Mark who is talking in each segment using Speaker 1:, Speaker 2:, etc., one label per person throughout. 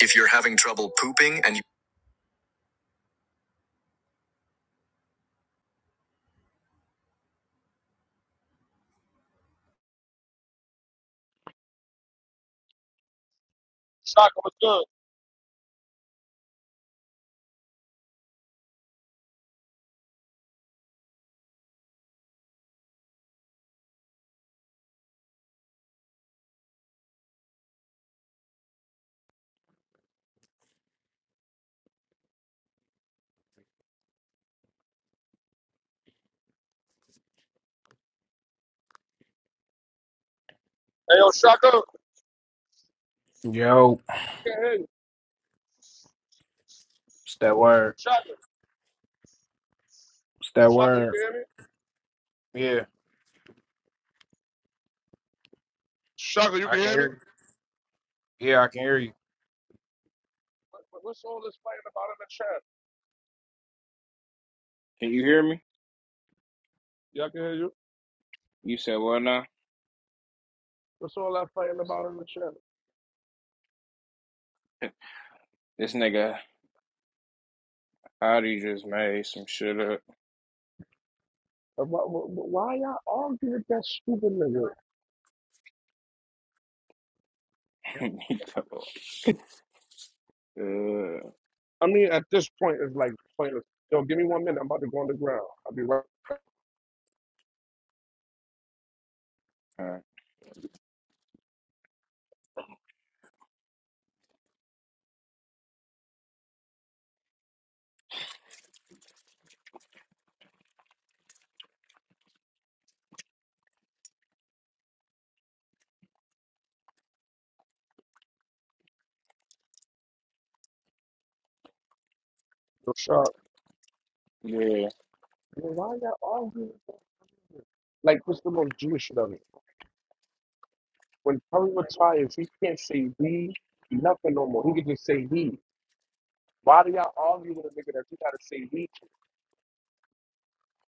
Speaker 1: If you're having trouble pooping and
Speaker 2: Shaka, what's good? Hey, yo, Shaka. I
Speaker 1: you- Yo,
Speaker 2: can't hear you.
Speaker 1: it's that word.
Speaker 2: Shaka,
Speaker 1: It's that
Speaker 2: Shaka, you
Speaker 1: word.
Speaker 2: can hear me?
Speaker 1: Yeah,
Speaker 2: Shaka, you
Speaker 1: I
Speaker 2: can
Speaker 1: can
Speaker 2: hear me?
Speaker 1: hear you. Yeah, I can hear you.
Speaker 2: What, what- what's all this fighting about in the chat?
Speaker 1: Can you hear me?
Speaker 2: Yeah, I can hear you.
Speaker 1: You said what now?
Speaker 2: What's all that fighting about in the chat?
Speaker 1: This nigga Howdy just made some shit up.
Speaker 2: Uh, Why, why why y'all arguing with that stupid nigga?
Speaker 1: uh, uh,
Speaker 2: I mean, at this point, it's like pointless. Yo, give me one minute. I'm about to go on the ground. I'll be right. Yo, Shaka.
Speaker 1: yeah.
Speaker 2: Yo, why y'all arguing? Like, what's the most Jewish shit of it? When Curry retires, he can't say we nothing no more. He can just say he. Why do y'all argue with a nigga that you gotta say he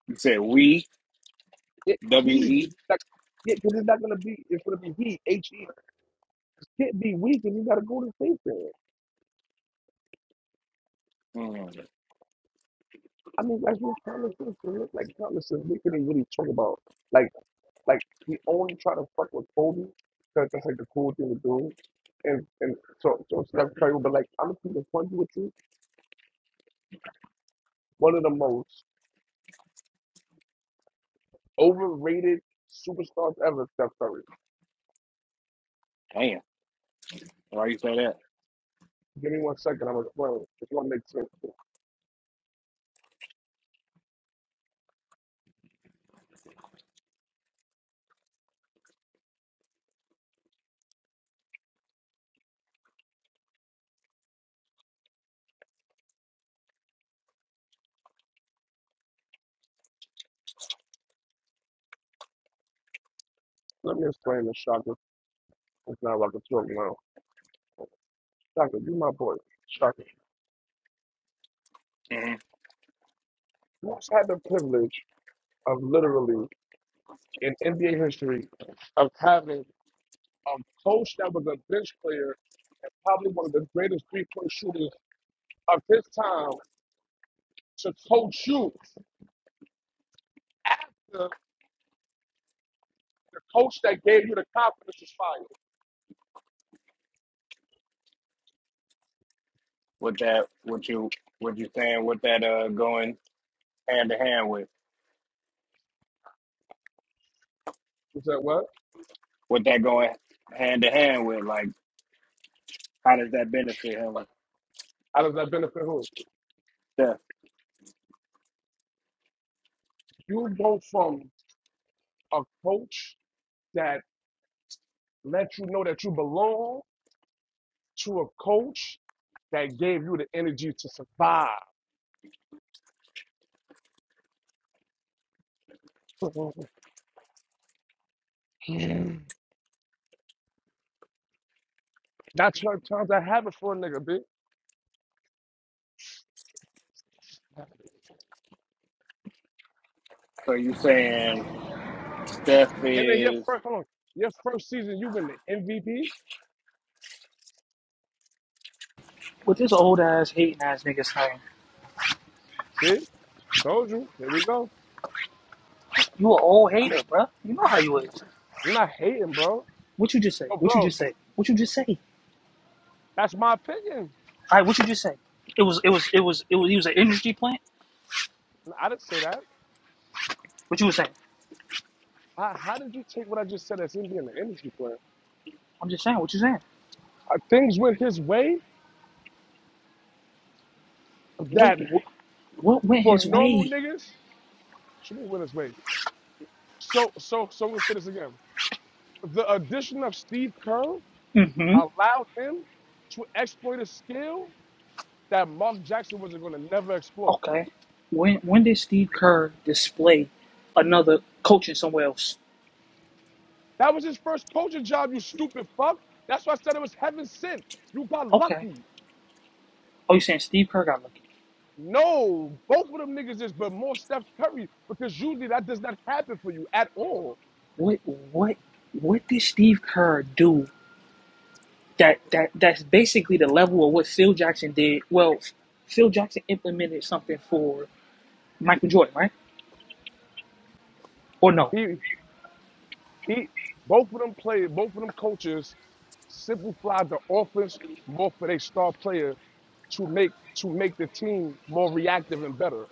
Speaker 1: You said we
Speaker 2: It,
Speaker 1: W
Speaker 2: he, 'cause
Speaker 1: E.
Speaker 2: it's not, yeah, 'cause it's not gonna be. It's gonna be he. H E. Can't be we, 'cause you gotta go to station.
Speaker 1: Mm,
Speaker 2: I mean, that's what common sense. It look like common sense. We couldn't really talk about like like we only try to fuck with Kobe because that's like the cool thing to do. And and so so Steph Curry, will be like I'm gonna keep it funny with you. One of the most overrated superstars ever, Steph Curry.
Speaker 1: damn. Why you say that?
Speaker 2: Give me one second. I'm explaining. It's gonna make sense. Let me explain the Shaka. It's not like a joke now. Shaka. you my boy. Shaka.
Speaker 1: hmm
Speaker 2: Who's had the privilege of literally in NBA history of having a coach that was a bench player and probably one of the greatest three point shooters of his time to coach you after the coach that gave you the confidence was fired?
Speaker 1: What that? What you? What you saying? What that? Uh, going hand to hand with?
Speaker 2: You said what?
Speaker 1: What that going hand to hand with? Like, how does that benefit him?
Speaker 2: How does that benefit who?
Speaker 1: Yeah.
Speaker 2: You go from a coach that let you know that you belong to a coach that gave you the energy to survive. That's what times i have it for a nigga, B.
Speaker 1: So you saying Steph
Speaker 2: And then your
Speaker 1: is
Speaker 2: first, hold on, your first season, you win the MVP.
Speaker 3: with this old ass hating ass niggas, saying,
Speaker 2: See, told you. Here we go.
Speaker 3: "You a old hater, bruh. You know how you is.
Speaker 2: We're not hating, bro.
Speaker 3: What you just say?
Speaker 2: Oh,
Speaker 3: What you
Speaker 2: bro,
Speaker 3: just say? What you just say? All
Speaker 2: that's my opinion.
Speaker 3: right, what you just say? It was, it was, it was, it was. He was an industry plant.
Speaker 2: I didn't say that.
Speaker 3: What you was saying?
Speaker 2: How, how did you take what I just said as him being an industry player?
Speaker 3: I'm just saying. What you saying?
Speaker 2: Are things went his way
Speaker 3: Wait,
Speaker 2: that
Speaker 3: what, what went
Speaker 2: for
Speaker 3: his
Speaker 2: normal
Speaker 3: way?
Speaker 2: niggas should be went his way. So, so, so we'll say this again. The addition of Steve Kerr
Speaker 3: Mm-hmm.
Speaker 2: allowed him to exploit a skill that Mark Jackson wasn't going to never explore.
Speaker 3: Okay. When when did Steve Kerr display another coaching somewhere else?
Speaker 2: That was his first coaching job, you stupid fuck. That's why I said it was heaven sent. You got
Speaker 3: Okay.
Speaker 2: lucky.
Speaker 3: Oh, you saying Steve Kerr got lucky?
Speaker 2: No, both of them niggas is, but more Steph Curry because usually that does not happen for you at all.
Speaker 3: What what what did Steve Kerr do that that that's basically the level of what Phil Jackson did. Well, Phil Jackson implemented something for Michael Jordan, right? Or no?
Speaker 2: He, he, both of them play, both of them coaches simplify the offense more for their star player to make to make the team more reactive and better.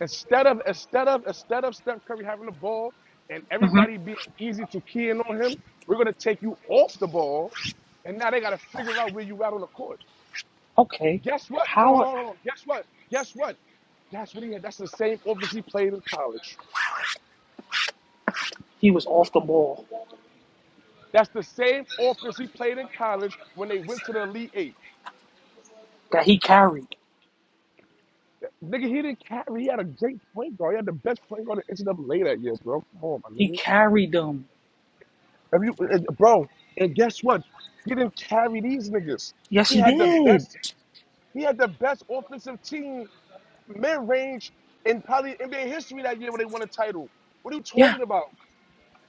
Speaker 2: Instead of instead of instead of Steph Curry having the ball and
Speaker 3: hmm
Speaker 2: everybody being easy to key in on him, we're gonna take you off the ball, and now they gotta figure out where you at on the court.
Speaker 3: Okay.
Speaker 2: Guess what? Hold on,
Speaker 3: How
Speaker 2: hold
Speaker 3: are-
Speaker 2: on, hold on. Guess what? Guess what? That's what he had. That's the same offense he played in college.
Speaker 3: he was off the ball
Speaker 2: That's the same offense he played in college when they went to the Elite Eight.
Speaker 3: that he carried.
Speaker 2: Nigga, he didn't carry. He had a great point guard. He had the best point guard in NCAA that year, bro. Come on, my
Speaker 3: He
Speaker 2: nigga.
Speaker 3: carried them.
Speaker 2: If you, eh, eh, bro, and guess what? He didn't carry these niggas.
Speaker 3: Yes,
Speaker 2: He
Speaker 3: he
Speaker 2: had the
Speaker 3: did.
Speaker 2: best He had the best offensive team mid-range in probably NBA history that year when they won a title. What are you
Speaker 3: Yeah,
Speaker 2: talking about?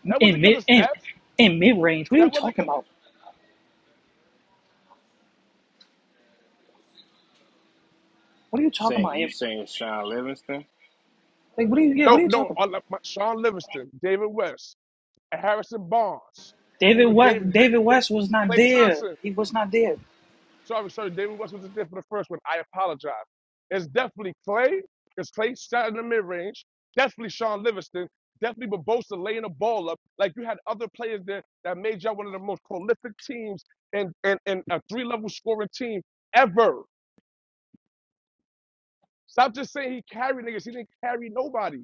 Speaker 2: That
Speaker 3: in
Speaker 2: wasn't because
Speaker 3: mid
Speaker 2: of
Speaker 3: in,
Speaker 2: Steph.
Speaker 3: in mid range. What are you
Speaker 2: That wasn't
Speaker 3: talking
Speaker 2: not
Speaker 3: about? What are you talking
Speaker 1: saying
Speaker 3: about?
Speaker 1: you saying Sean Livingston?
Speaker 3: Like what are you? Yeah, what
Speaker 2: because
Speaker 3: are you
Speaker 2: no no.
Speaker 3: talking
Speaker 2: uh,
Speaker 3: about?
Speaker 2: like my- Sean Livingston, David West, Harrison Barnes. I
Speaker 3: David
Speaker 2: mean, with David
Speaker 3: West.
Speaker 2: nigga,
Speaker 3: David
Speaker 2: Da-
Speaker 3: West was not
Speaker 2: Klay
Speaker 3: there.
Speaker 2: Thompson.
Speaker 3: He was not there.
Speaker 2: Sorry, sorry, David West was there for the first one. I apologize. It's definitely Clay. It's Clay shot in the mid range. Definitely Sean Livingston. Definitely Bobosa laying the ball up. Like you had other players there that made y'all one of the most prolific teams and and, and a three level scoring team ever. Stop just saying he carried niggas. He didn't carry nobody.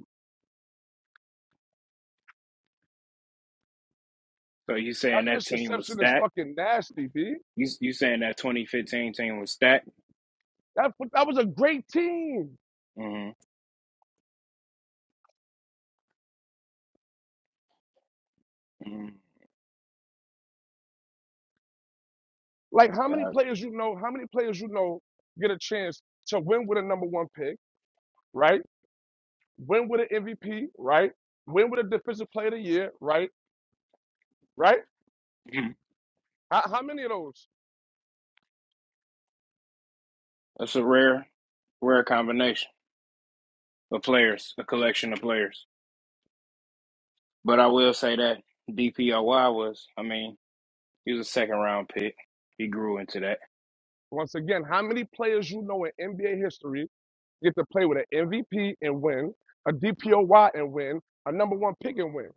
Speaker 1: So you
Speaker 2: That
Speaker 1: saying that team was
Speaker 2: misconception is
Speaker 1: stacked?
Speaker 2: fucking nasty, B.
Speaker 1: You you saying that 2015 team was stacked?
Speaker 2: That that was a great team.
Speaker 1: Mm-hmm. mm-hmm.
Speaker 2: Like how many
Speaker 1: Uh,
Speaker 2: players you know? How many players you know get a chance to win with a number one pick, right? Win with an MVP, right? Win with a defensive player of the year, right? Right?
Speaker 1: mhm.
Speaker 2: How, how many of those?
Speaker 1: that's a rare rare combination of players, a collection of players. But I will say that DPOY was, I mean, he was a second round pick. He grew into that.
Speaker 2: Once again, how many players you know in NBA history get to play with an MVP and win, a DPOY and win, a number one pick and win?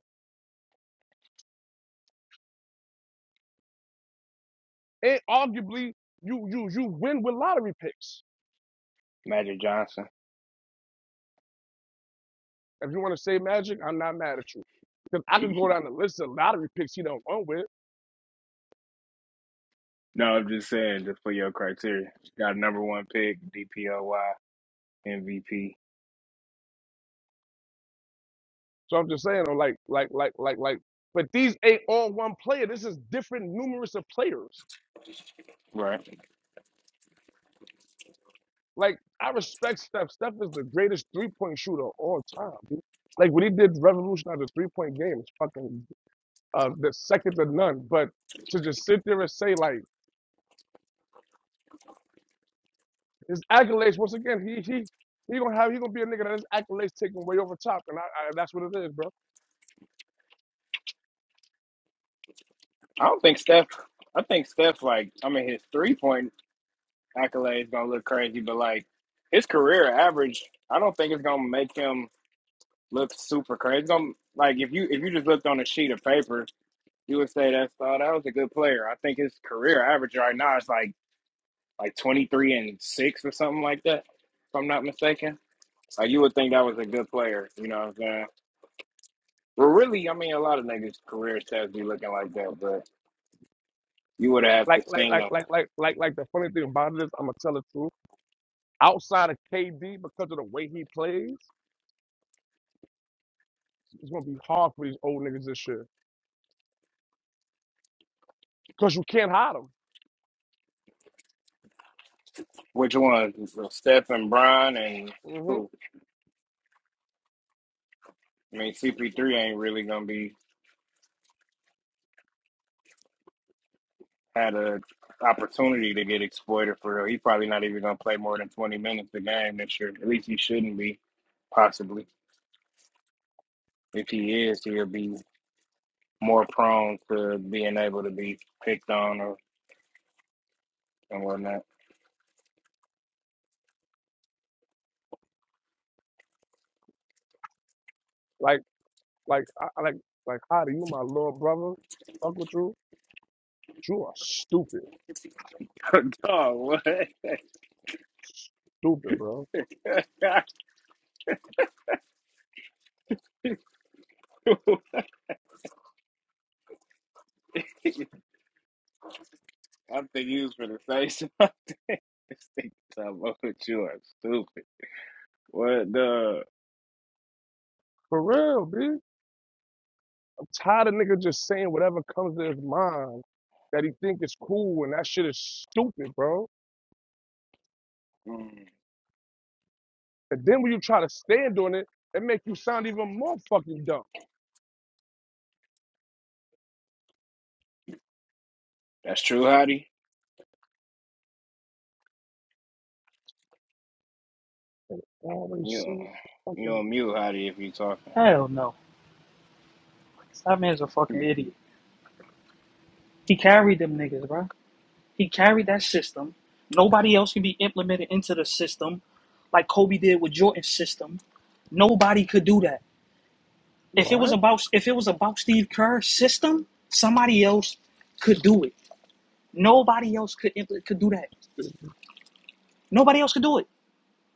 Speaker 2: And arguably, you you you win with lottery picks.
Speaker 1: Magic Johnson.
Speaker 2: If you want to say magic, I'm not mad at you. Because I could go down the list of lottery picks he don't won with.
Speaker 1: no, I'm just saying, just for your criteria, got number one pick, DPOY, MVP,
Speaker 2: So I'm just saying, though, like, like, like, like, like, but these ain't all one player. This is different numerous of players.
Speaker 1: right?
Speaker 2: Like I respect Steph. Steph is the greatest three point shooter of all time. Like what he did to revolutionize the three point game is fucking uh the second to none. But to just sit there and say like his accolades once again, he he he gonna have he gonna be a nigga that his accolades taken way over top, and I, I that's what it is, bro.
Speaker 1: I don't think Steph. I think Steph, like, I mean, his three point accolades gonna look crazy, but like his career average, I don't think it's gonna make him look super crazy. It's gonna like if you if you just looked on a sheet of paper, you would say that's oh that was a good player. I think his career average right now is like like twenty three and six or something like that, if I'm not mistaken. Like you would think that was a good player. You know what I'm saying? Well, really, I mean, a lot of niggas' career stats be looking like that, but you would have to
Speaker 2: Like like
Speaker 1: seen
Speaker 2: like
Speaker 1: them.
Speaker 2: like like like like the funny thing about it is I'm gonna tell the truth. Outside of KD, because of the way he plays, it's gonna be hard for these old niggas this year. Cause you can't hide him.
Speaker 1: Which ones? Steph and Bron and
Speaker 2: hmm
Speaker 1: who? I mean, CP3 ain't really gonna be had a opportunity to get exploited for real. He's probably not even gonna play more than twenty minutes a game this year. At least he shouldn't be. Possibly, if he is, he'll be more prone to being able to be picked on or and whatnot.
Speaker 2: Like. Like, I, I- like, like, how do you, my little brother, Uncle Drew. you? You are stupid,
Speaker 1: Dog, what?
Speaker 2: stupid, bro.
Speaker 1: I think you was for the say something. Talking about you are stupid. What the?
Speaker 2: For real, bitch. I'm tired of niggas just saying whatever comes to his mind that he think is cool, and that shit is stupid, bro.
Speaker 1: Mm.
Speaker 2: And then when you try to stand on it, it make you sound even more fucking dumb.
Speaker 1: That's true, Hottie. You
Speaker 2: Always saying
Speaker 1: on- you
Speaker 2: fucking
Speaker 1: on mute, Hottie, if you talking.
Speaker 3: Hell no. That man's a fucking idiot. He carried them niggas, bro. He carried that system. Nobody else can be implemented into the system like Kobe did with Jordan's system. Nobody could do that. If it was
Speaker 2: what?
Speaker 3: about if it was about Steve Kerr's system, somebody else could do it. Nobody else could impl- could do that.
Speaker 2: Dude,
Speaker 3: Nobody else could do it.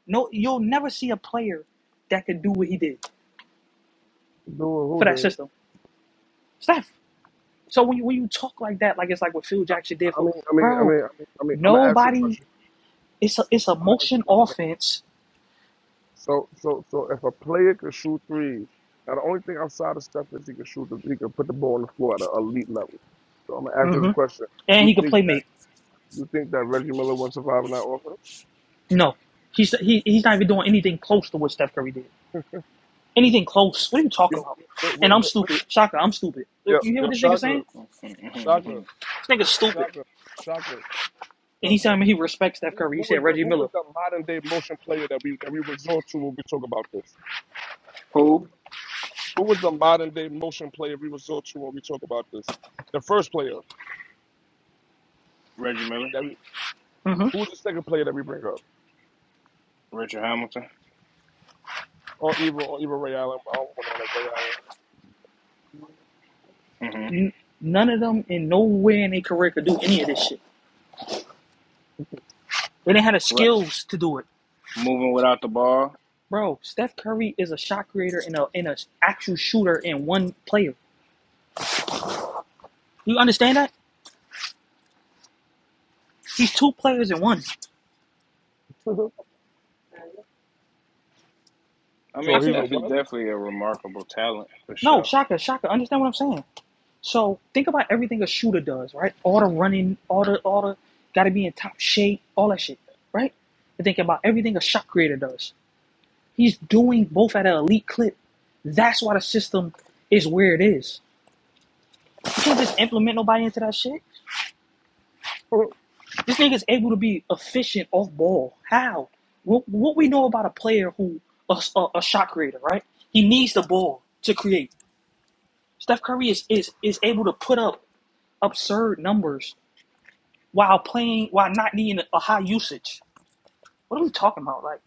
Speaker 3: No, you'll never see a player that could do what he did
Speaker 2: who
Speaker 3: for that
Speaker 2: did?
Speaker 3: system. Steph. So when you, when you talk like that, like it's like what Phil Jackson did
Speaker 2: I
Speaker 3: for,
Speaker 2: mean, I mean, I
Speaker 3: bro.
Speaker 2: mean, I mean, I mean, I'm gonna ask you a
Speaker 3: Nobody.
Speaker 2: question.
Speaker 3: It's a it's a
Speaker 2: I'm gonna ask you
Speaker 3: motion
Speaker 2: a question.
Speaker 3: offense,
Speaker 2: So so so if a player can shoot threes, now the only thing outside of Steph is he can shoot the he can put the ball on the floor at an elite level. So I'm gonna ask you this
Speaker 3: hmm
Speaker 2: question:
Speaker 3: and
Speaker 2: You
Speaker 3: he could
Speaker 2: think
Speaker 3: play make.
Speaker 2: that you think that Reggie Miller will survive in that offense?
Speaker 3: No, he's he, he's not even doing anything close to what Steph Curry did. Anything close? What are you
Speaker 2: Yo,
Speaker 3: talking about?
Speaker 2: wait, wait,
Speaker 3: And I'm
Speaker 2: wait, wait.
Speaker 3: stupid, Shaka. I'm stupid. You
Speaker 2: yo,
Speaker 3: hear
Speaker 2: yo,
Speaker 3: what this nigga
Speaker 2: Shaka,
Speaker 3: saying?
Speaker 2: Shaka,
Speaker 3: This nigga's stupid.
Speaker 2: Shaka, Shaka.
Speaker 3: And
Speaker 2: The,
Speaker 3: he
Speaker 2: the,
Speaker 3: said, I mean,
Speaker 2: the,
Speaker 3: he respects Steph
Speaker 2: who
Speaker 3: Curry. He
Speaker 2: who
Speaker 3: said
Speaker 2: was the
Speaker 3: Reggie
Speaker 2: who
Speaker 3: Miller.
Speaker 2: was the modern day motion player that we that we resort to when we talk about this?
Speaker 1: Who?
Speaker 2: Who was the modern day motion player we resort to when we talk about this? The first player
Speaker 1: Reggie Miller,
Speaker 2: that we
Speaker 3: hmm
Speaker 2: who's the second player that we bring up?
Speaker 1: Richard Hamilton.
Speaker 2: or even or even Ray Allen. I don't want to like Ray
Speaker 1: hmm
Speaker 3: None of them in nowhere in their career could do any of this shit. They didn't have the
Speaker 1: Right.
Speaker 3: skills to do it,
Speaker 1: Moving without the ball.
Speaker 3: bro. Steph Curry is a shot creator and a and a actual shooter in one player. You understand that? He's two players in one.
Speaker 2: Allen.
Speaker 1: I
Speaker 3: How
Speaker 2: so
Speaker 1: mean,
Speaker 2: he's
Speaker 3: can
Speaker 2: a
Speaker 1: Steph is
Speaker 2: what?
Speaker 1: definitely a remarkable talent for
Speaker 3: no
Speaker 1: sure.
Speaker 3: Shaka Shaka understand what I'm saying? So think about everything a shooter does, right? All the running, all the all the gotta be in top shape, all that shit, right? And think about everything a shot creator does. He's doing both at an elite clip. That's why the system is where it is. You can't just implement nobody into that shit. This nigga's able to be efficient off ball. How? What, what we know about a player who a, a, a shot creator, right? He needs the ball to create. Steph Curry is is is able to put up absurd numbers while playing while not needing a high usage. What are we talking about? Like,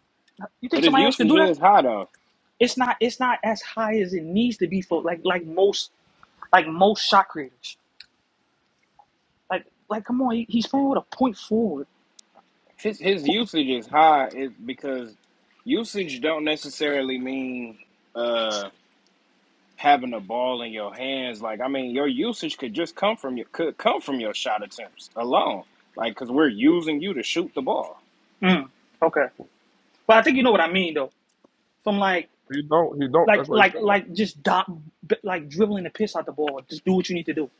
Speaker 3: you think
Speaker 1: But his
Speaker 3: somebody else could
Speaker 1: usage
Speaker 3: do that?
Speaker 1: is high though.
Speaker 3: It's not. It's not as high as it needs to be for like like most like most shot creators. Like like come on, he, he's playing with a point forward.
Speaker 1: His his
Speaker 3: Who-
Speaker 1: usage is high is because usage don't necessarily mean uh having the ball in your hands. Like I mean, your usage could just come from your could come from your shot attempts alone. Like because we're using you to shoot the ball.
Speaker 3: Mm, okay, but I think you know what I mean though. From like
Speaker 2: he don't. He don't.
Speaker 3: like
Speaker 2: That's why he
Speaker 3: like
Speaker 2: said that.
Speaker 3: like just dot, like dribbling the piss out the ball. Just do what you need to do.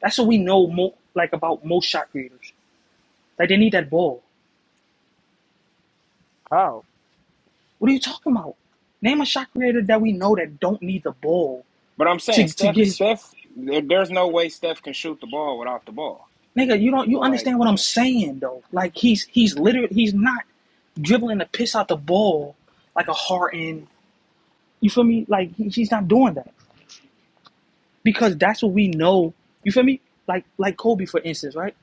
Speaker 3: That's what we know more like about most shot creators. Like they need that ball.
Speaker 2: How?
Speaker 3: What are you talking about? Name a shot creator that we know that don't need the ball
Speaker 1: But I'm saying
Speaker 3: to to
Speaker 1: Steph,
Speaker 3: get his
Speaker 1: Steph, there's no way Steph can shoot the ball without the ball.
Speaker 3: nigga. You don't you
Speaker 1: So like,
Speaker 3: understand what I'm saying though? Like he's he's literally he's not dribbling the piss out the ball like a Harden. You feel me? Like he, he's not doing that because that's what we know. You feel me? Like like Kobe for instance, right?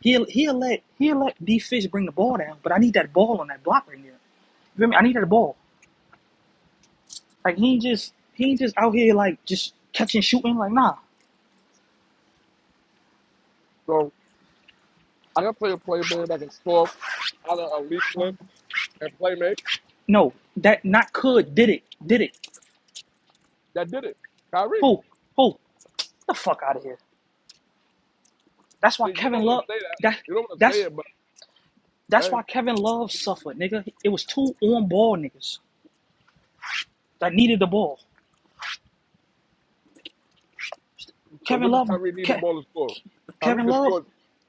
Speaker 3: He'll he'll let he'll let D Fish bring the ball down, but I need that ball on that block right there. You feel me? I need that ball. Like he ain't just he ain't just out here like just catching shooting. Like nah,
Speaker 2: So I can play a play man that can score out of a league clip and play make
Speaker 3: no, that not could did it did it.
Speaker 2: that did it. Kyrie,
Speaker 3: Who who the fuck out of here? That's why
Speaker 2: you don't
Speaker 3: Kevin
Speaker 2: want
Speaker 3: Love
Speaker 2: to say that.
Speaker 3: that
Speaker 2: You don't want to say
Speaker 3: that's
Speaker 2: it, but
Speaker 3: that's
Speaker 2: hey,
Speaker 3: why Kevin Love suffered, nigga. It was two on ball niggas that needed the ball.
Speaker 2: so
Speaker 3: Kevin
Speaker 2: when does
Speaker 3: Love
Speaker 2: Kyrie need the
Speaker 3: Ke-
Speaker 2: ball to score? Kyrie
Speaker 3: Kevin
Speaker 2: can
Speaker 3: Love
Speaker 2: score.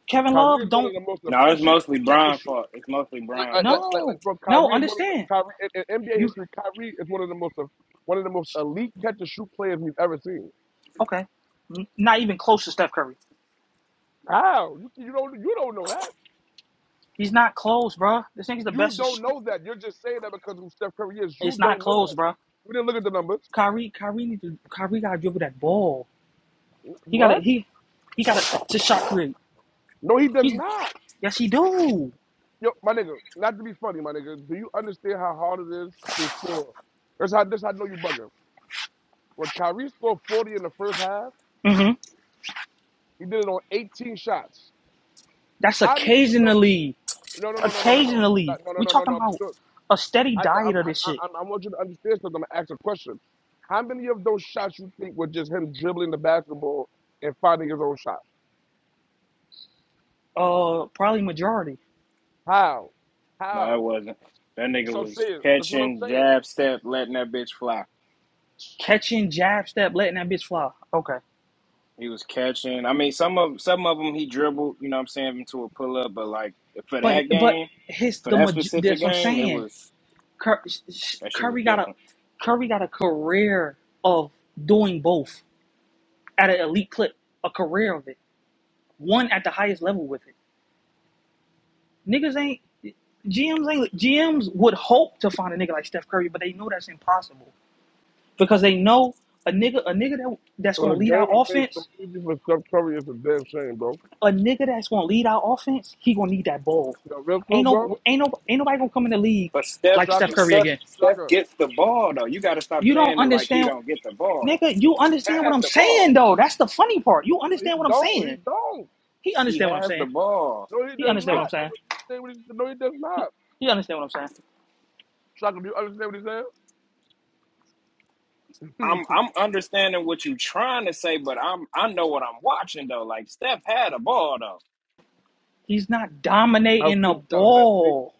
Speaker 3: Kevin
Speaker 2: Kyrie
Speaker 3: Love
Speaker 2: is one of
Speaker 3: don't
Speaker 2: the most
Speaker 1: no, it's
Speaker 2: efficient
Speaker 1: mostly
Speaker 2: catch and
Speaker 1: Brian
Speaker 2: shoot.
Speaker 1: fault. It's mostly
Speaker 2: Like,
Speaker 1: Brian
Speaker 2: like, like,
Speaker 1: fault.
Speaker 2: like, like,
Speaker 3: no.
Speaker 2: bro,
Speaker 3: No,
Speaker 2: Kyrie is one of the
Speaker 3: understand.
Speaker 2: Kyrie in, in NBA
Speaker 3: You
Speaker 2: history. Kyrie is one of the most one of the most elite catch and shoot players we've ever seen.
Speaker 3: okay. Not even close to Steph Curry.
Speaker 2: How? You, you don't you don't know that.
Speaker 3: He's not close, bro. This nigga's the
Speaker 2: You
Speaker 3: best.
Speaker 2: don't know that. You're just saying that because of who Steph Curry is.
Speaker 3: It's
Speaker 2: You
Speaker 3: not
Speaker 2: don't know
Speaker 3: close,
Speaker 2: that.
Speaker 3: bro.
Speaker 2: You didn't look at the numbers.
Speaker 3: Kyrie, Kyrie need to Kyrie gotta dribble that ball. He gotta
Speaker 2: What?
Speaker 3: he he gotta to shot create.
Speaker 2: No, he does
Speaker 3: He's
Speaker 2: not.
Speaker 3: yes he do.
Speaker 2: Yo, my nigga, not to be funny, my nigga. Do you understand how hard it is to score? That's how this I know you bugging. When Kyrie scored 40 in the first half,
Speaker 3: hmm
Speaker 2: he did it on 18 shots.
Speaker 3: That's
Speaker 2: How many of those?
Speaker 3: occasionally.
Speaker 2: No, no, no, no, no, no, no, Uh,
Speaker 3: Occasionally,
Speaker 2: no, no,
Speaker 3: we
Speaker 2: no, no,
Speaker 3: talking
Speaker 2: no.
Speaker 3: about a steady
Speaker 2: I,
Speaker 3: diet
Speaker 2: I'm,
Speaker 3: of
Speaker 2: I'm,
Speaker 3: this shit.
Speaker 2: I'm, I want you to understand something. I'm gonna ask a question. How many of those shots you think were just him dribbling the basketball and finding his own shot?
Speaker 3: Uh, probably majority
Speaker 2: How?
Speaker 1: No, it
Speaker 2: How?
Speaker 1: wasn't. That nigga
Speaker 2: That's what I'm
Speaker 1: was
Speaker 2: saying. That's what I'm
Speaker 1: catching,
Speaker 2: saying.
Speaker 1: jab, step, letting that bitch fly.
Speaker 3: catching, jab step, letting that bitch fly. Okay,
Speaker 1: He was catching. I mean, some of some of them he dribbled. You know what I'm saying into a pull up, but like for
Speaker 3: but
Speaker 1: that
Speaker 3: but
Speaker 1: game,
Speaker 3: his
Speaker 1: for
Speaker 3: the
Speaker 1: that
Speaker 3: maj-
Speaker 1: specific
Speaker 3: that's what I'm
Speaker 1: game, it
Speaker 3: saying.
Speaker 1: was
Speaker 3: Cur-
Speaker 1: that shit was
Speaker 3: Curry got a
Speaker 1: different.
Speaker 3: Curry got a career of doing both at an elite clip, a career of it, one at the highest level with it. Niggas ain't GMs ain't GMs would hope to find a nigga like Steph Curry, but they know that's impossible because they know a nigga a nigga that that's
Speaker 2: So
Speaker 3: gonna
Speaker 2: the
Speaker 3: lead
Speaker 2: game
Speaker 3: our
Speaker 2: and face
Speaker 3: offense
Speaker 2: completely for Steph Curry is a damn shame, bro.
Speaker 3: A nigga that's gonna lead our offense, he gonna need that ball.
Speaker 2: You know, real
Speaker 3: Ain't
Speaker 2: talk, bro.
Speaker 3: no, ain't no, ain't nobody gonna come in the league
Speaker 1: But Steph,
Speaker 3: like
Speaker 2: Shaka,
Speaker 3: Steph Curry
Speaker 1: Steph,
Speaker 3: again.
Speaker 1: Steph
Speaker 2: Shaka. No,
Speaker 1: gets the ball though. You got to stop
Speaker 3: You don't
Speaker 1: saying it like he
Speaker 3: understand,
Speaker 1: don't get the ball.
Speaker 3: nigga. You
Speaker 1: He
Speaker 3: understand what
Speaker 1: has
Speaker 3: I'm
Speaker 1: the ball.
Speaker 3: saying though. That's the funny part. You
Speaker 2: he
Speaker 3: understand what I'm
Speaker 2: don't. He
Speaker 3: saying.
Speaker 2: don't.
Speaker 3: He
Speaker 1: He
Speaker 3: understand what I'm
Speaker 1: has the
Speaker 3: saying.
Speaker 1: ball.
Speaker 2: No, he
Speaker 3: He
Speaker 2: does
Speaker 3: understand what
Speaker 2: not.
Speaker 3: I'm
Speaker 2: That's
Speaker 3: saying.
Speaker 2: what he's saying. What he, no, he does
Speaker 3: He,
Speaker 2: not.
Speaker 3: he understand what I'm saying.
Speaker 2: Shaka, do you understand what he's saying?
Speaker 1: I'm I'm understanding what you're trying to say, but I'm I know what I'm watching though. Like Steph had a ball though.
Speaker 3: He's not
Speaker 2: I don't
Speaker 3: dominating the
Speaker 2: think Steph has made.
Speaker 3: ball.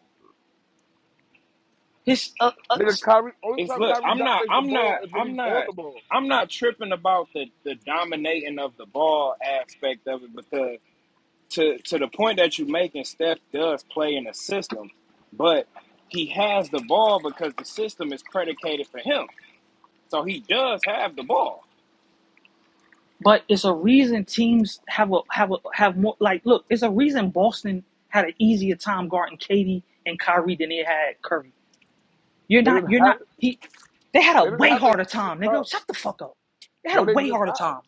Speaker 3: His, uh, uh,
Speaker 2: Nigga,
Speaker 3: s-
Speaker 2: Kyrie. Only
Speaker 1: It's
Speaker 2: time
Speaker 1: look,
Speaker 2: Kyrie
Speaker 1: I'm not
Speaker 2: dominates the
Speaker 1: I'm
Speaker 2: ball
Speaker 1: not
Speaker 2: is when
Speaker 1: I'm
Speaker 2: he's on
Speaker 1: not
Speaker 2: the ball.
Speaker 1: I'm not tripping about the the dominating of the ball aspect of it because to to the point that you're making, Steph does play in a system, but he has the ball because the system is predicated for him. So he does have the ball.
Speaker 3: but it's a reason teams have a have a have more. Like, look, it's a reason Boston had an easier time guarding Katie and Kyrie than they had Curry. You're
Speaker 2: They
Speaker 3: not,
Speaker 2: didn't
Speaker 3: you're
Speaker 2: have
Speaker 3: not, he, they had a
Speaker 2: They didn't
Speaker 3: way
Speaker 2: have an
Speaker 3: harder
Speaker 2: easy
Speaker 3: time,
Speaker 2: time.
Speaker 3: nigga. Shut the fuck up. They had
Speaker 2: No,
Speaker 3: a
Speaker 2: they
Speaker 3: way
Speaker 2: did
Speaker 3: harder
Speaker 2: not.
Speaker 3: time.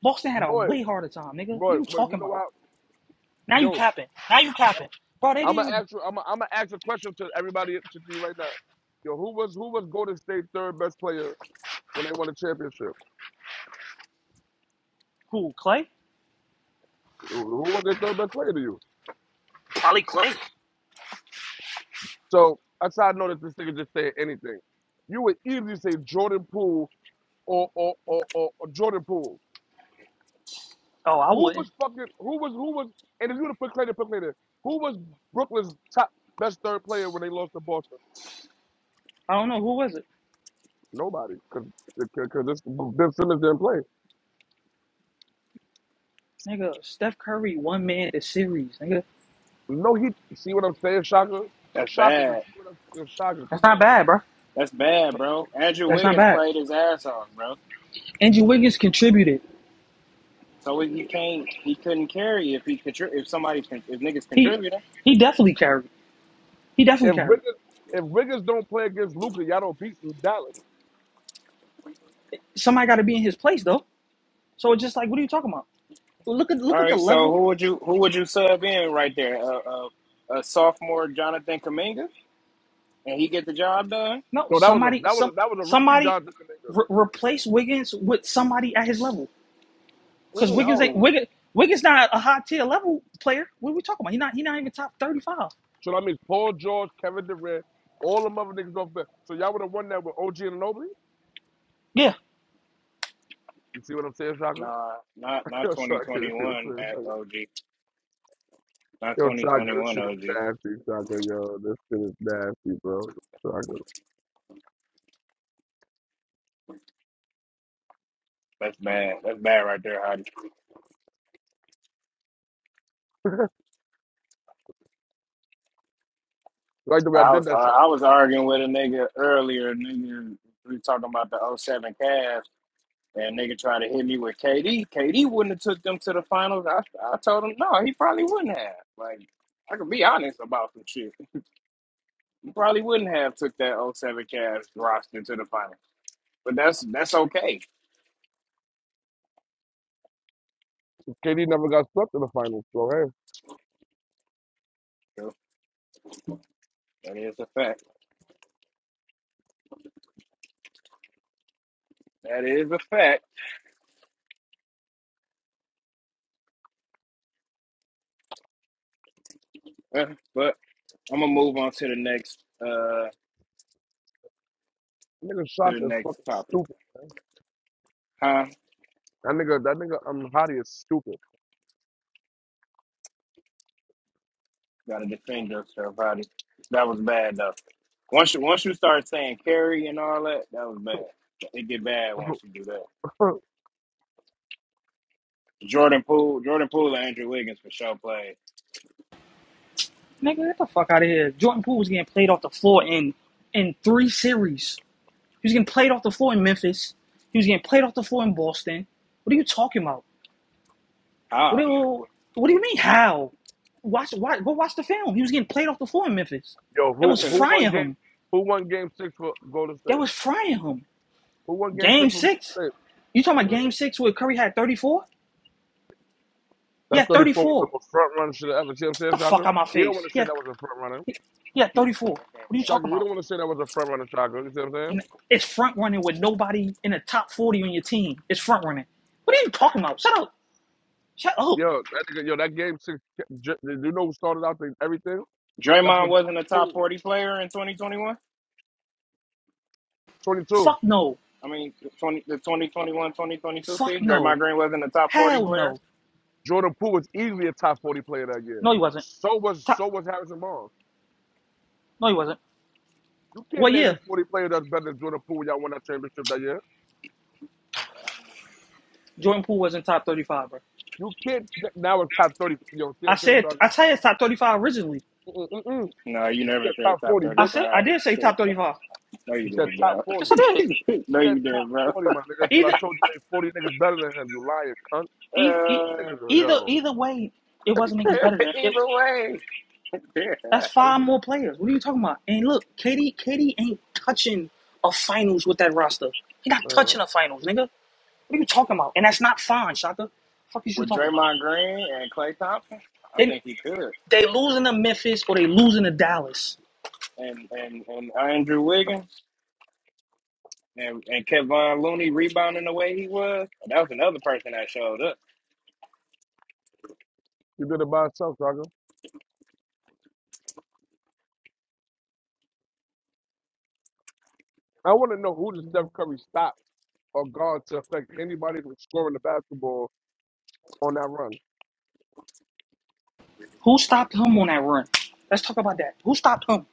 Speaker 3: Boston had a
Speaker 2: Boy,
Speaker 3: way harder time, nigga. What are
Speaker 2: boy,
Speaker 3: you
Speaker 2: boy, you
Speaker 3: talking
Speaker 2: know
Speaker 3: about?
Speaker 2: what?
Speaker 3: Now you
Speaker 2: Yo,
Speaker 3: capping. Now you capping.
Speaker 2: I'm,
Speaker 3: Bro, they didn't
Speaker 2: I'm gonna
Speaker 3: even,
Speaker 2: ask you. I'm gonna, I'm gonna ask a question to everybody to you right now. Yo, who was who was Golden State third best player when they won a championship?
Speaker 3: who, Clay?
Speaker 2: Who who was their third best player to you?
Speaker 3: Probably Clay.
Speaker 2: So that's how I know that this nigga just said anything. You would easily say Jordan Poole or or or, or, or Jordan Poole.
Speaker 3: Oh, I
Speaker 2: Who
Speaker 3: wouldn't.
Speaker 2: was fucking who was who was and if you would have put Clayton, put Clayton. Who was Brooklyn's top best third player when they lost to Boston?
Speaker 3: I don't know. Who was it?
Speaker 2: Nobody, because this Ben Simmons didn't play.
Speaker 3: Nigga, Steph Curry, one man the series, nigga.
Speaker 2: No, he see what I'm saying, Shaka.
Speaker 1: That's
Speaker 2: Shaka, you
Speaker 1: bad.
Speaker 2: see what I'm saying, Shaka.
Speaker 3: That's
Speaker 2: Come
Speaker 3: not
Speaker 2: on,
Speaker 3: bad,
Speaker 2: bro.
Speaker 3: bro.
Speaker 1: That's bad, bro. Andrew
Speaker 3: That's not
Speaker 1: Wiggins
Speaker 3: bad.
Speaker 1: played his ass off, bro.
Speaker 3: Andrew Wiggins contributed.
Speaker 1: So if he can't, he couldn't carry if he contri- if somebody con- if niggas
Speaker 3: He,
Speaker 1: contributing.
Speaker 3: he definitely carried. He definitely
Speaker 2: If
Speaker 3: carried.
Speaker 2: Wiggins, if Wiggins don't play against Luca, y'all don't beat Dallas.
Speaker 3: Somebody got to be in his place, though. So it's just like, what are you talking about? Look at, look
Speaker 1: All
Speaker 3: at the
Speaker 1: right, so
Speaker 3: level.
Speaker 1: who would you who would you sub in right there? A uh, uh, uh, sophomore Jonathan Kaminga, and he get the job done?
Speaker 3: No,
Speaker 2: No, that was a
Speaker 3: somebody,
Speaker 2: that was
Speaker 3: some
Speaker 2: a, that was a rookie
Speaker 3: somebody
Speaker 2: job, this
Speaker 3: re-
Speaker 2: nigga.
Speaker 3: replace Wiggins with somebody at his level. Because
Speaker 2: Mm-mm,
Speaker 3: Wiggins ain't
Speaker 1: No,
Speaker 2: mm-mm.
Speaker 3: Wiggins. Wiggins not a high tier level player. What are we talking about? He not. He not even top thirty five.
Speaker 2: So that means Paul George, Kevin Durant, all them other niggas off there. So y'all would have won that with OG and nobody.
Speaker 3: Yeah,
Speaker 2: You see what I'm saying, Shaka?
Speaker 1: nah, not not
Speaker 2: Yo,
Speaker 1: twenty
Speaker 2: Shaka, you
Speaker 1: twenty
Speaker 2: see what I'm
Speaker 1: one
Speaker 2: saying,
Speaker 1: at
Speaker 2: Shaka?
Speaker 1: OG, not
Speaker 2: Yo,
Speaker 1: twenty
Speaker 2: Shaka,
Speaker 1: twenty
Speaker 2: this
Speaker 1: one
Speaker 2: shit is
Speaker 1: OG.
Speaker 2: nasty, Shaka. Yo, this shit is nasty, bro. Shaka.
Speaker 1: That's bad. That's bad right there, Hottie.
Speaker 2: Like the way I
Speaker 1: I
Speaker 2: did
Speaker 1: was
Speaker 2: that, Shaka.
Speaker 1: I was arguing with a nigga earlier. Nigga, we were talking about the O seven Cavs. And nigga tried to hit me with KD. KD wouldn't have took them to the finals. I, I told him no, he probably wouldn't have. Like I could be honest about some shit. He probably wouldn't have took that O seven Cavs roster to the finals. But that's that's okay.
Speaker 2: KD never got swept in the finals, so hey,
Speaker 1: So that is a fact. That is a fact. but I'm gonna move on to the next uh
Speaker 2: that nigga
Speaker 1: to the
Speaker 2: Shaka is
Speaker 1: next
Speaker 2: fucking
Speaker 1: topic.
Speaker 2: stupid.
Speaker 1: Huh?
Speaker 2: That nigga, that nigga, um, Hottie is stupid.
Speaker 1: Gotta defend yourself, buddy. That was bad though. Once you once you start saying carry and all that, that was bad. It get bad once you do that. Jordan Poole, Jordan Poole and Andrew Wiggins for sure play.
Speaker 3: nigga, get the fuck out of here. Jordan Poole was getting played off the floor in in three series. He was getting played off the floor in Memphis. He was getting played off the floor in Boston. What are you talking about? What do
Speaker 1: How?
Speaker 3: you, What do you mean? How? Watch. Watch. Go watch the film. He was getting played off the floor in Memphis.
Speaker 2: Yo,
Speaker 3: That
Speaker 1: I
Speaker 3: was
Speaker 2: who
Speaker 1: could have
Speaker 2: who won
Speaker 3: frying
Speaker 2: game?
Speaker 3: him.
Speaker 2: Who won game six for Golden
Speaker 3: That
Speaker 2: State?
Speaker 3: was frying him.
Speaker 2: Who won game six
Speaker 3: Game
Speaker 2: for Golden
Speaker 3: six.
Speaker 2: State?
Speaker 3: You talking about
Speaker 2: Mhm.
Speaker 3: game six where Curry had 34?
Speaker 2: That
Speaker 3: Yeah,
Speaker 2: 34 was the
Speaker 3: 34.
Speaker 2: most front runner shit I ever. See what I'm
Speaker 3: Get
Speaker 2: saying,
Speaker 3: the fuck
Speaker 2: Shaka?
Speaker 3: out of my
Speaker 2: He don't
Speaker 3: face.
Speaker 2: want to say
Speaker 3: Yeah,
Speaker 2: that was a front runner.
Speaker 3: yeah, 34. What are you
Speaker 2: Shaka,
Speaker 3: talking
Speaker 2: he
Speaker 3: about?
Speaker 2: don't want to say that was a front runner, Shaka. You see what I'm saying?
Speaker 3: It's front running with nobody in the top 40 on your team. It's front running. What are you talking about? Shut up. Shut up.
Speaker 2: Yo, that nigga, yo, that game six, J- you know who started out the, everything? That's
Speaker 1: Draymond
Speaker 2: what
Speaker 1: wasn't
Speaker 2: Jordan
Speaker 1: a top
Speaker 2: Poole,
Speaker 1: 40 player in 2021.
Speaker 2: 22.
Speaker 3: Fuck no.
Speaker 1: I mean, 20, the 2021 2022
Speaker 3: Fuck
Speaker 1: season,
Speaker 3: no.
Speaker 1: Draymond Green wasn't a top 40
Speaker 3: Hell
Speaker 1: player.
Speaker 3: no.
Speaker 2: Jordan Poole was easily a top 40 player that year.
Speaker 3: No, he wasn't.
Speaker 2: So was
Speaker 3: Top.
Speaker 2: so was Harrison Barnes.
Speaker 3: No, he wasn't.
Speaker 2: You can't
Speaker 3: What
Speaker 2: name me
Speaker 3: year?
Speaker 2: 40 players that's better than Jordan Poole. Y'all won that championship that year.
Speaker 3: Jordan Poole was in top 35, bro.
Speaker 2: You can't. Now it's top 30. You know, see what
Speaker 3: I
Speaker 2: I'm saying?
Speaker 3: said, I
Speaker 2: Sergeant?
Speaker 3: said top 35 originally.
Speaker 2: Mm, mm, mm, mm.
Speaker 1: No, you
Speaker 2: You said
Speaker 1: never said
Speaker 2: top
Speaker 1: top
Speaker 2: 40,
Speaker 3: I
Speaker 2: bitch.
Speaker 3: said, I
Speaker 1: 35.
Speaker 3: did say top 35.
Speaker 1: No, you
Speaker 2: You said
Speaker 1: didn't,
Speaker 2: top
Speaker 1: bro.
Speaker 2: 40.
Speaker 3: Yes,
Speaker 2: You
Speaker 3: I did.
Speaker 1: no,
Speaker 2: said
Speaker 1: you
Speaker 2: top
Speaker 1: didn't, bro.
Speaker 2: 40, my nigga. Until I
Speaker 3: Either,
Speaker 2: told you ain't 40 niggas better than him. You lying cunt.
Speaker 3: either,
Speaker 1: Uh,
Speaker 2: Niggas are,
Speaker 3: either,
Speaker 2: yo,
Speaker 3: either way, it wasn't niggas better than it,
Speaker 1: either way, yeah.
Speaker 3: That's
Speaker 2: how you
Speaker 3: five
Speaker 2: doing?
Speaker 3: more players. What are you talking about? And look, KD, KD ain't touching a finals with that roster. He not
Speaker 2: Uh,
Speaker 3: touching a finals, nigga. What are you talking about? And that's not fine, Shaka. Fuck is you
Speaker 1: with
Speaker 3: talking about?
Speaker 1: Draymond Green and Clay Thompson, I
Speaker 3: They
Speaker 1: think he could.
Speaker 3: they losing to Memphis or they losing to Dallas.
Speaker 1: And and and Andrew Wiggins. And and Kevon Looney rebounding the way he was. That was another person that showed up.
Speaker 2: you did it by yourself, Saga. I want to know who does Steph Curry stop or guard to affect anybody from scoring the basketball on that run.
Speaker 3: Who stopped him on that run? Let's talk about that. Who stopped him?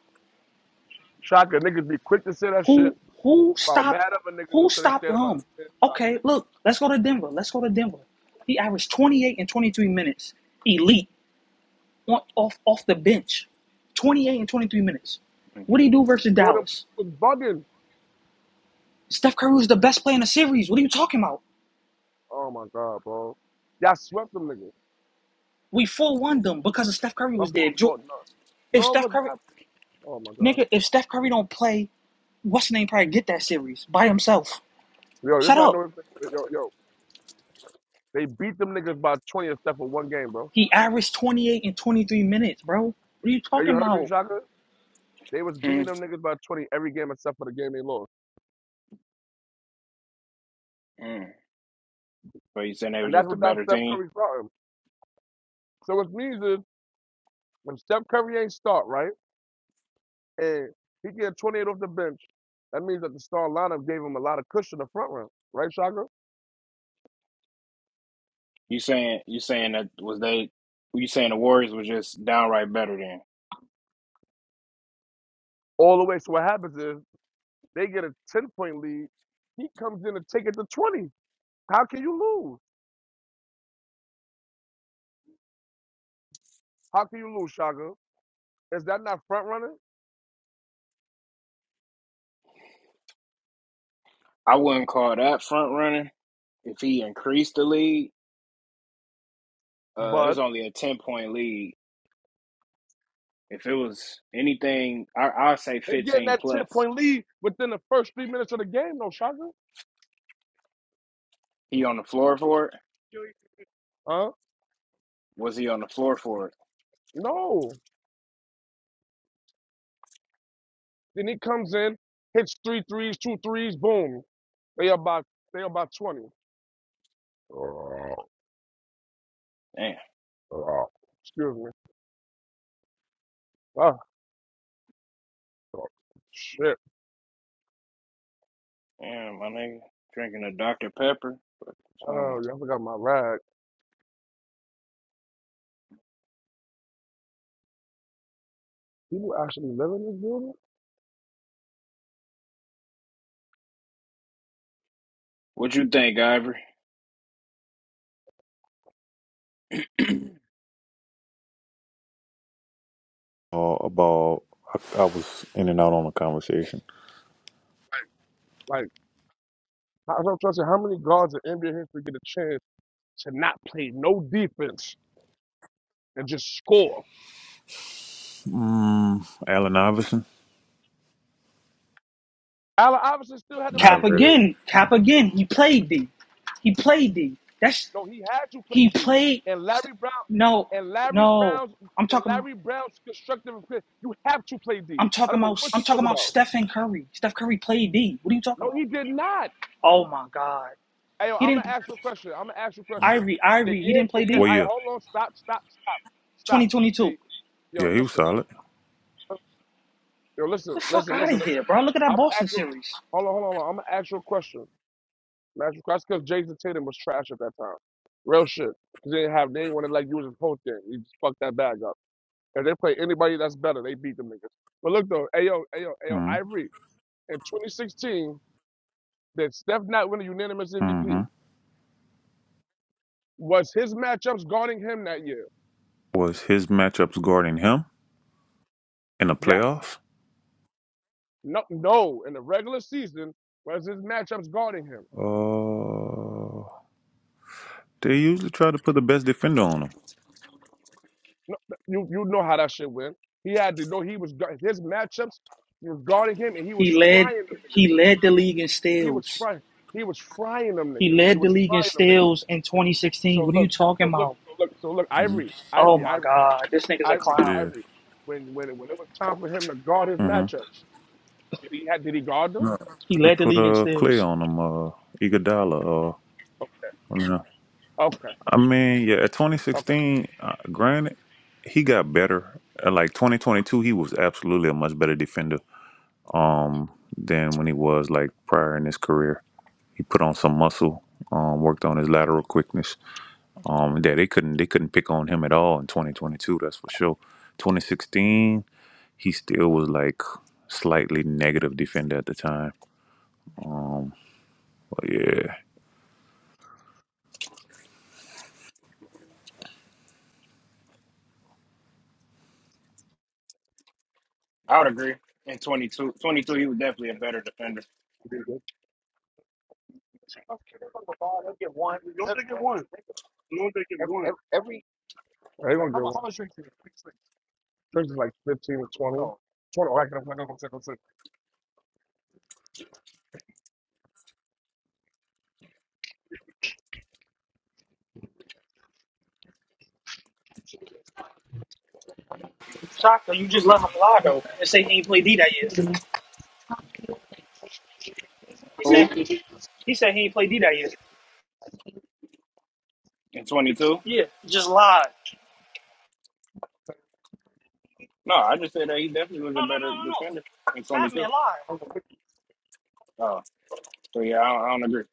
Speaker 2: Shaka, niggas be quick to say that shit
Speaker 3: Who who
Speaker 2: about mad
Speaker 3: stopped
Speaker 2: at other niggas
Speaker 3: who
Speaker 2: until they
Speaker 3: stopped
Speaker 2: said about
Speaker 3: him?
Speaker 2: this Ben Shocker.
Speaker 3: Okay, look, let's go to Denver. Let's go to Denver. He averaged 28 and 23 minutes. Elite. on, off off the bench, 28 and 23 minutes. What do he do versus
Speaker 2: Jordan
Speaker 3: Dallas?
Speaker 2: Poole was bugging.
Speaker 3: Steph Curry was the best player in the series. What are you talking about?
Speaker 2: Oh my god, bro. Y'all swept them niggas.
Speaker 3: We four one them because of Steph Curry
Speaker 2: Up
Speaker 3: was there.
Speaker 2: for a
Speaker 3: If,
Speaker 2: fault. No.
Speaker 3: if
Speaker 2: No, it
Speaker 3: Steph
Speaker 2: was
Speaker 3: Curry,
Speaker 2: not. Oh my god.
Speaker 3: nigga, if Steph Curry don't play, what's his name probably get that series by himself.
Speaker 2: Yo, this
Speaker 3: Shut
Speaker 2: I
Speaker 3: up.
Speaker 2: know. Yo, yo. They beat them niggas by 20 except for one game, bro.
Speaker 3: He averaged 28 and 23 minutes, bro. What are you
Speaker 2: Now you
Speaker 3: talking
Speaker 2: heard me,
Speaker 3: about?
Speaker 2: Shaka? They was beating
Speaker 1: Mm.
Speaker 2: them niggas by 20 every game except for the game they lost.
Speaker 1: Mm. But you saying they
Speaker 2: And
Speaker 1: was
Speaker 2: that's
Speaker 1: just a
Speaker 2: without
Speaker 1: better
Speaker 2: Steph
Speaker 1: team?
Speaker 2: Curry starting. So which means is when Steph Curry ain't start, right? And he get 28 off the bench, that means that the star lineup gave him a lot of cushion in the front round. Right, Shaka?
Speaker 1: You saying you saying that was they? You saying the Warriors was just downright better than?
Speaker 2: all the way. So what happens is they get a 10 point lead. He comes in and take it to 20. How can you lose? How can you lose, Shaka? Is that not front running?
Speaker 1: I wouldn't call that front running. If he increased the lead, uh, it was
Speaker 2: But
Speaker 1: only a ten point lead. If it was anything, I I'd say
Speaker 2: they getting
Speaker 1: fifteen
Speaker 2: that 10
Speaker 1: plus.
Speaker 2: point lead within the first three minutes of the game, no, Shaka?
Speaker 1: He on the floor for it?
Speaker 2: Huh?
Speaker 1: Was he on the floor for it?
Speaker 2: No. Then he comes in, hits three threes, two threes, boom. They about they about 20.
Speaker 1: Damn,
Speaker 2: Excuse me. Ah, shit.
Speaker 1: damn, my nigga drinking a Dr Pepper. What you talking
Speaker 2: Oh,
Speaker 1: about?
Speaker 2: yeah, I forgot my rag. People actually live in this building?
Speaker 1: What you think, Ivory?
Speaker 4: Uh, about I, I was in and out on the conversation.
Speaker 2: like. I don't trust you. How many guards in NBA history get a chance to not play no defense and just score?
Speaker 4: Mm, Allen Iverson?
Speaker 2: Allen Iverson still had to play
Speaker 3: Cap
Speaker 4: Not really.
Speaker 2: D.
Speaker 3: again, cap again. He played D. He played D. That's
Speaker 2: No, he had to play
Speaker 3: he
Speaker 2: D.
Speaker 3: played.
Speaker 2: And Larry Brown
Speaker 3: No,
Speaker 2: and Larry
Speaker 3: no.
Speaker 2: Brown's and
Speaker 3: I'm talking.
Speaker 2: Larry Brown's constructive appeal, you have to play D.
Speaker 3: I'm
Speaker 2: I
Speaker 3: talking
Speaker 2: don't know
Speaker 3: about
Speaker 2: what
Speaker 3: I'm
Speaker 2: you
Speaker 3: talking
Speaker 2: talk
Speaker 3: about
Speaker 2: about.
Speaker 3: Stephen Curry. Steph Curry played D. What are you talking
Speaker 2: No,
Speaker 3: about?
Speaker 2: he did not.
Speaker 3: Oh my God.
Speaker 2: Hey, yo,
Speaker 3: He
Speaker 2: I'm gonna
Speaker 3: didn't
Speaker 2: ask you a question. I'm gonna ask you a question.
Speaker 3: Ivory,
Speaker 2: The
Speaker 3: Ivory, he
Speaker 2: year,
Speaker 3: didn't
Speaker 2: the
Speaker 3: play
Speaker 2: year.
Speaker 3: D?
Speaker 4: Well,
Speaker 2: I
Speaker 4: yeah,
Speaker 2: hold on. Stop, stop, stop, stop.
Speaker 3: 2022.
Speaker 2: They, yo,
Speaker 4: yeah, he was
Speaker 2: listen.
Speaker 4: solid.
Speaker 2: Yo,
Speaker 3: The
Speaker 2: listen,
Speaker 3: fuck
Speaker 2: listen,
Speaker 3: out
Speaker 2: listen,
Speaker 3: of
Speaker 2: listen.
Speaker 3: here, bro. Look at that
Speaker 2: I'm gonna
Speaker 3: Boston
Speaker 2: ask you.
Speaker 3: series.
Speaker 2: Hold on, hold on, hold on. I'm gonna ask you a question. That's that's because Jason Tatum was trash at that time. Real shit. Cause they didn't have they didn't want to like use his post game. He just fucked that bag up. If they play anybody that's better, they beat them niggas. But look though, Ayo, Ayo, Ayo, Ivory in 2016 did Steph not win a unanimous MVP?
Speaker 4: Mm-hmm.
Speaker 2: Was his matchups guarding him that year?
Speaker 4: Was his matchups guarding him in the
Speaker 2: Yes.
Speaker 4: playoffs?
Speaker 2: No, no. In the regular season, was his matchups guarding him?
Speaker 4: Uh, they usually try to put the best defender on him.
Speaker 2: No, you you know how that shit went. He had to know he was gu- his matchups were guarding him, and he was
Speaker 3: He led
Speaker 2: frying them
Speaker 3: he
Speaker 2: niggas.
Speaker 3: led the league in
Speaker 2: He was
Speaker 3: steals.
Speaker 2: frying. He was frying them
Speaker 3: He
Speaker 2: niggas. He
Speaker 3: led the
Speaker 2: was
Speaker 3: league in
Speaker 2: frying them niggas.
Speaker 3: steals in 2016.
Speaker 2: So
Speaker 3: What are you
Speaker 2: look,
Speaker 3: talking
Speaker 2: so look,
Speaker 3: about?
Speaker 2: so look, so look.
Speaker 4: hmm
Speaker 2: Ivory,
Speaker 3: Oh
Speaker 2: Ivory,
Speaker 3: my
Speaker 2: Ivory,
Speaker 3: God. This nigga's a
Speaker 2: Ivory,
Speaker 3: clown.
Speaker 4: Yeah.
Speaker 2: Ivory. When when when it was time for him to guard his
Speaker 4: Mm-hmm.
Speaker 2: matchups, did he had did he guard them?
Speaker 4: No.
Speaker 3: He
Speaker 4: They
Speaker 3: led the
Speaker 4: put
Speaker 3: league in
Speaker 4: uh, Clay
Speaker 3: steals.
Speaker 4: on him. Uh, Iguodala.
Speaker 2: O-
Speaker 4: Uh,
Speaker 2: Okay,
Speaker 4: I mean, yeah, at
Speaker 2: okay.
Speaker 4: 2016, uh, granted, he got better. At like 2022, he was absolutely a much better defender um, than when he was like prior in his career. He put on some muscle, um, worked on his lateral quickness. Um, yeah, they couldn't they couldn't pick on him at all in 2022. That's for sure. 2016, he still was like slightly negative defender at the time. But yeah,
Speaker 1: I would agree. In 22, 22, he was definitely a better defender.
Speaker 2: No, they get one. You don't think it won. You don't think it Every. they Every. Every. They gonna get one. Drinks in it? drinks is like fifteen or twenty. Oh, Twenty. Oh, I can I
Speaker 3: Shaka, you just let him lie though and say he ain't played D that year. He said
Speaker 1: Who?
Speaker 3: he said he ain't played D that year.
Speaker 1: In 22?
Speaker 3: Yeah, just lied.
Speaker 1: No, I just said that he definitely was
Speaker 3: No,
Speaker 1: a
Speaker 3: no,
Speaker 1: better
Speaker 3: no, no, no.
Speaker 1: defender in
Speaker 3: Fat me
Speaker 1: 22.
Speaker 3: a lie.
Speaker 1: Oh, so yeah, I don't, I don't agree.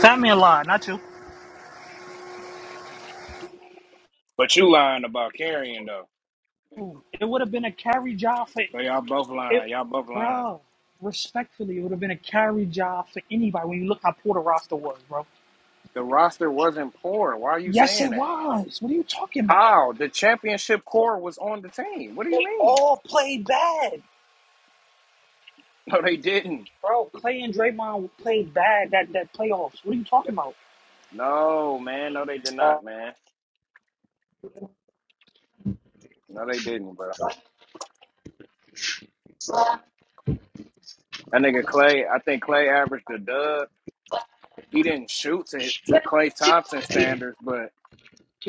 Speaker 3: Fat me a alive, not you.
Speaker 1: But you lying about carrying, though.
Speaker 3: Ooh, It would have been a carry job for
Speaker 1: So y'all both
Speaker 3: it,
Speaker 1: lying. Y'all both lying.
Speaker 3: bro. Respectfully, it would have been a carry job for anybody. When you look how poor the roster was, bro.
Speaker 1: The roster wasn't poor. Why are you
Speaker 3: Yes,
Speaker 1: saying
Speaker 3: it
Speaker 1: that?
Speaker 3: was. What are you talking about?
Speaker 1: How? The championship core was on the team. What do you
Speaker 3: They
Speaker 1: mean?
Speaker 3: all played bad,
Speaker 1: No, they didn't.
Speaker 3: bro. Clay and Draymond played bad that that playoffs. What are you talking about?
Speaker 1: No, man. No, they did
Speaker 3: Uh,
Speaker 1: not, man. No, they didn't, bro. That nigga Clay, I think Clay averaged a dub he didn't shoot to to Klay Thompson standards, but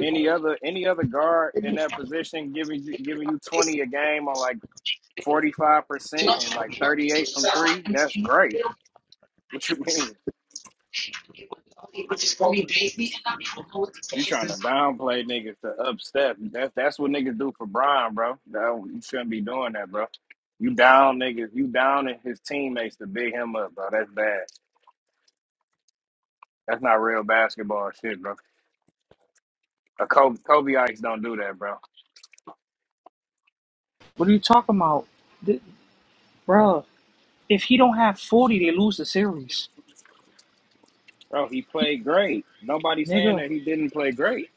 Speaker 1: any other any other guard in that position
Speaker 2: can-
Speaker 1: giving you giving you twenty a game on
Speaker 2: I
Speaker 1: like
Speaker 2: can-
Speaker 1: forty five percent and like thirty eight from three, that's great. What you mean? You trying to downplay niggas to upstep? That's that's what niggas do for Brian, bro. No, you shouldn't be doing that, bro. You down niggas, you downing his teammates to big him up, bro. That's bad. That's not real basketball shit, bro. A Kobe, Kobe Ice don't do that, bro.
Speaker 3: what are you talking about, Th- bro? If he don't have forty, they lose the series.
Speaker 1: Bro, he
Speaker 3: He,
Speaker 1: played great. Nobody saying
Speaker 3: nigga,
Speaker 1: that he didn't play great.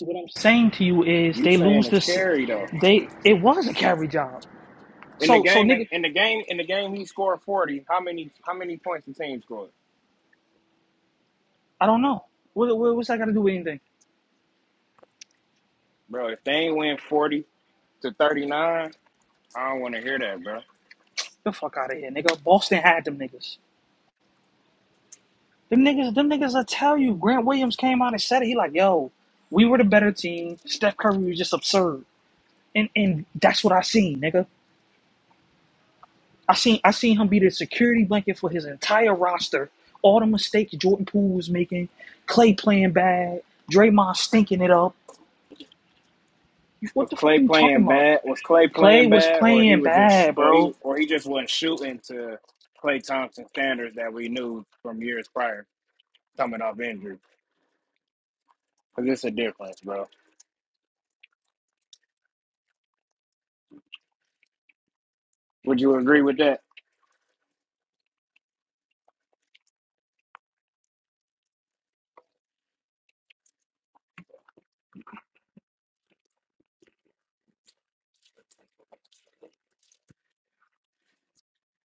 Speaker 3: What I'm saying to you is
Speaker 1: You
Speaker 3: they
Speaker 1: saying
Speaker 3: lose
Speaker 1: it's
Speaker 3: this.
Speaker 1: carry though.
Speaker 3: They it was a carry job.
Speaker 1: In the
Speaker 3: So so
Speaker 1: game, like,
Speaker 3: nigga,
Speaker 1: in the game, in the game, he scored forty. How many? How many points the team scored,
Speaker 3: I don't know. What, what what's that got to do with anything?
Speaker 1: bro? If they ain't win forty to thirty nine, I don't want to hear that, bro.
Speaker 3: The fuck out of here, nigga. Boston had them niggas. Them niggas, them niggas. I tell you, Grant Williams came out and said it. He like, yo, we were the better team. Steph Curry was just absurd, and and that's what I seen, nigga. I seen I seen him be the security blanket for his entire roster. All the mistakes Jordan Poole was making, Clay playing bad, Draymond stinking it up. What
Speaker 1: Was
Speaker 3: the fuck
Speaker 1: Clay
Speaker 3: are you talking
Speaker 1: playing
Speaker 3: about?
Speaker 1: bad? Was Clay
Speaker 3: Clay
Speaker 1: playing
Speaker 3: was
Speaker 1: bad, or he
Speaker 3: playing
Speaker 1: was just,
Speaker 3: bad,
Speaker 1: or
Speaker 3: bro.
Speaker 1: he, or he just wasn't shooting to Clay Thompson standards that we knew from years prior, coming off injury? Because it's a difference, bro. Would you agree with that?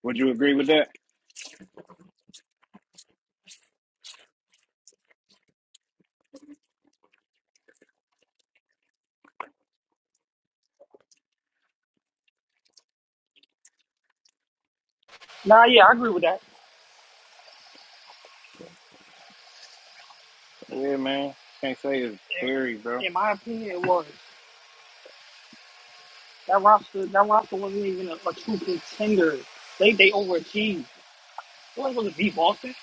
Speaker 1: Would you agree with that?
Speaker 3: Nah, yeah, I agree with that.
Speaker 1: Yeah, man. Can't say it's carry, bro.
Speaker 3: In, in my opinion, it was that roster. That roster wasn't even a, a true contender. They they overachieved. What was it? Beat Boston?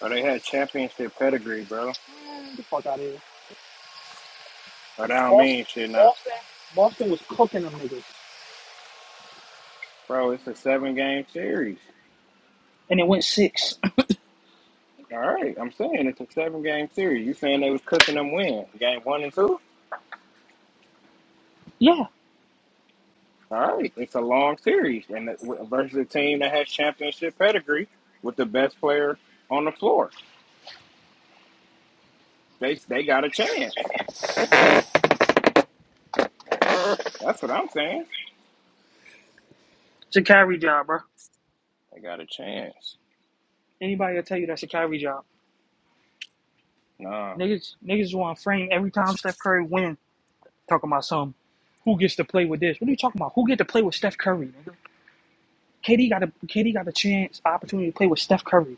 Speaker 1: Or they had championship pedigree, bro.
Speaker 3: Man, get the fuck out of here.
Speaker 1: Or that don't
Speaker 3: Boston,
Speaker 1: mean shit now.
Speaker 3: Boston, Boston was cooking them niggas.
Speaker 1: Bro, it's a seven game series.
Speaker 3: And it went six.
Speaker 1: All right. I'm saying it's a seven game series. You saying they was cooking them win. Game one and two?
Speaker 3: Yeah,
Speaker 1: All right. It's a long series. And it- w- versus a team that has championship pedigree with the best player on the floor. They they got a chance. That's what I'm saying.
Speaker 3: It's a Kyrie job, bro.
Speaker 1: They got a chance.
Speaker 3: Anybody will tell you that's a Kyrie job.
Speaker 1: Nah.
Speaker 3: Niggas, niggas want to frame every time Steph Curry win. Talking about some, who gets to play with this? What are you talking about? Who get to play with Steph Curry? Nigga? KD got a KD got a chance opportunity to play with Steph Curry.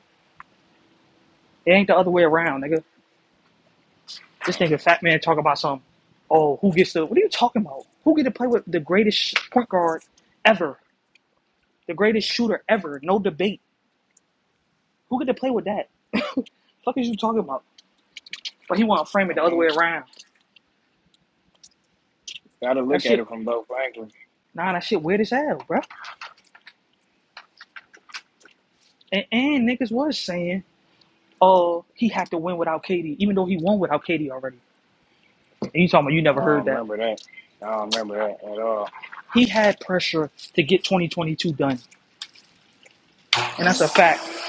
Speaker 3: It ain't the other way around, nigga. This
Speaker 1: Uh,
Speaker 3: nigga fat man talk about some. Oh, who gets to? What are you talking about? Who get to play with the greatest point guard ever? The greatest shooter ever? No debate. Who get to play with that? The Fuck is you talking about? But he want to frame it
Speaker 1: I
Speaker 3: the other
Speaker 1: mean,
Speaker 3: way around.
Speaker 1: gotta
Speaker 3: That
Speaker 1: look at
Speaker 3: shit,
Speaker 1: it from both angles.
Speaker 3: nah, that shit weird as hell, bro. And, and niggas was saying, oh, he had to win without KD, even though he won without KD already. And you talking about you
Speaker 1: I
Speaker 3: never heard
Speaker 1: don't
Speaker 3: that?
Speaker 1: remember that. I don't remember that at all.
Speaker 3: He had pressure to get 2022 done. and that's a fact.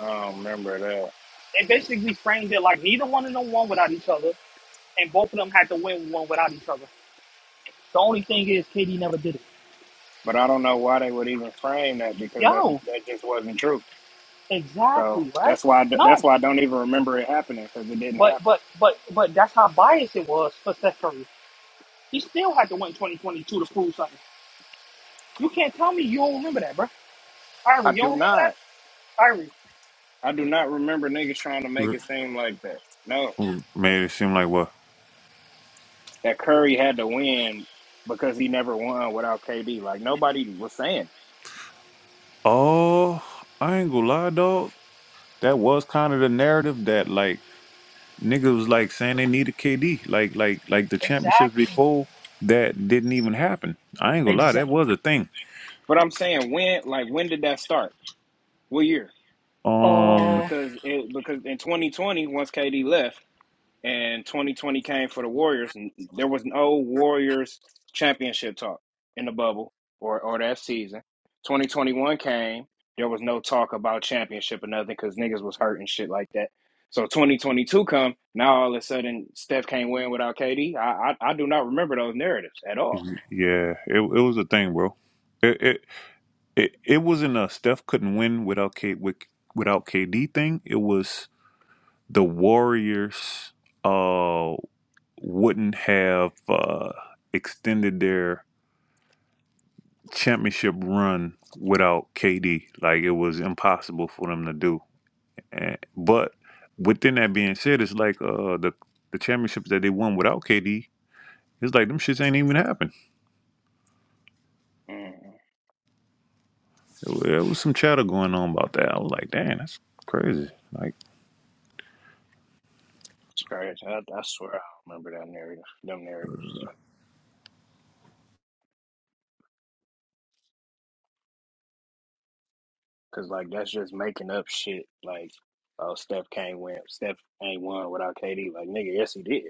Speaker 1: I don't remember that.
Speaker 3: They basically framed it like neither one of them won without each other, and both of them had to win one without each other. The only thing is, KD never did it.
Speaker 1: But I don't know why they would even frame that because that
Speaker 3: Yo,
Speaker 1: that just wasn't true. So
Speaker 3: exactly right.
Speaker 1: that's why I,
Speaker 3: No,
Speaker 1: that's why I don't even remember it happening because it didn't
Speaker 3: but
Speaker 1: happen.
Speaker 3: but but but that's how biased it was for Steph Curry. He still had to win 2022 to prove something. You can't tell me you don't remember that, bro. Irie,
Speaker 1: I
Speaker 3: you
Speaker 1: do
Speaker 3: don't remember
Speaker 1: not.
Speaker 3: that, Irie.
Speaker 1: I do not remember niggas trying to make it seem like that. No.
Speaker 4: Mm, made it seem like what?
Speaker 1: that Curry had to win because he never won without KD. Like nobody was saying it.
Speaker 4: Oh, I ain't gonna lie, dog. that was kind of the narrative that like niggas was like saying they needed KD, like like like the championships
Speaker 3: Exactly.
Speaker 4: before that didn't even happen. I ain't gonna lie, that
Speaker 3: Exactly.
Speaker 4: was a thing.
Speaker 1: But I'm saying when like when did that start? What year?
Speaker 4: Um,
Speaker 3: Uh,
Speaker 1: Because it because in 2020 once KD left and 2020 came for the Warriors, and there was no Warriors championship talk in the bubble or or that season. 2021 came, there was no talk about championship or nothing because niggas was hurt and shit like that. So 2022 come, now all of a sudden Steph can't win without KD. I I, I do not remember those narratives at all.
Speaker 4: yeah, it it was a thing, bro. It it it, it wasn't a Steph couldn't win without K with, without KD thing. It was the Warriors uh wouldn't have uh extended their championship run without KD. Like it was impossible for them to do. And, but within that being said, it's like uh, the the championships that they won without KD. It's like them shits ain't even happened.
Speaker 1: Mm,
Speaker 4: There was some chatter going on about that. I was like, damn, that's crazy. Like.
Speaker 1: it's crazy. I, I swear I don't remember that narrative, them narratives. Cause like that's just making up shit. Like, oh Steph can't win. Steph ain't won without KD. Like nigga, yes he did.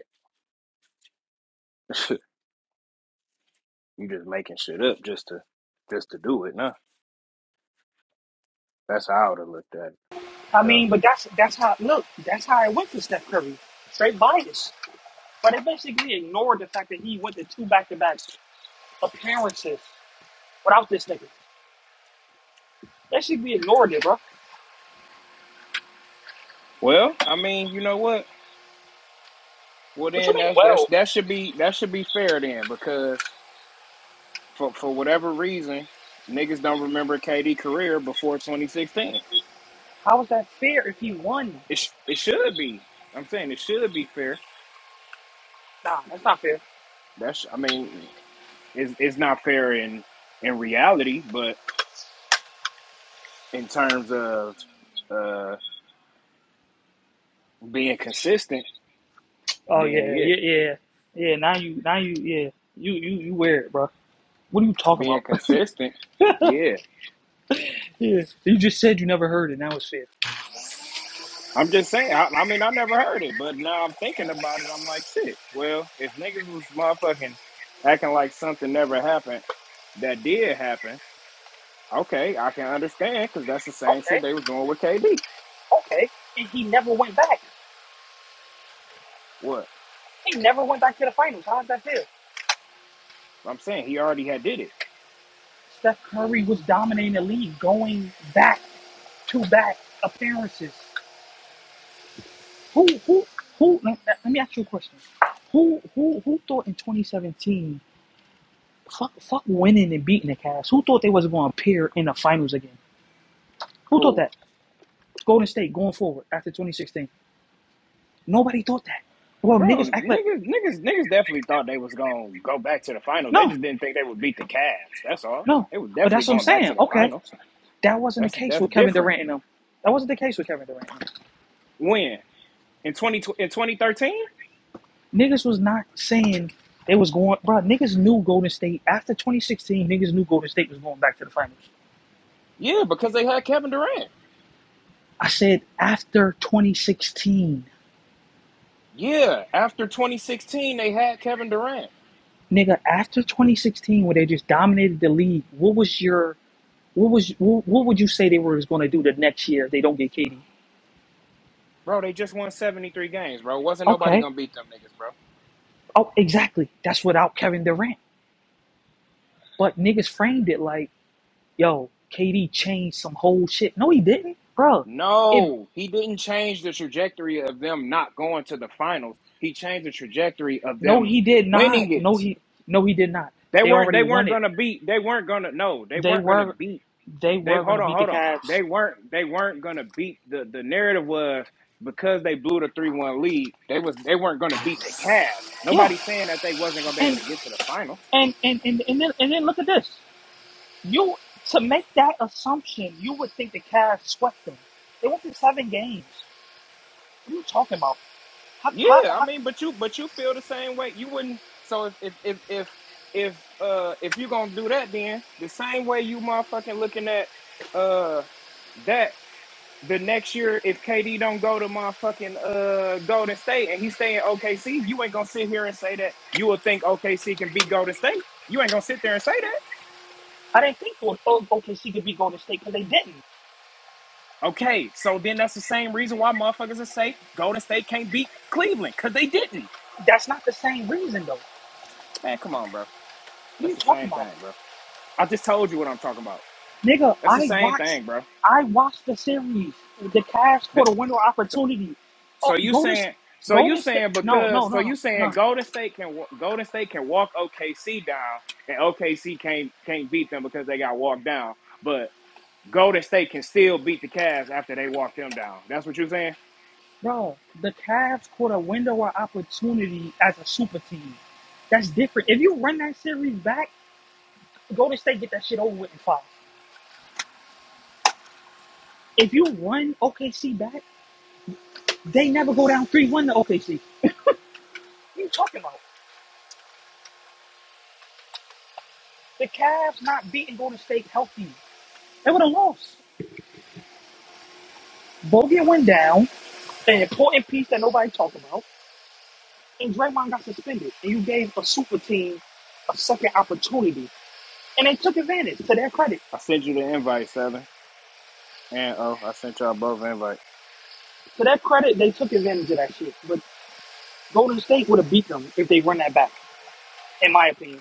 Speaker 1: You just making shit up just to just to do it. Nah, that's how I would have looked at it for
Speaker 3: I
Speaker 1: sure.
Speaker 3: mean, but that's that's how. Look, that's how it went for Steph Curry. Straight bias. But they basically ignored the fact that he went to two back to back appearances without this nigga. They should be ignored it, bro.
Speaker 1: Well, I mean, you know what? Well
Speaker 3: What you
Speaker 1: then
Speaker 3: mean,
Speaker 1: that that's
Speaker 3: well?
Speaker 1: that should be that should be fair then because for for whatever reason niggas don't remember KD career before 2016.
Speaker 3: How is that fair if he won?
Speaker 1: It sh- it should be. I'm saying it should be fair.
Speaker 3: Nah, that's not fair.
Speaker 1: That's I mean, it's it's not fair in in reality, but. in terms of uh being consistent,
Speaker 3: Oh
Speaker 1: then
Speaker 3: yeah,
Speaker 1: yeah,
Speaker 3: yeah, yeah. Yeah, now you now you yeah. You you you wear it, bro. What are you talking
Speaker 1: being
Speaker 3: about?
Speaker 1: consistent, yeah.
Speaker 3: yeah. You just said you never heard it, now it's fair.
Speaker 1: I'm just saying. I, I mean, I never heard it, but now I'm thinking about it. I'm like, shit. Well, if niggas was motherfucking acting like something never happened, that did happen. Okay, I can understand because that's the same shit they
Speaker 3: Okay,
Speaker 1: was doing with KD.
Speaker 3: okay. And he never went back.
Speaker 1: What
Speaker 3: He never went back to the finals. How is that fair?
Speaker 1: I'm saying, he already had did it.
Speaker 3: Steph Curry was dominating the league going back to back appearances. Who who who? Let, let- me ask you a question. Who who who thought in 2017? Fuck fuck winning and beating the Cavs. Who thought they was going to appear in the finals again? Who thought
Speaker 1: Who?
Speaker 3: that? Golden State going forward after 2016. Nobody thought that. Well,
Speaker 1: Bro,
Speaker 3: niggas act like
Speaker 1: niggas, niggas, niggas definitely thought they was gonna go back to the finals. They
Speaker 3: no
Speaker 1: just didn't think they would beat the Cavs. That's all.
Speaker 3: no.
Speaker 1: They were
Speaker 3: But
Speaker 1: definitely
Speaker 3: that's what I'm
Speaker 1: going back
Speaker 3: saying.
Speaker 1: to the
Speaker 3: Okay,
Speaker 1: finals.
Speaker 3: that wasn't the
Speaker 1: That's
Speaker 3: case
Speaker 1: that's
Speaker 3: with Kevin
Speaker 1: different.
Speaker 3: Durant and them. That wasn't the case with Kevin Durant.
Speaker 1: When in twenty in twenty thirteen,
Speaker 3: Niggas was not saying they was going. Bro, niggas knew Golden State after 2016. Niggas knew Golden State was going back to the finals.
Speaker 1: yeah, because they had Kevin Durant.
Speaker 3: I said after 2016,
Speaker 1: Yeah, after twenty sixteen, they had Kevin Durant.
Speaker 3: nigga. After 2016, where they just dominated the league, what was your what was what, what would you say they were going to do the next year if they don't get KD?
Speaker 1: Bro, they just won seventy three games. Bro, wasn't nobody
Speaker 3: Okay,
Speaker 1: gonna beat them niggas, bro.
Speaker 3: oh exactly. That's without Kevin Durant. But niggas framed it like, yo, KD changed some whole shit. No, he didn't, bro. It
Speaker 1: No, he didn't change the trajectory of them not going to the finals. He changed the trajectory of
Speaker 3: no,
Speaker 1: them
Speaker 3: he did not.
Speaker 1: winning
Speaker 3: No,
Speaker 1: it.
Speaker 3: he no, he did not.
Speaker 1: They
Speaker 3: They
Speaker 1: weren't
Speaker 3: already
Speaker 1: they weren't
Speaker 3: won it.
Speaker 1: gonna beat they weren't gonna no, they
Speaker 3: They
Speaker 1: weren't gonna
Speaker 3: were
Speaker 1: beat
Speaker 3: they
Speaker 1: they
Speaker 3: were going
Speaker 1: hold
Speaker 3: to
Speaker 1: on,
Speaker 3: beat the
Speaker 1: hold on.
Speaker 3: Cavs.
Speaker 1: They weren't they weren't gonna beat the the narrative was because they blew the three one lead, they was they weren't gonna beat the Cavs.
Speaker 3: Yeah,
Speaker 1: Nobody's saying that they wasn't gonna be able
Speaker 3: and
Speaker 1: to get to the finals.
Speaker 3: and and and and then, and then look at this. You to make that assumption, you would think the Cavs swept them. They went through seven games. What are you talking about? How, how,
Speaker 1: Yeah, I
Speaker 3: how,
Speaker 1: mean, but you but you feel the same way. You wouldn't so if if if if if uh if you're gonna do that then the same way you motherfucking looking at uh that the next year if KD don't go to motherfucking uh Golden State and he stay in OKC, you ain't gonna sit here and say that you will think OKC can beat Golden State. You ain't gonna sit there and say that.
Speaker 3: I didn't think O- O- OKC could be Golden State because they didn't.
Speaker 1: Okay, so then that's the same reason why motherfuckers will say Golden State can't beat Cleveland because they didn't.
Speaker 3: That's not the same reason though.
Speaker 1: Man, come on, bro.
Speaker 3: What are you
Speaker 1: That's the
Speaker 3: talking
Speaker 1: same
Speaker 3: about,
Speaker 1: thing, bro. I just told you what I'm talking about.
Speaker 3: nigga?
Speaker 1: That's the
Speaker 3: I
Speaker 1: same
Speaker 3: watched,
Speaker 1: thing, bro.
Speaker 3: I watched the series. The Cavs
Speaker 1: The-
Speaker 3: caught a window of
Speaker 1: so
Speaker 3: opportunity. Oh,
Speaker 1: So you
Speaker 3: Golden, S-
Speaker 1: saying so you
Speaker 3: Golden State.
Speaker 1: saying
Speaker 3: No, no,
Speaker 1: because so
Speaker 3: no, no,
Speaker 1: you
Speaker 3: no,
Speaker 1: saying Golden State can wa- Golden State can walk OKC down and OKC can't can't beat them because they got walked down, but Golden State can still beat the Cavs after they walk them down. That's what you're saying.
Speaker 3: bro. The Cavs caught a window of opportunity as a super team. That's different. If you run that series back. Golden State get that shit over with in five. If you won OKC back, they never go down 3 1 to OKC. What are you talking about? The Cavs not beating Golden State healthy. They would have lost. Bogut went down, an important piece that nobody talked about, and Draymond got suspended. And you gave a super team a second opportunity. And they took advantage, to their credit.
Speaker 1: I sent you the invite, seven, and oh, I sent y'all both invite.
Speaker 3: To their credit, they took advantage of that shit. But Golden State would have beat them if they run that back, in my opinion.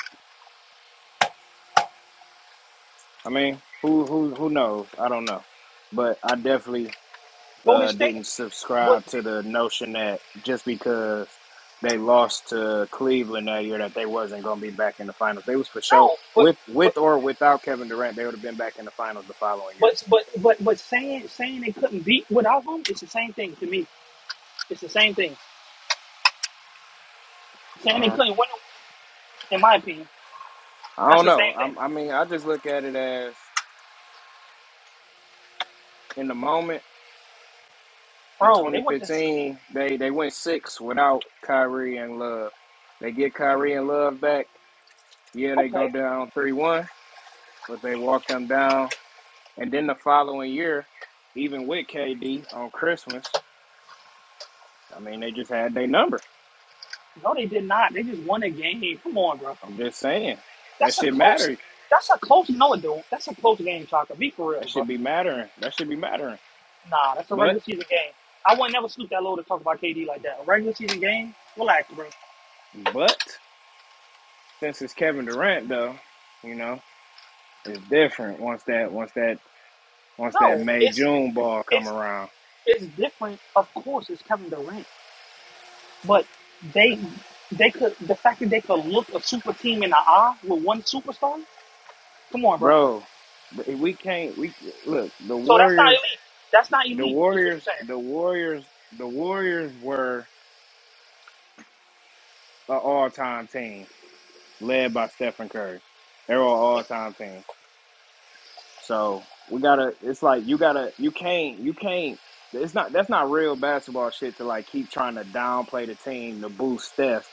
Speaker 1: I mean, who who who knows? I don't know, but I definitely
Speaker 3: Golden
Speaker 1: uh,
Speaker 3: State
Speaker 1: didn't
Speaker 3: would,
Speaker 1: subscribe to the notion that just because they lost to Cleveland that year that they wasn't going to be back in the finals. They was for sure
Speaker 3: no, but
Speaker 1: with
Speaker 3: but.
Speaker 1: with or without Kevin Durant, they would have been back in the finals the following year.
Speaker 3: But but but but saying saying they couldn't beat without him, it's the same thing to me. It's the same thing. Saying they
Speaker 1: Uh,
Speaker 3: couldn't win, in my opinion,
Speaker 1: I
Speaker 3: that's
Speaker 1: don't
Speaker 3: the
Speaker 1: know.
Speaker 3: same thing,
Speaker 1: I, I mean, I just look at it as in the moment. In
Speaker 3: bro. They went to s-
Speaker 1: 2015, they they went six without Kyrie and Love. They get Kyrie and Love back. Yeah, they go
Speaker 3: okay.
Speaker 1: down three one, but they walk them down And then the following year, even with KD on Christmas, I mean, they just had their number.
Speaker 3: No, they did not. They just won a game. Come on, bro.
Speaker 1: I'm just saying that
Speaker 3: That's a
Speaker 1: shit
Speaker 3: close.
Speaker 1: matters.
Speaker 3: That's a close. No, it don't. That's a close game, Chaka. Be for real,
Speaker 1: That should
Speaker 3: bro.
Speaker 1: be mattering. That should be mattering.
Speaker 3: Nah, that's a
Speaker 1: But
Speaker 3: regular season game. I would never stoop that low to talk about KD like that. A regular season game. Relax, bro.
Speaker 1: but since it's Kevin Durant though, you know, it's different once that once that once that
Speaker 3: No,
Speaker 1: May
Speaker 3: it's
Speaker 1: June ball come
Speaker 3: it's
Speaker 1: around,
Speaker 3: it's different. Of course, it's Kevin Durant. But they they could the fact that they could look a super team in the eye with one superstar. Come on, bro.
Speaker 1: bro. We can't. We look the
Speaker 3: So that's not
Speaker 1: Warriors.
Speaker 3: elite. That's not
Speaker 1: The
Speaker 3: elite. Is what you're
Speaker 1: Warriors.
Speaker 3: saying.
Speaker 1: The Warriors. The Warriors were an all-time team led by Stephen Curry. They're on all time team. So we gotta it's like you gotta you can't you can't it's not that's not real basketball shit to like keep trying to downplay the team to boost Steph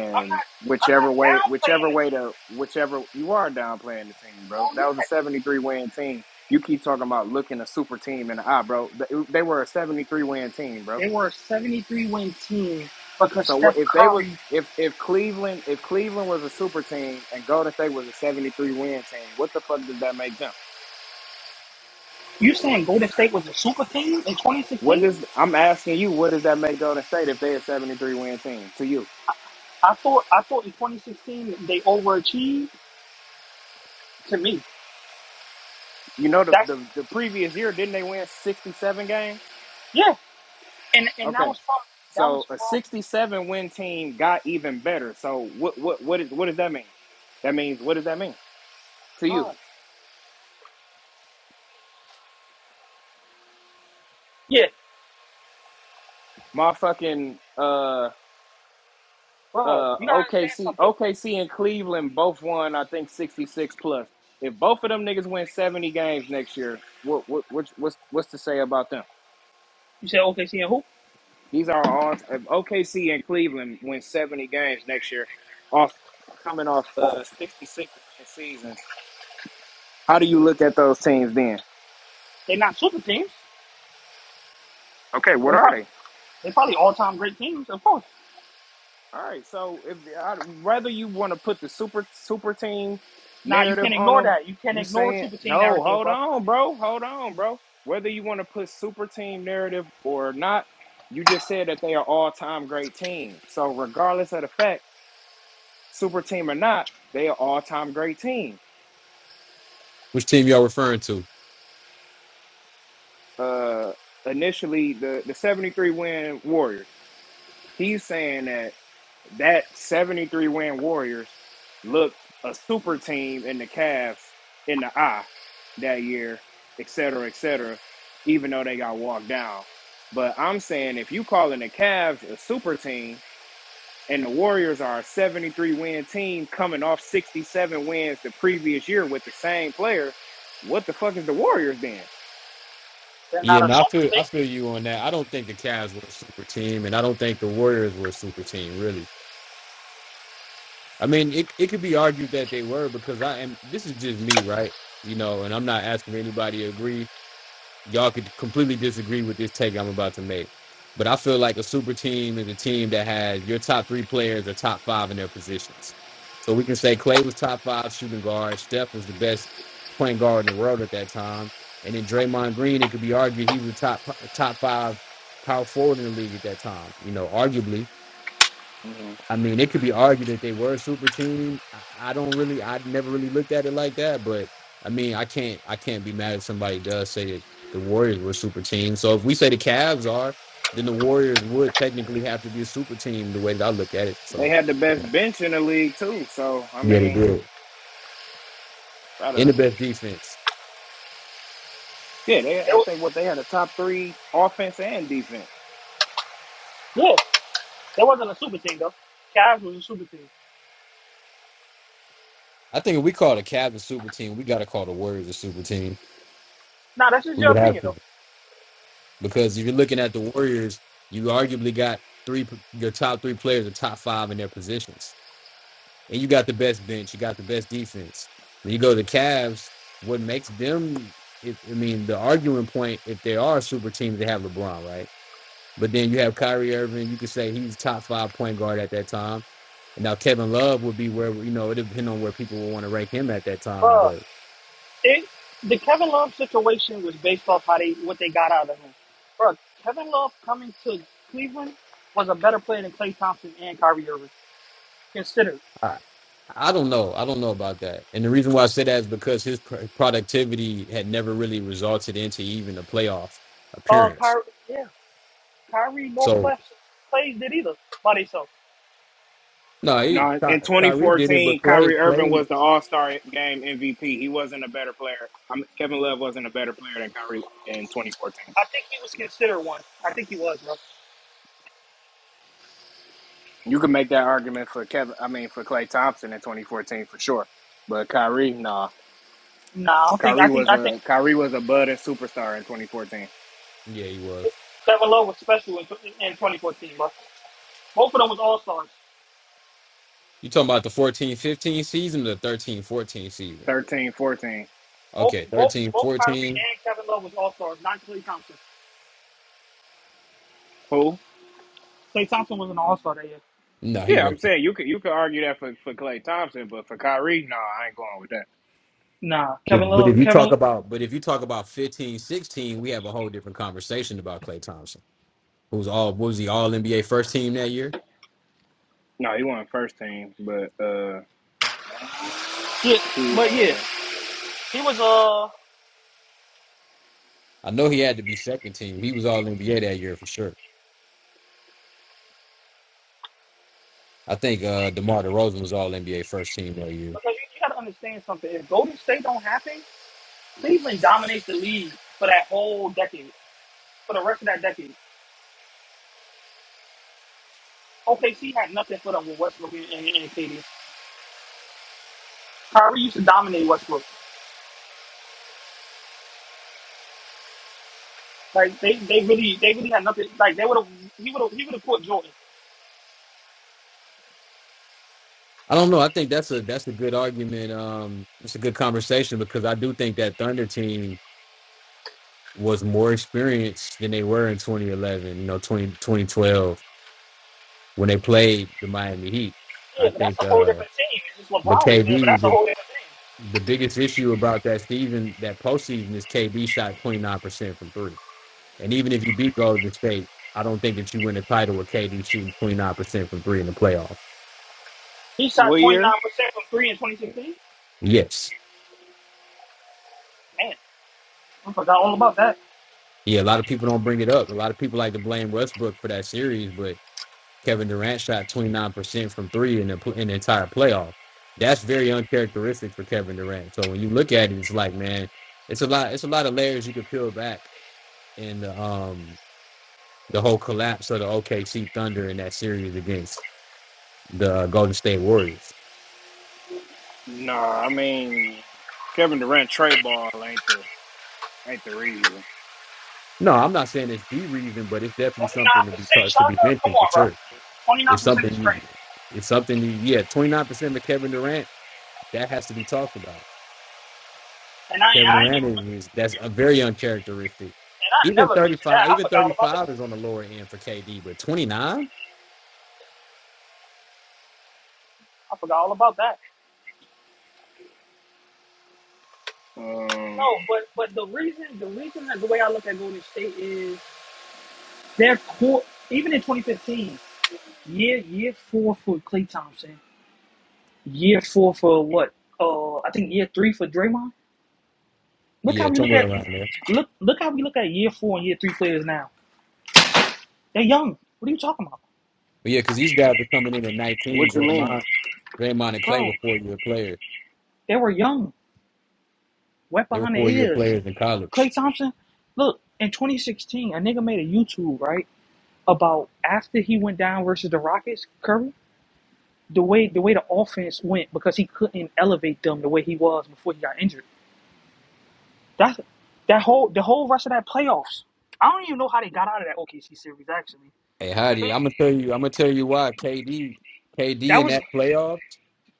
Speaker 3: I'm not. I'm not
Speaker 1: whichever way
Speaker 3: downplaying
Speaker 1: whichever way to whichever you are downplaying the team, bro.
Speaker 3: the
Speaker 1: That
Speaker 3: team. No, I'm
Speaker 1: was a
Speaker 3: not.
Speaker 1: seventy three win team. You keep talking about looking a super team in the eye, bro. They they were a seventy three win team, bro.
Speaker 3: They were a 73 win team because
Speaker 1: So what
Speaker 3: Steph
Speaker 1: if they was
Speaker 3: Curry.
Speaker 1: if if Cleveland if Cleveland was a super team and Golden State was a 73 win team, what the fuck does that make them?
Speaker 3: You saying Golden State was a super team in
Speaker 1: What
Speaker 3: 2016?
Speaker 1: does I'm asking you, what does that make Golden State if they a 73 win team to you?
Speaker 3: I thought. I thought in 2016 they overachieved. To me,
Speaker 1: You know the
Speaker 3: that's
Speaker 1: the, the previous year didn't they win 67 games?
Speaker 3: yeah. And and that
Speaker 1: Okay.
Speaker 3: was from that was
Speaker 1: So a
Speaker 3: from
Speaker 1: 67 win team got even better. So what what what is what does that mean? That means what does that mean to you?
Speaker 3: Bud. Yeah,
Speaker 1: Motherfucking uh
Speaker 3: bro.
Speaker 1: uh
Speaker 3: You gotta understand
Speaker 1: OKC
Speaker 3: something.
Speaker 1: OKC and Cleveland both won I think 66 plus. If both of them niggas win 70 games next year, what what what's what's what's to say about them?
Speaker 3: You said OKC and who?
Speaker 1: These are all if OKC and Cleveland win 70 games next year off coming off uh 66 win seasons. How do you look at those teams then?
Speaker 3: They're not super teams.
Speaker 1: Okay, what
Speaker 3: They're
Speaker 1: are
Speaker 3: pro-
Speaker 1: they?
Speaker 3: they're probably all time great teams, of course.
Speaker 1: All right, so if I, whether you want to put the super super team
Speaker 3: Now you
Speaker 1: narrative
Speaker 3: can't
Speaker 1: on
Speaker 3: ignore
Speaker 1: them,
Speaker 3: that. You can't
Speaker 1: you
Speaker 3: ignore
Speaker 1: saying
Speaker 3: super team
Speaker 1: no?
Speaker 3: narrative,
Speaker 1: Hold
Speaker 3: bro.
Speaker 1: on, bro. Hold on, bro. Whether you want to put super team narrative or not, you just said that they are all time great team. So regardless of the fact, super team or not, they are all time great team.
Speaker 5: Which team y'all referring to?
Speaker 1: Uh, initially the the seventy three win Warriors. He's saying that that 73 win Warriors looked a super team in the Cavs in the eye that year, et cetera, et cetera, even though they got walked down. But I'm saying if you calling the Cavs a super team and the Warriors are a 73 win team coming off 67 wins the previous year with the same players, what the fuck is the Warriors then?
Speaker 3: They're
Speaker 5: Yeah,
Speaker 3: not a
Speaker 5: no, I
Speaker 3: super
Speaker 5: feel
Speaker 3: team.
Speaker 5: I feel you on that. I don't think the Cavs were a super team, and I don't think the Warriors were a super team, really. I mean, it it could be argued that they were because I am. This is just me, right? You know, and I'm not asking anybody to agree. y'all could completely disagree with this take I'm about to make. But I feel like a super team is a team that has your top three players are top five in their positions. So we can say Clay was top five shooting guard, Steph was the best point guard in the world at that time, and then Draymond Green. It could be argued he was the top top five power forward in the league at that time. You know, arguably,
Speaker 1: hmm
Speaker 5: I mean, it could be argued that they were super teaming. I, I don't really, I never really looked at it like that. But I mean, I can't, I can't be mad if somebody does say that the Warriors were super team. So if we say the Cavs are, then the Warriors would technically have to be a super team the way that I look at it.
Speaker 1: They
Speaker 5: So
Speaker 1: had the
Speaker 5: yeah,
Speaker 1: best bench in the league too. So I
Speaker 5: they
Speaker 1: mean,
Speaker 5: did. in
Speaker 1: gotta.
Speaker 5: the best defense.
Speaker 1: Yeah, they,
Speaker 3: They
Speaker 1: I
Speaker 3: was,
Speaker 1: think what they had a top three offense and defense.
Speaker 3: yeah, they wasn't a super team though. Cavs was a super team.
Speaker 5: I think if we call the Cavs a super team, we got to call the Warriors a super team.
Speaker 3: Now that's just
Speaker 5: We
Speaker 3: your
Speaker 5: would have
Speaker 3: opinion though.
Speaker 5: to because if you're looking at the Warriors, you arguably got three your top three players, the top five in their positions. and you got the best bench, you got the best defense. Then you go to the Cavs. What makes them? If, I mean, the arguing point if they are a super team, they have LeBron, right? But then you have Kyrie Irving. You could say he's top five point guard at that time. And now Kevin Love would be where you know it depends on where people would want to rank him at that time.
Speaker 3: But
Speaker 5: But
Speaker 3: it, the Kevin Love situation was based off how they what they got out of him. Bro, Kevin Love coming to Cleveland was a better player than Klay Thompson and Kyrie Irving considered.
Speaker 5: I, I don't know. I don't know about that. And the reason why I say that is because his pr- productivity had never really resulted into even a playoff
Speaker 3: Uh,
Speaker 5: appearance.
Speaker 3: Kyrie, yeah, Kyrie more
Speaker 5: So
Speaker 3: class plays did either by themselves.
Speaker 5: No, he
Speaker 1: No,
Speaker 5: Ty,
Speaker 1: in
Speaker 5: Tyree didn't, but
Speaker 1: 2014,
Speaker 5: Clay,
Speaker 1: Kyrie Irving
Speaker 5: Clay,
Speaker 1: was the All Star Game MVP. He wasn't a better player. I mean, Kevin Love wasn't a better player than Kyrie in 2014.
Speaker 3: I think he was considered one. I think he was, bro.
Speaker 1: You can make that argument for Kevin. I mean, for Clay Thompson in 2014 for sure. But Kyrie, nah.
Speaker 3: Nah, I don't think. I
Speaker 1: Kyrie
Speaker 3: think.
Speaker 1: was
Speaker 3: I think
Speaker 1: a Kyrie was a budding superstar in 2014,
Speaker 5: yeah, he was.
Speaker 3: Kevin Love was special in, in 2014, bro. Both of them was all stars.
Speaker 5: You talking about the fourteen, fifteen season or the thirteen, fourteen season?
Speaker 1: 13, fourteen.
Speaker 3: Both,
Speaker 5: Okay,
Speaker 3: both,
Speaker 5: thirteen,
Speaker 3: both Kyrie
Speaker 5: fourteen.
Speaker 3: and Kevin Love was all stars. Not Klay Thompson.
Speaker 1: Who?
Speaker 3: Klay Thompson was an all star that year.
Speaker 5: No, he
Speaker 1: Yeah, I'm
Speaker 5: wasn't.
Speaker 1: saying you could you could argue that for for Clay Thompson, but for Kyrie, nah, I ain't going with that.
Speaker 3: Nah, Kevin
Speaker 5: But, but
Speaker 3: Love,
Speaker 5: if you talk
Speaker 3: Kevin.
Speaker 5: about but if you talk about fifteen, sixteen, we have a whole different conversation about Clay Thompson. Who's all what was he all NBA first team that year?
Speaker 1: No, he wasn't first team, but uh,
Speaker 3: Yeah,
Speaker 1: he
Speaker 3: but yeah,
Speaker 1: uh,
Speaker 3: he was uh
Speaker 5: I know he had to be second team. He was all NBA that year for sure. I think uh DeMar DeRozan was all NBA first team that year.
Speaker 3: because you, you gotta understand something. If Golden State don't happen, Cleveland dominates the league for that whole decade, for the rest of that decade. OKC had nothing for them with Westbrook and, and, and KD. Kyrie used to dominate Westbrook. Like they, they really they really had nothing. Like they would have he would have he would have put Jordan.
Speaker 5: I don't know. I think that's a that's a good argument. Um, it's a good conversation because I do think that Thunder team was more experienced than they were in 2011. You know, twenty twenty twelve when they played the Miami Heat. I
Speaker 3: Yeah, but that's
Speaker 5: think,
Speaker 3: a whole
Speaker 5: uh,
Speaker 3: different team. It's just
Speaker 5: but
Speaker 3: LeBron was there, but
Speaker 5: KD
Speaker 3: that's a
Speaker 5: the
Speaker 3: whole different thing.
Speaker 5: the biggest issue about that season that postseason is KD shot 29 percent from three. And even if you beat Golden State, I don't think that you win a title with KD shooting 29 percent from three in the playoffs.
Speaker 3: He shot
Speaker 1: what
Speaker 3: twenty
Speaker 1: year?
Speaker 3: nine percent from three in twenty sixteen.
Speaker 5: Yes,
Speaker 3: Man, I forgot all about that.
Speaker 5: Yeah, a lot of people don't bring it up. A lot of people like to blame Westbrook for that series, but Kevin Durant shot 29% from three in the, pl- in the entire playoff. That's very uncharacteristic for Kevin Durant. So when you look at it, it's like, man, it's a lot. It's a lot of layers you could peel back in the um the whole collapse of the OKC Thunder in that series against the uh, Golden State Warriors.
Speaker 1: No, I mean Kevin Durant trade ball ain't the ain't the reason.
Speaker 5: No, I'm not saying it's the reason, but it's definitely
Speaker 3: Twenty
Speaker 5: something
Speaker 3: nine
Speaker 5: to be
Speaker 3: percent
Speaker 5: to
Speaker 3: shot
Speaker 5: be
Speaker 3: though? Come
Speaker 5: mentioned for
Speaker 3: on, bro.
Speaker 5: sure.
Speaker 3: Twenty nine
Speaker 5: It's
Speaker 3: percent is
Speaker 5: something you.
Speaker 3: crazy.
Speaker 5: It's something you. Yeah, 29% of Kevin Durant That has to be talked about.
Speaker 3: And I
Speaker 5: Kevin
Speaker 3: I ain't even
Speaker 5: Durant
Speaker 3: and
Speaker 5: is that's a very uncharacteristic.
Speaker 3: I
Speaker 5: Even
Speaker 3: never mentioned that.
Speaker 5: 35,
Speaker 3: I
Speaker 5: even
Speaker 3: forgot all about that.
Speaker 5: 35 is
Speaker 3: shit.
Speaker 5: on the lower end for KD, but 29?
Speaker 3: I forgot all about that. No,
Speaker 1: Um,
Speaker 3: but but the reason the reason that the way I look at Golden State is their core even in twenty fifteen, year year four for Klay Thompson. Year four for what? Uh, I think year three for Draymond. Look how
Speaker 5: Yeah,
Speaker 3: we look
Speaker 5: somewhere
Speaker 3: at
Speaker 5: around there.
Speaker 3: look look how we look at year four and year three players now. They're young. What are you talking about,
Speaker 5: But yeah, because these guys are coming in at 19.
Speaker 1: what you mean?
Speaker 5: Draymond, Draymond and Clay
Speaker 3: bro?
Speaker 5: were four year players.
Speaker 3: They were young, wet
Speaker 5: They were
Speaker 3: behind the
Speaker 5: four year
Speaker 3: ears.
Speaker 5: players in college.
Speaker 3: Klay Thompson, look in 2016, a nigga made a YouTube right about after he went down versus the Rockets, Curry. The way the way the offense went because he couldn't elevate them the way he was before he got injured. That's that whole the whole rest of that playoffs. I don't even know how they got out of that OKC series actually.
Speaker 5: Hey, Heidi, I'm gonna tell you, I'm gonna tell you why KD, KD
Speaker 3: That
Speaker 5: in
Speaker 3: was
Speaker 5: that playoff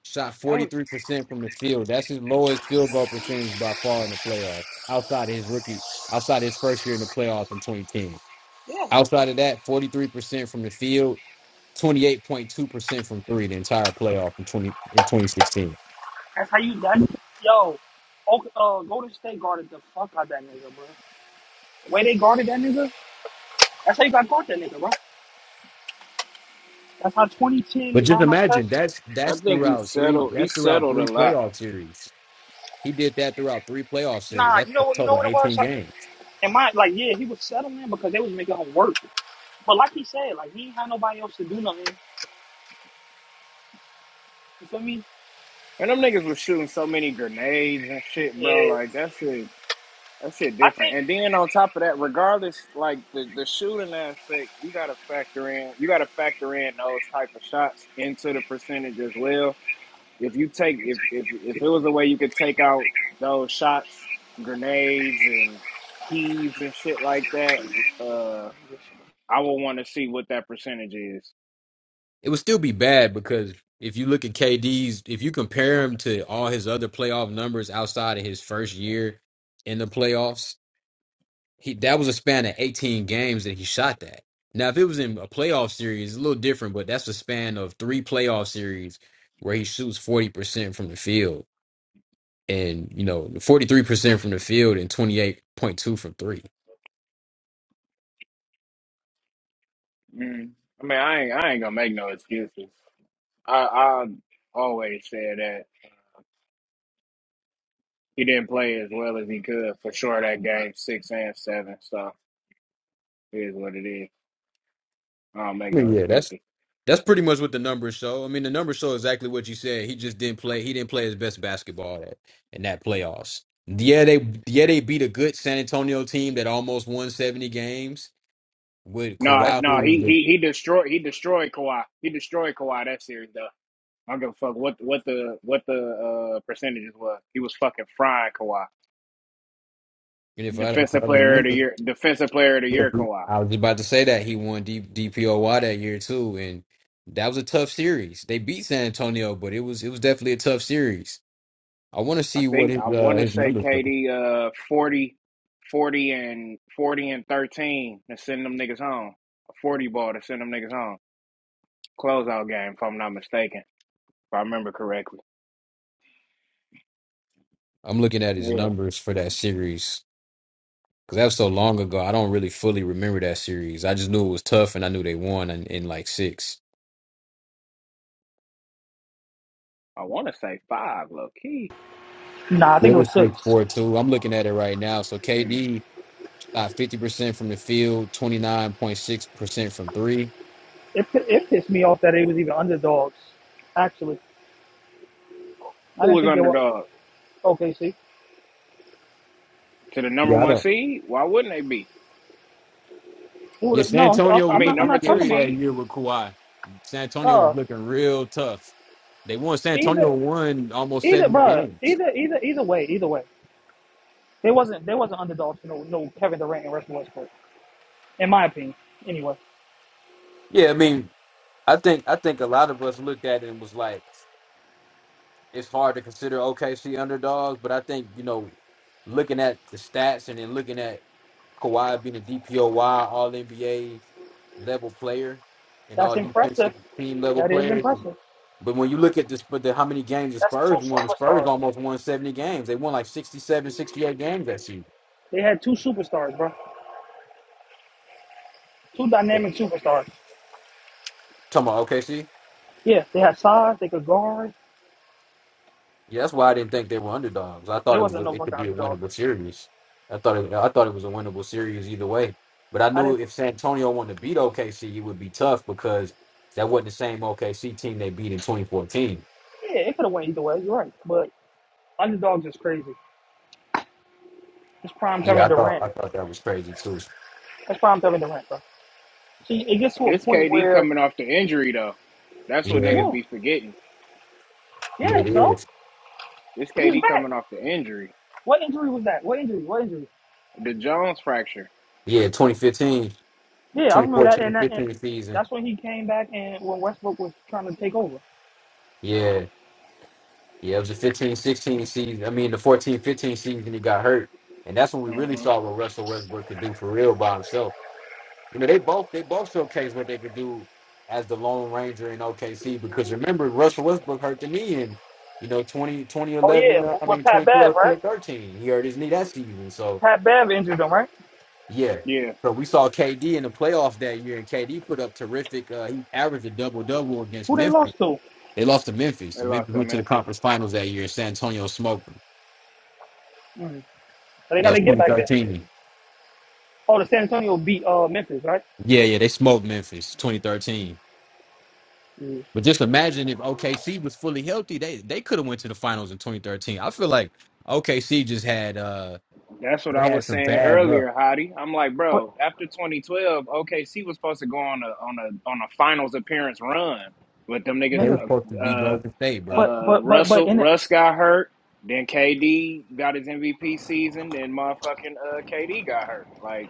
Speaker 5: shot
Speaker 3: That was
Speaker 5: 43% from the field. That's his lowest field goal percentage by far in the playoff. Outside of his rookie, outside of his first year in the playoff in 2010.
Speaker 3: yeah.
Speaker 5: Outside of that, 43% from the field, 28.2% from three the entire playoff in 20 in 2016.
Speaker 3: That's how you that yo. Okay, uh, Golden State guarded the fuck out that nigga, bro. The way they guarded that nigga, that's how you got caught that nigga, bro. That's how
Speaker 5: But
Speaker 3: 2010
Speaker 5: just
Speaker 3: Ron Test.
Speaker 5: imagine that's
Speaker 1: I
Speaker 5: that's
Speaker 1: think he
Speaker 5: throughout three
Speaker 1: settled. He
Speaker 5: that's throughout
Speaker 1: settled a
Speaker 5: three
Speaker 1: lot,
Speaker 5: playoff series. He did that throughout three playoff series.
Speaker 3: Nah,
Speaker 5: That's
Speaker 3: you
Speaker 5: a
Speaker 3: know what? You know
Speaker 5: total of
Speaker 3: what it was.
Speaker 5: 18
Speaker 3: Like,
Speaker 5: games.
Speaker 3: and my like, yeah, he was settling because they was making him work. But like he said, like he ain't had nobody else to do nothing. You feel me?
Speaker 1: and them niggas was shooting so many grenades and shit, bro.
Speaker 3: Yeah,
Speaker 1: Like that shit, that shit
Speaker 3: I think.
Speaker 1: different. And then on top of that, regardless, like the the shooting aspect, you gotta factor in. You gotta factor in those type of shots into the percentage as well if you take if if if it was a way you could take out those shots, grenades and heaves and shit like that, uh, I would want to see what that percentage is.
Speaker 5: It would still be bad because if you look at KD's, if you compare him to all his other playoff numbers outside of his first year in the playoffs, He that was a span of 18 games that he shot that. Now, if it was in a playoff series, it's a little different, but that's a span of three playoff series where he shoots 40% from the field and you know 43% from the field and 28.2 from three.
Speaker 1: Mm. I mean, I ain't I ain't gonna make no excuses. I I always said that he didn't play as well as he could for sure that game six and seven. So it is what it is. I don't make
Speaker 5: I
Speaker 1: no
Speaker 5: mean, yeah, that's
Speaker 1: excuses.
Speaker 5: that's pretty much what the numbers show. I mean, the numbers show exactly what you said. He just didn't play. He didn't play his best basketball that in that playoffs. Yeah, they yeah they beat a good San Antonio team that almost won 70 games with
Speaker 1: No,
Speaker 5: Kawhi, who
Speaker 1: no,
Speaker 5: was
Speaker 1: he
Speaker 5: the
Speaker 1: he he destroyed he destroyed Kawhi. He destroyed Kawhi that series though. I don't give a fuck what what the what the uh, percentages was. He was fucking frying Kawhi.
Speaker 5: and if I if I
Speaker 1: Defensive player of the
Speaker 5: remember
Speaker 1: year, defensive player of the
Speaker 5: Yeah,
Speaker 1: year,
Speaker 5: he-
Speaker 1: Kawhi.
Speaker 5: I was about to say that he won D- DPOY that year too, and that was a tough series. They beat San Antonio, but it was it was definitely a tough series. I want to
Speaker 1: I
Speaker 5: see what
Speaker 1: think
Speaker 5: his
Speaker 1: I
Speaker 5: uh,
Speaker 1: want to
Speaker 5: his
Speaker 1: say
Speaker 5: numbers look like.
Speaker 1: KD uh 40, 40 and forty and thirteen to send them niggas home. A forty ball to send them niggas home. Closeout game, if I'm not mistaken, if I remember correctly.
Speaker 5: I'm looking at his
Speaker 1: Yeah,
Speaker 5: numbers for that series because that was so long ago. I don't really fully remember that series. I just knew it was tough, and I knew they won in, in like six.
Speaker 1: I want to say five, low key.
Speaker 3: Nah, I
Speaker 5: Yeah,
Speaker 3: think
Speaker 5: It
Speaker 3: it was
Speaker 5: was six
Speaker 3: six.
Speaker 5: four two. I'm looking at it right now. So
Speaker 1: Mm.
Speaker 5: KD shot fifty percent from the field, twenty nine point six percent from three.
Speaker 3: It pi- it pissed me off that it was even underdogs. Actually, I
Speaker 1: Who
Speaker 3: didn't
Speaker 1: was
Speaker 3: think they were.
Speaker 1: underdogs
Speaker 3: Okay, see,
Speaker 1: to the number
Speaker 5: Yeah, I
Speaker 1: one
Speaker 5: don't.
Speaker 1: seed? Why wouldn't they be?
Speaker 3: who
Speaker 5: Yeah,
Speaker 3: the,
Speaker 5: San
Speaker 3: no, I'm,
Speaker 5: Antonio
Speaker 1: I
Speaker 5: was
Speaker 3: I'm
Speaker 1: mean,
Speaker 3: not. I'm
Speaker 5: looking
Speaker 1: number
Speaker 3: not
Speaker 1: two
Speaker 3: talking
Speaker 5: scary
Speaker 3: about.
Speaker 5: that
Speaker 1: seed.
Speaker 5: year with Kawhi. San Antonio
Speaker 3: uh.
Speaker 5: was looking real tough. They won. San
Speaker 3: Either,
Speaker 5: Antonio won almost
Speaker 3: either,
Speaker 5: seventy
Speaker 3: bro,
Speaker 5: games.
Speaker 3: either, either, either way, either way, they wasn't they wasn't underdogs. No, no Kevin Durant and Russell Westbrook, in my opinion. Anyway,
Speaker 5: Yeah, I mean, I think I think a lot of us looked at it and was like, it's hard to consider OKC underdogs, but I think you know, looking at the stats and then looking at Kawhi being a DPOY, All NBA. level player and
Speaker 3: that's
Speaker 5: all
Speaker 3: impressive.
Speaker 5: defensive team level
Speaker 3: That is
Speaker 5: players.
Speaker 3: impressive.
Speaker 5: But when you look at this, but the, how many games the
Speaker 3: That's two
Speaker 5: Spurs won, the Spurs
Speaker 3: superstars.
Speaker 5: almost won 70 games. They won like 67, 68 games that season.
Speaker 3: They had two superstars, bro. Two dynamic superstars.
Speaker 5: Talking about OKC?
Speaker 3: Yeah, they had size. They could guard.
Speaker 5: Yeah, that's why I didn't think they were underdogs. I
Speaker 3: They
Speaker 5: thought it was a,
Speaker 3: wasn't no
Speaker 5: it could
Speaker 3: fucking
Speaker 5: be a
Speaker 3: underdogs.
Speaker 5: winnable series. I thought it, I thought it was a winnable series either way. But I
Speaker 3: I
Speaker 5: knew
Speaker 3: didn't.
Speaker 5: if San Antonio wanted to beat OKC, it would be tough because that wasn't the same OKC team they beat in 2014.
Speaker 3: Yeah, it could have went either way. You're right, but underdogs is crazy. It's prime
Speaker 5: Yeah,
Speaker 3: Kevin
Speaker 5: I thought
Speaker 3: Durant.
Speaker 5: I thought that was crazy too.
Speaker 3: That's prime Kevin Durant, bro. See, it gets to a
Speaker 1: This
Speaker 3: point
Speaker 1: KD
Speaker 3: where,
Speaker 1: coming off the injury though. That's what
Speaker 5: Yeah,
Speaker 1: niggas
Speaker 3: yeah,
Speaker 1: be forgetting.
Speaker 5: yeah,
Speaker 3: yeah.
Speaker 5: it
Speaker 3: So
Speaker 5: is.
Speaker 1: This
Speaker 3: he was
Speaker 1: KD
Speaker 3: back.
Speaker 1: coming off the injury,
Speaker 3: What injury was that? What injury? What injury?
Speaker 1: the Jones fracture.
Speaker 5: Yeah, 2015,
Speaker 3: Yeah, I
Speaker 5: twenty
Speaker 3: remember that.
Speaker 5: fourteen,
Speaker 3: And, that, and
Speaker 5: 15 season.
Speaker 3: that's when he came back and when Westbrook was trying to take over.
Speaker 5: Yeah. Yeah, it was the 15 16 season. I mean, the fourteen fifteen season, he got hurt. And that's when we really
Speaker 1: hmm
Speaker 5: saw what Russell Westbrook could do for real by himself. You know, they both they both showcased what they could do as the Lone Ranger in OKC because remember, Russell Westbrook hurt the knee in, you know, twenty twenty
Speaker 3: Oh
Speaker 5: eleven,
Speaker 3: yeah,
Speaker 5: uh,
Speaker 3: with
Speaker 5: I
Speaker 3: with
Speaker 5: mean,
Speaker 3: Pat
Speaker 5: twenty
Speaker 3: Bev,
Speaker 5: twelve,
Speaker 3: right?
Speaker 5: 2013, He hurt his knee that season. So,
Speaker 3: Pat Bev injured them, right?
Speaker 5: yeah.
Speaker 1: Yeah,
Speaker 5: So we saw KD in the playoffs that year, and KD put up terrific. Uh, he averaged a double double against
Speaker 3: Who they
Speaker 5: Memphis
Speaker 3: lost to?
Speaker 5: They lost to Memphis.
Speaker 1: they
Speaker 5: And
Speaker 1: lost
Speaker 5: Memphis
Speaker 1: to
Speaker 5: went to the
Speaker 1: Memphis.
Speaker 5: conference finals that year. San Antonio smoked them.
Speaker 3: Mm. So they got
Speaker 5: That was
Speaker 3: to get back there.
Speaker 5: 2013.
Speaker 3: Oh, the San Antonio beat uh Memphis, right?
Speaker 5: Yeah, yeah, they smoked Memphis 2013.
Speaker 3: Mm.
Speaker 5: But just imagine if OKC was fully healthy, they they could have went to the finals in 2013. I feel like OKC just had uh
Speaker 1: That's what
Speaker 5: they
Speaker 1: I
Speaker 5: had
Speaker 1: was
Speaker 5: some
Speaker 1: saying
Speaker 5: bad luck.
Speaker 1: earlier, Hottie. I'm like,
Speaker 3: But
Speaker 1: bro, after 2012, OKC was supposed to go on a on a on a finals appearance run, but them niggas
Speaker 5: They were
Speaker 3: nigga,
Speaker 5: supposed to
Speaker 1: uh,
Speaker 5: be
Speaker 1: uh,
Speaker 5: Golden State, bro.
Speaker 3: but
Speaker 1: Uh,
Speaker 3: but but but
Speaker 1: Russell
Speaker 3: in the,
Speaker 1: Russ got hurt. Then KD got his MVP season. Then motherfucking uh, KD got hurt. Like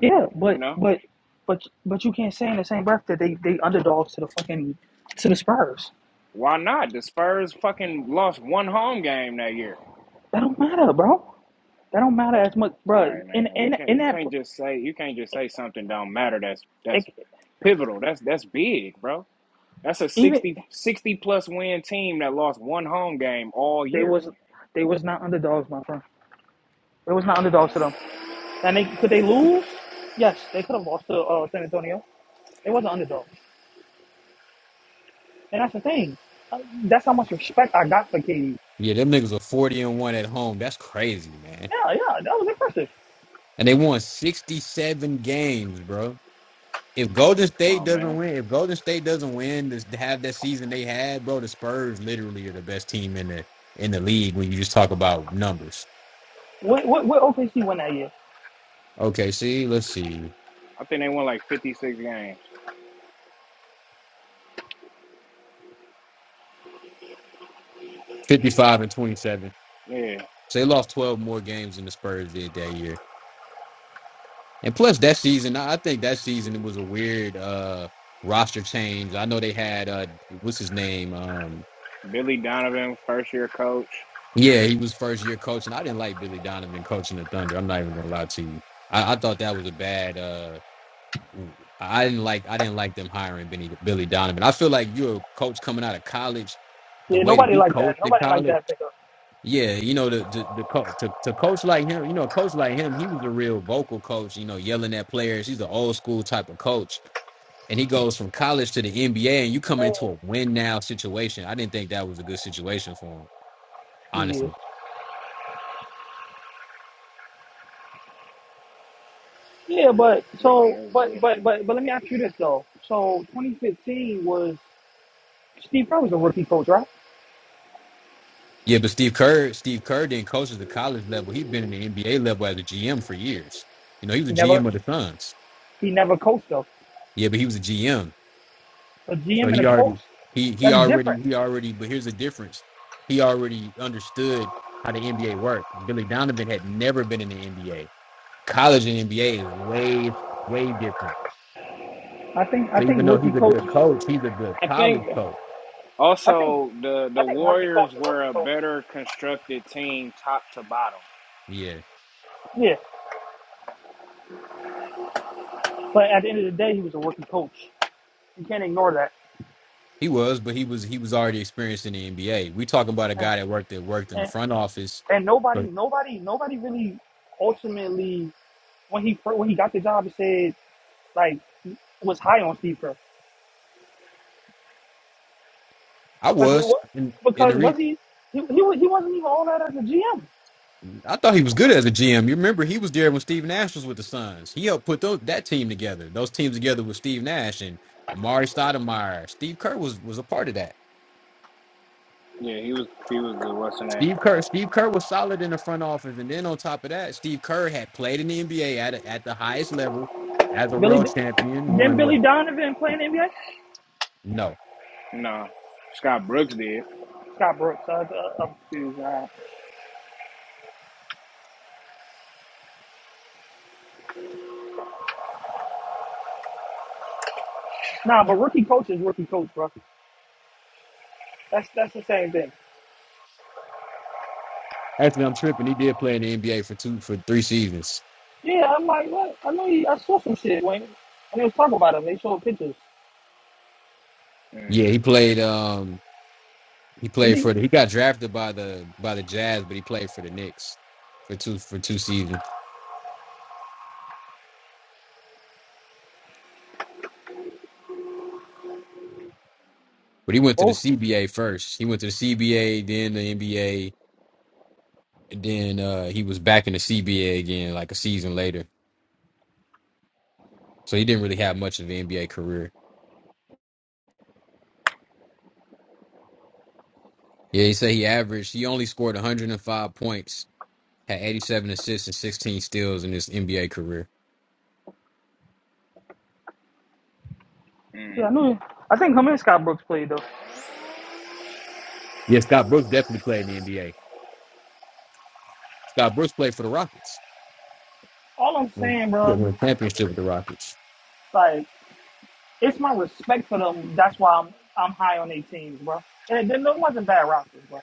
Speaker 3: yeah,
Speaker 1: you
Speaker 3: but
Speaker 1: know
Speaker 3: but but but you can't say in the same breath that they they underdogs to the fucking to the Spurs.
Speaker 1: why not? The Spurs fucking lost one home game that year.
Speaker 3: That don't matter, bro. That don't matter as much,
Speaker 1: All
Speaker 3: bro.
Speaker 1: right,
Speaker 3: In
Speaker 1: man. We
Speaker 3: in
Speaker 1: can't.
Speaker 3: in
Speaker 1: You
Speaker 3: that,
Speaker 1: can't just say you can't just say something don't matter. That's that's
Speaker 3: like,
Speaker 1: pivotal. That's that's big, bro. That's a
Speaker 3: even.
Speaker 1: 60 60 plus win team that lost one home game all
Speaker 3: They
Speaker 1: year.
Speaker 3: was they was not underdogs, my friend. They was not underdogs to them. And they could they lose? Yes, they could have lost to uh, San Antonio. They wasn't underdogs, and that's the thing. Uh, That's how much respect I got for KD.
Speaker 5: Yeah, them niggas were 40 and one at home. That's crazy, man.
Speaker 3: Yeah, yeah, that was impressive.
Speaker 5: And they won 67 games, bro. if Golden
Speaker 1: Come
Speaker 5: State
Speaker 1: on,
Speaker 5: doesn't
Speaker 1: man.
Speaker 5: win, if Golden State doesn't win, this have that season they had, bro, the Spurs literally are the best team in the in the league when you just talk about numbers.
Speaker 3: What what, what OKC won that year?
Speaker 5: Okay, see, let's see.
Speaker 1: I think they won like 56 games.
Speaker 5: 55 and 27.
Speaker 1: Yeah.
Speaker 5: So they lost 12 more games than the Spurs did that year. And plus that season, I I think that season it was a weird uh roster change. I know they had uh what's his name? Um
Speaker 1: Billy Donovan, first year coach.
Speaker 5: yeah, he was first year coaching. I didn't like Billy Donovan coaching the Thunder. I'm not even gonna lie to you. I, I thought that was a bad uh I didn't like I didn't like them hiring Benny Billy Donovan. I feel like you're a coach coming out of college, the
Speaker 3: Yeah,
Speaker 5: way that
Speaker 3: nobody
Speaker 5: he
Speaker 3: liked that.
Speaker 5: coached in
Speaker 3: Nobody liked
Speaker 5: college.
Speaker 3: that pickup.
Speaker 5: Yeah, you know the the, the co- to to coach like him, you know, a coach like him, he was a real vocal coach. You know, yelling at players. He's an old school type of coach, and he goes from college to the NBA, and you come into a win now situation. I didn't think that was a good situation for him,
Speaker 3: Yeah,
Speaker 5: honestly.
Speaker 3: yeah, but
Speaker 1: Yeah,
Speaker 3: so
Speaker 1: that's
Speaker 3: but but
Speaker 1: different.
Speaker 3: but but let me ask you this though. So 2015 was Steve Kerr was a rookie coach, right?
Speaker 5: Yeah, but Steve Kerr, Steve Kerr didn't coach at the college level. He'd been in the NBA level as a GM for years. You know, he was
Speaker 3: He
Speaker 5: a GM
Speaker 3: never
Speaker 5: of the Suns.
Speaker 3: he never coached though.
Speaker 5: Yeah, but he was a GM,
Speaker 3: A
Speaker 5: so
Speaker 3: GM and a
Speaker 5: he
Speaker 3: coach,
Speaker 5: already he he
Speaker 3: that's
Speaker 5: already
Speaker 3: different.
Speaker 5: he already. But here's the difference: he already understood how the NBA worked. Billy Donovan had never been in the NBA. College and NBA is way way different.
Speaker 3: I think I
Speaker 5: So
Speaker 3: think
Speaker 5: even though
Speaker 3: rookie
Speaker 5: he's a
Speaker 3: coach.
Speaker 5: good coach, he's a good
Speaker 1: I
Speaker 5: college
Speaker 1: think
Speaker 5: coach.
Speaker 3: I think
Speaker 1: also the the
Speaker 3: I think rookie coach
Speaker 1: Warriors
Speaker 3: is
Speaker 1: were
Speaker 3: rookie
Speaker 1: a
Speaker 3: coach.
Speaker 1: better constructed team top to bottom.
Speaker 5: Yeah,
Speaker 3: Yeah, but at the end of the day, he was a rookie coach. You can't ignore that.
Speaker 5: he was, but he was he was already experienced in the NBA. We talking about a
Speaker 3: And,
Speaker 5: guy that worked that worked in the
Speaker 3: and,
Speaker 5: front office.
Speaker 3: and nobody,
Speaker 5: But
Speaker 3: nobody, nobody really ultimately when he fir- when he got the job, he said like was high on Steve Kerr
Speaker 5: I
Speaker 3: because it
Speaker 5: was
Speaker 3: was,
Speaker 5: in in
Speaker 3: because
Speaker 5: the re-
Speaker 3: was he he he, wa- he wasn't even all that as a GM.
Speaker 5: I thought he was good as a GM. You remember he was there when Steve Nash was with the Suns. He helped put those, that team together. Those teams together with Steve Nash and Amari Stoudemire. Steve Kerr was was a part of that.
Speaker 1: Yeah, he was he was the what's the name?
Speaker 5: Steve Kerr, Steve Kerr was solid in the front office, and then on top of that, Steve Kerr had played in the NBA at a, at the highest level as a
Speaker 3: Billy
Speaker 5: world champion.
Speaker 3: then
Speaker 5: One way,
Speaker 3: Billy Donovan playing NBA.
Speaker 5: no,
Speaker 1: No. Scott Brooks did.
Speaker 3: Scott Brooks. Uh, uh, I'm confused. Uh, nah, Nah, but rookie coach is rookie coach, bro. That's that's the same thing.
Speaker 5: actually, I'm tripping. He did play in the NBA for two for three seasons.
Speaker 3: Yeah, I'm like, what? I know he, I saw some shit, Wayne. And they was talking about him. They showed pictures.
Speaker 1: Mm,
Speaker 5: Yeah, he played. Um, he
Speaker 3: Did
Speaker 5: played
Speaker 3: he?
Speaker 5: for the. He got drafted by the by the Jazz, but he played for the Knicks for two for two seasons. But he went to the
Speaker 3: Oh,
Speaker 5: CBA first. He went to the CBA, then the NBA, and then uh, he was back in the CBA again, like a season later. So he didn't really have much of an NBA career. Yeah, he said he averaged. He only scored 105 points, had 87 assists and 16 steals in his NBA career.
Speaker 3: yeah, I
Speaker 1: mm.
Speaker 3: knew. He, I think him and Scott Brooks played though.
Speaker 5: Yeah, Scott Brooks definitely played in the NBA. Scott Brooks played for the Rockets.
Speaker 3: All I'm
Speaker 5: Won,
Speaker 3: saying,
Speaker 5: yeah,
Speaker 3: bro,
Speaker 5: won a championship with the Rockets.
Speaker 3: like, it's my respect for them. That's why I'm I'm high on their teams, bro. And then there wasn't bad rosters, bro.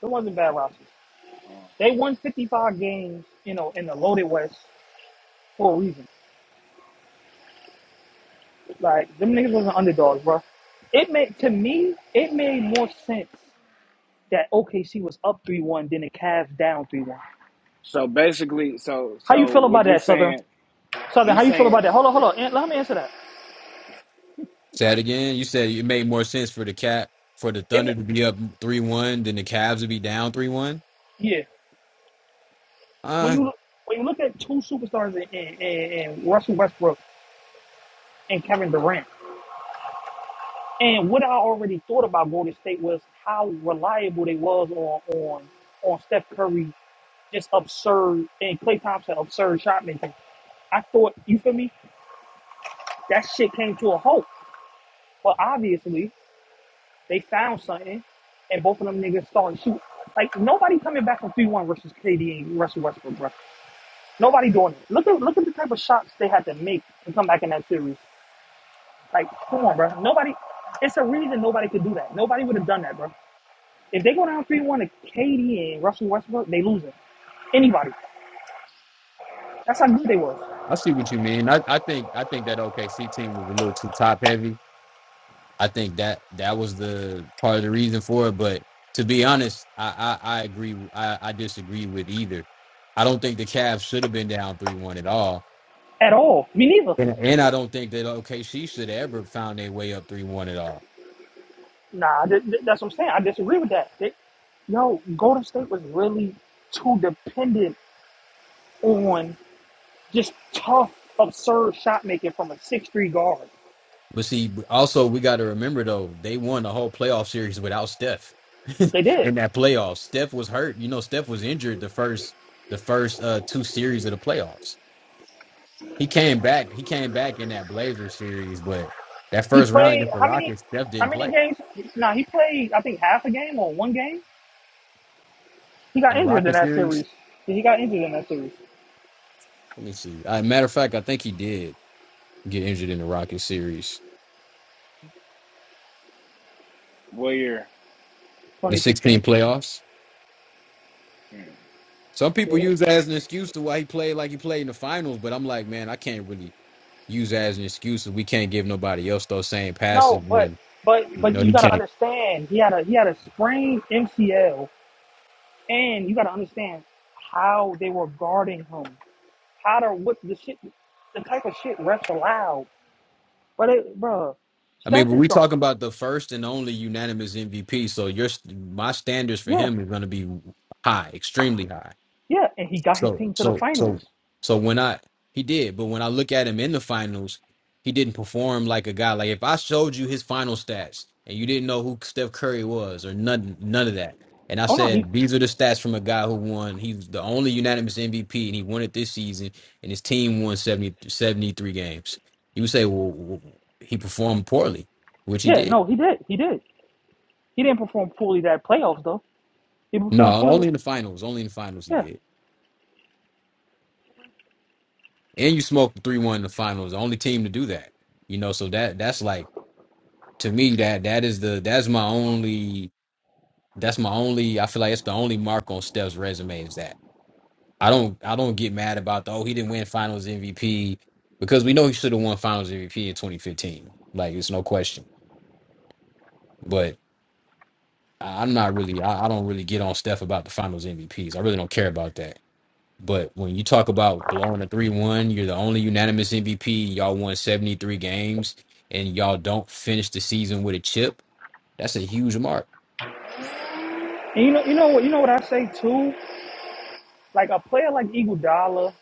Speaker 3: There wasn't bad rosters.
Speaker 1: Oh.
Speaker 3: They won 55 games, you know, in the loaded West for a reason. Like them niggas wasn't underdogs, bro. It made to me, it made more sense that OKC was up three one than the Cavs down three one.
Speaker 1: So basically so
Speaker 3: How you
Speaker 1: so
Speaker 3: feel
Speaker 1: what
Speaker 3: about
Speaker 1: you
Speaker 3: that, Southern?
Speaker 1: saying
Speaker 3: Southern,
Speaker 1: you
Speaker 3: how you feel about that?
Speaker 1: saying
Speaker 3: Hold on, hold on. An- Let me answer that.
Speaker 5: Say that again. You said it made more sense for the cat for the
Speaker 3: It, ma-
Speaker 5: Thunder to be up three one than the Cavs to be down three one.
Speaker 3: yeah, when
Speaker 5: Uh,
Speaker 3: you when you look at two superstars in, in, in, in Russell Westbrook and Kevin Durant, and what I already thought about Golden State was how reliable they was on on on Steph Curry, just absurd and Clay Thompson absurd shot making. I thought you feel me. That shit came to a halt, but obviously They found something, and both of them niggas started shooting. Like nobody coming back from three one versus KD and Russell Westbrook, bro. Nobody doing it. Look at look at the type of shots they had to make to come back in that series. Like, come on, bro. Nobody. It's a reason nobody could do that. Nobody would have done that, bro. If they go down three one to KD and Russell Westbrook, they lose it. Anybody. That's how good they were.
Speaker 5: I see what you mean. I, I think I think that OKC team was a little too top heavy. I think that that was the part of the reason for it. But to be honest, I I, I agree. I, I disagree with either. I don't think the Cavs should have been down three one at all,
Speaker 3: At all. Me neither.
Speaker 5: and and I don't think that OKC should have ever found their way up three one at all.
Speaker 3: Nah, th- th- that's what I'm saying. I disagree with that. They, yo, Golden State was really too dependent on. Just tough, absurd shot making from a six-three guard.
Speaker 5: But see, also we got to remember though, they won the whole playoff series without Steph.
Speaker 3: They did.
Speaker 5: in that playoff, Steph was hurt. You know, Steph was injured the first the first uh, two series of the playoffs. He came back. He came back in that Blazers series, but that
Speaker 3: He
Speaker 5: first round
Speaker 3: played
Speaker 5: against the
Speaker 3: how many?
Speaker 5: Rockets, Steph
Speaker 3: How
Speaker 5: didn't
Speaker 3: many
Speaker 5: play
Speaker 3: games? Nah, he played. I think half a game or one game. He got
Speaker 5: in the
Speaker 3: injured in
Speaker 5: Rockets
Speaker 3: that
Speaker 5: series.
Speaker 3: series. He got injured in that series,
Speaker 5: Let me see. Uh, matter of fact, I think he did get injured in the Rockets series,
Speaker 1: Warrior
Speaker 5: the 16
Speaker 3: 2016.
Speaker 5: playoffs.
Speaker 1: Mm,
Speaker 5: Some people
Speaker 3: Yeah.
Speaker 5: use that as an excuse to why he played like he played in the finals, but I'm like, man, I can't really use that as an excuse. We can't give nobody else those same passes
Speaker 3: No, but
Speaker 5: when
Speaker 3: but
Speaker 5: you
Speaker 3: but
Speaker 5: know
Speaker 3: you
Speaker 5: he
Speaker 3: got to
Speaker 5: can't.
Speaker 3: understand. He had a he had a sprained MCL, and you got to understand how they were guarding him. How to what the shit, the type of shit refs allowed. But it, bro,
Speaker 5: I mean,
Speaker 3: Steph
Speaker 5: but
Speaker 3: is
Speaker 5: we
Speaker 3: the
Speaker 5: talking about the first and only unanimous MVP, so your my standards for
Speaker 3: yeah.
Speaker 5: him is going to be high, extremely high.
Speaker 3: Yeah, and he got his
Speaker 5: So
Speaker 3: team to the
Speaker 5: so
Speaker 3: finals.
Speaker 5: so so when I he did, but when I look at him in the finals, he didn't perform like a guy. Like if I showed you his final stats and you didn't know who Steph Curry was or none none of that, and I
Speaker 3: Oh no, he
Speaker 5: said these are the stats from a guy who won. He's the only unanimous MVP and he won it this season, and his team won 70 73 games. You would say, well, w- he performed poorly, which he
Speaker 3: yeah,
Speaker 5: did.
Speaker 3: no, he did. He did. He didn't perform poorly that playoffs though. He
Speaker 5: No,
Speaker 3: performed poorly.
Speaker 5: only in the finals. Only in the finals he
Speaker 3: Yeah.
Speaker 5: did. And you smoked three one in the finals. The only team to do that. You know, so that that's like to me that that is the that's my only that's my only I feel like it's the only mark on Steph's resume is that I don't I don't get mad about the oh he didn't win Finals MVP because we know he should have won Finals MVP in 2015 like it's no question but I- I'm not really I, I don't really get on Steph about the Finals MVPs I really don't care about that but when you talk about blowing a three one you're the only unanimous MVP y'all won 73 games and y'all don't finish the season with a chip that's a huge mark
Speaker 3: And you know you know what you know what I say too? Like a player like Iguodala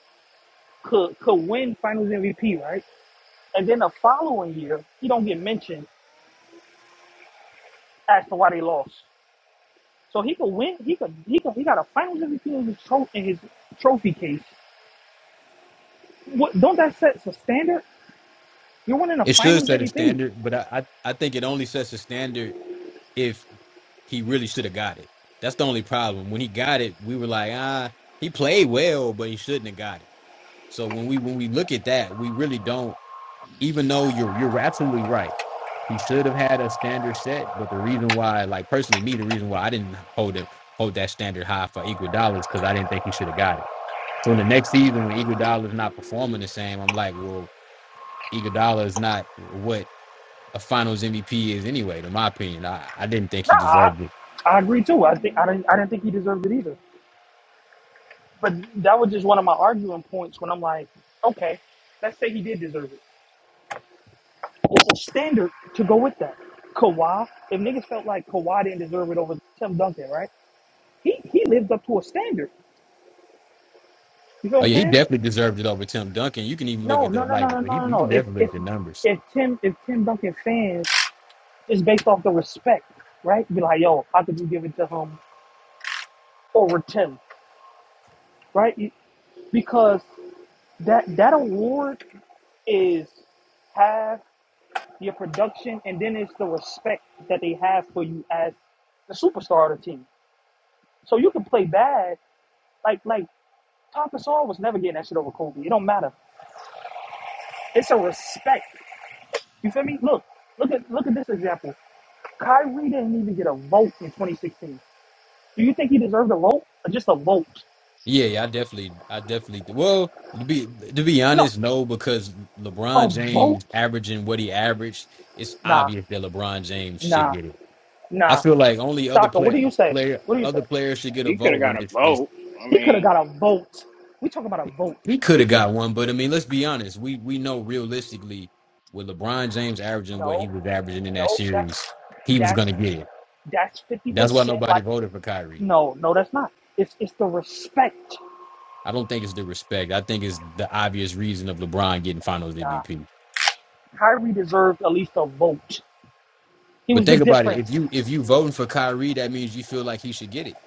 Speaker 3: could could win finals MVP, right? And then the following year, he don't get mentioned as to why they lost. So he could win he could he could he got a finals MVP in his tro- in his trophy case. What don't that set a standard? You're winning a
Speaker 5: It should
Speaker 3: finals
Speaker 5: set a
Speaker 3: MVP.
Speaker 5: standard, but I, I, I think it only sets a standard if he really should have got it. That's the only problem. When he got it, we were like, ah, he played well, but he shouldn't have got it. So when we when we look at that, we really don't. Even though you're you're absolutely right, he should have had a standard set. But the reason why, like personally, me, the reason why I didn't hold it hold that standard high for Iguodala is because I didn't think he should have got it. So in the next season, when Iguodala is not performing the same, I'm like, well, Iguodala is not what a Finals MVP is anyway. In my opinion, I, I didn't think
Speaker 3: Nah,
Speaker 5: he
Speaker 3: I,
Speaker 5: deserved it.
Speaker 3: I agree too. I think I
Speaker 1: mm.
Speaker 3: didn't I didn't think he deserved it either. But that was just one of my arguing points when I'm like, okay, let's say he did deserve it. It's a standard to go with that. Kawhi, if niggas felt like Kawhi didn't deserve it over Tim Duncan, right? He he lived up to a standard. You know what
Speaker 5: Oh
Speaker 3: I'm
Speaker 5: yeah, he
Speaker 3: saying?
Speaker 5: definitely deserved it over Tim Duncan. You can even look
Speaker 3: No,
Speaker 5: at
Speaker 3: no,
Speaker 5: the
Speaker 3: no, no,
Speaker 5: like
Speaker 3: no,
Speaker 5: he,
Speaker 3: no, no,
Speaker 5: you
Speaker 3: no.
Speaker 5: can
Speaker 3: If
Speaker 5: definitely look
Speaker 3: if
Speaker 5: at the numbers.
Speaker 3: if Tim if Tim Duncan fans is based off the respect, right? Be like, yo, how could you give it to him over Tim, right? You- Because that that award is half your production, and then it's the respect that they have for you as the superstar of the team. So you can play bad, like like Papa Gasol was never getting that shit over Kobe. It don't matter. It's a respect. You feel me? Look, look at look at this example. Kyrie didn't even get a vote in 2016. Do you think he deserved a vote or just a vote?
Speaker 5: Yeah, yeah, I definitely, I definitely. Well, to be to be
Speaker 3: No,
Speaker 5: honest, no, because
Speaker 3: a
Speaker 5: LeBron
Speaker 3: vote.
Speaker 5: James averaging what he averaged, it's
Speaker 3: Nah,
Speaker 5: obvious that LeBron James should
Speaker 3: nah,
Speaker 5: get it. I
Speaker 3: nah.
Speaker 5: feel like only other
Speaker 3: Shaka, what do
Speaker 5: player,
Speaker 3: you say?
Speaker 5: player,
Speaker 3: What do you say?
Speaker 5: other players should get a
Speaker 1: He could
Speaker 5: vote
Speaker 1: have got
Speaker 5: when
Speaker 1: a
Speaker 5: it's it's
Speaker 1: vote. I
Speaker 3: He could have
Speaker 1: mean,
Speaker 3: got a vote. We talking about a vote.
Speaker 5: He could
Speaker 3: He
Speaker 5: have
Speaker 3: should
Speaker 5: got one, but I mean, let's be honest. We we know realistically, with LeBron James averaging what he
Speaker 3: no.
Speaker 5: was averaging in that
Speaker 3: No,
Speaker 5: series,
Speaker 3: that's
Speaker 5: he was
Speaker 3: that's
Speaker 5: gonna get it.
Speaker 3: that's fifty
Speaker 5: That's why
Speaker 3: percent.
Speaker 5: nobody
Speaker 3: Like,
Speaker 5: voted for Kyrie.
Speaker 3: no, no, that's not. It's it's the respect.
Speaker 5: I don't think it's the respect. I think it's the obvious reason of LeBron getting Finals
Speaker 3: Nah,
Speaker 5: MVP.
Speaker 3: Kyrie deserved at least a vote. He
Speaker 5: But
Speaker 3: was the
Speaker 5: think about it. If
Speaker 3: difference
Speaker 5: you if you voting for Kyrie, that means you feel like he should get it.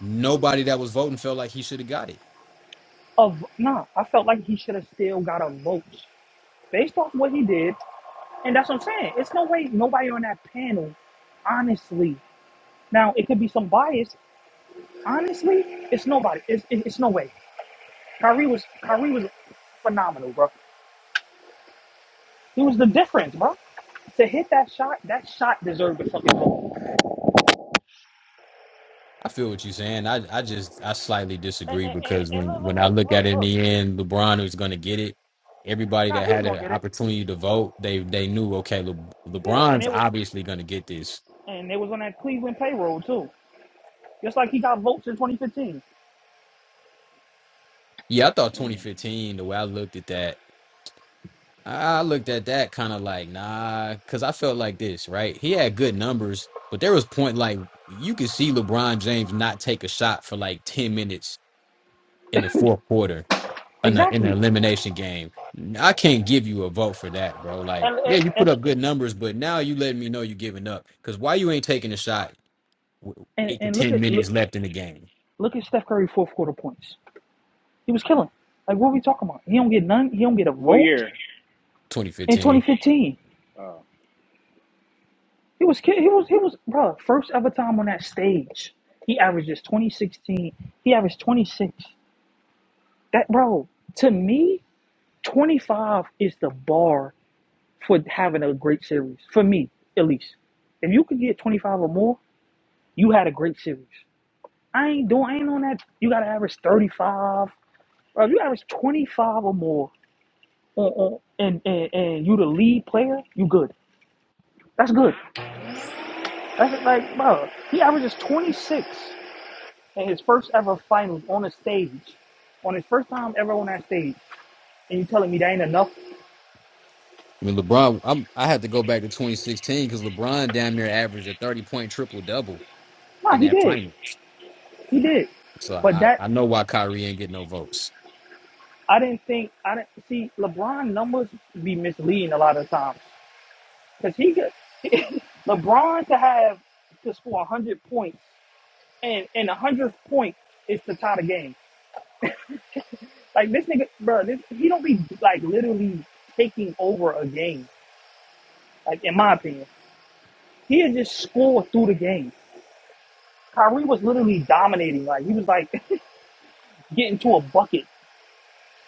Speaker 5: Nobody that was voting felt like he should have got it.
Speaker 3: of nah. I felt like he should have still got a vote based off what he did, and that's what I'm saying. It's no way nobody on that panel, honestly. Now it could be some bias. Honestly, it's nobody. It's it, it's no way. Kyrie was Kyrie was phenomenal, bro. He was the difference, bro. To hit that shot, that shot deserved the fucking ball.
Speaker 5: I feel what you're saying. I, I just I slightly
Speaker 3: And,
Speaker 5: disagree
Speaker 3: and, and,
Speaker 5: because
Speaker 3: and
Speaker 5: when
Speaker 3: look, look,
Speaker 5: when I
Speaker 3: look,
Speaker 5: look
Speaker 3: look,
Speaker 5: at it in
Speaker 3: look.
Speaker 5: the end, LeBron was going to get it. Everybody
Speaker 3: Nah,
Speaker 5: that
Speaker 3: he was
Speaker 5: had
Speaker 3: gonna
Speaker 5: an
Speaker 3: get it.
Speaker 5: opportunity to vote, they they knew okay, Le,
Speaker 3: Yeah, and
Speaker 5: LeBron's
Speaker 3: it was,
Speaker 5: obviously going to get this.
Speaker 3: and it was on that Cleveland payroll too. Just like he got votes in 2015.
Speaker 5: Yeah, I thought
Speaker 1: mm,
Speaker 5: 2015. The way I looked at that, I looked at that kind of like nah, because I felt like this right. He had good numbers, but there was point like you could see LeBron James not take a shot for like 10 minutes in the fourth quarter in, a, in an
Speaker 3: Exactly.
Speaker 5: elimination game. I can't give you a vote for that, bro. Like,
Speaker 3: And
Speaker 5: yeah,
Speaker 3: and,
Speaker 5: you put
Speaker 3: and
Speaker 5: up
Speaker 3: look,
Speaker 5: good numbers, but now you letting me know you giving up. Because why you ain't taking a shot with
Speaker 3: and,
Speaker 5: eight to
Speaker 3: and look
Speaker 5: ten
Speaker 3: at look,
Speaker 5: minutes left in the game,
Speaker 3: look at Steph Curry fourth quarter points. He was killing. Like what are we talking about? He don't get none. He don't get a
Speaker 1: what
Speaker 3: vote
Speaker 1: year?
Speaker 3: in
Speaker 5: 2015.
Speaker 3: 2015.
Speaker 1: Oh,
Speaker 3: He was kill- he was he was bro first ever time on that stage. He averages 2016. He averaged 26. That bro, to me, 25 is the bar for having a great series. For me, at least. If you could get 25 or more, you had a great series. I ain't doing I ain't on that. You gotta average 35. Or if you average 25 or more on, on, and, and and you the lead player, you good. That's good. That's like bro, he averages 26 in his first ever finals on a stage. On his first time ever on that stage. And you telling me that ain't enough?
Speaker 5: I mean, LeBron, I'm, I had to go back to 2016 because LeBron damn near averaged a 30 point triple double
Speaker 3: Nah,
Speaker 5: in
Speaker 3: he
Speaker 5: that
Speaker 3: did.
Speaker 5: final.
Speaker 3: He did,
Speaker 5: So
Speaker 3: but
Speaker 5: I,
Speaker 3: that
Speaker 5: I know why Kyrie ain't getting no votes.
Speaker 3: I didn't think I didn't see LeBron numbers be misleading a lot of times because he could LeBron to have to score one hundred points and and one hundred points is to tie the game. Like this nigga, bro, this, he don't be like literally taking over a game. Like in my opinion, he had just scored through the game. Kyrie was literally dominating. Like he was like getting to a bucket.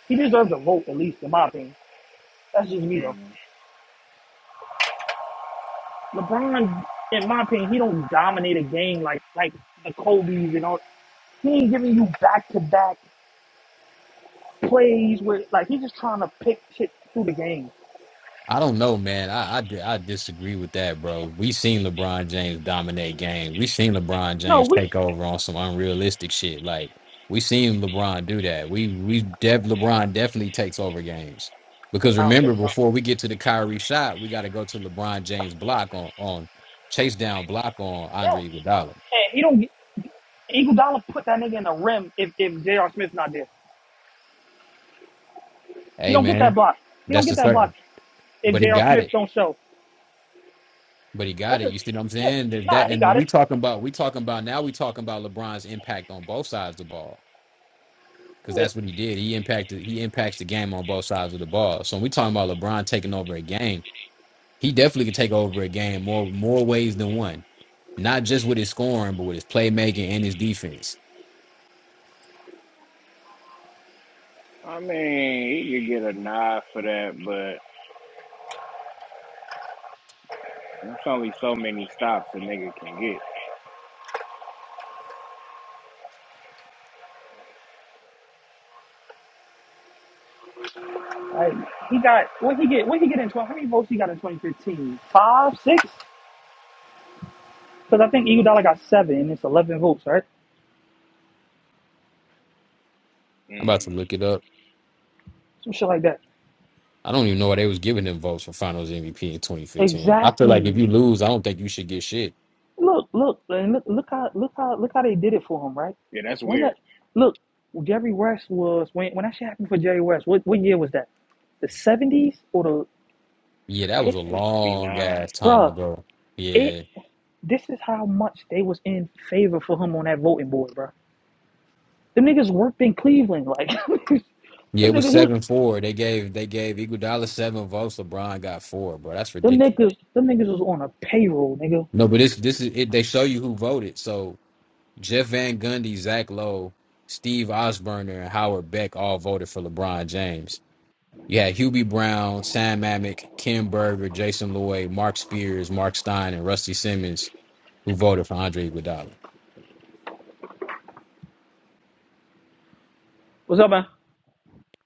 Speaker 3: He deserves a vote at least in my opinion. That's just me though.
Speaker 1: mm.
Speaker 3: LeBron, in my opinion, he don't dominate a game like like the Kobe's and all. He ain't giving you back to back plays with like he's just trying to pick shit through the game.
Speaker 5: I don't know, man. I, I di- I disagree with that, bro. We seen LeBron James dominate games. We seen LeBron
Speaker 3: No,
Speaker 5: James
Speaker 3: we.
Speaker 5: take
Speaker 3: Should,
Speaker 5: over on some unrealistic shit. Like we seen LeBron do that. We we def LeBron definitely takes over games. Because
Speaker 3: I don't think
Speaker 5: remember,
Speaker 3: so.
Speaker 5: before we get to the Kyrie shot, we got to go to LeBron James block on on chase down block on
Speaker 3: No,
Speaker 5: Andre Iguodala.
Speaker 3: and he don't. get- Iguodala put that nigga in the rim if if J.R. Smith's not there. He
Speaker 5: Hey,
Speaker 3: don't get that
Speaker 5: man,
Speaker 3: block. He don't
Speaker 5: that's
Speaker 3: get
Speaker 5: the
Speaker 3: that
Speaker 5: third.
Speaker 3: block if
Speaker 5: But he
Speaker 3: J.R.
Speaker 5: got
Speaker 3: Smith
Speaker 5: it.
Speaker 3: don't show.
Speaker 5: But he
Speaker 3: That's
Speaker 5: got it.
Speaker 3: just
Speaker 5: You see what I'm
Speaker 3: Yeah,
Speaker 5: saying? That,
Speaker 3: nah,
Speaker 5: that
Speaker 3: he
Speaker 5: and
Speaker 3: got it.
Speaker 5: we talking about we talking about now we talking about LeBron's impact on both sides of the ball because
Speaker 3: Yeah.
Speaker 5: that's what he did. He impacted. He impacts the game on both sides of the ball. So when we talking about LeBron taking over a game, he definitely can take over a game more more ways than one. Not just with his scoring, but with his playmaking and his defense.
Speaker 1: I mean, he could get a nod for that, but it's only so many stops a nigga can get.
Speaker 3: Like, he got what he get what he get in twenty how many votes he got in twenty fifteen? Five, six? Because I think Iguodala got seven, and it's eleven votes, right?
Speaker 5: I'm about to
Speaker 1: Mm.
Speaker 5: look it up.
Speaker 3: Some shit like that.
Speaker 5: I don't even know why they was giving them votes for Finals MVP in 2015. I feel like if
Speaker 3: Exactly.
Speaker 5: you lose, I don't think you should get shit.
Speaker 3: Look, look, look, look how, look how, look how they did it for him, right?
Speaker 1: Yeah, that's
Speaker 3: When
Speaker 1: weird.
Speaker 3: that, look, Jerry West was when when that shit happened for Jerry West. What what year was that? The seventies or the,
Speaker 5: Yeah,
Speaker 1: I
Speaker 5: that was
Speaker 1: think
Speaker 3: it,
Speaker 5: a long
Speaker 1: 69.
Speaker 5: ass time
Speaker 3: bruh,
Speaker 5: ago.
Speaker 3: it.
Speaker 5: Yeah,
Speaker 3: This is how much they was in favor for him on that voting board, bruh. Them niggas worked in Cleveland, like
Speaker 5: yeah,
Speaker 3: them
Speaker 5: it was
Speaker 3: niggas. He was
Speaker 5: seven four. They gave they gave Iguodala seven votes. LeBron got four, bro. That's
Speaker 3: them
Speaker 5: ridiculous.
Speaker 3: niggas. Them niggas was on a payroll, nigga.
Speaker 5: No, but this this is it. They show you who voted. So Jeff Van Gundy, Zach Lowe, Steve Osburner, and Howard Beck all voted for LeBron James. You had Hubie Brown, Sam Amick, Ken Berger, Jason Lloyd, Mark Spears, Mark Stein, and Rusty Simmons who voted for Andre Iguodala.
Speaker 3: What's up, man?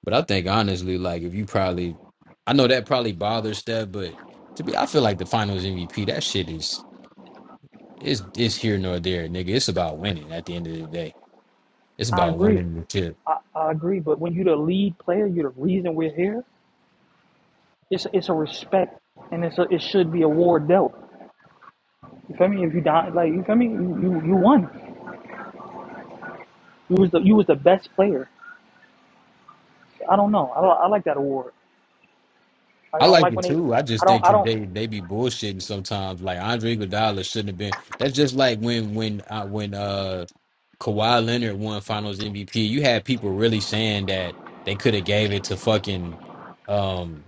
Speaker 5: But I think honestly, like if you probably, I know that probably bothers Steph, but to be, I feel like the Finals MVP, that shit is is is here nor there, nigga. It's about winning at the end of the day. It's
Speaker 3: I
Speaker 5: about
Speaker 3: agree.
Speaker 5: winning the chip.
Speaker 3: I agree, but when you're the lead player, you're the reason we're here. It's it's a respect, and it's a, it should be a award dealt. You feel me? If you
Speaker 1: Mm.
Speaker 3: die, like you feel me, you, you you won. You was the you was the best player. I don't know. I, don't- I like that award. I
Speaker 5: I
Speaker 3: don't
Speaker 5: like
Speaker 3: like
Speaker 5: it
Speaker 3: when they.
Speaker 5: too. I
Speaker 3: I
Speaker 5: just
Speaker 3: don't.
Speaker 5: think
Speaker 3: I
Speaker 5: that
Speaker 3: don't.
Speaker 5: they they be bullshitting sometimes. Like Andre Iguodala shouldn't have been. That's just like when when uh, when uh Kawhi Leonard won Finals MVP. You had people really saying that they could have gave it to fucking um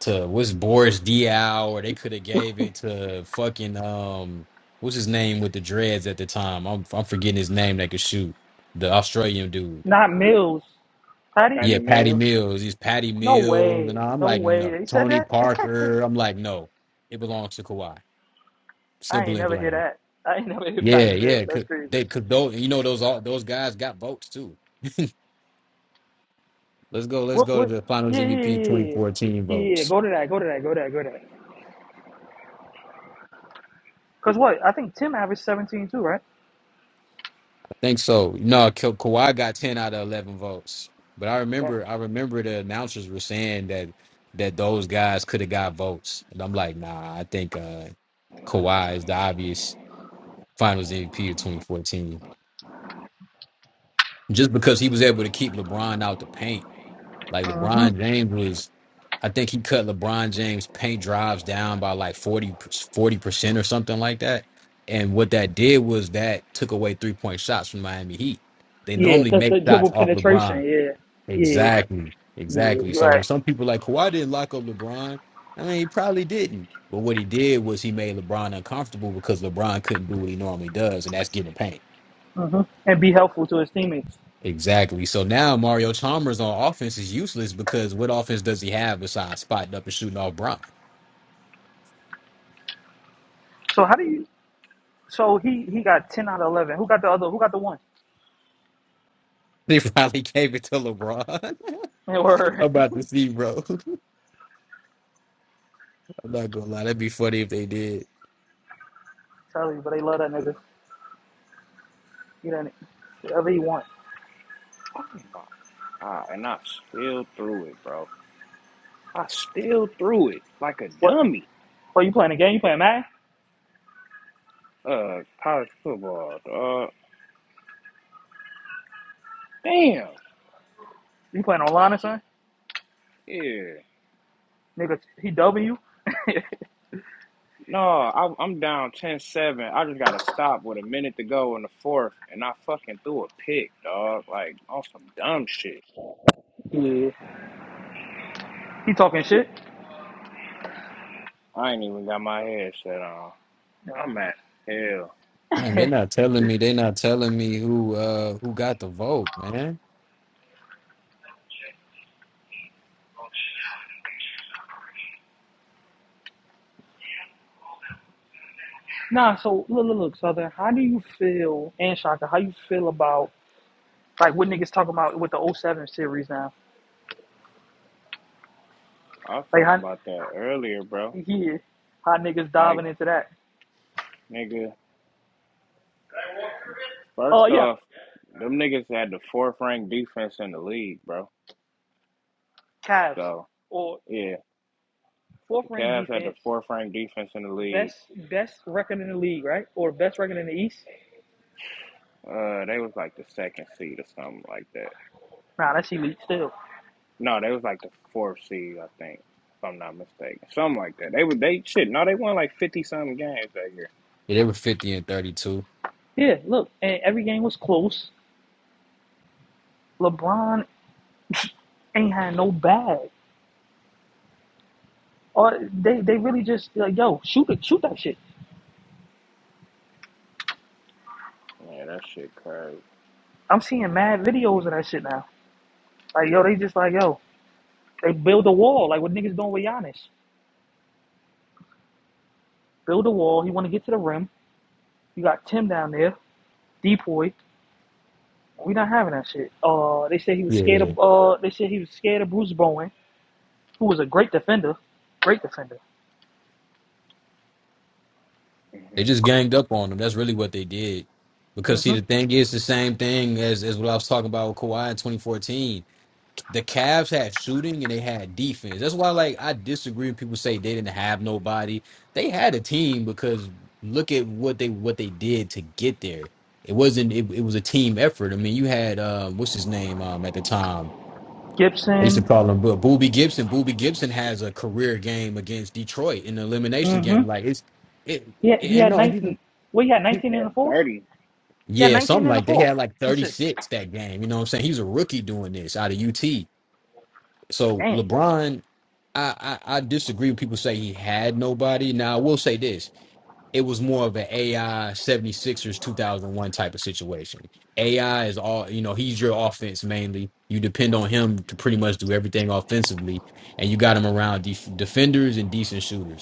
Speaker 5: to what's Boris Diaw or they could have gave it to fucking um what's his name with the dreads at the time. I'm I'm forgetting his name. That could shoot the Australian dude.
Speaker 3: Not Mills, Patty.
Speaker 1: Patty
Speaker 5: Yeah, Patty
Speaker 1: Mills?
Speaker 5: Mills. He's Patty
Speaker 3: No
Speaker 5: Mills, and
Speaker 3: way.
Speaker 5: I'm
Speaker 3: No
Speaker 5: like,
Speaker 3: way.
Speaker 5: no.
Speaker 3: They said
Speaker 5: Tony
Speaker 3: that.
Speaker 5: Parker. I'm like, no. It belongs to Kawhi.
Speaker 3: I
Speaker 5: Simple
Speaker 3: ain't
Speaker 5: and
Speaker 3: never hear
Speaker 5: plain.
Speaker 3: that. I ain't never hear
Speaker 5: Yeah,
Speaker 3: Patty Mills.
Speaker 5: yeah.
Speaker 3: That's
Speaker 5: Could
Speaker 3: crazy.
Speaker 5: they could those you know those all those guys got votes too. Let's go. Let's
Speaker 3: What?
Speaker 5: go to
Speaker 3: What?
Speaker 5: the Finals
Speaker 3: Yeah, yeah,
Speaker 5: MVP
Speaker 3: yeah, yeah.
Speaker 5: 2014
Speaker 3: Yeah, Yeah,
Speaker 5: votes.
Speaker 3: go to that. Go to that. Go to that. Go to that. Cause what? I think Tim averaged 17 too, right?
Speaker 5: I think so. No, Ka- Kawhi got 10 out of 11 votes. But I
Speaker 3: Yeah.
Speaker 5: remember, I remember the announcers were saying that that those guys could have got votes, and I'm like, nah. I think uh Kawhi is the obvious Finals MVP of 2014. just because he was able to keep LeBron out the paint. Like
Speaker 3: Mm-hmm.
Speaker 5: LeBron James was, I think he cut LeBron James paint drives down by like 40 percent or something like that. And what that did was that took away three point shots from Miami Heat. They
Speaker 3: Yeah,
Speaker 5: normally
Speaker 3: because
Speaker 5: make
Speaker 3: the
Speaker 5: shots
Speaker 3: dribble
Speaker 5: off
Speaker 3: penetration.
Speaker 5: LeBron.
Speaker 3: Yeah, yeah,
Speaker 5: Exactly,
Speaker 3: yeah.
Speaker 5: exactly.
Speaker 3: You're
Speaker 5: So
Speaker 3: Right.
Speaker 5: when some people like Kawhi didn't lock up LeBron, I mean he probably didn't. But what he did was he made LeBron uncomfortable because LeBron couldn't do what he normally does, and that's give a pain.
Speaker 3: hmm And be helpful to his teammates.
Speaker 5: Exactly. So now Mario Chalmers on offense is useless because what offense does he have besides spotting up and shooting off Bron?
Speaker 3: So how do you? So he he got ten out of eleven. Who got the other? Who got the one?
Speaker 5: They finally gave it to LeBron.
Speaker 3: Man, word.
Speaker 5: I'm about to see, bro. I'm not gonna lie, that'd be funny if they did.
Speaker 3: Tell you, but they love that nigga. He done it. whatever he want.
Speaker 1: Oh my God. And I still threw it, bro. I still threw it like a
Speaker 3: What?
Speaker 1: dummy.
Speaker 3: What you playing a game? You playing Madden?
Speaker 1: Uh, college football. Uh, damn.
Speaker 3: You playing online or something?
Speaker 1: Yeah.
Speaker 3: Nigga, he w.
Speaker 1: No, I, I'm down ten-seven. I just got to stop with a minute to go in the fourth, and I fucking threw a pick, dog. Like, on some dumb shit.
Speaker 3: yeah. He talking shit.
Speaker 1: I ain't even got my headset on.
Speaker 3: No.
Speaker 1: I'm at hell.
Speaker 5: Damn, they're not telling me. They're not telling me who uh who got the vote, man.
Speaker 3: nah. So look, look, look, Southern. How do you feel? And Shaka, how you feel about? Like what niggas talking about with the O seven series now.
Speaker 1: I was
Speaker 3: Like
Speaker 1: talking
Speaker 3: how
Speaker 1: about that earlier, bro.
Speaker 3: yeah, how niggas
Speaker 1: Like.
Speaker 3: diving into that.
Speaker 1: Nigga,
Speaker 3: Oh uh,
Speaker 1: first
Speaker 3: yeah.
Speaker 1: off, them niggas had the fourth ranked defense in the league, bro.
Speaker 3: Cavs.
Speaker 1: So
Speaker 3: Or
Speaker 1: yeah,
Speaker 3: fourth
Speaker 1: the
Speaker 3: ranked
Speaker 1: Cavs had the
Speaker 3: defense,
Speaker 1: fourth ranked defense in the league.
Speaker 3: best best record in the league, right? Or best record in the East.
Speaker 1: Uh, they was like the second seed or something like that.
Speaker 3: Nah, that's elite still.
Speaker 1: No, they was like the fourth seed, I think, if I'm not mistaken, something like that. They were they shit. No, they won like fifty something games that year.
Speaker 5: Yeah, they were 50 and 32.
Speaker 3: Yeah, look, and every game was close. LeBron ain't had no bag. Or they they really just like, yo, shoot it, shoot that shit.
Speaker 1: Yeah, that shit crazy.
Speaker 3: I'm seeing mad videos of that shit now. Like, yo, they just like, yo, they build a wall, like what niggas doing with Giannis. Build a wall, he wanna get to the rim. You got Tim down there, Depoy. We not having that shit. Uh, they said he was scared
Speaker 5: Yeah,
Speaker 3: of. Uh, they said he was scared of Bruce Bowen, who was a great defender, great defender.
Speaker 5: they
Speaker 1: hmm
Speaker 5: just ganged up on them. That's really what they did. Because see,
Speaker 3: hmm
Speaker 5: the thing is the same thing as as what I was talking about with Kawhi in 2014 the Cavs had shooting and they had defense. That's why, like, I disagree when people say they didn't have nobody. They had a team because look at what they what they did to get there. It wasn't. It, it was a team effort. I mean, you had um, what's his name um, at the time. I used to
Speaker 3: Gibson.
Speaker 5: call him Bo- Booby Gibson. Booby Gibson has a career game against Detroit in the elimination
Speaker 3: hmm
Speaker 5: game. Like it's it.
Speaker 3: He had, he
Speaker 5: And
Speaker 3: had
Speaker 5: no, he,
Speaker 3: nineteen. Well, he had
Speaker 5: he
Speaker 3: nineteen in
Speaker 1: Yeah,
Speaker 3: the fourth.
Speaker 1: thirty.
Speaker 3: He had
Speaker 5: yeah,
Speaker 3: nineteen
Speaker 5: something
Speaker 3: in the
Speaker 5: like they
Speaker 3: fourth.
Speaker 5: had like
Speaker 3: Some
Speaker 5: thirty
Speaker 3: shit.
Speaker 5: six that game. You know what I'm saying? He was a rookie doing this out of UT So
Speaker 3: Damn.
Speaker 5: LeBron, I, I I disagree when people say he had nobody. Now I will say this: it was more of an AI 76ers 2001 type of situation. AI is all you know. He's your offense mainly. You depend on him to pretty much do everything offensively, and you got him around def- defenders and decent shooters.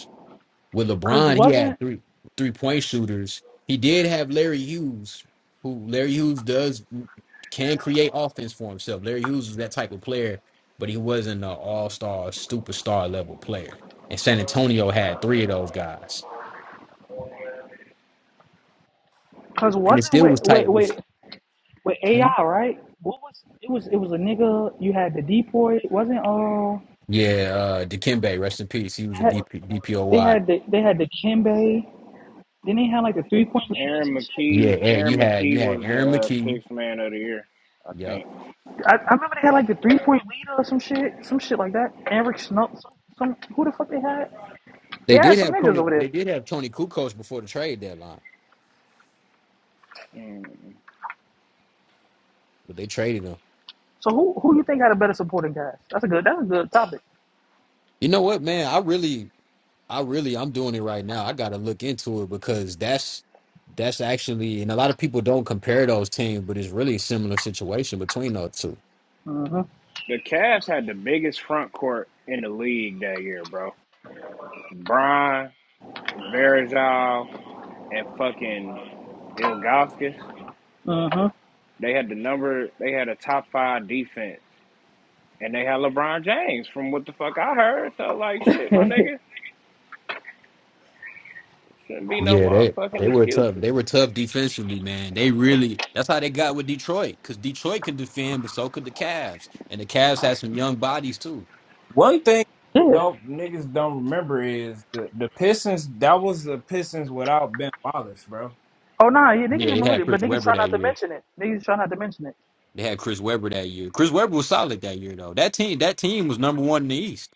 Speaker 5: With
Speaker 3: Cause
Speaker 5: LeBron, he
Speaker 3: wasn't.
Speaker 5: had three three point shooters. He did have Larry Hughes, who Larry Hughes does mm, can create offense for himself. Larry Hughes is that type of player, but he wasn't an all star, superstar level player. And San Antonio had three of those guys,
Speaker 3: Cause
Speaker 5: and it
Speaker 3: wasn't
Speaker 5: still
Speaker 3: with
Speaker 5: was tight.
Speaker 3: with
Speaker 5: It
Speaker 3: with,
Speaker 5: was-
Speaker 3: with AI
Speaker 5: mhm.
Speaker 3: right? What was it was it was a nigga. You had the Depoy. Wasn't uh.
Speaker 5: Yeah, uh, Dikembe, rest in peace. He was a
Speaker 3: Had,
Speaker 5: DP,
Speaker 3: they
Speaker 5: DPOY.
Speaker 3: had the they had the Kimbe. Then they had like the three point leader or
Speaker 1: Aaron
Speaker 3: some shit.
Speaker 5: Yeah,
Speaker 1: McKee.
Speaker 5: and
Speaker 1: Aaron
Speaker 5: you had you
Speaker 1: McKee
Speaker 5: had
Speaker 1: was the
Speaker 5: Aaron
Speaker 1: uh,
Speaker 5: McKee.
Speaker 1: sixth man of the year, I
Speaker 5: Yep,
Speaker 1: think.
Speaker 3: I, I remember they had like the three point leader or some shit, some shit like that. Eric Snow, some, some who the fuck they had? They
Speaker 5: they
Speaker 3: had
Speaker 5: did
Speaker 3: some
Speaker 5: have
Speaker 3: niggas
Speaker 5: Coney.
Speaker 3: over
Speaker 5: They
Speaker 3: there.
Speaker 5: did have Tony Kukoc before the trade deadline,
Speaker 1: Mm.
Speaker 5: but they traded him.
Speaker 3: So who who you think had a better supporting cast? That's a good that's a good topic.
Speaker 5: You know what, man? I really, I really, I'm doing it right now. I gotta look into it because that's that's actually, and a lot of people don't compare those teams, but it's really a similar situation between those two.
Speaker 3: Mhm.
Speaker 1: The Cavs had the biggest front court in the league that year, bro. Brian, Varejao and fucking Ilgauskas.
Speaker 3: Mhm.
Speaker 1: They had the number. They had a top five defense. And they had LeBron James from what the fuck I heard. So like shit, my nigga. Shouldn't be no
Speaker 5: Yeah, they
Speaker 1: motherfucking
Speaker 5: they were tough.
Speaker 1: excuses.
Speaker 5: They were tough defensively, man. They really that's how they got with Detroit because Detroit could defend, but so could the Cavs, and the Cavs had some young bodies too.
Speaker 1: One thing
Speaker 3: Yeah.
Speaker 1: don't niggas don't remember is the, the Pistons. That was the Pistons without Ben Wallace, bro.
Speaker 3: Oh nah, yeah, niggas
Speaker 5: Yeah, they
Speaker 3: remember
Speaker 5: had
Speaker 3: it, but
Speaker 5: Chris
Speaker 3: niggas
Speaker 5: Webber
Speaker 3: try not
Speaker 5: that
Speaker 3: to
Speaker 5: year.
Speaker 3: mention it. Niggas try not to mention it.
Speaker 5: They had Chris Webber that year. Chris Webber was solid that year though. That team, that team was number one in the East.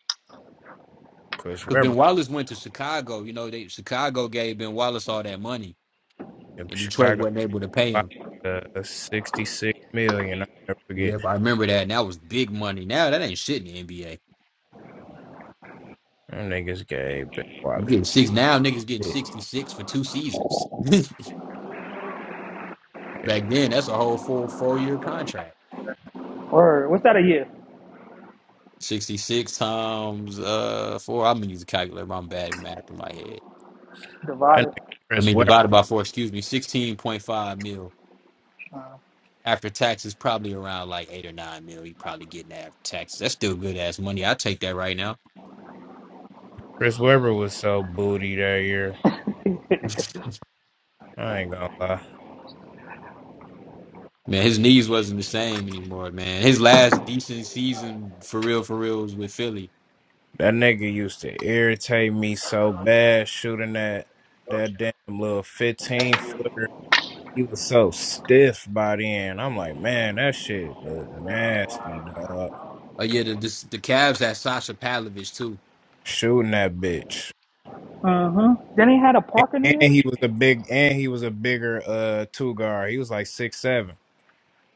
Speaker 1: Chris
Speaker 5: Because Ben
Speaker 1: Webber
Speaker 5: Wallace went to Chicago. You know, they Chicago gave Ben Wallace all that money,
Speaker 1: in
Speaker 5: and Detroit
Speaker 1: Chicago
Speaker 5: wasn't able to pay him.
Speaker 1: uh, 66 million. I never forget.
Speaker 5: Yep, I remember that. And that was big money. Now that ain't shit in the NBA.
Speaker 1: Them niggas gave Ben
Speaker 5: You
Speaker 1: Wallace
Speaker 5: getting six now, niggas getting
Speaker 1: shit.
Speaker 5: sixty six for two seasons. Back
Speaker 1: man.
Speaker 5: then, that's a whole 4 four year contract.
Speaker 3: Word. What's that a year?
Speaker 5: Sixty six times uh four. I'm gonna use a calculator. I'm bad at math in my head.
Speaker 1: That
Speaker 3: Divided.
Speaker 1: nigga
Speaker 5: I
Speaker 1: Chris
Speaker 5: mean,
Speaker 1: Webber.
Speaker 5: divided by four. Excuse me, sixteen point five mil
Speaker 3: Uh
Speaker 5: after taxes, probably around like eight or nine mil. You probably getting after taxes. That's still good ass money. I take that right now.
Speaker 1: Chris Webber was so booty that year. I ain't gonna lie.
Speaker 5: Man, his knees wasn't the same anymore, man. His last decent season for real, for real was with Philly.
Speaker 1: That nigga used to irritate me so bad shooting that that damn little 15 footer. He was so stiff by then. I'm like, man, that shit look nasty, dog.
Speaker 5: Oh yeah, the this, the Cavs had Sasha Pavlovich too.
Speaker 1: Shooting that bitch.
Speaker 3: Mhm. Then they had a Parker
Speaker 1: And,
Speaker 3: nigga.
Speaker 1: and he was a big and he was a bigger uh two guard. He was like six seven.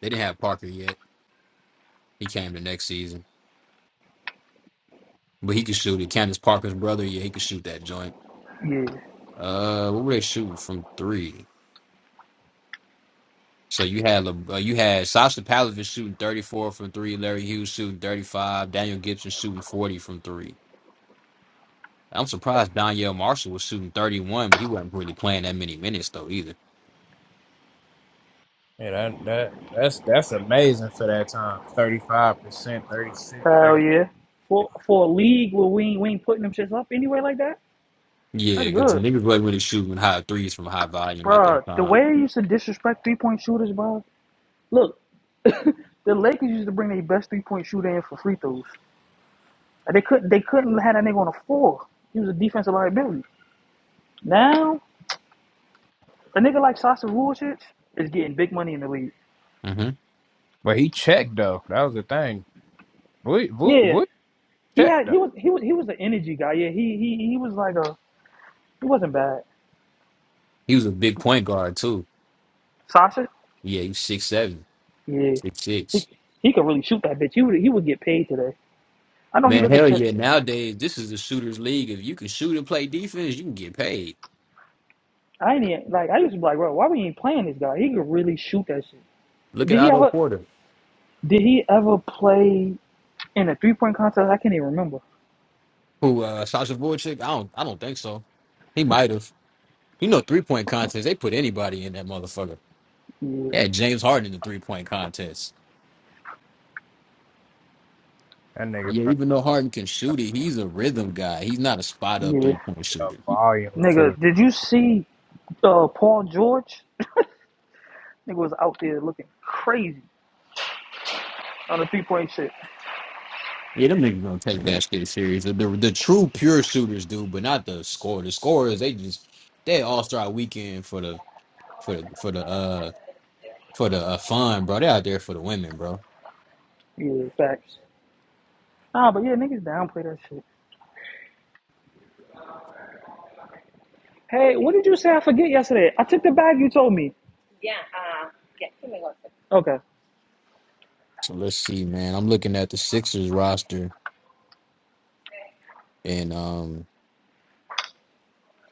Speaker 5: They didn't have Parker yet. He came the next season, but he could shoot it. Candace Parker's brother, yeah, he could shoot that joint.
Speaker 3: Yeah.
Speaker 5: Uh, what were they shooting from three? So you had Le- uh, you had Sasha Pavlovich shooting thirty four from three, Larry Hughes shooting thirty five, Daniel Gibson shooting forty from three. I'm surprised Danielle Marshall was shooting thirty one, but he wasn't really playing that many minutes though either.
Speaker 1: Yeah, that that that's that's amazing for that time. Thirty five percent, 36,
Speaker 3: Hell
Speaker 1: 30.
Speaker 3: yeah. For for a league where we ain't, we ain't putting them shits up anyway like that.
Speaker 5: Yeah,
Speaker 3: That's
Speaker 5: because
Speaker 3: good.
Speaker 5: niggas wasn't really shooting high threes from high volume at
Speaker 3: Bruh,
Speaker 5: that
Speaker 3: the way
Speaker 5: time.
Speaker 3: they used to disrespect three point shooters, bruh. Look, the Lakers used to bring their best three point shooter in for free throws. Like, They couldn't they couldn't have that nigga on the floor. He was a defensive liability. Now a nigga like Sasa Vujacic is getting big money in the league.
Speaker 5: hmm
Speaker 1: But he checked though. That was the thing. Voot voot
Speaker 3: Yeah,
Speaker 1: voot
Speaker 3: he
Speaker 1: checked
Speaker 3: had
Speaker 1: though.
Speaker 3: he was he was he was an energy guy. Yeah, he he he was like a he wasn't bad.
Speaker 5: He was a big point guard too.
Speaker 3: Sasha,
Speaker 5: Yeah, he was six seven,
Speaker 3: yeah,
Speaker 5: six
Speaker 3: he
Speaker 5: six.
Speaker 3: he could really shoot that bitch. He would he would get paid today. I know he
Speaker 5: Man,
Speaker 3: look at
Speaker 5: hell
Speaker 3: t-
Speaker 5: yeah! Nowadays, this is the shooters' league. If you can shoot and play defense, you can get paid.
Speaker 3: I ain't even, like I used to be like, bro, why we ain't playing this guy? He could really shoot that shit.
Speaker 5: Look at
Speaker 3: Did he
Speaker 5: Otto
Speaker 3: ever?
Speaker 5: Porter,
Speaker 3: Did he ever play in a three point contest? I can't even remember.
Speaker 5: who uh Sasha Voracek. I don't, I don't think so. He might have. You know, three point contests. They put anybody in that motherfucker.
Speaker 3: Yeah,
Speaker 5: Yeah, James Harden in the three point contest.
Speaker 1: That nigga
Speaker 5: Yeah,
Speaker 1: probably.
Speaker 5: even though Harden can shoot it, he's a rhythm guy. He's not a spot up three
Speaker 3: yeah.
Speaker 5: point
Speaker 1: a
Speaker 5: shooter.
Speaker 1: volume
Speaker 3: Nigga,
Speaker 1: shooter.
Speaker 3: did you see uh, Paul George? Nigga was out there looking crazy on the three point shit.
Speaker 5: take that shit serious. The, the true pure shooters do, but not the score. The scorers they just they all start weekend for the for the for the uh for the uh, fun, bro. They out there for the women, bro.
Speaker 3: Yeah, facts. Nah, but yeah, niggas downplay that shit. Hey, what did you say? I forget yesterday. I took the bag you told me. Okay.
Speaker 5: So let's see, man. I'm looking at the Sixers roster, and um,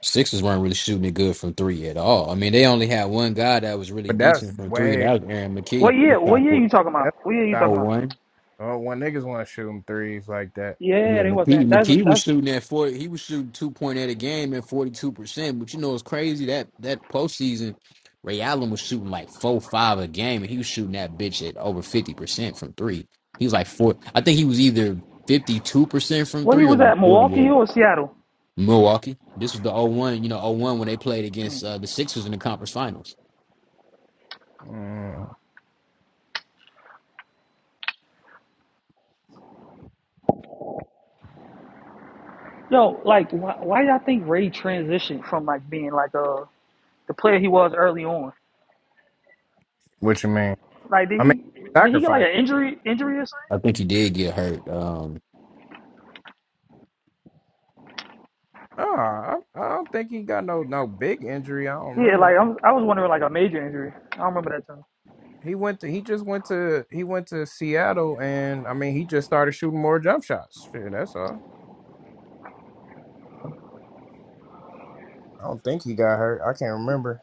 Speaker 5: Sixers weren't really shooting it good from three at all. I mean, they only had one guy that was really
Speaker 1: But that's
Speaker 5: decent from three. and
Speaker 1: way
Speaker 5: That was Aaron
Speaker 3: What
Speaker 5: McKee. He
Speaker 3: year? What
Speaker 5: shot
Speaker 3: year
Speaker 5: for
Speaker 3: you talking about?
Speaker 1: that's
Speaker 3: What year you
Speaker 1: not-
Speaker 5: oh
Speaker 3: talking about?
Speaker 5: 01.
Speaker 1: oh, when niggas want to shoot them threes like that.
Speaker 5: Yeah,
Speaker 3: Yeah, they
Speaker 5: McKee,
Speaker 3: wasn't. That's
Speaker 5: McKee was
Speaker 3: that's
Speaker 5: shooting at forty. He was shooting two point at a game at forty two percent. But you know it's crazy that that postseason, Ray Allen was shooting like four five a game, and he was shooting that bitch at over fifty percent from three. He was like four. I think he was either fifty two percent from
Speaker 3: where he
Speaker 5: three or
Speaker 3: was at.
Speaker 5: like forty
Speaker 3: Milwaukee
Speaker 5: eight.
Speaker 3: or Seattle?
Speaker 5: Milwaukee. This was the oh one. you know, oh one when they played against uh, the Sixers in the conference finals.
Speaker 1: Mm,
Speaker 3: Yo, like, why, why y'all think Ray transitioned from like being like a the player he was early on.
Speaker 1: what you mean?
Speaker 3: Like, did
Speaker 1: I mean
Speaker 3: he did he get like
Speaker 1: sacrifice.
Speaker 3: an injury injury or
Speaker 5: I
Speaker 3: something?
Speaker 5: think he did get hurt. Um,
Speaker 1: No, I, I don't think he got no no big injury. I don't
Speaker 3: Yeah, like
Speaker 1: remember.
Speaker 3: I'm, I was wondering like a major injury. I don't remember that time.
Speaker 1: He went to he just went to he went to Seattle and I mean he just started shooting more jump shots. Shit, that's all. I don't think he got hurt. I can't remember.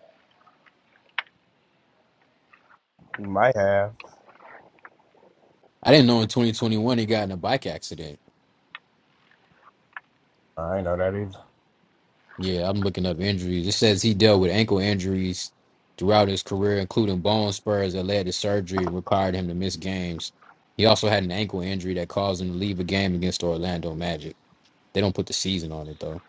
Speaker 1: He might have.
Speaker 5: I didn't know in 2021 he got in a bike accident.
Speaker 1: I ain't know that either.
Speaker 5: Yeah, I'm looking up injuries. It says he dealt with ankle injuries throughout his career, including bone spurs that led to surgery and required him to miss games. He also had an ankle injury that caused him to leave a game against Orlando Magic. They don't put the season on it though.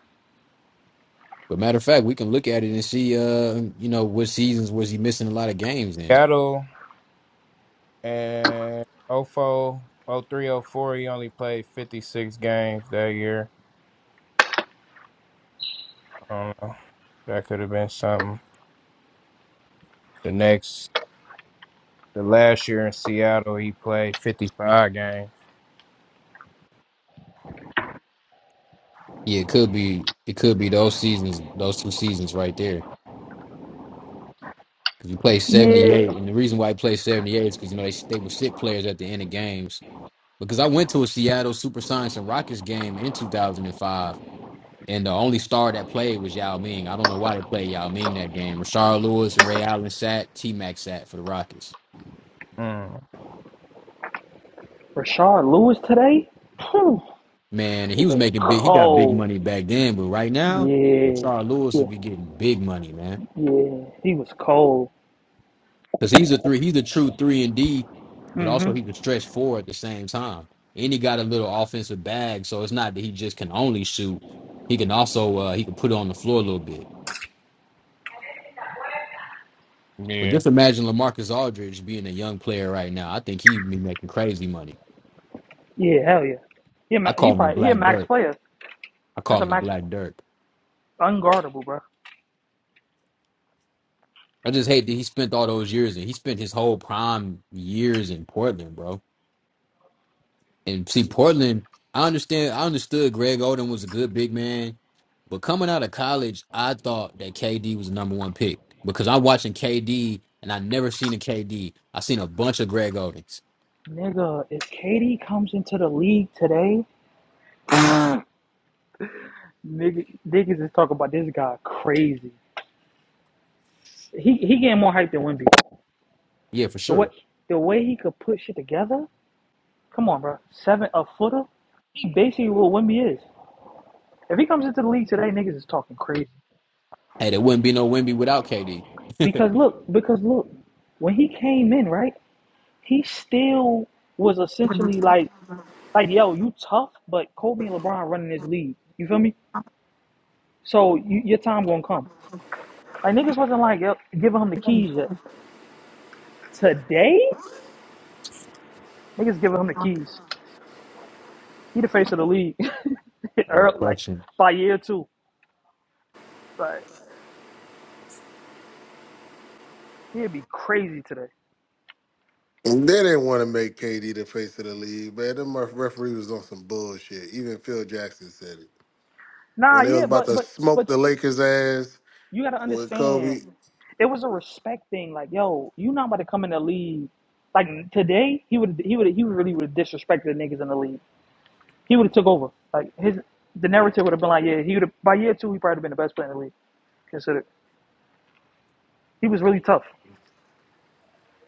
Speaker 5: But matter of fact, we can look at it and see uh, you know, what seasons was he missing a lot of games in.
Speaker 1: Seattle. And oh 04, oh 03, oh four, he only played 56 games that year. I don't know. That could have been something. The next, the last year in Seattle, he played 55 games.
Speaker 5: Yeah, it could be it could be those seasons, those two seasons right there. Because he played
Speaker 3: Yeah,
Speaker 5: 78, and the reason why he played 78 is because you know they they would sit players at the end of games because I went to a Seattle Supersonics and Rockets game in 2005, and five, and the only star that played was Yao Ming. I don't know why they played Yao Ming that game. Rashard Lewis and Ray Allen sat, T Mac sat for the Rockets.
Speaker 1: Mm,
Speaker 3: Rashard Lewis today. Phew,
Speaker 5: Man, he
Speaker 3: was
Speaker 5: was
Speaker 3: that
Speaker 5: making big. He got big
Speaker 3: cold?
Speaker 5: money back then, but right now,
Speaker 3: Yeah,
Speaker 5: Rashard Lewis
Speaker 3: yeah,
Speaker 5: would be getting big money, man,
Speaker 3: yeah. He was cold.
Speaker 5: because he's a three. He's a true three and D, but also
Speaker 3: Mhm.
Speaker 5: he's a stretch four at the same time. And he got a little offensive bag, so it's not that he just can only shoot. He can also uh, he can put it on the floor a little bit. But
Speaker 1: yeah.
Speaker 5: just imagine Lamarcus Aldridge being a young player right now. I think he'd be making crazy money.
Speaker 3: Yeah, hell yeah. He a
Speaker 5: I
Speaker 3: he
Speaker 5: call him the
Speaker 3: probably he a
Speaker 5: Black
Speaker 3: max
Speaker 5: Dirk.
Speaker 3: player.
Speaker 5: I call
Speaker 3: That's a
Speaker 5: him the
Speaker 3: max
Speaker 5: Black Dirk.
Speaker 3: unguardable, bro.
Speaker 5: I just hate that he spent all those years and he spent his whole prime years in Portland, bro. And see, Portland, I understand. I understood Greg Oden was a good big man, but coming out of college, I thought that KD was the number one pick because I'm watching KD and I never seen a KD. I seen a bunch of Greg Odens.
Speaker 3: Nigga, if KD comes into the league today, nigga, niggas is talking about this guy crazy. He he gained more hype than Wimby.
Speaker 5: Yeah, for
Speaker 3: The way
Speaker 5: sure.
Speaker 3: the way he could put shit together. Come on, bro. Seven a footer. He basically what Wimby is. If he comes into the league today, niggas is talking crazy.
Speaker 5: Hey, there wouldn't be no Wimby without KD.
Speaker 3: Because look, because look, when he came in, right, he still was essentially like like yo, you tough, but Kobe and LeBron running this league. You feel me? So you, your time gonna come. Like niggas wasn't like yo, giving him the keys yet. Today, niggas giving him the keys. He the face of the league.
Speaker 5: Oh, no no
Speaker 3: Earl- like
Speaker 5: question.
Speaker 3: by year two. Like he'd be crazy today.
Speaker 6: And they didn't want to make KD the face of the league, man. Them ref- referee was on some bullshit. Even Phil Jackson said it.
Speaker 3: Nah,
Speaker 6: When they was
Speaker 3: yeah,
Speaker 6: about
Speaker 3: but
Speaker 6: to
Speaker 3: but
Speaker 6: smoke
Speaker 3: but
Speaker 6: the Lakers ass
Speaker 3: you gotta
Speaker 6: with
Speaker 3: understand,
Speaker 6: Kobe,
Speaker 3: it was a respect thing. Like, yo, you not about to come in the league. Like today, he would he would he would really would disrespect the niggas in the league. He would have took over. Like his the narrative would have been like, yeah, he would have by year two he probably been the best player in the league. Considered he was really tough.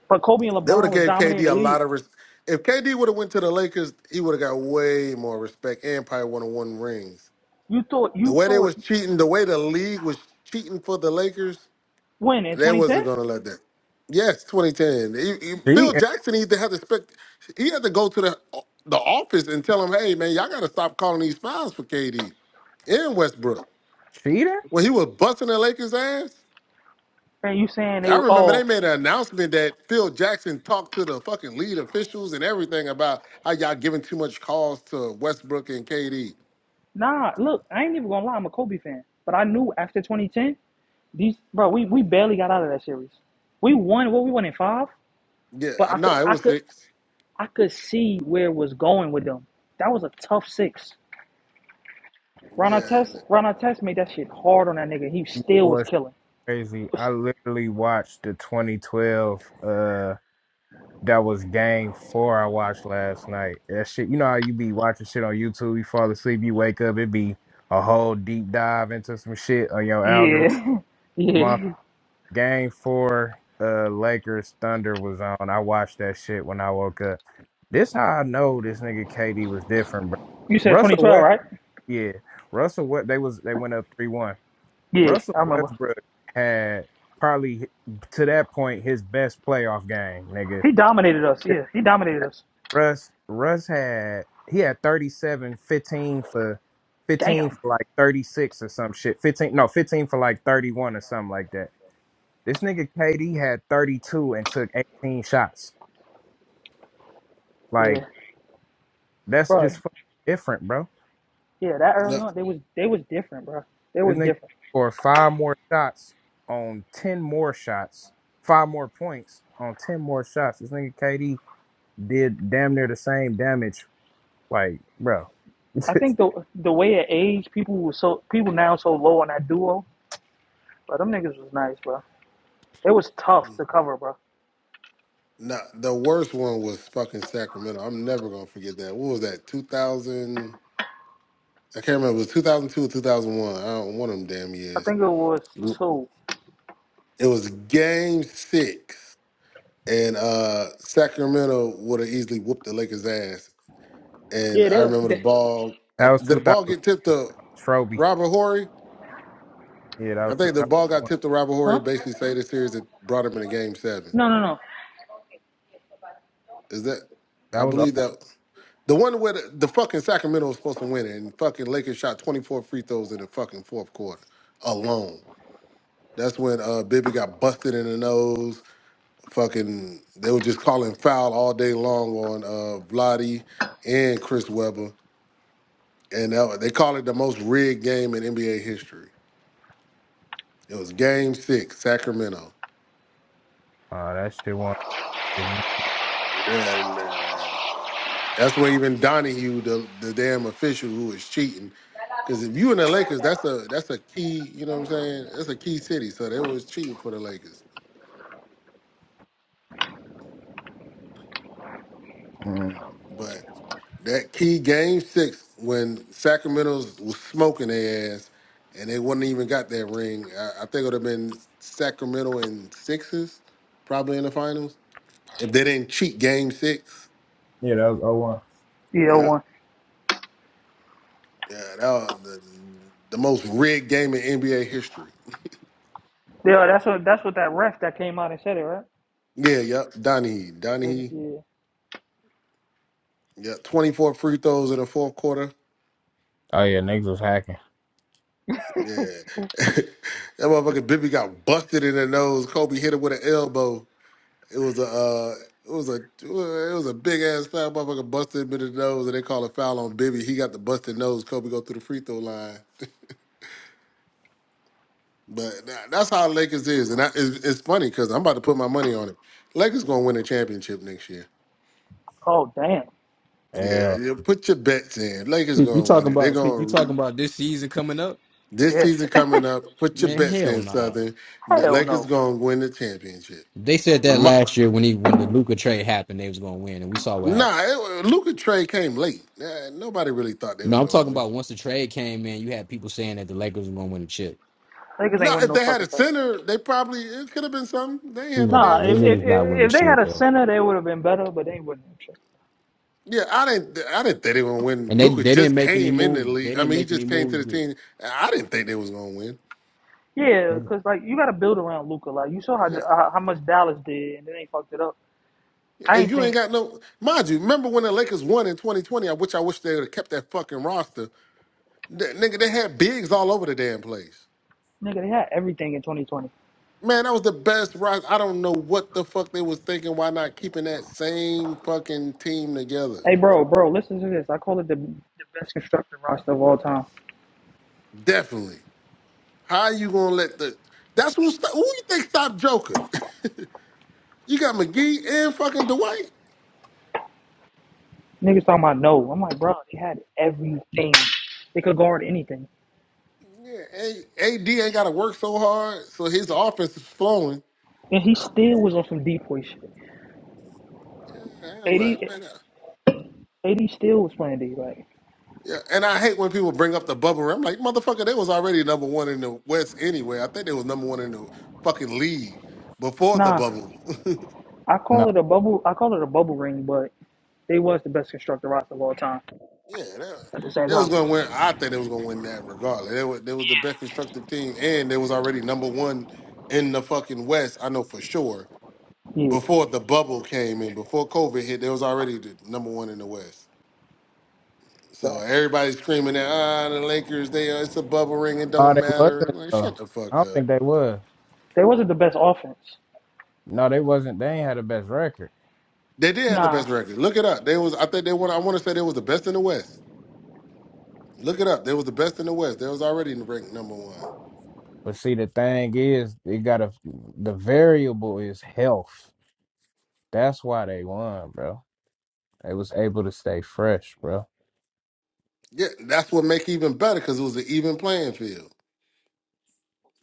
Speaker 3: But Kobe and
Speaker 6: they would
Speaker 3: LeBron
Speaker 6: have
Speaker 3: was
Speaker 6: gave
Speaker 3: dominating
Speaker 6: KD
Speaker 3: the
Speaker 6: a lot
Speaker 3: league.
Speaker 6: of res- if KD would have went to the Lakers, he would have got way more respect and probably would have won rings.
Speaker 3: You thought
Speaker 6: The
Speaker 3: you
Speaker 6: way they
Speaker 3: thought
Speaker 6: was cheating, the way the league was cheating for the Lakers,
Speaker 3: when in
Speaker 6: They
Speaker 3: 2010,
Speaker 6: wasn't gonna let that. Yes, 2010. He- he- Phil
Speaker 1: She,
Speaker 6: Jackson either had to have to spec, he had to go to the the office and tell him, hey man, y'all gotta stop calling these fouls for KD and Westbrook.
Speaker 1: cheater?
Speaker 6: When he was busting the Lakers ass,
Speaker 3: and you saying they
Speaker 6: I
Speaker 3: were
Speaker 6: remember they
Speaker 3: oh
Speaker 6: made an announcement that Phil Jackson talked to the fucking lead officials and everything about how y'all giving too much calls to Westbrook and KD.
Speaker 3: Nah, look, I ain't even gonna lie, I'm a Kobe fan. But I knew after 2010, these bro, we, we barely got out of that series. We won what we won in five,
Speaker 6: Yeah,
Speaker 3: but I could
Speaker 6: no, it
Speaker 3: I
Speaker 6: was
Speaker 3: could
Speaker 6: six.
Speaker 3: I could see where it was going with them. That was a tough six. Ron
Speaker 6: Yeah,
Speaker 3: Artest, Ron Artest made that shit hard on that nigga. He
Speaker 1: You know
Speaker 3: still was
Speaker 1: what's
Speaker 3: killing. He
Speaker 1: crazy? I
Speaker 3: was-
Speaker 1: literally watched the 2012, uh, that was game four I watched last night. That shit, you know how you be watching shit on YouTube, you fall asleep, you wake up, it be a whole deep dive into some shit on your algorithm.
Speaker 3: yeah,
Speaker 1: My
Speaker 3: yeah.
Speaker 1: game four, uh, Lakers Thunder was on. I watched that shit when I woke up. This how I know this nigga KD was different, bro.
Speaker 3: You said
Speaker 1: Russell
Speaker 3: 2012,
Speaker 1: West,
Speaker 3: right?
Speaker 1: yeah, Russell West. They was they went up three one.
Speaker 3: Yeah,
Speaker 1: Russell
Speaker 3: I remember.
Speaker 1: Westbrook had probably to that point his best playoff game, nigga.
Speaker 3: He dominated us. Yeah, he dominated us.
Speaker 1: Russ Russ had he had 37 15 for 15
Speaker 3: Damn.
Speaker 1: for like 36 or some shit. 15 no, 15 for like 31 or something like that. This nigga KD had 32 and took 18 shots. Like,
Speaker 3: Yeah,
Speaker 1: that's
Speaker 3: bro.
Speaker 1: just fucking different, bro.
Speaker 3: Yeah, that early
Speaker 6: no.
Speaker 3: on, they was they was different, bro. They
Speaker 1: This
Speaker 3: was
Speaker 1: nigga
Speaker 3: different.
Speaker 1: scored five more shots on 10 more shots, five more points on 10 more shots. This nigga KD did damn near the same damage. Like, bro,
Speaker 3: I think
Speaker 1: that
Speaker 3: the the way at age people was so people now so low on that duo, but them niggas was nice, bro. It was tough to cover, bro.
Speaker 6: Nah, the worst one was fucking Sacramento. I'm never gonna forget that. What was that? 2000? I can't remember. It was 2002 or 2001. I don't one of them damn
Speaker 3: I
Speaker 6: years.
Speaker 3: think it was
Speaker 6: It
Speaker 3: two.
Speaker 6: was Game Six, and uh Sacramento would have easily whooped the Lakers' ass. And
Speaker 3: Yeah,
Speaker 6: I
Speaker 3: they,
Speaker 6: remember the
Speaker 3: they
Speaker 6: ball. I,
Speaker 1: was
Speaker 6: did the
Speaker 1: 2000.
Speaker 6: ball get tipped to
Speaker 1: Trophy.
Speaker 6: Robert Horry?
Speaker 1: Yeah, that
Speaker 6: I
Speaker 1: was, two-
Speaker 6: think the
Speaker 1: that
Speaker 6: ball got
Speaker 1: was two
Speaker 6: tipped to Robert Horry.
Speaker 3: huh?
Speaker 6: Basically, saved the series that brought him into Game Seven.
Speaker 3: No, no, no.
Speaker 6: Is that?
Speaker 1: thousand 01. That
Speaker 6: I
Speaker 1: was oh
Speaker 6: believe
Speaker 1: one.
Speaker 6: that. The one where the, the fucking Sacramento was supposed to win it, and fucking Lakers shot 24 free throws in the fucking fourth quarter alone. That's when uh Bibby got busted in the nose. Fucking they were just calling foul all day long on uh Vladi and Chris Webber. And that, wa- they call it the most rigged game in NBA history. It was game six, Sacramento.
Speaker 1: Oh, that shit won.
Speaker 6: Yeah, man. That's where even Donahue, the the damn official who was cheating, because if you in the Lakers, that's a that's a key. You know what I'm saying? That's a key city, so they was cheating for the Lakers.
Speaker 1: Mhm.
Speaker 6: But that key game six when Sacramento's was smoking their ass, and they wouldn't even got that ring. I, I think it would have been Sacramento in sixes, probably in the finals if they didn't cheat game six.
Speaker 1: Yeah, that was oh one.
Speaker 3: Yeah,
Speaker 6: Yeah,
Speaker 3: one.
Speaker 6: yeah, that was the the most rigged game in NBA history.
Speaker 3: Yeah, that's what that's what that ref that came out and said it, right?
Speaker 6: Yeah, yep. Donahue,
Speaker 3: But,
Speaker 6: Donahue.
Speaker 3: yeah.
Speaker 6: Yeah, 24 free throws in the fourth quarter.
Speaker 1: Oh, yeah, niggas was hacking.
Speaker 6: Yeah. that motherfucking Bibby got busted in the nose. Kobe hit him with an elbow. It was a uh, it was a it was a big ass foul. Motherfucker busted him in the nose and they call a foul on Bibby. He got the busted nose. Kobe go through the free throw line. But tha- that's how Lakers is. And I, it's, it's funny because I'm about to put my money on it. Lakers gonna win a championship next year.
Speaker 3: Oh damn.
Speaker 6: Yeah,
Speaker 1: Yeah.
Speaker 6: yeah, put your bets in. Lakers
Speaker 5: If you
Speaker 6: gonna win
Speaker 5: talking
Speaker 6: it. They're
Speaker 5: about if you
Speaker 6: gonna
Speaker 5: talking about this season coming up,
Speaker 6: This season
Speaker 3: Yeah.
Speaker 6: coming up, put your
Speaker 5: man,
Speaker 6: bets
Speaker 5: hell
Speaker 6: in,
Speaker 5: nah.
Speaker 6: Southern. The
Speaker 3: Hell no.
Speaker 6: Lakers gonna win the championship.
Speaker 5: They said that
Speaker 6: My,
Speaker 5: last year when he when the Luca trade happened, they was gonna win, and we saw what happened.
Speaker 6: nah, it, Luka trade came late. Uh, nobody really thought they
Speaker 5: No,
Speaker 6: was
Speaker 5: I'm
Speaker 6: gonna
Speaker 5: talking
Speaker 6: win.
Speaker 5: about once the trade came in, you had people saying that the Lakers were gonna win the chip.
Speaker 3: Niggas ain't
Speaker 6: No,
Speaker 3: winning
Speaker 6: if
Speaker 3: no
Speaker 6: they had
Speaker 3: fucking
Speaker 6: a
Speaker 3: title.
Speaker 6: center, they probably it could have been something. They ain't had no
Speaker 5: Nah,
Speaker 3: Nah,
Speaker 6: damn
Speaker 5: they
Speaker 3: if
Speaker 6: center.
Speaker 3: if,
Speaker 5: niggas not
Speaker 3: if
Speaker 5: winning
Speaker 3: they had
Speaker 5: shit
Speaker 3: a
Speaker 5: there.
Speaker 3: center, they would have been better, but they ain't winning that shit.
Speaker 6: Yeah, I didn't. I didn't think they were gonna win.
Speaker 5: And they
Speaker 6: Luka
Speaker 5: they didn't
Speaker 6: just
Speaker 5: make any
Speaker 6: came in the
Speaker 5: moves. They
Speaker 6: league. I
Speaker 5: didn't
Speaker 6: mean, he
Speaker 5: make any
Speaker 6: just came to
Speaker 5: moves
Speaker 6: the team. I didn't think they was gonna win.
Speaker 3: Yeah,
Speaker 5: that
Speaker 3: cause like you got to build around Luca. Like you saw how
Speaker 6: Yeah,
Speaker 3: how how much Dallas did, and then they fucked it up. I
Speaker 6: and
Speaker 3: ain't
Speaker 6: you ain't
Speaker 3: think,
Speaker 6: got no. Mind you, remember when the Lakers won in 2020? I wish I wish they would have kept that fucking roster. That, nigga, they had bigs all over the damn place.
Speaker 3: nigga, they had everything in 2020.
Speaker 6: Man, that was the best rock. I don't know what the fuck they was thinking. Why not keeping that same fucking team together?
Speaker 3: Hey, bro, bro, listen to this. I call it the, the best constructed roster of all time.
Speaker 6: Definitely. How you gonna let the? That's who. Sto- who you think stopped Joker? you got McGee and fucking Dwight.
Speaker 3: Niggas talking about no. I'm like, bro, they had everything. They could guard anything.
Speaker 6: Yeah, A- AD ain't got to work so hard, so his offense is flowing.
Speaker 3: And he still was on some deep boy shit.
Speaker 6: Yeah, I'm like,
Speaker 3: AD,
Speaker 6: man. I-
Speaker 3: AD still was playing D. Like,
Speaker 6: yeah, and I hate when people bring up the bubble. wrap. I'm like, motherfucker, they was already number one in the West anyway. I think they was number one in the fucking league before the
Speaker 3: nah,
Speaker 6: bubble.
Speaker 3: I
Speaker 1: no.
Speaker 3: call it a bubble. I call it a bubble ring, but they was the best constructed roster of all time
Speaker 6: Yeah, that,
Speaker 3: at the same
Speaker 6: they was
Speaker 3: time.
Speaker 6: gonna win. I think they was gonna win that regardless. They was, they was the best constructive team, and they was already number one in the fucking West. I know for sure.
Speaker 3: Yeah,
Speaker 6: Before the bubble came in, before COVID hit, they was already the number one in the West. So
Speaker 3: facts.
Speaker 6: everybody's screaming that ah the Lakers, they uh, it's a bubble ring, it
Speaker 1: Oh,
Speaker 6: don't
Speaker 1: they
Speaker 6: matter.
Speaker 1: wasn't
Speaker 6: Like
Speaker 1: though.
Speaker 6: shut the
Speaker 1: I
Speaker 6: fuck
Speaker 1: don't
Speaker 6: up.
Speaker 1: think they was.
Speaker 3: They wasn't the best offense.
Speaker 1: No, they wasn't. They ain't had the best record.
Speaker 6: They did have the
Speaker 3: Nah,
Speaker 6: best record. Look it up. They was I think they won. I want to say they was the best in the West. Look it up. They was the best in the West. They was already ranked number one.
Speaker 1: But see, the thing is, they got a the variable is health. That's why they won, bro. They was able to stay fresh, bro.
Speaker 6: Yeah, that's what make it even better because it was an even playing field.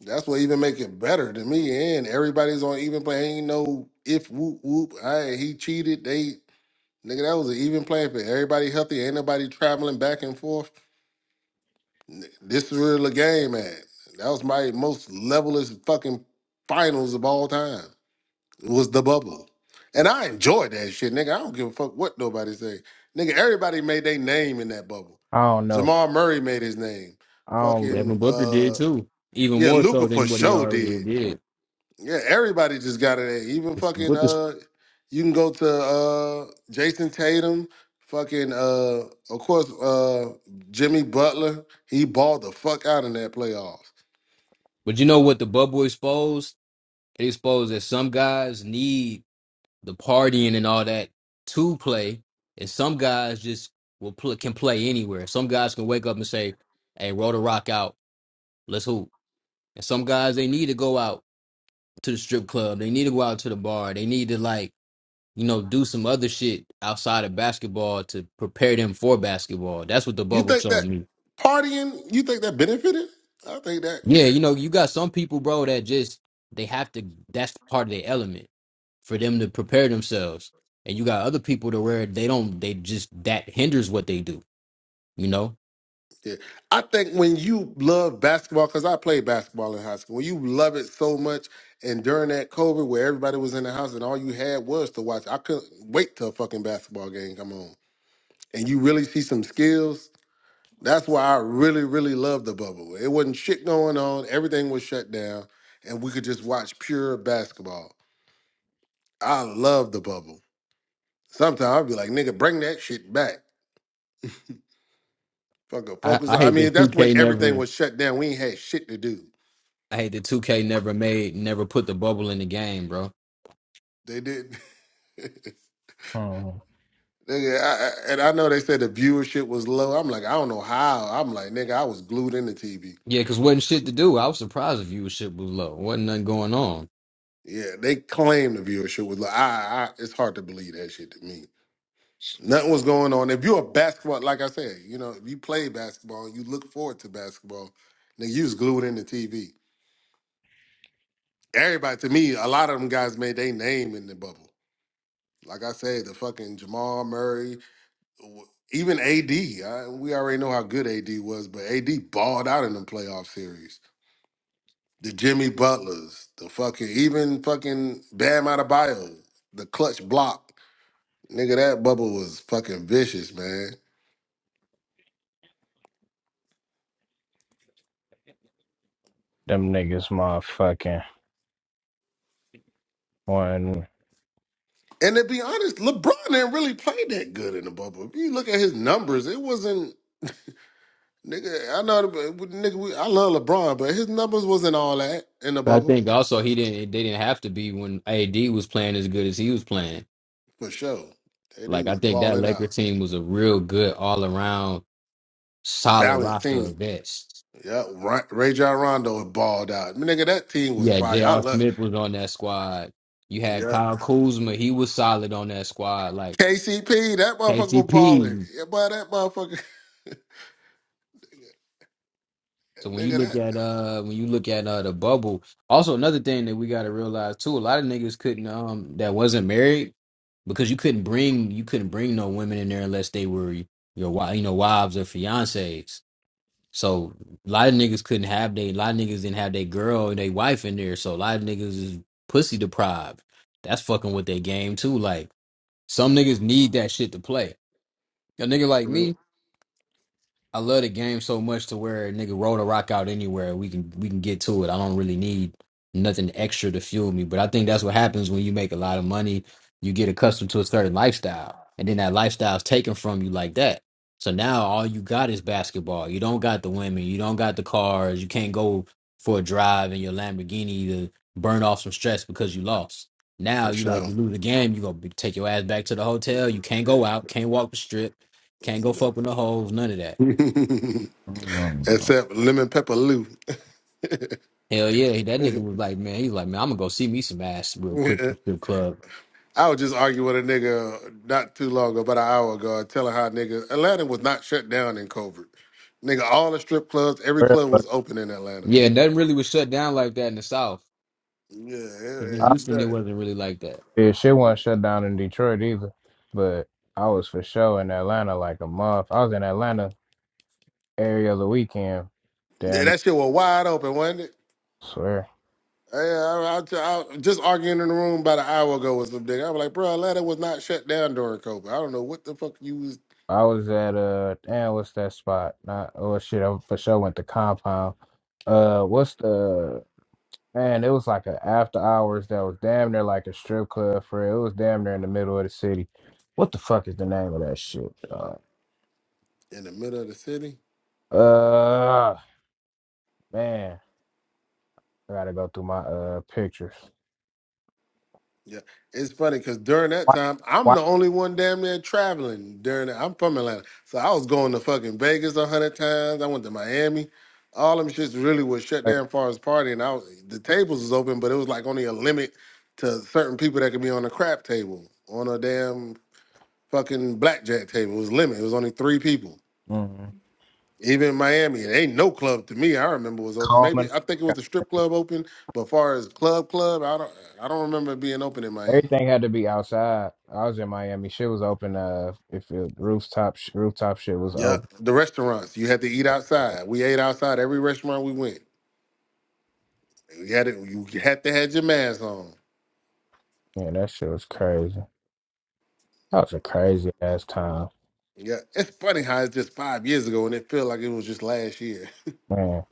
Speaker 6: That's what even make it better to me. And everybody's on even play. Ain't no if whoop whoop. I he cheated. They nigga, that was an even play for everybody healthy. Ain't nobody traveling back and forth. N- This is where the game at. That was my most levelest fucking finals of all time. was the bubble. And I enjoyed that shit, nigga. I don't give a fuck what nobody say. Nigga, everybody made their name in that bubble.
Speaker 1: I don't know.
Speaker 6: Jamal Murray made his name.
Speaker 1: I don't look
Speaker 6: Fucking
Speaker 5: Devin Booker did
Speaker 6: uh
Speaker 5: too. Even
Speaker 6: yeah,
Speaker 5: more
Speaker 6: Luca
Speaker 5: so
Speaker 6: for
Speaker 5: than what he
Speaker 6: sure
Speaker 5: already
Speaker 6: did.
Speaker 5: did.
Speaker 6: Yeah, everybody just got it. in. Even
Speaker 5: It's-
Speaker 6: fucking
Speaker 5: What the
Speaker 6: uh, you can go to uh Jason Tatum, fucking uh, of course uh Jimmy Butler. He balled the fuck out in that playoffs.
Speaker 5: But you know what the bubble exposed? It exposed that some guys need the partying and all that to play. And some guys just will pl- can play anywhere. Some guys can wake up and say, "Hey, roll the rock out, let's hoop." And some guys they need to go out to the strip club. They need to go out to the bar. They need to like you know do some other shit outside of basketball to prepare them for basketball. That's what the
Speaker 6: You
Speaker 5: bubble
Speaker 6: think
Speaker 5: showed
Speaker 6: that
Speaker 5: me.
Speaker 6: partying? You think that benefited? I think that.
Speaker 5: Yeah, you know you got some people, bro, that just they have to. That's part of their element. for them to prepare themselves. And you got other people to where they don't they just that hinders what they do, you know?
Speaker 6: Yeah, I think when you love basketball, because I played basketball in high school. When you love it so much, and during that COVID where everybody was in the house and all you had was to watch, I couldn't wait till a fucking basketball game come on, and you really see some skills That's why I really, really loved the bubble. It wasn't shit going on. Everything was shut down, and we could just watch pure basketball. I love the bubble. Sometimes I'll be like, nigga, bring that shit back. Fucking
Speaker 5: I,
Speaker 6: focus.
Speaker 5: I
Speaker 6: on-" I
Speaker 5: hate
Speaker 6: mean,
Speaker 5: that
Speaker 6: that's when
Speaker 5: 2K
Speaker 6: everything
Speaker 5: never
Speaker 6: was shut down. We ain't had shit to do.
Speaker 5: I hate that 2K never made never put the bubble in the game, bro.
Speaker 6: They didn't. nigga,
Speaker 1: hmm,
Speaker 6: I, I- and I know they said the viewership was low. I'm like, I don't know how. I'm like, nigga, I was glued in the TV.
Speaker 5: Yeah, because wasn't shit to do. I was surprised if viewership was low. Wasn't nothing going on.
Speaker 6: Yeah, they claim the viewership was low. I, I, it's hard to believe that shit to me. Nothing was going on. If you're a basketball, like I said, you know, if you play basketball and you look forward to basketball, nigga, you was glued in the TV. Everybody, to me, a lot of them guys made their name in the bubble. Like I said, the fucking Jamal Murray, w- even AD. we already know how good AD was, but AD balled out in the playoff series. The Jimmy Butlers, the fucking, even fucking Bam Adebayo, the clutch block. Nigga, that bubble was fucking vicious, man.
Speaker 1: them niggas, motherfucking one.
Speaker 6: And to be honest, LeBron didn't really play that good in the bubble. If you look at his numbers, it wasn't nigga. I know, the- nigga. We, I love LeBron, but his numbers wasn't all that in the
Speaker 5: But I
Speaker 6: bubble
Speaker 5: think also he didn't they didn't have to be when AD was playing as good as he was playing.
Speaker 6: for sure. And he
Speaker 5: Like I
Speaker 6: was
Speaker 5: think that
Speaker 6: balling out,
Speaker 5: Laker team was a real good all around solid
Speaker 6: balanced
Speaker 5: roster of
Speaker 6: team.
Speaker 5: vets
Speaker 6: Yeah, Ra- Ray John Rondo was balled out. Nigga, that team was
Speaker 5: Yeah,
Speaker 6: fire. I
Speaker 5: J.R.
Speaker 6: love.
Speaker 5: Smith was on that squad. You had
Speaker 6: Yeah,
Speaker 5: Kyle Kuzma, he was solid on that squad. Like
Speaker 6: KCP, that motherfucker was balling.
Speaker 5: KCP.
Speaker 6: Yeah, boy, that motherfucker,
Speaker 5: So when you
Speaker 6: nigga,
Speaker 5: look
Speaker 6: that
Speaker 5: at uh when you look at uh the bubble, also another thing that we gotta realize too, a lot of niggas couldn't um that wasn't married because you couldn't bring you couldn't bring no women in there unless they were your wi- you know wives or fiancées. So a lot of niggas couldn't have they a lot of niggas didn't have their girl and their wife in there. So a lot of niggas is pussy deprived. That's fucking with their game too. Like Some niggas need that shit to play. A nigga like me, I love the game so much to where nigga roll the rock out anywhere. We can we can get to it. I don't really need nothing extra to fuel me. But I think that's what happens when you make a lot of money. You get accustomed to a certain lifestyle, and then that lifestyle is taken from you like that. So now all you got is basketball. You don't got the women. You don't got the cars. You can't go for a drive in your Lamborghini to burn off some stress because you lost. Now
Speaker 6: for
Speaker 5: you like
Speaker 6: sure.
Speaker 5: you lose a game. You gonna be- take your ass back to the hotel. You can't go out. Can't walk the strip. Can't go fuck with the hoes. None of that.
Speaker 6: Except lemon pepper Lou.
Speaker 5: Hell yeah, that nigga was like, man, he's like, man, I'm gonna go see me some ass real quick at the strip club.
Speaker 6: I was just arguing with a nigga not too long ago, about an hour ago, telling how nigga Atlanta was not shut down in COVID. Nigga, all the strip clubs, every club was open in Atlanta.
Speaker 5: Yeah, nothing really was shut down like that in the South,
Speaker 6: Yeah, it-
Speaker 5: because in
Speaker 6: it-
Speaker 5: Houston it
Speaker 6: that
Speaker 5: wasn't really like that.
Speaker 1: Yeah, shit wasn't shut down in Detroit either, but I was for sure in Atlanta like a month. I was in Atlanta every other weekend. Damn,
Speaker 6: that shit was wide open, wasn't it?
Speaker 1: swear.
Speaker 6: Yeah, I, I, I, I- just arguing in the room about an hour ago with some nigga. I was like, bro, Atlanta was not shut down during COVID. I don't know what the fuck you was
Speaker 1: I was at uh, damn, what's that spot? Not oh shit, I for sure went to Compound. Uh, what's the man? It was like an after hours that was damn near like a strip club for real. It was damn near in the middle of the city. What the fuck is the name of that shit? dog?
Speaker 6: in the middle of the city.
Speaker 1: Uh, man, I gotta go through my uh pictures.
Speaker 6: Yeah, it's funny because during that time, I'm
Speaker 1: White,
Speaker 6: the only one damn near traveling. During that, I'm from Atlanta, so I was going to fucking Vegas a hundred times. I went to Miami. All them shits really was shut down as far as partying. I was, the tables was open, but it was like only a limit to certain people that could be on a crap table, on a damn fucking blackjack table. It was limit. It was only three people.
Speaker 1: Mm.
Speaker 6: Even in Miami, it ain't no club to me. I remember was open.
Speaker 1: Calm
Speaker 6: Maybe
Speaker 1: and
Speaker 6: I think it was the strip club open, but far as club club, I don't I don't remember it being open in Miami.
Speaker 1: everything had to be outside. I was in Miami. Shit was open. Uh, if it, rooftop sh- rooftop shit was
Speaker 6: Yeah,
Speaker 1: open,
Speaker 6: the restaurants you had to eat outside. We ate outside every restaurant we went. You had it. you had to had your mask on.
Speaker 1: yeah, that shit was crazy. That was a crazy ass time,
Speaker 6: Yeah, it's funny how it's just five years ago and it felt like it was just last year.
Speaker 1: man.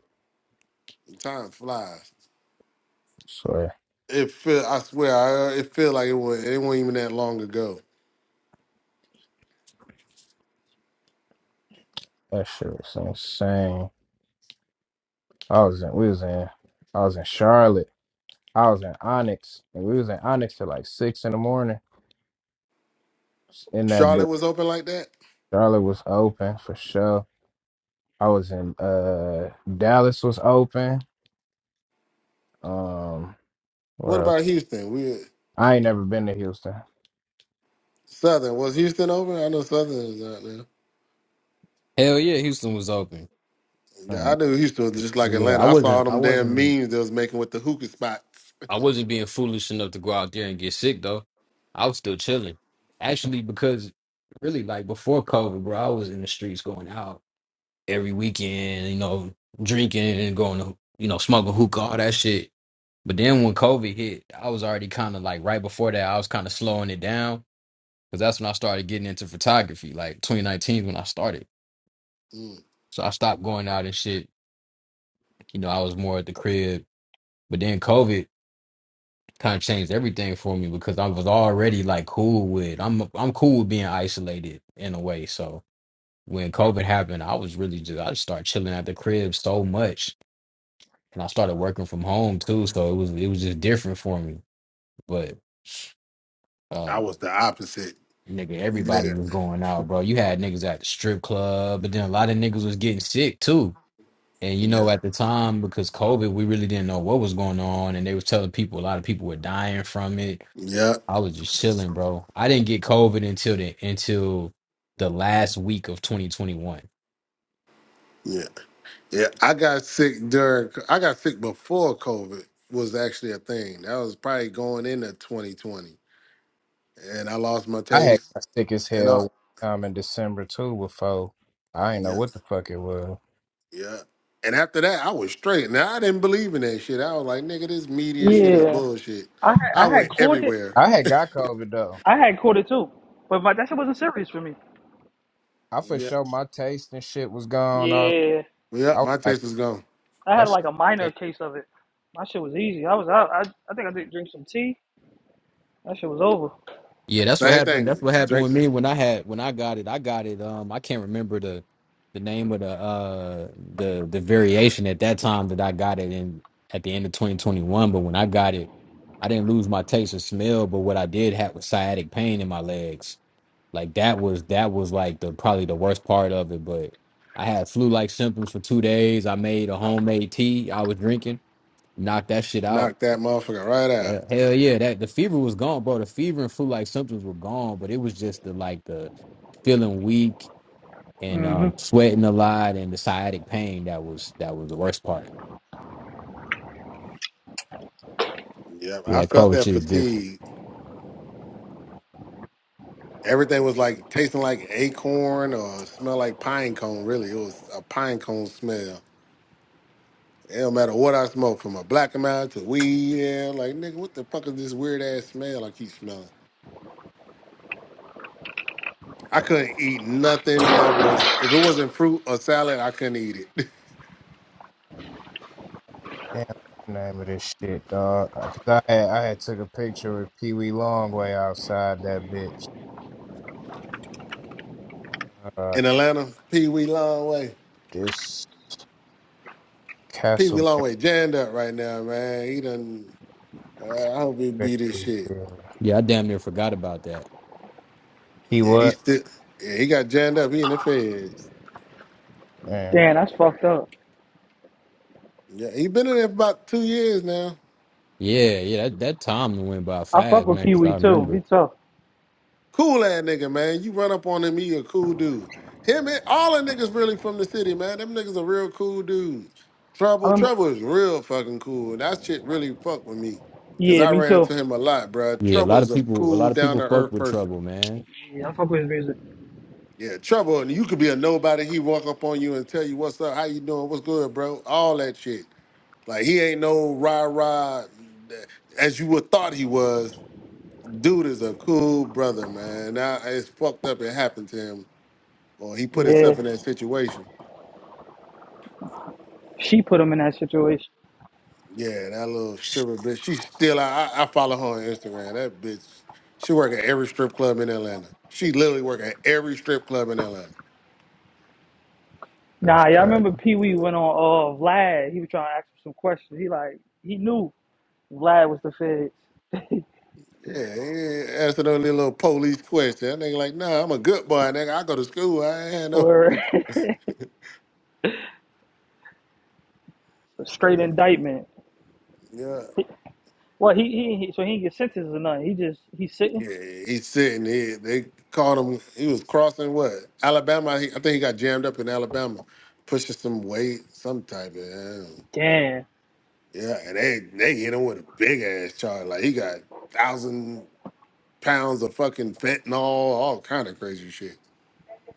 Speaker 6: Time flies.
Speaker 1: Swear
Speaker 6: It feel I swear I, uh, it feel like it was it wasn't even that long ago.
Speaker 1: that shit was insane. I was in, we was in, I was in Charlotte. I was in Onyx, and we was in Onyx till like six in the morning. In that
Speaker 6: Charlotte
Speaker 1: bit,
Speaker 6: was open like that.
Speaker 1: Charlotte was open for sure. I was in uh Dallas was open. Um, where
Speaker 6: What
Speaker 1: else?
Speaker 6: about Houston? We
Speaker 1: I ain't never been to Houston.
Speaker 6: Southern was Houston open? I know Southern is out there.
Speaker 5: Hell yeah, Houston was open.
Speaker 6: Yeah, I
Speaker 1: Mm.
Speaker 6: knew Houston was just like
Speaker 5: Yeah, I
Speaker 6: Atlanta. I saw
Speaker 5: wasn't,
Speaker 6: all
Speaker 5: I
Speaker 6: them damn
Speaker 5: wasn't,
Speaker 6: memes they was making with the hookah spots.
Speaker 5: I wasn't being foolish enough to go out there and get sick though. I was still chilling, actually, because really like before COVID, bro, I was in the streets going out every weekend, you know, drinking and going to, you know, smoking hookah, all that shit. But then when COVID hit, I was already kind of like right before that, I was kind of slowing it down because that's when I started getting into photography. Like 2019 is when I started.
Speaker 6: Mm,
Speaker 5: So I stopped going out and shit. You know, I was more at the crib. But then COVID kind of changed everything for me because I was already like cool with I'm I'm cool with being isolated in a way. So when COVID happened, I was really just I just started chilling at the crib so much. And I started working from home too. So it was it was just different for me. But uh,
Speaker 6: I was the opposite.
Speaker 5: Nigga, everybody
Speaker 6: Nigga.
Speaker 5: was going out, bro. You had niggas at the strip club, but then a lot of niggas was getting sick too. And you
Speaker 6: Yeah.
Speaker 5: know, at the time because COVID, we really didn't know what was going on, and they was telling people a lot of people were dying from it.
Speaker 6: Yeah.
Speaker 5: I was just chilling, bro. I didn't get COVID until the until the last week of 2021.
Speaker 6: Yeah. Yeah. I got sick during I got sick before COVID was actually a thing. That was probably going into 2020. And I lost my
Speaker 1: I had
Speaker 6: taste.
Speaker 1: got sick as
Speaker 6: And I
Speaker 1: hell um in December too before. I ain't
Speaker 6: yeah,
Speaker 1: know what the fuck it was.
Speaker 6: yeah. And after that, I was straight. Now I didn't believe in that shit. I was like, nigga, this media shit is
Speaker 3: yeah.
Speaker 6: bullshit.
Speaker 3: I had,
Speaker 6: I
Speaker 3: I had
Speaker 6: went
Speaker 3: caught it.
Speaker 6: everywhere.
Speaker 1: I had got COVID though.
Speaker 3: I had caught it too, but my, that shit wasn't serious for me.
Speaker 1: I for
Speaker 6: Yeah.
Speaker 1: sure my taste and shit was gone. All
Speaker 3: Yeah,
Speaker 6: Yeah,
Speaker 1: I was
Speaker 6: my
Speaker 1: like,
Speaker 6: taste was gone.
Speaker 3: I had
Speaker 1: that
Speaker 3: like a minor
Speaker 1: shit.
Speaker 3: case of it. My shit was easy. I was out. I, I think I did drink some tea. That shit was over.
Speaker 5: Yeah, that's what
Speaker 6: Same
Speaker 5: happened. That's
Speaker 6: thing.
Speaker 5: what happened
Speaker 6: Drake
Speaker 5: with me when I had when I got it. I got it. Um, I can't remember the the name of the uh the the variation at that time that I got it in at the end of 2021. But when I got it, I didn't lose my taste or smell. But what I did have was sciatic pain in my legs. Like that was that was like the probably the worst part of it. But I had flu like symptoms for two days. I made a homemade tea I was drinking, knocked that shit out
Speaker 6: knocked that motherfucker right out.
Speaker 5: yeah, hell yeah. That the fever was gone, bro. The fever and flu like symptoms were gone, but it was just the like the feeling weak and
Speaker 3: hmm
Speaker 5: um sweating a lot and the sciatic pain that was that was the worst part.
Speaker 6: Yeah,
Speaker 5: Yeah,
Speaker 6: I
Speaker 5: that
Speaker 6: felt
Speaker 5: COVID
Speaker 6: that
Speaker 5: shit is different.
Speaker 6: fatigue. Everything was like tasting like acorn or smell like pine cone. Really, it was a pine cone smell. It don't matter what I smoked, from a black amount to weed. Yeah, like nigga, what the fuck is this weird ass smell I keep smelling? I couldn't eat nothing that was if it wasn't fruit or salad, I couldn't eat it.
Speaker 1: Damn, what's the name of this shit, dog. Cause I had I had took a picture with Pee Wee Longway outside that bitch. Uh,
Speaker 6: In Atlanta, Pee Wee Longway,
Speaker 1: this
Speaker 6: Pee Wee
Speaker 1: Castle.
Speaker 6: Longway jammed up right now, man. He done. Uh, I hope he beat his shit.
Speaker 5: Yeah, I damn near forgot about that.
Speaker 1: He
Speaker 6: Yeah, he
Speaker 1: what?
Speaker 6: still. Yeah, he got jammed up. He in the feds.
Speaker 1: Yeah,
Speaker 3: Damn, that's fucked up.
Speaker 6: Yeah, he been in there for about two years now.
Speaker 5: Yeah, yeah, that, that time went by
Speaker 3: I fuck
Speaker 5: fast,
Speaker 3: with
Speaker 5: man,
Speaker 3: Pee
Speaker 5: because
Speaker 3: Wee
Speaker 5: I
Speaker 3: too. He
Speaker 5: remember.
Speaker 3: tough.
Speaker 6: Cool ass nigga, man. You run up on him, he a cool dude. Him and all the niggas really from the city, man. Them niggas are real cool dudes.
Speaker 3: I
Speaker 6: Trouble,
Speaker 3: remember.
Speaker 6: Trouble is real fucking cool. That shit really fucked with me. Cause
Speaker 3: Yeah,
Speaker 6: I
Speaker 3: me
Speaker 6: ran
Speaker 3: too.
Speaker 6: into him a lot, bro.
Speaker 5: Yeah, a
Speaker 6: Trouble
Speaker 5: lot
Speaker 6: is
Speaker 5: of
Speaker 6: a
Speaker 5: people a lot
Speaker 6: cool,
Speaker 5: of
Speaker 6: down to
Speaker 5: people fucked
Speaker 6: earth
Speaker 5: with
Speaker 6: person.
Speaker 5: trouble, man.
Speaker 3: Yeah, I fuck with his music.
Speaker 6: Yeah, Trouble, and you could be a nobody. He walk up on you and tell you what's up, how you doing, what's good, bro. All that shit. Like he ain't no rah rah as you would thought he was. Dude is a cool brother, man. Now it's fucked up. It happened to him Well, he put himself
Speaker 3: Yeah,
Speaker 6: in that situation.
Speaker 3: she put him in that situation.
Speaker 6: Yeah, that little stripper bitch. She's still. I, I I follow her on Instagram. That bitch. She work at every strip club in Atlanta. She literally work at every strip club in Atlanta.
Speaker 1: that's
Speaker 3: Nah, yeah, I
Speaker 1: crazy.
Speaker 3: remember Pee Wee went on uh Vlad. He was trying to ask him some questions. He like he knew Vlad was the feds
Speaker 6: Yeah, he ain't answer no little police question. That nigga like, nah, I'm a good boy, nigga. I go to school. I ain't had no.
Speaker 3: or straight indictment.
Speaker 6: Yeah,
Speaker 3: Well, he, he, he so he ain't get sentenced or nothing. He just he's sitting.
Speaker 6: yeah. He's sitting. here. they called him. He was crossing what Alabama. He, I think he got jammed up in Alabama, pushing some weight, some type of.
Speaker 3: Damn.
Speaker 6: Yeah, and they they hit him with a big ass charge. Like he got thousand pounds of fucking fentanyl, all kind of crazy shit.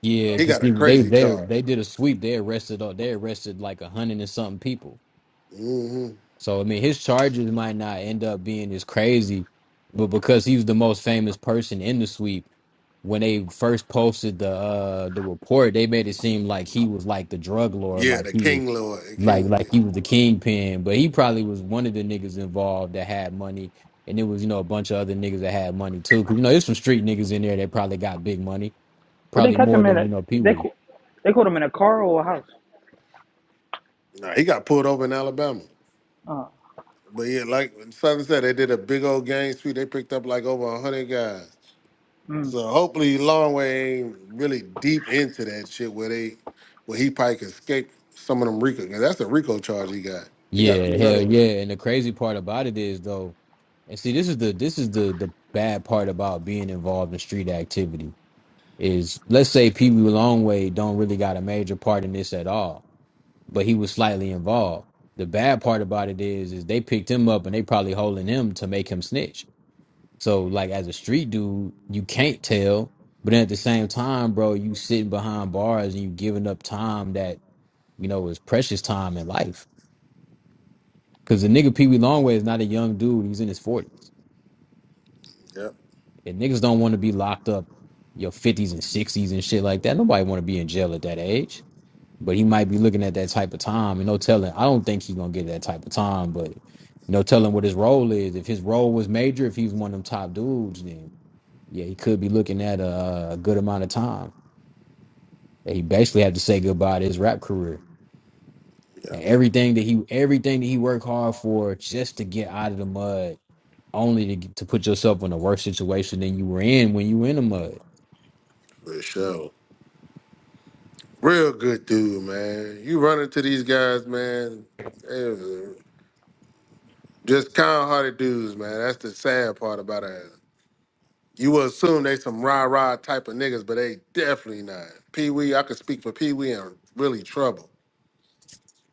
Speaker 5: Yeah,
Speaker 6: He
Speaker 5: because
Speaker 6: got a
Speaker 5: they they
Speaker 6: crazy charge.
Speaker 5: they did a sweep. They arrested all they arrested like a hundred and something people.
Speaker 6: hmm
Speaker 5: So I mean, his charges might not end up being as crazy, but because he was the most famous person in the sweep, when they first posted the uh the report, they made it seem like he was like the drug lord,
Speaker 6: Yeah,
Speaker 5: like
Speaker 6: the
Speaker 5: he was
Speaker 6: King Lord, the
Speaker 5: like like
Speaker 6: King.
Speaker 5: he was the kingpin, but he probably was one of the niggas involved that had money, and it was you know a bunch of other niggas that had money too, because you know there's some street niggas in there that probably got big money,
Speaker 3: Well, they
Speaker 5: probably
Speaker 3: catch
Speaker 5: more
Speaker 3: him in
Speaker 5: than
Speaker 3: a
Speaker 5: you know Pee
Speaker 3: they
Speaker 5: Wee.
Speaker 3: cau- they caught him in a car or a house.
Speaker 6: Nah, he got pulled over in Alabama.
Speaker 3: Uh,
Speaker 6: But yeah, like Southern said, they did a big old gang sweep. They picked up like over a hundred guys.
Speaker 3: mm,
Speaker 6: So hopefully Longway ain't really deep into that shit where they where he probably could escape some of them Rico. 'cause that's a Rico charge he got. He got a
Speaker 5: Yeah,
Speaker 3: yeah.
Speaker 5: hell
Speaker 6: federal.
Speaker 5: yeah. And the crazy part about it is though, and see this is the this is the the bad part about being involved in street activity is let's say Pee Wee Longway don't really got a major part in this at all, but he was slightly involved. The bad part about it is is they picked him up and they probably holding him to make him snitch. So like as a street dude, you can't tell, but then at the same time, bro, you sitting behind bars and you giving up time that, you know, is precious time in life. Because the nigga Pee Wee Longway is not a young dude. He's in his 40s.
Speaker 6: Yep,
Speaker 5: And niggas don't want to be locked up your 50s and 60s and shit like that. Nobody want to be in jail at that age. But he might be looking at that type of time and no telling. I don't think he's going to get that type of time, but no telling what his role is. If his role was major, if he was one of them top dudes, then yeah, he could be looking at a, a good amount of time. that He basically had to say goodbye to his rap career.
Speaker 6: yep,
Speaker 5: And everything that he everything that he worked hard for just to get out of the mud, only to get- to put yourself in a worse situation than you were in when you were in the mud.
Speaker 6: for sure. Real good dude, man. You run into these guys, man. eh, Just kind-hearted dudes, man. That's the sad part about it. You would assume they some rah-rah type of niggas, but they definitely not. Pee Wee, I could speak for Pee Wee and really trouble.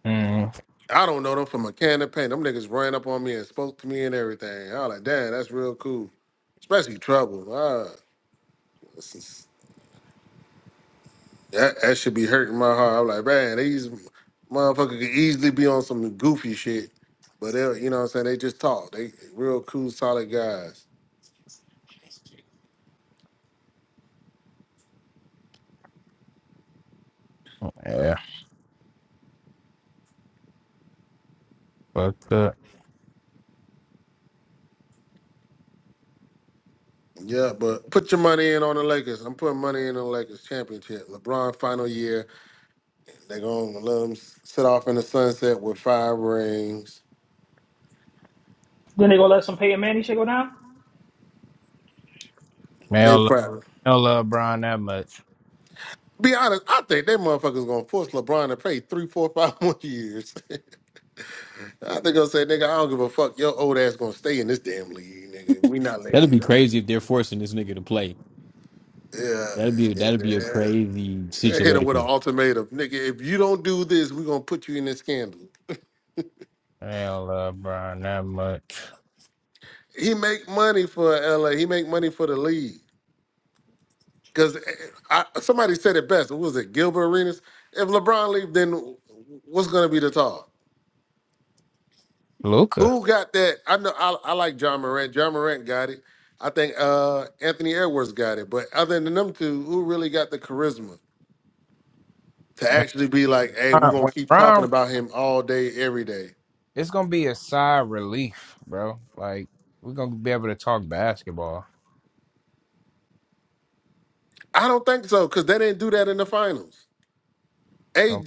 Speaker 1: Mm,
Speaker 6: I don't know them from a can of paint. Them niggas ran up on me and spoke to me and everything. I was like, damn, that's real cool. Especially trouble. Ah, That that should be hurting my heart. I'm like, man, these motherfuckers could easily be on some goofy shit, but they, you know what I'm saying? They just talk. They real cool, solid guys.
Speaker 1: yeah, fucked up.
Speaker 6: Yeah, but put your money in on the Lakers. I'm putting money in on the Lakers championship. LeBron final year. They gonna let him sit off in the sunset with five rings.
Speaker 3: Then they gonna let some Peyton Manning shit go down.
Speaker 6: They
Speaker 1: Man.
Speaker 6: probably.
Speaker 1: I don't love Brian that much.
Speaker 6: Be honest, I think they motherfuckers gonna force LeBron to play three, four, five more years. I think I'll say, nigga, I don't give a fuck. Your old ass gonna stay in this damn league, nigga. We not letting
Speaker 5: That'd
Speaker 6: you
Speaker 5: be
Speaker 6: go.
Speaker 5: crazy if they're forcing this nigga to play.
Speaker 6: Yeah.
Speaker 5: That'd be
Speaker 6: yeah.
Speaker 5: that'd be a
Speaker 6: yeah.
Speaker 5: crazy
Speaker 6: Yeah, Hit her with an
Speaker 5: situation.
Speaker 6: ultimatum. Nigga, if you don't do this, we're gonna put you in this scandal.
Speaker 1: I don't love Brian that much.
Speaker 6: He make money for LA. He make money for the league. Cause eh, I, somebody said it best. What was it? Gilbert Arenas? If LeBron leave, then what's gonna be the talk?
Speaker 1: Luca,
Speaker 6: Who got that? I know I, I like John Morant. John Morant got it. I think uh Anthony Edwards got it. But other than them two, who really got the charisma to
Speaker 1: man,
Speaker 6: actually be like, hey, we're
Speaker 1: Brian,
Speaker 6: gonna
Speaker 1: when
Speaker 6: keep talking
Speaker 1: Brian,
Speaker 6: about him all day, every day?
Speaker 1: it's gonna be a sigh of relief, bro. Like we're gonna be able to talk basketball.
Speaker 6: I don't think so because they didn't do that in the finals. A
Speaker 1: Gonna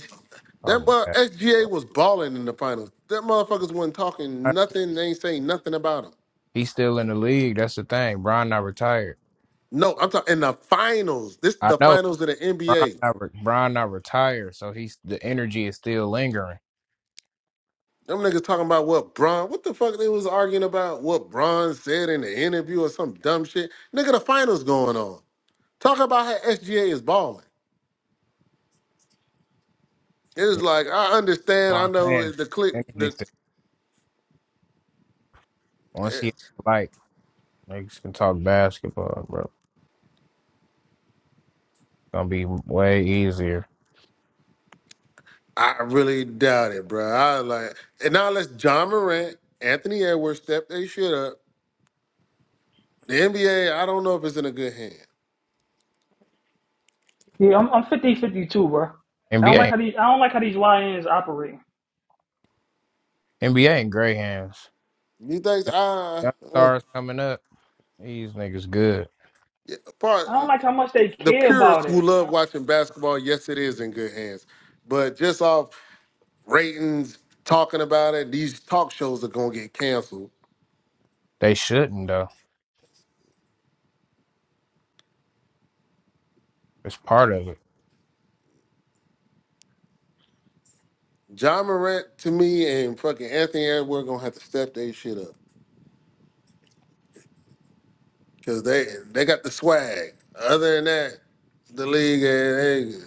Speaker 1: talk
Speaker 6: that well,
Speaker 1: basketball.
Speaker 6: SGA was balling in the finals. That motherfuckers wasn't talking nothing. They ain't saying nothing about him.
Speaker 1: He's still in the league. That's the thing. Brian not retired.
Speaker 6: No, I'm talking in the finals. This is
Speaker 1: I
Speaker 6: the
Speaker 1: know
Speaker 6: finals of the
Speaker 1: Brian
Speaker 6: NBA.
Speaker 1: not, re- Brian not retired, so he's the energy is still lingering.
Speaker 6: Them niggas talking about what Bron. What the fuck they was arguing about? What Bron said in the interview or some dumb shit. Nigga, the finals going on. Talk about how SGA is balling. It's
Speaker 1: You
Speaker 6: like I
Speaker 1: know
Speaker 6: understand.
Speaker 1: what
Speaker 6: I
Speaker 1: I'm
Speaker 6: know
Speaker 1: saying?
Speaker 6: the click.
Speaker 1: Energy
Speaker 6: The
Speaker 1: still. Once
Speaker 6: eh,
Speaker 1: he like, niggas can talk basketball, bro. It's gonna be way easier.
Speaker 6: I really doubt it, bro. I like, and now unless John Morant, Anthony Edwards step they shit up, the NBA, I don't know if it's in a good hand.
Speaker 3: Yeah, I'm I'm 50 fifty two, bro. I don't
Speaker 1: NBA.
Speaker 3: like how these I don't like how these lions operate.
Speaker 1: NBA in gray hands.
Speaker 6: You think?
Speaker 1: Young
Speaker 6: ah,
Speaker 1: young
Speaker 6: uh, uh,
Speaker 1: stars coming up. These niggas good.
Speaker 6: yeah, part
Speaker 3: I don't like how much they
Speaker 6: the
Speaker 3: care about
Speaker 6: purists who
Speaker 3: it. Uh,
Speaker 6: love watching basketball, yes, it is in good hands. But just off ratings, talking about it, these talk shows are gonna get canceled.
Speaker 1: They shouldn't though. It's part of it.
Speaker 6: John Morant to me and fucking Anthony Edwards gonna have to step their shit up because they they got the swag. Other than that, the league. eh, they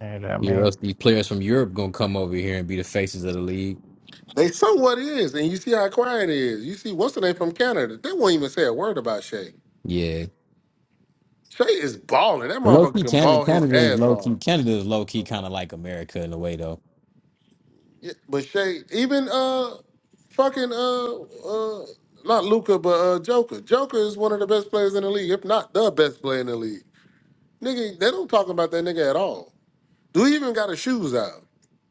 Speaker 1: You know what I
Speaker 5: Yeah, or
Speaker 1: mean?
Speaker 5: else these players from Europe gonna come over here and be the faces of the league.
Speaker 6: They somewhat is, and you see how quiet it is. You see, what's the name from Canada? They won't even say a word about Shay.
Speaker 5: Yeah,
Speaker 6: Shay is balling. That
Speaker 5: but low
Speaker 6: motherfucker
Speaker 5: key
Speaker 6: can
Speaker 5: Canada,
Speaker 6: ball his
Speaker 5: Canada is
Speaker 6: ass
Speaker 5: low
Speaker 6: off.
Speaker 5: key. Canada is low key, kind of like America in a way though.
Speaker 6: Yeah, but Shay, even uh, fucking uh, uh, not Luca, but uh, Joker. Joker is one of the best players in the league, if not the best player in the league. Nigga, they don't talk about that nigga at all. Do he even got his shoes out?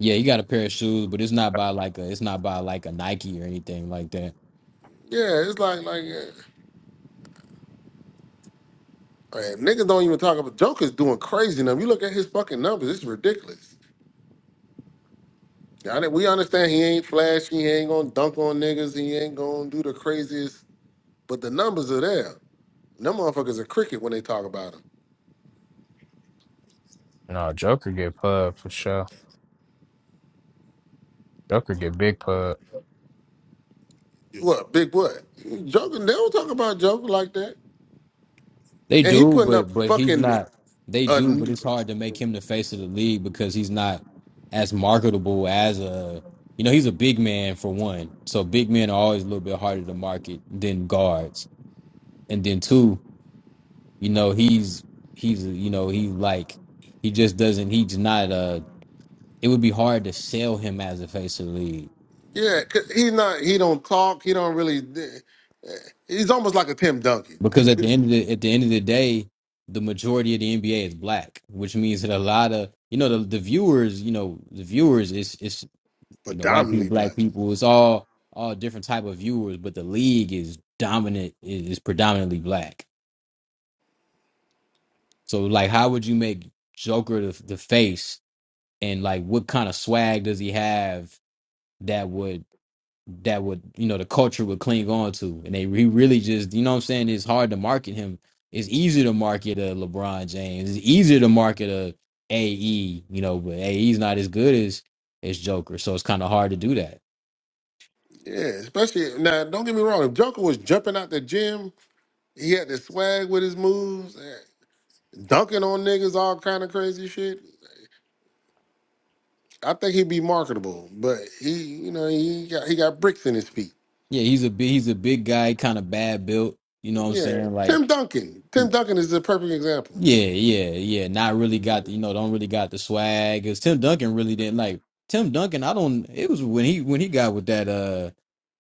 Speaker 5: Yeah, you got a pair of shoes, but it's not by like a it's not by like a Nike or anything like that.
Speaker 6: Yeah, it's like like, uh, man, niggas don't even talk about. Joker's doing crazy now. You look at his fucking numbers. It's ridiculous. I think we understand he ain't flashy, he ain't gonna dunk on niggas, he ain't gonna do the craziest, but the numbers are there. Them motherfuckers are cricket when they talk about him.
Speaker 1: No, Joker get pub for sure. Joker get big pub.
Speaker 6: Yeah. What, big what? Joker? they don't talk about Joker like that.
Speaker 5: They
Speaker 6: And he
Speaker 5: do,
Speaker 6: putting up
Speaker 5: but but he's
Speaker 6: fucking,
Speaker 5: not. They
Speaker 6: a
Speaker 5: do, but it's hard to make him the face of the league because he's not as marketable as a. You know, he's a big man for one, so big men are always a little bit harder to market than guards. And then two, you know, he's he's you know he like he just doesn't. He's not uh It would be hard to sell him as a face of the league
Speaker 6: yeah, 'cause he's not, he don't talk, he don't really, he's almost like a Tim Duncan,
Speaker 5: because at the end of the at the end of the day, the majority of the NBA is black, which means that a lot of you know the, the viewers, you know the viewers is it's you know white people
Speaker 6: predominantly
Speaker 5: black
Speaker 6: black.
Speaker 5: people it's all all different type of viewers but the league is dominant is is predominantly black so like how would you make joker the, the face and like what kind of swag does he have that would that would you know the culture would cling on to and they he really just you know what i'm saying it's hard to market him it's easy to market a lebron james it's easier to market a ae you know but ae's not as good as as joker so it's kind of hard to do that
Speaker 6: Yeah, especially, now, don't get me wrong, if Joker was jumping out the gym, he had the swag with his moves, eh, dunking on niggas, all kind of crazy shit. I think he'd be marketable, but he, you know, he got he got bricks in his feet.
Speaker 5: Yeah, he's a big he's a big guy, kind of bad built. You know what I'm
Speaker 6: Yeah,
Speaker 5: saying? Like
Speaker 6: Tim Duncan. Tim
Speaker 5: he,
Speaker 6: Duncan is the perfect example.
Speaker 5: yeah, yeah, yeah. Not really got the you know don't really got the swag. Cause Tim Duncan really didn't like Tim Duncan. I don't. It was when he when he got with that uh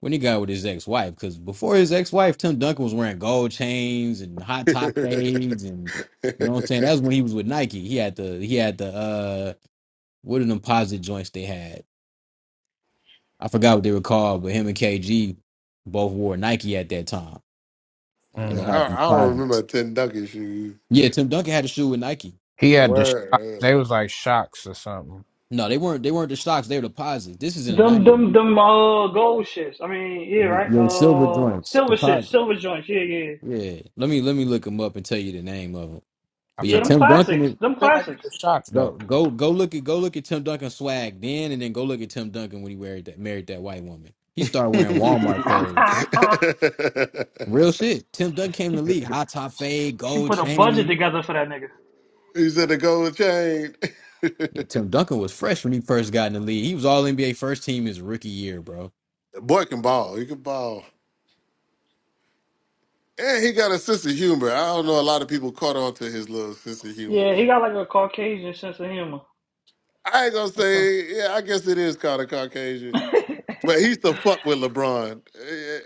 Speaker 5: when he got with his ex wife. Cause before his ex wife, Tim Duncan was wearing gold chains and hot top fades and you know what I'm saying. That was when he was with Nike. He had the he had the uh what are them posit joints they had? I forgot what they were called, but him and KG both wore Nike at that time. and
Speaker 6: Yeah,
Speaker 5: they
Speaker 1: Mhm.
Speaker 5: had
Speaker 6: I,
Speaker 5: these
Speaker 6: I don't remember a
Speaker 5: posits.
Speaker 6: Tim Duncan shoe.
Speaker 5: Yeah, Tim Duncan had a shoe with Nike.
Speaker 1: He had the shock.
Speaker 6: Where? Uh,
Speaker 1: They was like shocks or something.
Speaker 5: No, they weren't. They weren't the stocks. They were the posits. This is in the
Speaker 3: Them
Speaker 5: nineties.
Speaker 3: them them uh gold shits. I mean, yeah,
Speaker 5: Y-
Speaker 3: right.
Speaker 5: Yeah, silver
Speaker 3: Uh,
Speaker 5: joints, the
Speaker 3: silver shits,
Speaker 5: posits.
Speaker 3: silver joints. Yeah, yeah,
Speaker 5: Yeah, let me let me look them up and tell you the name of them.
Speaker 1: I
Speaker 5: But yeah,
Speaker 3: yeah.
Speaker 1: feel like
Speaker 3: Them
Speaker 5: Tim
Speaker 6: yeah.
Speaker 5: Duncan.
Speaker 3: classics.
Speaker 5: Is,
Speaker 3: Them
Speaker 1: I feel like it
Speaker 3: classics.
Speaker 1: was shocks
Speaker 5: go
Speaker 1: though.
Speaker 5: go go look at go look at Tim Duncan swag then, and then go look at Tim Duncan when he married that married that white woman. He started wearing
Speaker 6: he
Speaker 5: Walmart clothes. Real shit. Tim Duncan came in the
Speaker 3: she
Speaker 5: league, hot top fade,
Speaker 3: she
Speaker 5: gold
Speaker 3: put a budget
Speaker 5: chain.
Speaker 3: together for that nigga.
Speaker 6: said the gold chain.
Speaker 5: Yeah,
Speaker 6: the
Speaker 5: Tim Duncan was fresh when he first got in the league. He was all NBA first team his rookie year, bro.
Speaker 6: boy can ball. He can ball. And he got a sense of humor. I don't know. A lot of people caught on to his little sense of humor.
Speaker 3: Yeah, he got like a Caucasian sense of humor.
Speaker 6: I ain't gonna
Speaker 3: Like some.
Speaker 6: say. Yeah, I guess it is called a Caucasian. But he used to fuck with LeBron.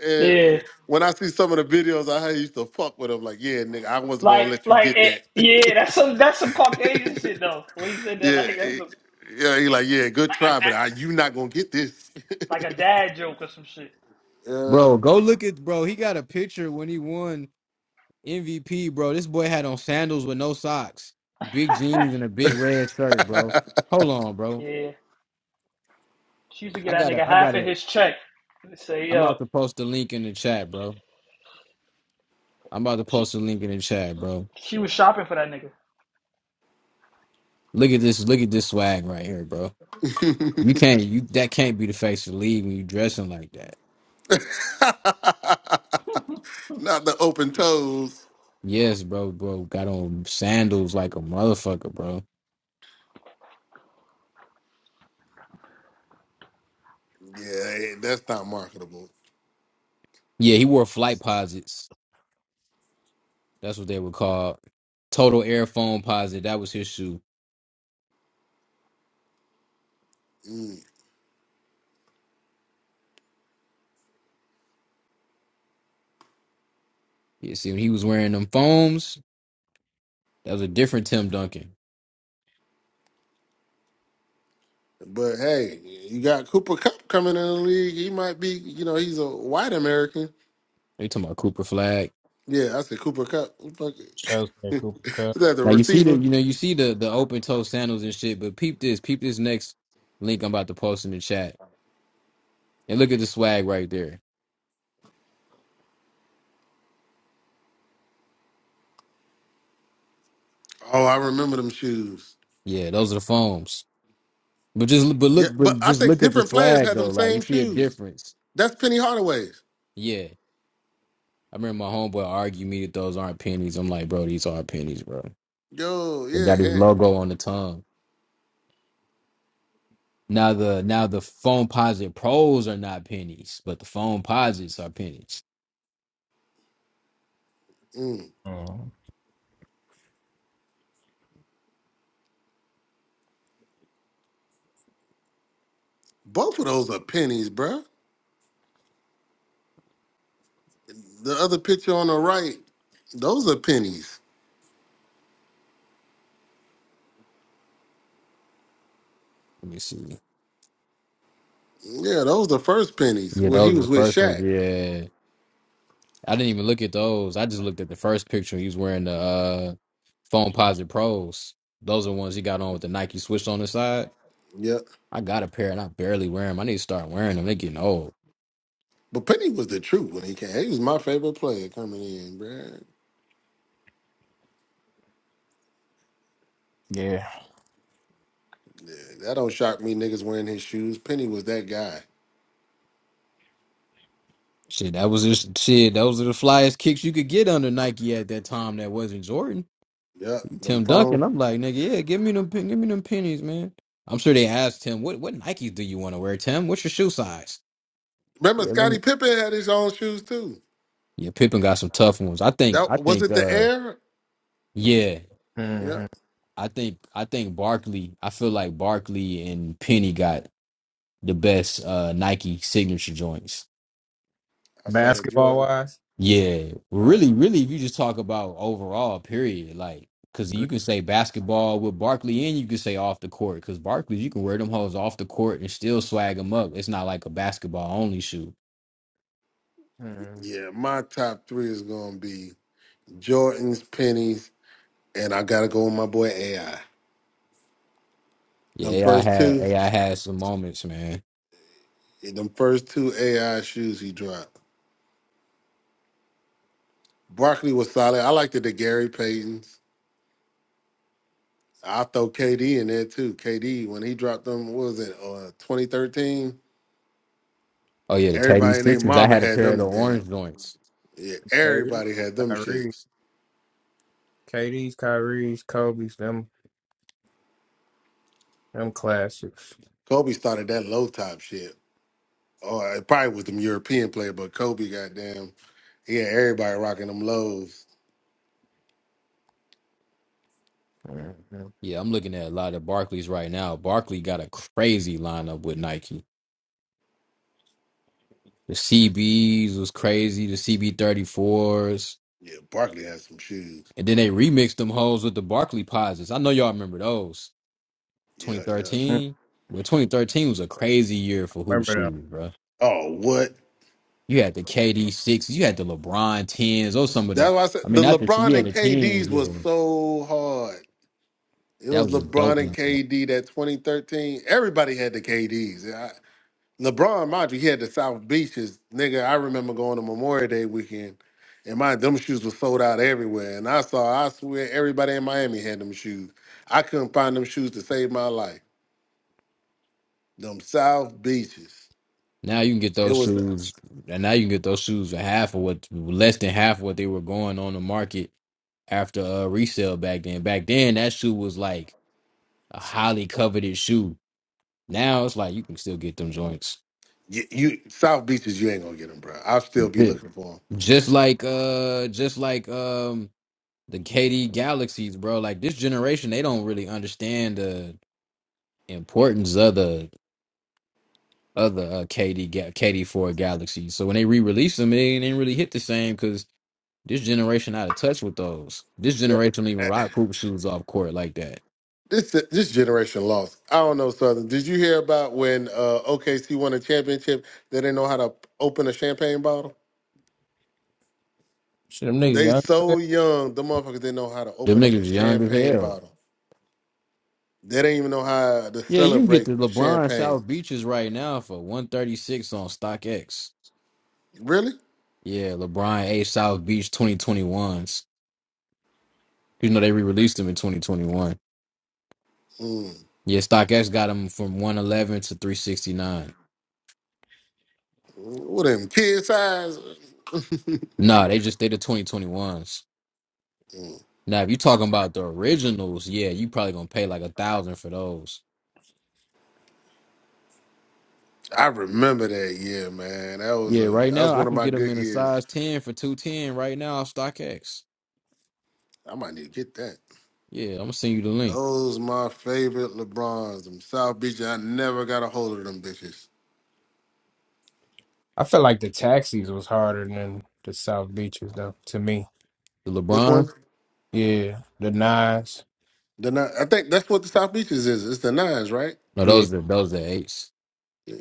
Speaker 6: And
Speaker 3: Yeah.
Speaker 6: when I see some of the videos I had, he used to fuck with him. Like, yeah, nigga, I wasn't gonna
Speaker 3: Like
Speaker 6: let you
Speaker 3: like
Speaker 6: get
Speaker 3: it,
Speaker 6: that.
Speaker 3: yeah, that's some that's some Caucasian shit though. When you said that
Speaker 6: yeah,
Speaker 3: like that's
Speaker 6: he-
Speaker 3: a like
Speaker 6: yeah. He like, yeah, good
Speaker 3: a dad
Speaker 6: try, but I, you not gonna get this.
Speaker 3: like a dad joke or some shit.
Speaker 6: yeah.
Speaker 5: Bro, go look at bro. He got a picture when he won MVP, bro. This boy had on sandals with no socks, big jeans, and a big red shirt, bro. Hold on, bro.
Speaker 3: yeah. She used to get
Speaker 5: I
Speaker 3: that
Speaker 5: gotta,
Speaker 3: nigga
Speaker 5: I
Speaker 3: half of
Speaker 5: gotta.
Speaker 3: his check and say,
Speaker 5: I'm
Speaker 3: yo,
Speaker 5: about to post the link in the chat, bro. I'm about to post
Speaker 3: she
Speaker 5: the link in the chat, bro.
Speaker 3: she was shopping for that nigga.
Speaker 5: Look at this, look at this swag right here, bro. You can't, you that can't be the face of the league when you dressing like that.
Speaker 6: not the open toes.
Speaker 5: Yes, bro, bro. Got on sandals like a motherfucker, bro.
Speaker 6: Yeah, hey, that's not marketable.
Speaker 5: Yeah, he wore flight posits. That's what they were called. Total Air Foam Posit. That was his shoe.
Speaker 6: Mm.
Speaker 5: You see, when he was wearing them foams, that was a different Tim Duncan.
Speaker 6: But hey, you got Cooper Cup coming in the league. He might be, you know, he's a white American.
Speaker 5: They talking about Cooper Flag.
Speaker 6: Yeah, I said Cooper Cup. Who the Fuck
Speaker 1: Shows that
Speaker 6: it.
Speaker 1: Cooper
Speaker 6: Is that the
Speaker 5: Now you see the,
Speaker 6: receiver?
Speaker 5: you know, you see the the open toe sandals and shit. But peep this, peep this next link I'm about to post in the chat, and look at the swag right there.
Speaker 6: Oh, I remember them shoes.
Speaker 5: Yeah, those are the foams. But just but
Speaker 6: Yeah,
Speaker 5: look,
Speaker 6: but
Speaker 5: but
Speaker 6: I
Speaker 5: just
Speaker 6: think
Speaker 5: look at the
Speaker 6: different players
Speaker 5: swag
Speaker 6: had
Speaker 5: though.
Speaker 6: them
Speaker 5: Like you
Speaker 6: same
Speaker 5: see a
Speaker 6: shoes.
Speaker 5: difference.
Speaker 6: That's Penny Hardaway's.
Speaker 5: Yeah, I remember my homeboy argued me that those aren't pennies. I'm like, bro, these are pennies, bro.
Speaker 6: Yo,
Speaker 5: They
Speaker 6: yeah.
Speaker 5: got his
Speaker 6: And,
Speaker 5: logo on the tongue. Now the now the phone posit pros are not pennies, but the phone posits are pennies.
Speaker 6: mm.
Speaker 1: Mm,
Speaker 6: Both of those are pennies, bruh. The other picture on the right, those are pennies.
Speaker 5: Let me see.
Speaker 6: Yeah, those the first pennies
Speaker 5: Yeah,
Speaker 6: when he
Speaker 5: those are
Speaker 6: was
Speaker 5: the
Speaker 6: with
Speaker 5: first ones.
Speaker 6: Shaq.
Speaker 5: Yeah. I didn't even look at those. I just looked at the first picture. He was wearing the uh phone posit pros. Those are ones he got on with the Nike switch on the side.
Speaker 6: Yep.
Speaker 5: I got a pair and I barely wear them. I need to start wearing them. They getting old.
Speaker 6: But Penny was the truth when he came. He was my favorite player coming in, bruh.
Speaker 1: yeah.
Speaker 6: Yeah, that don't shock me niggas wearing his shoes. Penny was that guy.
Speaker 5: Shit, that was just shit. Those are the flyest kicks you could get under Nike at that time. That wasn't Jordan.
Speaker 6: Yep. Them
Speaker 5: Tim
Speaker 6: phones.
Speaker 5: Duncan. I'm like, nigga, yeah, give me them, pen- give me them pennies, man. I'm sure they asked Tim, what what Nikes do you want to wear, Tim? What's your shoe size?
Speaker 6: Remember,
Speaker 5: Yeah, let me.
Speaker 6: Scottie Pippen had his own shoes too.
Speaker 5: Yeah, Pippen got some tough ones. I think,
Speaker 6: That
Speaker 5: I
Speaker 6: was
Speaker 5: think,
Speaker 6: it. The
Speaker 5: uh,
Speaker 6: Air.
Speaker 5: yeah,
Speaker 6: Yeah,
Speaker 1: hmm
Speaker 5: I think, I think Barkley. I feel like Barkley and Penny got the best uh Nike signature joints.
Speaker 6: outside of
Speaker 1: Basketball
Speaker 6: Jordan.
Speaker 1: wise,
Speaker 5: Yeah,
Speaker 1: uh,
Speaker 5: really, really. If you just talk about overall, period, like because
Speaker 1: Gre-
Speaker 5: you can say basketball with Barkley, and you can say off the court because Barkley's you can wear them hoes off the court and still swag them up. It's not like a basketball only shoe.
Speaker 1: hmm
Speaker 6: Yeah, my top three is gonna be Jordan's, pennies, and I gotta go with my boy AI. Them
Speaker 5: Yeah, I
Speaker 6: first
Speaker 5: had
Speaker 6: two,
Speaker 5: AI had some moments, man.
Speaker 6: them first two AI shoes he dropped. Barkley was solid. I liked it. The Gary Paytons. I throw KD in there too. KD when he dropped them, what was it, uh, 2013?
Speaker 5: Oh yeah, the KD
Speaker 6: Everybody and their
Speaker 5: sixes. I
Speaker 6: mama
Speaker 5: had a
Speaker 6: had
Speaker 5: pair of the
Speaker 6: them
Speaker 5: orange
Speaker 6: damn.
Speaker 5: joints.
Speaker 6: Yeah,
Speaker 1: KD,
Speaker 6: everybody had them
Speaker 1: Kyrie,
Speaker 6: shits.
Speaker 1: KD's, Kyrie's, Kobe's, them, them classics.
Speaker 6: Kobe started that low top shit. Oh, it probably was them European player, but Kobe, goddamn, he had everybody rocking them lows.
Speaker 1: hmm
Speaker 5: Yeah, I'm looking at a lot of Barkleys right now. Barkley got a crazy lineup with Nike. The CBs was crazy. The CB34s.
Speaker 6: Yeah, Barkley had some shoes.
Speaker 5: And then they remixed them hoes with the Barkley pauses. I know y'all remember those.
Speaker 6: Yeah, yeah.
Speaker 1: Mm,
Speaker 5: 2013. Well, 2013 was a crazy year for hoop
Speaker 1: Remember them?
Speaker 5: shoes, bro.
Speaker 6: Oh, what?
Speaker 5: You had the KD sixes, you had the LeBron tens, those some of the.
Speaker 6: That's why I said
Speaker 5: I mean,
Speaker 6: the
Speaker 5: not the
Speaker 6: LeBron
Speaker 5: yeah,
Speaker 6: and
Speaker 5: the tens,
Speaker 6: KD's was
Speaker 5: yeah.
Speaker 6: so hard. It
Speaker 5: That
Speaker 6: was
Speaker 5: was a
Speaker 6: LeBron
Speaker 5: dope
Speaker 6: and
Speaker 5: one. bro.
Speaker 6: KD that 2013. Everybody had the KDs. I, LeBron, mind you, he had the South Beaches. Nigga, I remember going to Memorial Day weekend, and my them shoes were sold out everywhere. And I saw, I swear, everybody in Miami had them shoes. I couldn't find them shoes to save my life. Them South Beaches.
Speaker 5: Now you can get
Speaker 6: It
Speaker 5: those
Speaker 6: was
Speaker 5: shoes, and now you can get those shoes for half of what, less than half of what they were going on the market after uh resale back then. Back then, that shoe was like a highly coveted shoe. Now it's like you can still get them joints.
Speaker 6: you, you South Beaches. You ain't gonna get them, bro. I'll still be looking for them.
Speaker 5: Just like uh just like um the KD Galaxies, bro. Like this generation, they don't really understand the importance of the other uh, KD ga- KD4 Galaxies. So when they re-release them, it ain't ain't really hit the same cuz this generation out of touch with those. This generation don't even rock hoop shoes off court like that.
Speaker 6: This this generation lost. I don't know, Southern. Did you hear about when uh, OKC won a championship? They didn't know how to open a champagne bottle.
Speaker 1: Shit, them
Speaker 6: They
Speaker 1: niggas
Speaker 6: so young. The motherfuckers didn't know how to
Speaker 5: Them
Speaker 6: open up a
Speaker 5: niggas young as
Speaker 6: champagne
Speaker 5: hell.
Speaker 6: bottle. They didn't even know how to
Speaker 5: Yeah, you can get
Speaker 6: celebrate
Speaker 5: the LeBron
Speaker 6: champagne.
Speaker 5: South Beaches right now for 136 on StockX.
Speaker 6: Really?
Speaker 5: Yeah, LeBron A South Beach 2021s. You know they re-released them in 2021.
Speaker 6: Mm.
Speaker 5: Yeah, StockX got them from 111 to 369.
Speaker 6: What them kid size?
Speaker 5: Nah, they just they the 2021s.
Speaker 6: Mm.
Speaker 5: Now, if you talking about the originals, yeah, you probably gonna pay like a thousand for those.
Speaker 6: I remember that year, man. That was
Speaker 5: Yeah,
Speaker 6: a
Speaker 5: right
Speaker 6: that
Speaker 5: now
Speaker 6: was
Speaker 5: I
Speaker 6: one of
Speaker 5: can
Speaker 6: my
Speaker 5: get them
Speaker 6: good
Speaker 5: in a
Speaker 6: years.
Speaker 5: size 10 for 210 right now off StockX.
Speaker 6: I might need to get that.
Speaker 5: Yeah, I'm gonna send you the link.
Speaker 6: Those my favorite LeBrons. Them South Beach. I never got a hold of them bitches.
Speaker 1: I feel like the taxis was harder than the South Beaches though, to me.
Speaker 5: The
Speaker 6: Which one?
Speaker 5: LeBron?
Speaker 1: Yeah. The nines.
Speaker 6: The nine. I think that's what the South Beaches is. It's the nines, right?
Speaker 5: No,
Speaker 1: Yeah.
Speaker 5: those are those are eights.
Speaker 6: Yeah,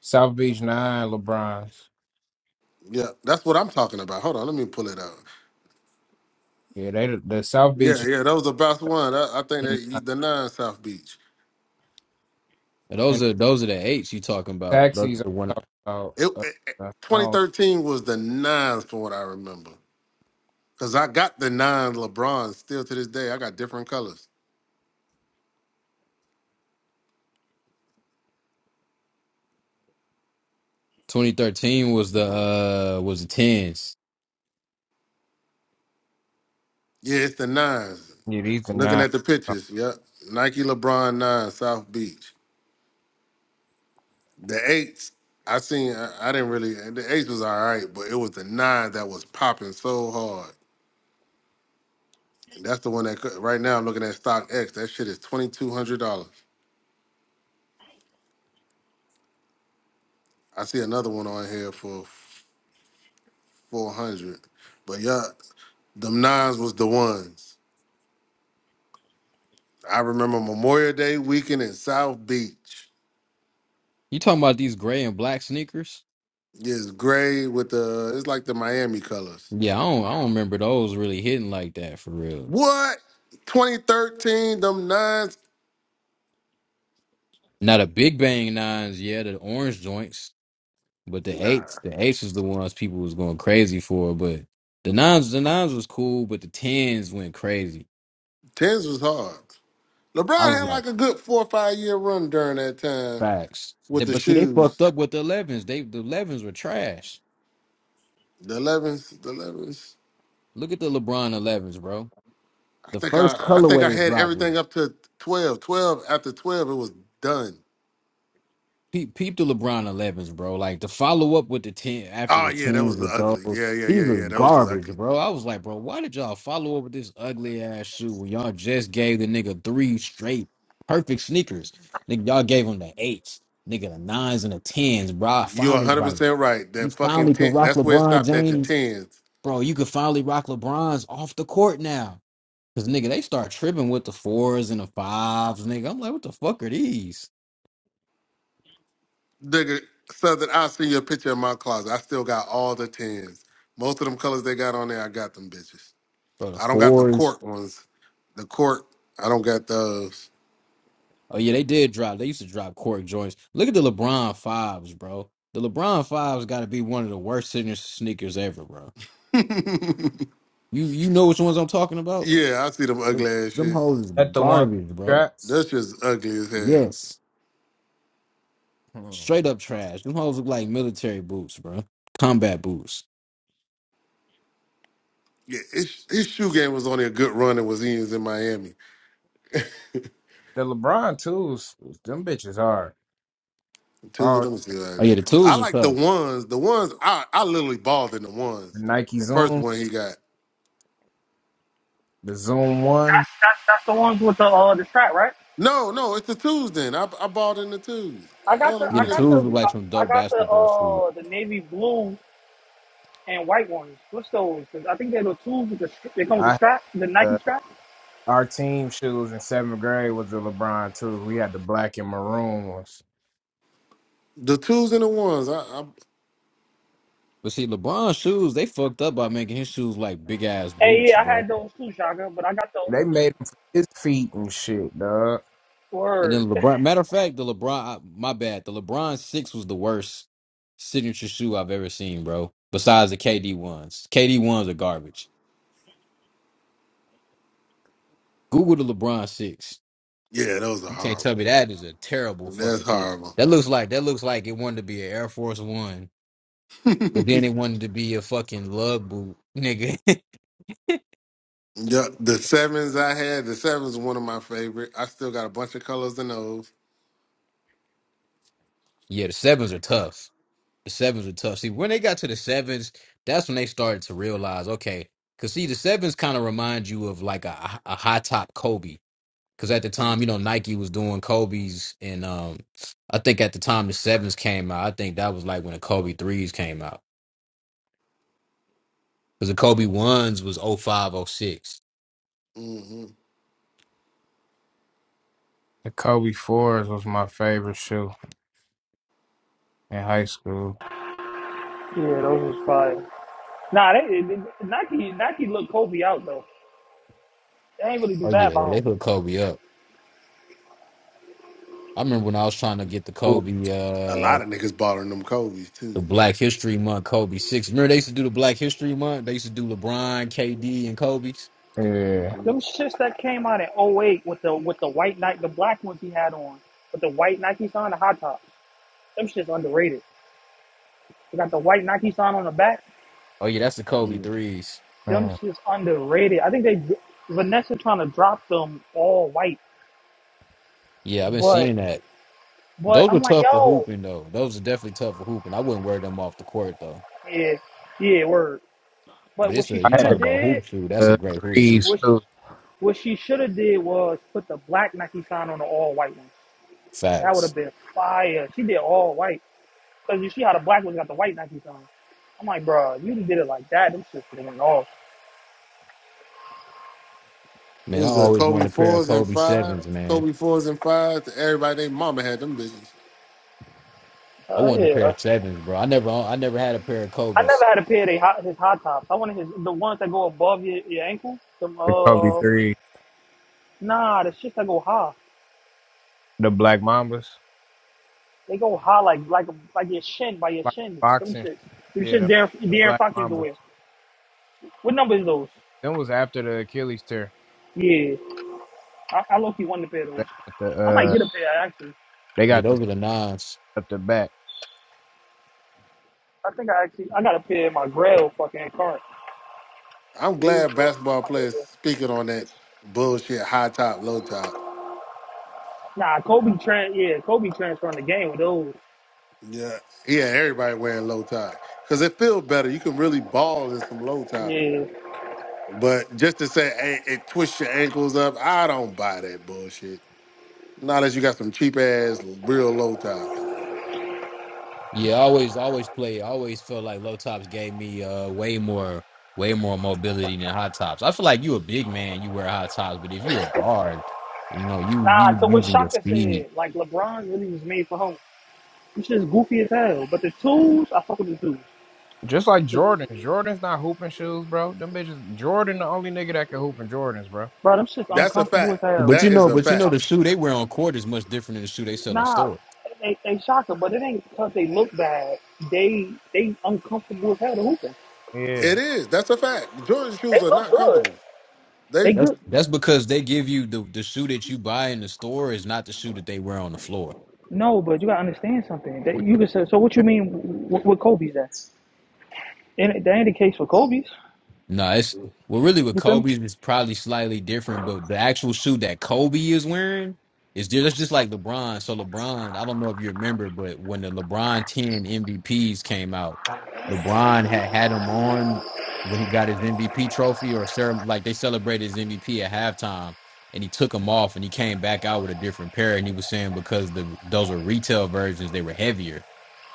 Speaker 1: South Beach nine, LeBron's.
Speaker 6: yeah, that's what I'm talking about. Hold on, let me pull it out.
Speaker 1: Yeah, they the, the South
Speaker 6: Yeah,
Speaker 1: Beach
Speaker 6: yeah, that was the best one. I, I think
Speaker 1: and,
Speaker 6: that the nine South Beach.
Speaker 5: Those
Speaker 1: and
Speaker 5: are those are the eights you talking about. Those
Speaker 1: taxis I'm
Speaker 5: the one
Speaker 1: talking about
Speaker 6: It,
Speaker 1: uh,
Speaker 6: it-
Speaker 1: uh, I don't
Speaker 6: 2013 was the nines from what I remember. Cause I got the nine LeBron still to this day. I got different colors.
Speaker 5: 2013 was the uh was the tens.
Speaker 6: Yeah, it's the nines.
Speaker 1: yeah, these the
Speaker 6: Looking
Speaker 1: nine.
Speaker 6: at the pictures. Yep. Nike LeBron nine South Beach. The eights, I seen. I, I didn't really. The eights was all right, but it was the nine that was popping so hard, and that's the one that could- right now I'm looking at stock X. That shit is twenty two hundred dollars. I see another one on here for four hundred, but yeah, them nines was the ones. I remember Memorial Day weekend in South Beach.
Speaker 5: You talking about these gray and black sneakers?
Speaker 6: It's gray with the. It's like the Miami colors.
Speaker 5: Yeah, I don't I don't remember those really hitting like that for real.
Speaker 6: What? 2013, them nines?
Speaker 5: Now the Big Bang nines, yeah, the orange joints, but the
Speaker 6: Nah.
Speaker 5: eights, the eights was the ones people was going crazy for. But the nines, the nines was cool, but the tens went crazy.
Speaker 6: Tens was hard.
Speaker 5: I
Speaker 6: LeBron
Speaker 5: was
Speaker 6: had
Speaker 5: like,
Speaker 6: like a good four or five year run during that time
Speaker 5: facts. They-
Speaker 6: with the
Speaker 5: But see, they
Speaker 6: shoes,
Speaker 5: fucked up with the elevens. They the elevens were trash.
Speaker 6: the 11s, the 11s.
Speaker 5: Look at the LeBron elevens, bro.
Speaker 6: I
Speaker 5: The
Speaker 6: think
Speaker 5: first
Speaker 6: I, I think
Speaker 5: colorway
Speaker 6: I
Speaker 5: they
Speaker 6: had
Speaker 5: dropped was
Speaker 6: everything up to 12. 12 after 12, it was done.
Speaker 5: peep, peep the LeBron 11s, bro. Like the follow up with the 10 after
Speaker 6: Oh
Speaker 5: the
Speaker 6: yeah, that
Speaker 5: 10s
Speaker 6: was the
Speaker 5: with
Speaker 6: ugly.
Speaker 5: those,
Speaker 6: Yeah, yeah,
Speaker 5: these are
Speaker 6: yeah, yeah. That was the
Speaker 5: garbage,
Speaker 6: ugly.
Speaker 5: bro. I was like, bro, why did y'all follow up with this ugly ass shoe when y'all just gave the nigga three straight perfect sneakers? Nigga, y'all gave him the eights, nigga, the nines and the tens, bro. I
Speaker 6: You are
Speaker 5: finally was
Speaker 6: 100
Speaker 5: like,
Speaker 6: percent right.
Speaker 5: you
Speaker 6: That fucking
Speaker 5: finally can
Speaker 6: ten.
Speaker 5: rock
Speaker 6: That's where it
Speaker 5: LeBron
Speaker 6: stopped at the
Speaker 5: James,
Speaker 6: tens.
Speaker 5: bro. You can finally rock LeBron's off the court now. Cause nigga, they start tripping with the fours and the fives, nigga. I'm like, what the fuck are these?
Speaker 6: Nigga, Southern, I'll send you a picture of my closet. I still got all the tens. Most of them colors they got on there, I got them bitches.
Speaker 5: Bro, the
Speaker 6: I don't got the
Speaker 5: fours.
Speaker 6: court ones. The court, I don't got those.
Speaker 5: Oh yeah, they did drop. They used to drop cork joints. Look at the LeBron fives, bro. The LeBron fives got to be one of the worst signature sneakers ever, bro. You you know which ones I'm talking about?
Speaker 6: yeah, I see them
Speaker 5: Them,
Speaker 6: ugly ass
Speaker 5: them
Speaker 6: shit.
Speaker 5: hoes is
Speaker 1: That the one
Speaker 5: garbage, bro.
Speaker 1: straps.
Speaker 6: That's just ugly as hell.
Speaker 5: Yes,
Speaker 1: Hmm.
Speaker 5: straight up trash. Them hoes look like military boots, bro. Combat boots.
Speaker 6: Yeah, his, his shoe game was on a good run and was he was in Miami.
Speaker 1: The LeBron twos, them bitches are
Speaker 6: Two,
Speaker 1: all
Speaker 6: let me see like
Speaker 5: Oh
Speaker 6: that.
Speaker 5: yeah, the
Speaker 6: I
Speaker 5: tools are
Speaker 6: like the
Speaker 5: tough.
Speaker 6: ones. The ones I, I literally balled in the ones.
Speaker 1: Nike
Speaker 6: The first
Speaker 1: Zoom,
Speaker 6: one he got.
Speaker 1: the Zoom one.
Speaker 3: That's that's the ones with the uh the strap, right?
Speaker 6: No, no, it's the twos. Then I I balled in the twos.
Speaker 3: I
Speaker 6: I
Speaker 3: got
Speaker 6: don't
Speaker 3: the
Speaker 5: Yeah,
Speaker 6: know,
Speaker 3: I
Speaker 5: the
Speaker 6: look
Speaker 3: got
Speaker 6: at
Speaker 5: tools
Speaker 3: the
Speaker 5: look
Speaker 6: the
Speaker 3: I,
Speaker 5: like some
Speaker 3: I
Speaker 5: dope
Speaker 3: got the
Speaker 5: basketball shoes.
Speaker 3: uh the navy blue and white ones. What's those? 'Cause I think they're the tools with the str- they come with the
Speaker 1: I
Speaker 3: strap, the Nike
Speaker 1: uh,
Speaker 3: strap.
Speaker 1: our team shoes in seventh grade was the LeBron twos. We had the black and maroon ones.
Speaker 6: the twos and the ones. I, I
Speaker 5: But see, LeBron's shoes, they fucked up by making his shoes like big ass
Speaker 3: Hey,
Speaker 5: boots,
Speaker 3: yeah, I
Speaker 5: bro.
Speaker 3: had those too, Shaka, but I got those
Speaker 1: They made them for his feet and shit, dog.
Speaker 5: And
Speaker 3: word.
Speaker 5: then LeBron. Matter of fact, the LeBron. My bad. The LeBron six was the worst signature shoe I've ever seen, bro. Besides the KD ones. KD ones are garbage. Google the LeBron six.
Speaker 6: yeah, those are
Speaker 5: You can't tell me
Speaker 6: horrible.
Speaker 5: that is a terrible
Speaker 6: That's
Speaker 5: fucking shoe.
Speaker 6: horrible.
Speaker 5: That looks like that looks like it wanted to be an Air Force One, but then it wanted to be a fucking lug boot, nigga.
Speaker 6: Yeah, the sevens I had. The sevens were one of my favorite. I still got a bunch of colors in those.
Speaker 5: yeah, the sevens are tough. The sevens are tough. See, when they got to the sevens, that's when they started to realize, okay, because see, the sevens kind of remind you of like a, a high top Kobe Because at the time, you know, Nike was doing Kobe's, and um, I think at the time the sevens came out. I think that was like when the Kobe threes came out. Because the Kobe ones was oh five, oh six.
Speaker 6: Mm-hmm.
Speaker 1: The Kobe fours was my favorite shoe. in high school.
Speaker 3: Yeah, those was fire. Nah, they, they Nike Nike looked Kobe out though. They ain't really do
Speaker 5: Oh
Speaker 3: bad
Speaker 5: yeah,
Speaker 3: by
Speaker 5: they
Speaker 3: him.
Speaker 5: put Kobe up. I remember when I was trying to get the Kobe,
Speaker 6: A
Speaker 5: uh,
Speaker 6: lot of niggas bought them Kobe's
Speaker 5: the
Speaker 6: too.
Speaker 5: Black History Month Kobe six. Remember they used to do the Black History Month. They used to do LeBron, KD, and Kobe's.
Speaker 1: Yeah.
Speaker 3: Them shits that came out in '08 with the with the white Nike, the black ones he had on, with the white Nikes on, the hot tops. Them shits underrated. They got the white Nikes on on the back.
Speaker 5: Oh yeah, that's the Kobe
Speaker 6: Mm-hmm.
Speaker 5: threes.
Speaker 3: Them
Speaker 1: Mm.
Speaker 3: shits underrated. I think they Vanessa trying to drop them all white,
Speaker 5: Yeah, I've been
Speaker 3: but
Speaker 5: seeing that.
Speaker 3: but
Speaker 5: Those were
Speaker 3: I'm like
Speaker 5: tough for
Speaker 3: yo,
Speaker 5: hooping though. Those are definitely tough for hooping. I wouldn't wear them off the court though.
Speaker 3: yeah, yeah, word.
Speaker 5: But
Speaker 3: But what
Speaker 5: it's
Speaker 3: she
Speaker 5: a
Speaker 1: I
Speaker 5: you
Speaker 3: should
Speaker 1: had
Speaker 5: talk
Speaker 3: have
Speaker 1: the,
Speaker 5: about
Speaker 3: did
Speaker 5: hoop shoe. That's a
Speaker 1: the
Speaker 5: great hoop shoe.
Speaker 1: threes
Speaker 3: What she,
Speaker 1: too,
Speaker 3: what she should have did was put the black Nike sign on the all white one. That would
Speaker 5: Facts,
Speaker 3: have been fire. She did all white because you see how the black ones got the white Nike sign. I'm like, bro, you done did it like that. Them shit went off.
Speaker 6: It
Speaker 5: man. I
Speaker 6: was a
Speaker 5: always
Speaker 6: Kobe
Speaker 5: wanted a pair of
Speaker 6: fours and
Speaker 5: Kobe
Speaker 6: five,
Speaker 5: sevens, man.
Speaker 6: Kobe fours and fives. Everybody, they mama had them bitches.
Speaker 5: I
Speaker 3: Uh,
Speaker 5: wanted a
Speaker 3: yeah,
Speaker 5: pair
Speaker 3: uh,
Speaker 5: of sevens, bro. I never, I never had a pair of
Speaker 3: I never
Speaker 5: Kobe's.
Speaker 3: had a pair of they hot, his hot tops. I wanted his the ones that go above your, your ankle. Them
Speaker 1: the Kobe
Speaker 3: uh,
Speaker 1: three,
Speaker 3: nah, the shits that go high.
Speaker 1: the Black Mambas,
Speaker 3: They go high like like like your shin by your
Speaker 1: like
Speaker 3: shin. Them
Speaker 1: boxing.
Speaker 3: shits. Them
Speaker 1: Yeah,
Speaker 3: shits
Speaker 1: the,
Speaker 3: Darren,
Speaker 1: the
Speaker 3: Darren
Speaker 1: Black
Speaker 3: Fox used to
Speaker 1: Mambas.
Speaker 3: wear. What number is those?
Speaker 1: Then was after the Achilles tear.
Speaker 3: Yeah. I, I low key wanted a pair of
Speaker 1: They
Speaker 3: those.
Speaker 1: got the
Speaker 3: I might
Speaker 1: uh,
Speaker 3: get a pair actually.
Speaker 1: they
Speaker 5: Yeah,
Speaker 1: got the
Speaker 5: those are the nines.
Speaker 1: up the back.
Speaker 3: I think I actually I got a pair in my Grail fucking cart.
Speaker 6: I'm glad basketball players speaking on that bullshit high top, low top.
Speaker 3: Nah, Kobe Trent, yeah, Kobe transferring the game with those.
Speaker 6: Yeah, yeah, everybody wearing low top because it feels better. You can really ball in some low top.
Speaker 3: Yeah.
Speaker 6: But just to say hey, it twists your ankles up, I don't buy that bullshit. Not unless you got some cheap ass real low tops.
Speaker 5: Yeah, I always, always play. I always felt like low tops gave me uh way more, way more mobility than high tops. I feel like you a big man, you wear high tops, but if you a guard, you know, you
Speaker 3: Nah,
Speaker 5: you
Speaker 3: to what
Speaker 5: using your
Speaker 3: Shaka
Speaker 5: speed.
Speaker 3: said, like LeBron really was made for home. Them shit's goofy as hell. But the tools, I fuck with the tools.
Speaker 1: Just like
Speaker 3: But,
Speaker 1: Jordans. Jordans not hooping shoes, bro. Them bitches. Jordan the only nigga that can hoop in Jordans, bro.
Speaker 3: bro, them shit's
Speaker 6: That's a
Speaker 3: uncomfortable as
Speaker 6: fact.
Speaker 3: hell.
Speaker 5: But you
Speaker 6: That is
Speaker 5: know,
Speaker 6: a
Speaker 3: This
Speaker 5: but you
Speaker 3: shit's
Speaker 5: know,
Speaker 6: fact.
Speaker 3: un-
Speaker 5: the shoe they wear on court is much different than the shoe they sell in the
Speaker 3: Nah,
Speaker 5: store.
Speaker 3: they, they Shaka, but it ain't because they look bad. They they uncomfortable as hell to hooping.
Speaker 1: Yeah.
Speaker 6: It is. That's a fact. The Jordan
Speaker 3: They
Speaker 6: shoes are
Speaker 3: look
Speaker 6: not
Speaker 3: good.
Speaker 6: comfortable. They
Speaker 3: They
Speaker 5: That's
Speaker 3: good.
Speaker 5: that's because they give you the the shoe that you buy in the store is not the shoe that they wear on the floor.
Speaker 3: No, but you gotta understand something. That
Speaker 1: With
Speaker 3: you can say. So what you
Speaker 1: the
Speaker 3: mean with, with Kobe's? That and that ain't the case for Kobe's.
Speaker 5: No, it's well really with
Speaker 3: You feel me?
Speaker 5: Kobe's it's probably slightly different, but the actual shoe that Kobe is wearing is just that's just like LeBron. So LeBron, I don't know if you remember, but when the LeBron ten MVPs came out, LeBron had had them on when he got his MVP trophy or ceremony, like they celebrated his MVP at halftime. And he took them off, and he came back out with a different pair. And he was saying because the those were retail versions, they were heavier.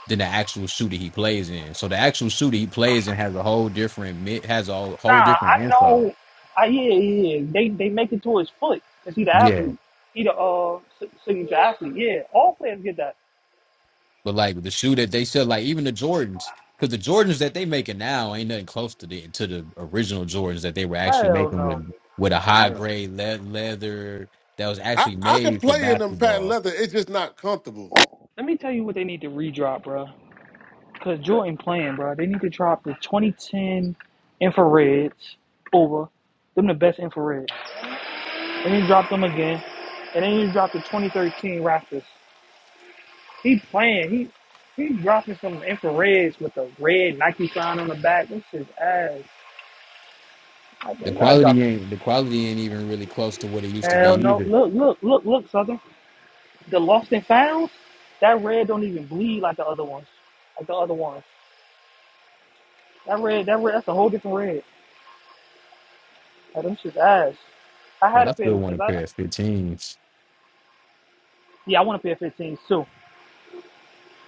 Speaker 5: than the actual shooter he plays in. So the actual shooter he plays in has a whole different mi- has a
Speaker 3: Nah,
Speaker 5: whole
Speaker 3: I
Speaker 5: different info.
Speaker 3: know. I yeah yeah. yeah. They they make it to his foot because he the
Speaker 5: Yeah.
Speaker 3: athlete. He the uh si- signature athlete. Yeah, all players get that.
Speaker 5: But like the shoe that they sell, like even the Jordans, because the Jordans that they making now ain't nothing close to the to the original Jordans that they were actually
Speaker 3: Hell
Speaker 5: making
Speaker 3: no.
Speaker 5: with with a high
Speaker 6: no.
Speaker 5: grade le- leather that was
Speaker 6: I,
Speaker 5: actually
Speaker 6: I can
Speaker 5: made for
Speaker 6: play in them patent
Speaker 5: basketball.
Speaker 6: leather. It's just not comfortable.
Speaker 3: Let me tell you what they need to redrop, bro. Cause Jordan playing, bro. They need to drop the 2010 infrareds over. Them the best infrared. They need to drop them again, and they need to drop the 2013 Raptors. He playing. He he dropping some infrareds with a red Nike sign on the back. This is ass. I
Speaker 5: The
Speaker 3: think I dropped
Speaker 5: quality
Speaker 3: it.
Speaker 5: ain't the quality ain't even really close to what it used to be
Speaker 3: Hell no.
Speaker 5: either.
Speaker 3: Look, look, look, look, Southern. The lost and found, that red don't even bleed like the other ones. Like the other ones. That red, that red, that's a whole different red. Like, them shit's ass. I had
Speaker 5: Man,
Speaker 3: to
Speaker 5: I
Speaker 3: pay
Speaker 5: still
Speaker 3: them
Speaker 5: want
Speaker 3: shits.
Speaker 5: a
Speaker 3: I,
Speaker 5: pair of 15s.
Speaker 3: yeah, I want to pay 15 too.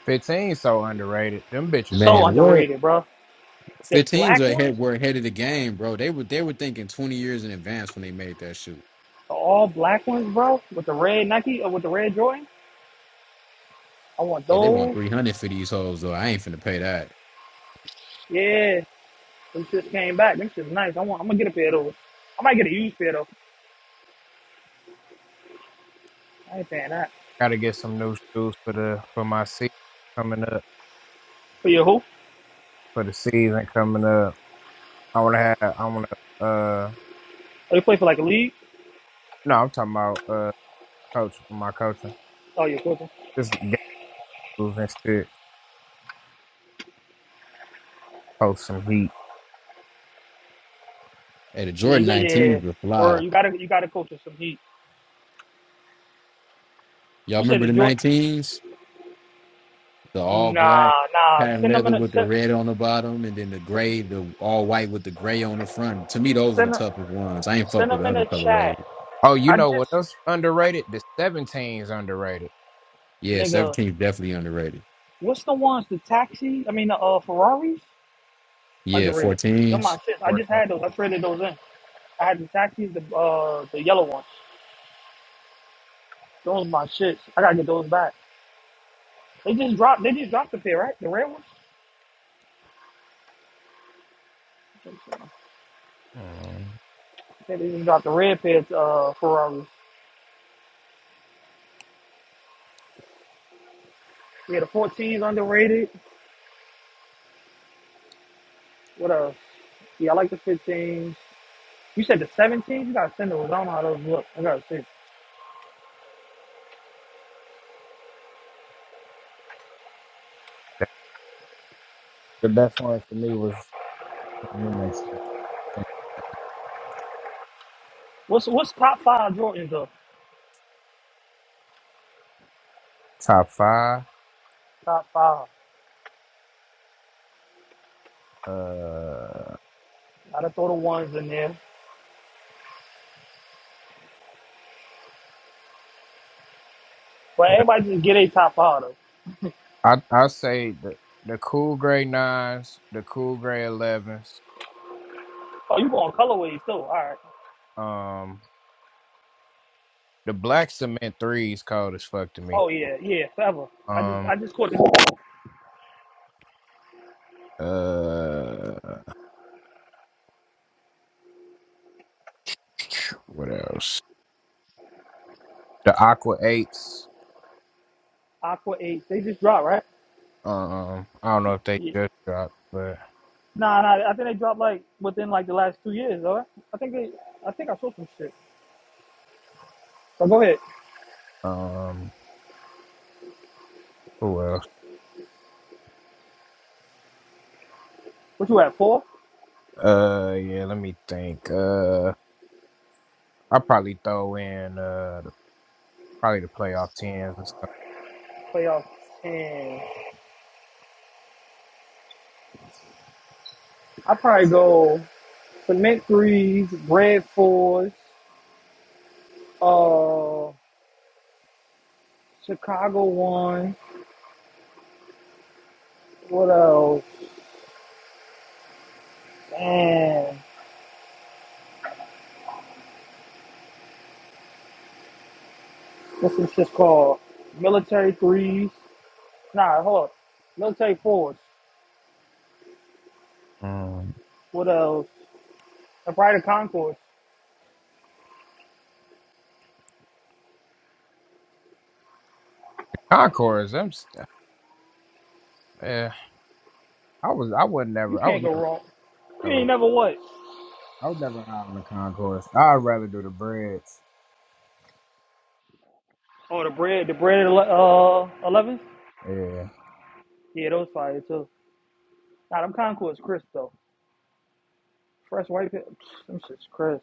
Speaker 1: fifteen so underrated. Them bitches hard.
Speaker 3: So
Speaker 5: Man, what?
Speaker 3: underrated, bro. The
Speaker 5: The teams are
Speaker 3: black ones,
Speaker 5: ahead, were ahead of the game, bro. They were they were thinking twenty years in advance when they made that shoe.
Speaker 3: the all black ones, bro, with the red Nike or with the red Jordan. I want
Speaker 5: Yeah, they want
Speaker 3: those.
Speaker 5: three hundred for these hoes though. I ain't finna pay that.
Speaker 3: Yeah, Them shits came back. Them shits nice. I want. I'm gonna get a pair though. I might get a used pair though. I ain't paying that.
Speaker 1: Got to get some new shoes for the for my season coming up
Speaker 3: For your who?
Speaker 1: for the season coming up. I want to have. I want to. Uh,
Speaker 3: Oh, you play for like a league?
Speaker 1: no, I'm talking about uh, coach. My coaching.
Speaker 3: Oh, you're coaching.
Speaker 1: Just game and shit. Post some heat.
Speaker 5: Hey, the
Speaker 3: Yeah, you
Speaker 5: Jordan
Speaker 3: got yeah.
Speaker 5: 19s were
Speaker 3: Or
Speaker 5: fly.
Speaker 3: you gotta you gotta coach with some heat.
Speaker 5: Y'all
Speaker 3: You said
Speaker 5: remember
Speaker 3: the
Speaker 5: the
Speaker 3: Jordan.
Speaker 5: 19s? The all
Speaker 3: Nah,
Speaker 5: black
Speaker 3: nah.
Speaker 5: patent
Speaker 3: Send them in
Speaker 5: leather
Speaker 3: a
Speaker 5: with the
Speaker 3: send
Speaker 5: red on the bottom, and then the gray, the all white with the gray on the front. To me, those are the
Speaker 3: send them,
Speaker 5: toughest ones. I ain't fuck
Speaker 3: send
Speaker 5: with
Speaker 3: them
Speaker 5: the
Speaker 3: in a
Speaker 5: other
Speaker 3: chat.
Speaker 5: colorways.
Speaker 1: Oh, you
Speaker 3: I
Speaker 1: know what
Speaker 3: just
Speaker 1: else underrated? The 17s underrated.
Speaker 5: Yeah,
Speaker 3: nigga.
Speaker 5: 17s definitely underrated.
Speaker 3: What's the ones? The taxi? I mean the uh, Ferraris?
Speaker 5: Yeah,
Speaker 3: Underrated. Them my
Speaker 5: 14s.
Speaker 3: shits. I just
Speaker 1: 14.
Speaker 3: had those. I traded those in. I had the taxis, the uh the yellow ones. Those my shits. I gotta get those back. They just dropped. They just dropped the pair, right? The red ones. I think so. I
Speaker 1: Mm.
Speaker 3: think they just dropped the red pair. To, uh, Ferrari. Yeah, the 14s underrated. What else? Yeah, I like the 15s. You said the 17s. You gotta send those. I don't know how those look. I gotta see.
Speaker 1: The best one for me was let me make sure.
Speaker 3: What's what's top five Jordans though?
Speaker 1: Top five.
Speaker 3: Top five.
Speaker 1: Uh,
Speaker 3: Gotta throw the ones in there. But
Speaker 1: the,
Speaker 3: everybody just get a top five though.
Speaker 1: I I say the the cool gray nines, the cool gray elevens.
Speaker 3: Oh, you going colorways too? All right.
Speaker 1: Um, the black cement threes cold as fuck to me.
Speaker 3: Oh yeah, yeah, forever. I just
Speaker 1: Um.
Speaker 3: I just caught the
Speaker 1: Uh, What else? The Aqua Apes.
Speaker 3: Aqua Eight. They just dropped, right?
Speaker 1: Um, I don't know if they
Speaker 3: Yeah.
Speaker 1: just dropped, but
Speaker 3: Nah, nah, I think they dropped like within like the last two years, though. I think they, I think I saw some shit. So go ahead.
Speaker 1: um, who else?
Speaker 3: What you at four?
Speaker 1: Uh, yeah. Let me think. Uh, I probably throw in uh the- probably the playoff tens and stuff.
Speaker 3: Playoff ten. I probably go cement threes, bread fours, uh, Chicago one. What else? Man, what's this shit called? Military threes. Nah, hold up. Military fours.
Speaker 1: Um,
Speaker 3: What else? The probably concourse.
Speaker 1: Concords. I'm. St- eh, I was. I would
Speaker 3: You
Speaker 1: never. I
Speaker 3: can't
Speaker 1: was
Speaker 3: go wrong. You ain't
Speaker 1: never.
Speaker 3: never what?
Speaker 1: I was never high on the Concords. I'd rather do the breads.
Speaker 3: Oh, the bread, the bread, uh, eleven.
Speaker 1: Yeah.
Speaker 3: Yeah, those fire too. Nah, them Concourse crisp though. Fresh white pit, psh, them shit's crisp.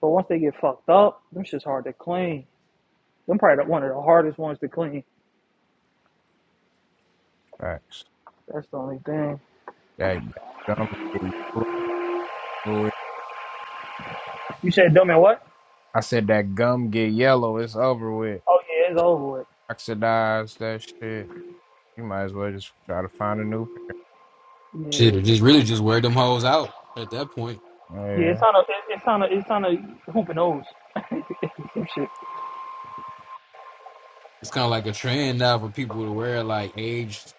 Speaker 3: But once they get fucked up, them shit's hard to clean. Them probably the, one of the hardest ones to clean.
Speaker 1: Facts.
Speaker 3: That's the only thing.
Speaker 1: That, that gum get yellow.
Speaker 3: You said dumb and what?
Speaker 1: I said that gum get yellow. It's over with.
Speaker 3: Oh yeah, it's over with.
Speaker 1: oxidize that shit. You might as well just try to find a new.
Speaker 5: Shit,
Speaker 3: Yeah,
Speaker 5: or just really just wear them hoes out at that point.
Speaker 3: yeah. It's
Speaker 1: Yeah.
Speaker 3: on a, it- it's on a, it's on a hoop and nose. Some shit.
Speaker 5: it's kind of like a trend now for people to wear like aged,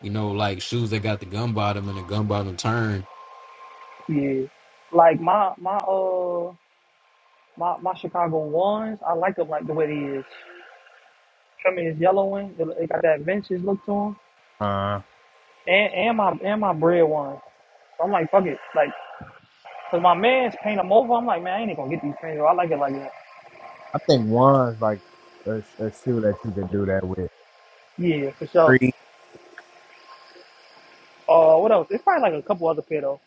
Speaker 5: you know, like shoes that got the gum bottom and the gum bottom turn.
Speaker 3: Yeah. Like my my uh my my Chicago ones, I like them like the way they is. I mean, it's yellowing. It it got that vintage look to them.
Speaker 1: Uh,
Speaker 3: And and my and my bread ones. So I'm like, fuck it. Like, cause my man's paint them over. I'm like, man, I ain't even gonna get these things. Or I like it like that.
Speaker 1: I think one's like a, a shoe that you could do that with.
Speaker 3: Yeah, for sure.
Speaker 1: Three,
Speaker 3: Uh, what else? It's probably like a couple other pair though.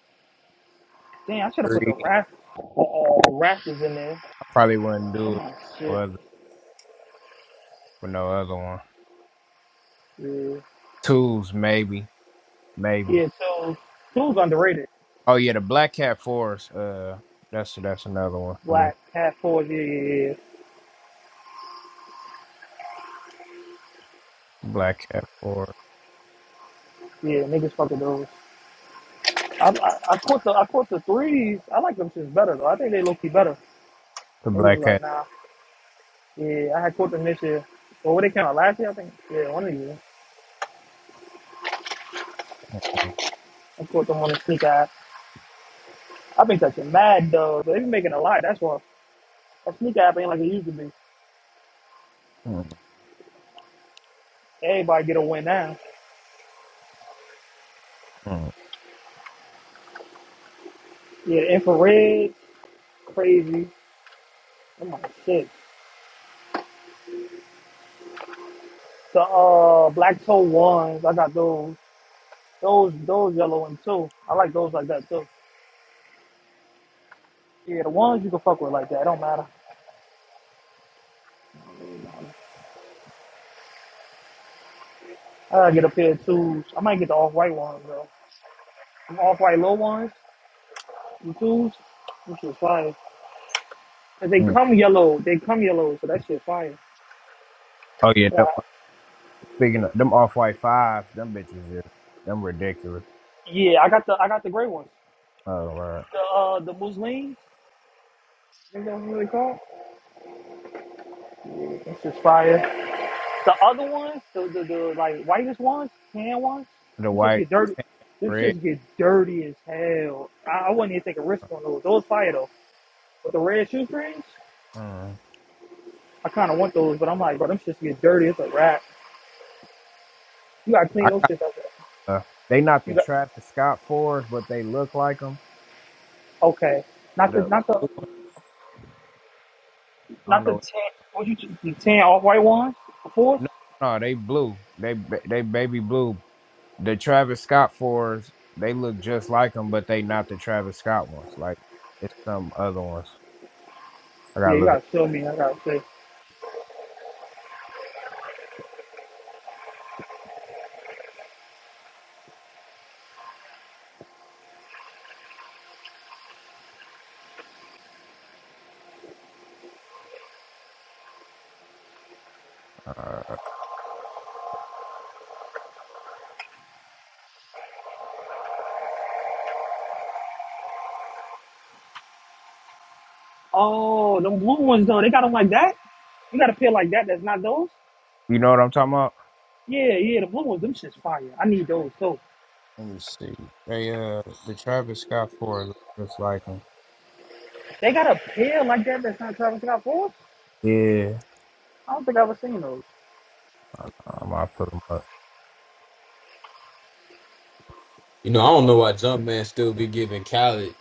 Speaker 3: Dang, I should have put
Speaker 1: three.
Speaker 3: the rap, uh, rafters in there.
Speaker 1: I probably wouldn't
Speaker 3: I'm
Speaker 1: do it
Speaker 3: like,
Speaker 1: with no
Speaker 3: shit.
Speaker 1: other, with no other one.
Speaker 3: Yeah.
Speaker 1: Twos, maybe, maybe.
Speaker 3: Yeah, so, two's underrated.
Speaker 1: Oh yeah, the black cat forest. Uh, that's that's another one for me.
Speaker 3: Black, half fours, yeah, yeah, yeah.
Speaker 1: Black cat forest.
Speaker 3: Yeah, niggas fucking those. I, I, I caught the, I caught the threes. I like them shits better though. I think they low key better.
Speaker 1: The
Speaker 3: Niggas was
Speaker 1: black
Speaker 3: like,
Speaker 1: cat.
Speaker 3: nah. Yeah, I had caught them this year. Or what they came out last year, I think. Yeah, one of you.
Speaker 1: Mm,
Speaker 3: I caught them on the sneak eye. I've been catching mad dogs. They've been making a lot. That's why a sneak app ain't like it used to be.
Speaker 1: mm,
Speaker 3: Everybody get a win now.
Speaker 1: mm,
Speaker 3: Yeah, the infrared, crazy. Oh my shit. The uh black toe ones, I got those. Those those yellow ones too. I like those like that too. Yeah, the ones you can fuck with like that. It don't matter. I gotta get a pair of twos. I might get the off white ones though. The off white low ones, the twos, which is fire. 'Cause they
Speaker 1: mm.
Speaker 3: come yellow. They come yellow, so that shit fire.
Speaker 1: Oh yeah.
Speaker 3: Yeah,
Speaker 1: Them, speaking of them off white fives, them bitches is them ridiculous.
Speaker 3: yeah. I got the I got the gray ones.
Speaker 1: Oh, Lord.
Speaker 3: The uh the Muslims, is that what they call? That's just fire. The other ones, the the, the like whitest ones, tan ones,
Speaker 1: the
Speaker 3: them just
Speaker 1: white,
Speaker 3: get dirty.
Speaker 1: tan,
Speaker 3: Them
Speaker 1: red.
Speaker 3: just get dirty as hell. I, I wouldn't even take a risk on those. Those fire though. But the red shoestrings,
Speaker 1: Mm.
Speaker 3: I kind of want those, but I'm like, bro, them shits get dirty. It's a wrap. You gotta clean
Speaker 1: I
Speaker 3: those
Speaker 1: got
Speaker 3: shits up.
Speaker 1: the. They not
Speaker 3: You
Speaker 1: the
Speaker 3: got
Speaker 1: Travis Scott fours, but they look like them.
Speaker 3: okay. Not the
Speaker 1: The
Speaker 3: not the
Speaker 1: I don't
Speaker 3: not the
Speaker 1: know.
Speaker 3: tan. What you the tan off white ones, of course.
Speaker 1: No, no, they blue. They ba- they baby blue. The Travis Scott fours. They look just like them, but they not the Travis Scott ones. Like it's some other ones. I
Speaker 3: Yeah,
Speaker 1: gotta
Speaker 3: you
Speaker 1: look. At,
Speaker 3: gotta show me. I gotta say.
Speaker 1: uh,
Speaker 3: Oh, them blue ones though. They got them like that. You got a pair like that. That's not those.
Speaker 1: you know what I'm talking about?
Speaker 3: Yeah, yeah. The blue ones. Them shit's fire. I need those too.
Speaker 1: Let me see. They uh the Travis Scott four look just like them.
Speaker 3: They got a pair like that. That's not Travis Scott fours.
Speaker 1: Yeah.
Speaker 3: I don't think I ever seen those.
Speaker 1: Um, I'll put them up.
Speaker 5: You know, I don't know why Jumpman still be giving Khaled,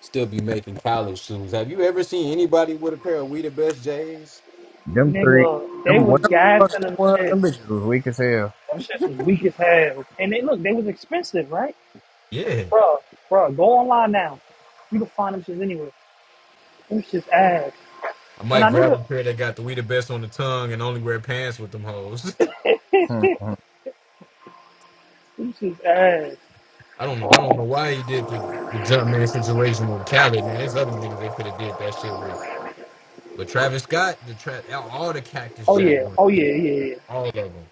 Speaker 5: still be making Khaled shoes. Have you ever seen anybody with a pair of We the Best J's?
Speaker 1: Them three.
Speaker 3: Nigga, they
Speaker 1: Them
Speaker 3: was
Speaker 1: what the fuck? Them,
Speaker 3: gassing them
Speaker 1: was?
Speaker 3: shits.
Speaker 1: them bitches was weak as hell.
Speaker 3: Them shits was weak as hell. And they look, they was expensive, right?
Speaker 5: Yeah,
Speaker 3: Bruh, bruh, go online now. You can find them shits anywhere. Them shits ass.
Speaker 5: I
Speaker 3: And I
Speaker 5: might
Speaker 3: knew
Speaker 5: grab a
Speaker 3: that.
Speaker 5: pair that got the We the Best on the tongue and only wear pants with them hoes.
Speaker 1: Hmm, hmm.
Speaker 3: them shits ass.
Speaker 5: I don't know. I don't know why he did the, the Jumpman situation with Khaled, man. There's other niggas they could have did that shit with. But Travis Scott, the tra- all the Cactus
Speaker 3: Oh
Speaker 5: Jack
Speaker 3: yeah,
Speaker 5: joints,
Speaker 3: oh
Speaker 5: yeah,
Speaker 3: yeah, yeah, yeah.
Speaker 5: all of them.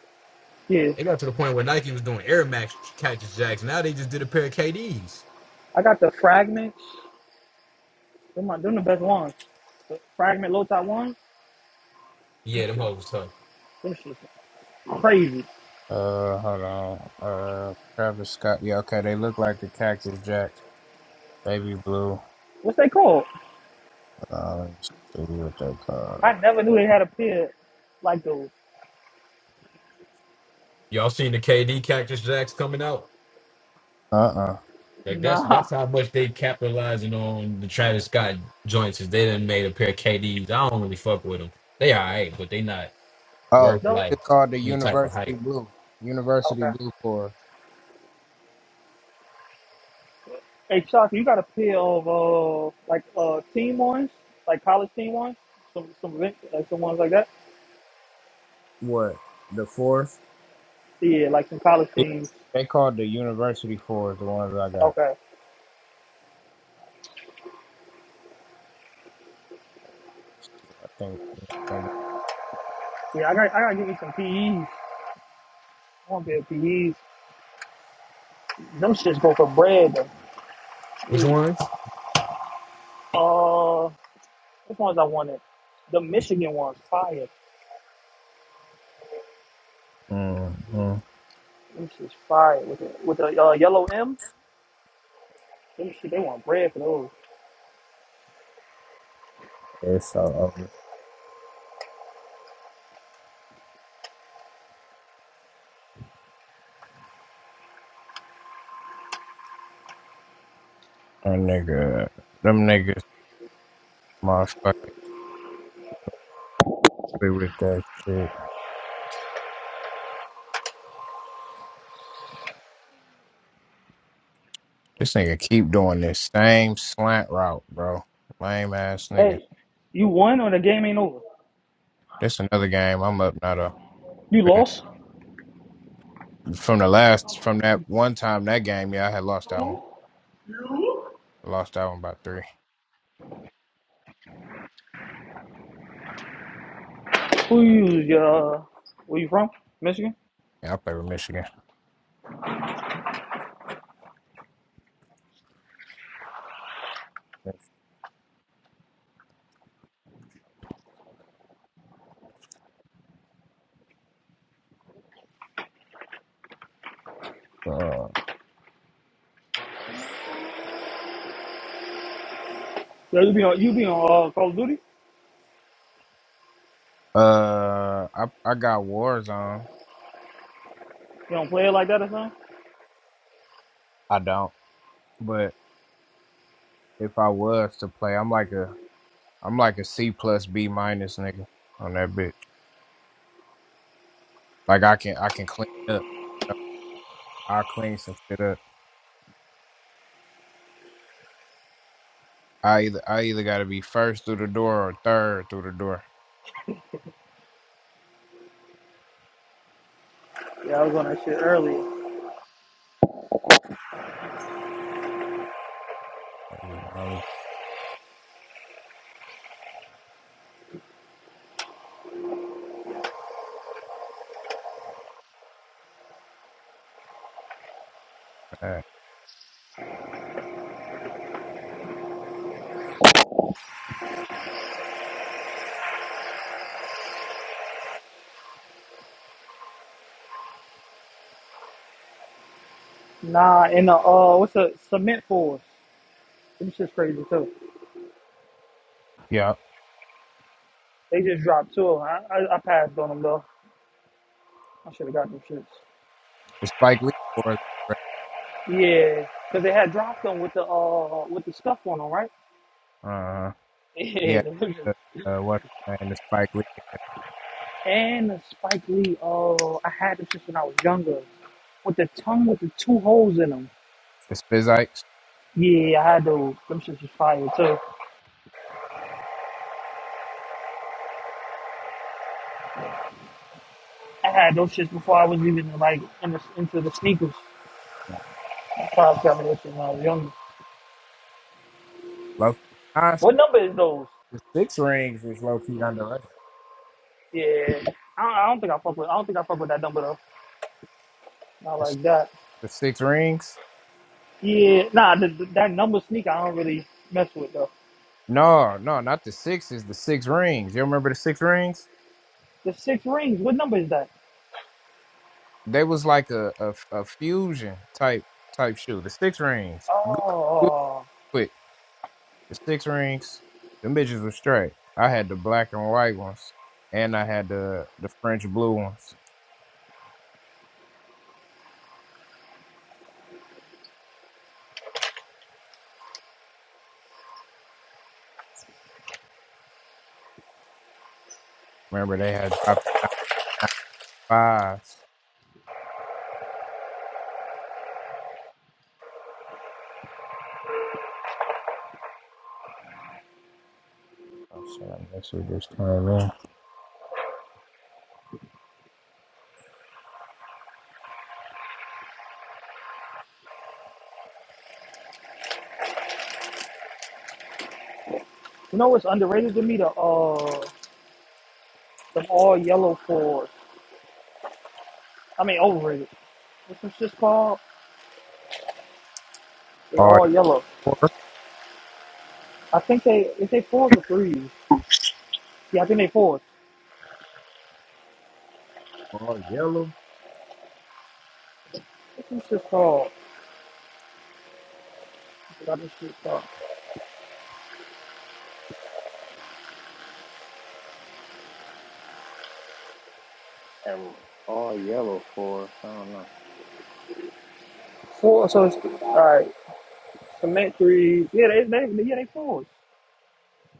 Speaker 3: Yeah.
Speaker 5: It got to the point where Nike was doing Air Max Cactus Jacks. Now they just did a pair of KDs.
Speaker 3: I got the fragments. Them, my, them the best ones. The fragment low top ones. Them
Speaker 5: Yeah, them
Speaker 3: shit,
Speaker 5: hoes tough.
Speaker 3: them shit, crazy.
Speaker 1: Uh, hold on. Uh, Travis Scott. Yeah, okay. They look like the Cactus Jack, Baby Blue.
Speaker 3: What's they called?
Speaker 1: Uh, let me see what they
Speaker 3: I
Speaker 1: called.
Speaker 3: never knew they had a pair like those.
Speaker 5: Y'all seen the KD Cactus Jacks coming out?
Speaker 1: Uh, uh
Speaker 5: Like that's
Speaker 3: Nah.
Speaker 5: that's how much they capitalizing on the Travis Scott joints. Is they done made a pair of KDs. I don't really fuck with them. They alright, but they not worth
Speaker 1: Oh,
Speaker 3: do
Speaker 1: it's
Speaker 5: like
Speaker 1: called the
Speaker 5: any type of
Speaker 1: University
Speaker 5: hype.
Speaker 1: Blue. University
Speaker 3: Okay.
Speaker 1: Blue for
Speaker 3: Hey, Chuck, you got a pair of uh like uh team ones, like college team ones, some some vin- like some ones like that.
Speaker 1: What? The fourth?
Speaker 3: Yeah, like some college teams.
Speaker 1: They called the University Forest the ones I got.
Speaker 3: Okay.
Speaker 1: I think. I think.
Speaker 3: Yeah, I got I gotta give you some PEs. I want a pair of PEs. Them shits go for bread. Though.
Speaker 5: Which
Speaker 3: Shoot.
Speaker 5: ones?
Speaker 3: Uh, which ones I wanted? The Michigan ones, fire.
Speaker 1: Mm-hmm.
Speaker 3: Them shit's fire with a with a uh, yellow M. Them shit, they want bread for those.
Speaker 1: It's all over. Them nigga. Them niggas. Motherfucking. be With that shit. This nigga keep doing this same slant route, bro. Lame ass nigga.
Speaker 3: Hey, you won or the game ain't over?
Speaker 1: This another game. I'm up not a
Speaker 3: You lost?
Speaker 1: from the last from that one time that game. Yeah, I had lost that one. I lost that one by three.
Speaker 3: Who you? Uh, where you from? Michigan?
Speaker 1: Yeah, I played with Michigan. Uh,
Speaker 3: Yeah, you be on you be on uh, Call of Duty?
Speaker 1: uh, I I got Warzone.
Speaker 3: You don't play it like that or something?
Speaker 1: I don't. But if I was to play, I'm like a I'm like a C plus B minus nigga on that bitch. Like I can I can clean up. I clean some shit up. I either I either gotta be first through the door or third through the door.
Speaker 3: Yeah, I was on that shit earlier.
Speaker 1: I mean, honest- Uh,
Speaker 3: Nah, and the uh, what's the cement force? Them shit's crazy too.
Speaker 1: yeah,
Speaker 3: They just dropped two. of 'em. I, I I passed on them though. I should have got them shits.
Speaker 1: it's Spike Lee or
Speaker 3: Yeah, because they had dropped them with the uh with the stuff on them, right?
Speaker 1: uh yeah,
Speaker 3: Yeah,
Speaker 1: the, uh what's his name? The Spike Lee,
Speaker 3: and the Spike Lee. Oh, I had them since when I was younger. With the tongue with the two holes in them.
Speaker 1: the Spizikes.
Speaker 3: Yeah, I had those. Them shits was fire too. I had those shits before I was even like in the, into the sneakers. Probably got me those shit when I was younger.
Speaker 1: Low honestly,
Speaker 3: What number is those?
Speaker 1: the six rings is low key underrated.
Speaker 3: Yeah, I don't, I don't think I fuck with. I don't think I fuck with that number though. Not
Speaker 1: The, s-
Speaker 3: like that.
Speaker 1: the six rings?
Speaker 3: Yeah, nah, the, the, that number sneaker I don't really mess with though.
Speaker 1: No, no, not the sixes. The six rings. You remember the six rings?
Speaker 3: The six rings. What number is that?
Speaker 1: They was like a a, a fusion type type shoe. The six rings. Google
Speaker 3: Oh,
Speaker 1: it. The six rings, them bitches were straight. I had the black and white ones, and I had the the French blue ones. Remember they had dropped the fives. Oh shit! I guess we just came in.
Speaker 3: you know what's underrated to me? The uh, the all yellow fours. I mean, overrated. What's this shit called? They're
Speaker 1: All
Speaker 3: all yellow. I think they, if they fours or threes. Yeah, I think they fours.
Speaker 1: yellow, all yellow.
Speaker 3: What's this shit called? I forgot this shit called.
Speaker 1: And all yellow for I don't know.
Speaker 3: Four, so it's, alright. Cement threes. Yeah, they, they, yeah, they fours.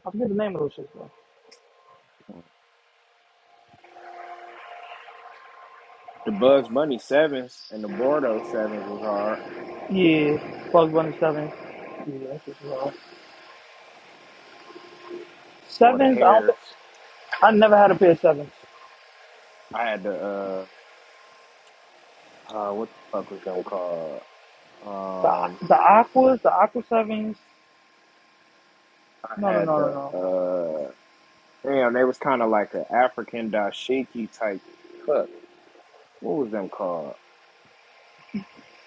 Speaker 3: I forget the name of those shit, bro.
Speaker 1: The Bugs Bunny sevens and the Bordeaux sevens was hard.
Speaker 3: Yeah, Bugs Bunny sevens. Yeah, that's just wrong.
Speaker 1: Boy, the
Speaker 3: Sevens, I don't think,
Speaker 1: hairs.
Speaker 3: I never had a pair of sevens.
Speaker 1: I had the uh, uh what the fuck was that called?
Speaker 3: The,
Speaker 1: Um,
Speaker 3: the Aquas, the Aqua sevens.
Speaker 1: I
Speaker 3: No, no,
Speaker 1: had
Speaker 3: no, no, no.
Speaker 1: the Damn, they was kind of like an African dashiki type. Fuck, what was them called?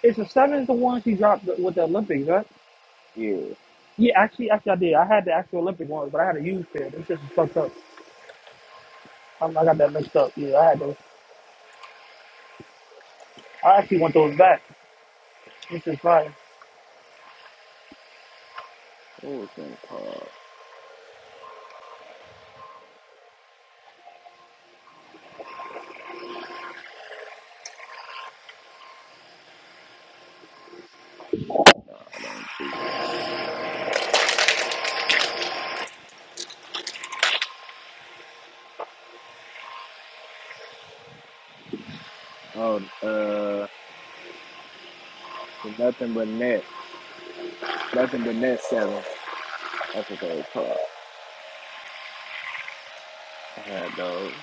Speaker 3: It's the sevens, the ones he dropped with the Olympics, right?
Speaker 1: Yeah,
Speaker 3: Yeah, actually, actually, I did. I had the actual Olympic ones, but I had a used pair. Them shits was fucked up. I, I got that mixed up. Yeah, I had those. I actually want those back. Them shits fire.
Speaker 1: what was them called? Nah, it ain't these. Oh, uh, the nothing but net, nothing but net sevens. That's what they was called. I had those.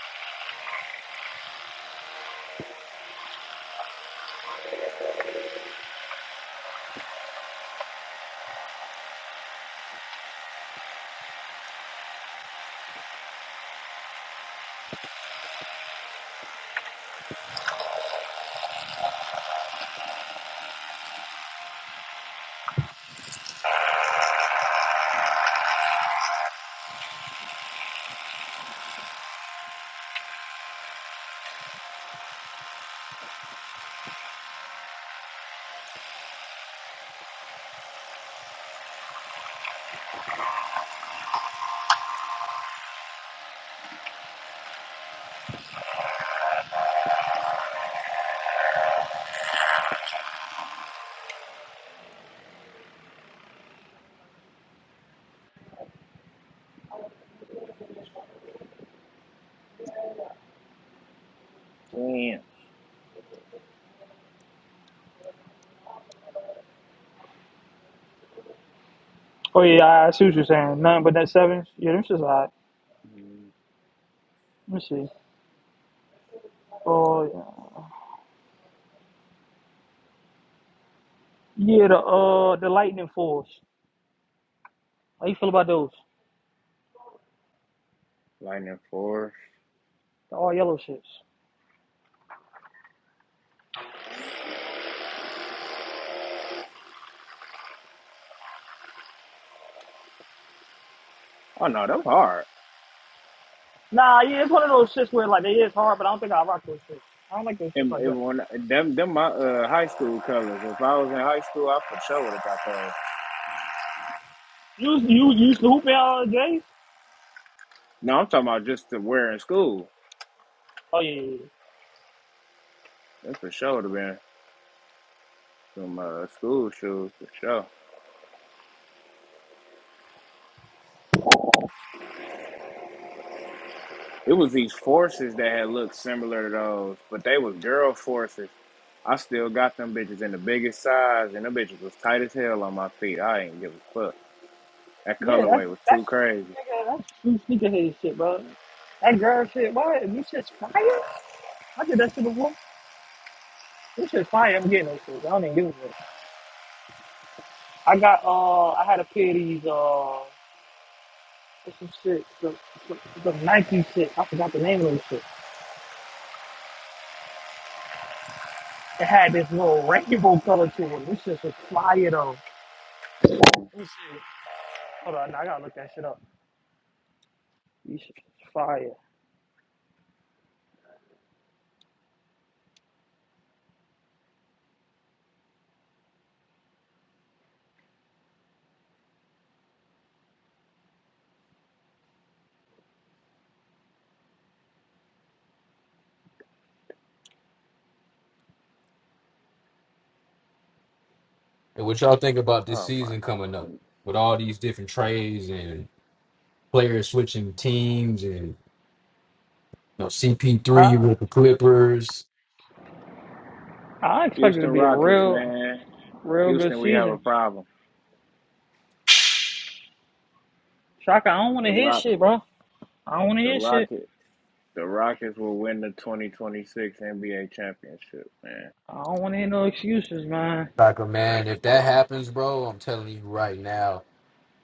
Speaker 1: Damn,
Speaker 3: Oh yeah, I I see what you're saying. Nothing but that sevens. Yeah, them shits hot.
Speaker 1: Mhm.
Speaker 3: Let me see. Oh yeah, yeah the uh the lightning fours. How you feel about those?
Speaker 1: lightning force.
Speaker 3: The all yellow shits.
Speaker 1: Oh no, them hard.
Speaker 3: Nah, yeah, it's one of those shits where like they is hard, but I don't think I rock those shits. I don't like those shits
Speaker 1: And,
Speaker 3: like that.
Speaker 1: and when them them my uh high school colors. If I was in high school, I for sure would have got those.
Speaker 3: You you you used to hoop in uh, Jay?
Speaker 1: No, I'm talking about just to wear in school.
Speaker 3: Oh yeah, yeah, yeah.
Speaker 1: That for sure would have been. some uh, school shoes for sure. It was these forces that had looked similar to those, but they was girl forces. I still got them bitches in the biggest size, and them bitches was tight as hell on my feet. I ain't give a fuck. That
Speaker 3: Yeah, that's
Speaker 1: colorway was too
Speaker 3: that's
Speaker 1: crazy.
Speaker 3: nigga, that's true sneakerhead shit, bro. That girl shit, what? This shit's fire. I did that shit before. This shit's fire. I'm getting those shit. I don't even give a shit. I got uh, I had a pair of these uh, what's some shit, some, some, some Nike shit. I forgot the name of those shit. It had this little rainbow color to it. This shit was fire though.
Speaker 1: Mm.
Speaker 3: This shit, hold on, I gotta look that shit up. This shit's fire.
Speaker 5: And what y'all think about this
Speaker 1: Oh my
Speaker 5: season coming up
Speaker 1: goodness.
Speaker 5: with all these different trades and players switching teams and you know
Speaker 3: I
Speaker 5: CP3 with the Clippers
Speaker 3: I expected it to
Speaker 1: Houston
Speaker 3: be a
Speaker 1: Rockets,
Speaker 3: real,
Speaker 1: man.
Speaker 3: real good
Speaker 1: Houston, we have a
Speaker 3: season.
Speaker 1: problem.
Speaker 3: Shaka, I don't want to
Speaker 1: The
Speaker 3: hear shit,
Speaker 1: Rockets,
Speaker 3: bro. I don't want to
Speaker 1: the
Speaker 3: hear shit.
Speaker 1: Rockets, the Rockets will win the 2026 NBA championship, man.
Speaker 3: I don't want to hear no excuses, man.
Speaker 5: Tucker, man, if that happens, bro, I'm telling you right now,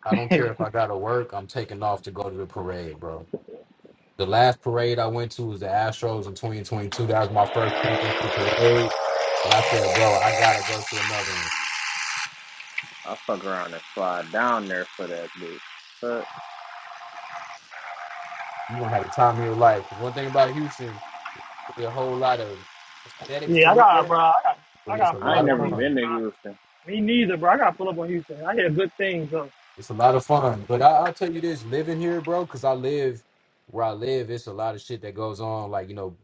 Speaker 5: I don't care if I gotta work, I'm taking off to go to the parade, bro. The last parade I went to was the Astros in 2022. That was my first championship parade. And I said, bro, I gotta go to another one.
Speaker 1: I fuck around and fly down there for that bitch. Fuck,
Speaker 5: you gonna have the time of your life. Because one thing about Houston, there's a whole lot of aesthetics to
Speaker 3: Yeah, I
Speaker 5: look
Speaker 3: got, bro.
Speaker 5: at,
Speaker 3: I got, I
Speaker 5: but
Speaker 3: got
Speaker 5: it's a
Speaker 3: to pull
Speaker 1: I ain't
Speaker 3: up
Speaker 5: lot of
Speaker 3: on
Speaker 1: never
Speaker 5: fun.
Speaker 3: Houston,
Speaker 1: been to Houston.
Speaker 3: bro. Me neither, bro. I got to pull up on Houston. I hear good things though.
Speaker 5: It's a lot of fun. But I, I'll tell you this, living here, bro, because I live where I live, it's a lot of shit that goes on, like, you know,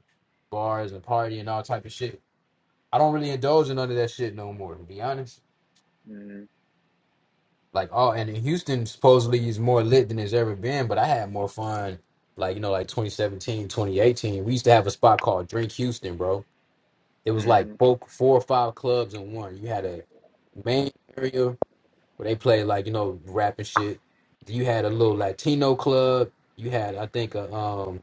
Speaker 5: bars and party and all type of shit. I don't really indulge in none of that shit no more, to be honest.
Speaker 1: mm
Speaker 5: Like, oh, and in Houston supposedly is more lit than it's ever been, but I had more fun, like, you know, like 2017, 2018. We used to have a spot called Drink Houston, bro. It was like
Speaker 1: mm.
Speaker 5: four, four or five clubs in one. You had a main area, where they play like you know rap and shit. You had a little Latino club. You had I think a um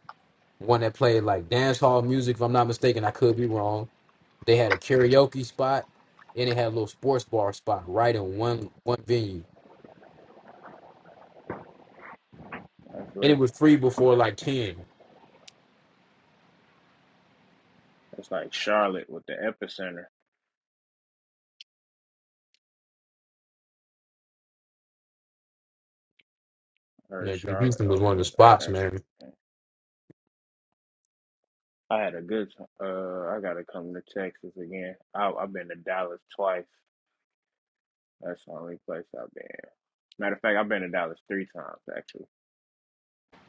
Speaker 5: one that played like dance hall music. If I'm not mistaken, I could be wrong. They had a karaoke spot, and it had a little sports bar spot right in one one venue,
Speaker 1: That's
Speaker 5: and it
Speaker 1: what.
Speaker 5: was free before like ten.
Speaker 1: It's like Charlotte with the epicenter. I heard
Speaker 5: Like,
Speaker 1: Charlotte
Speaker 5: Houston was one
Speaker 1: open
Speaker 5: of the
Speaker 1: it up.
Speaker 5: spots, man.
Speaker 1: That's I had a good. t- Uh, I gotta come to Texas again. I, I've been to Dallas twice. That's the only place I've been. Matter of fact, I've been to Dallas three times actually.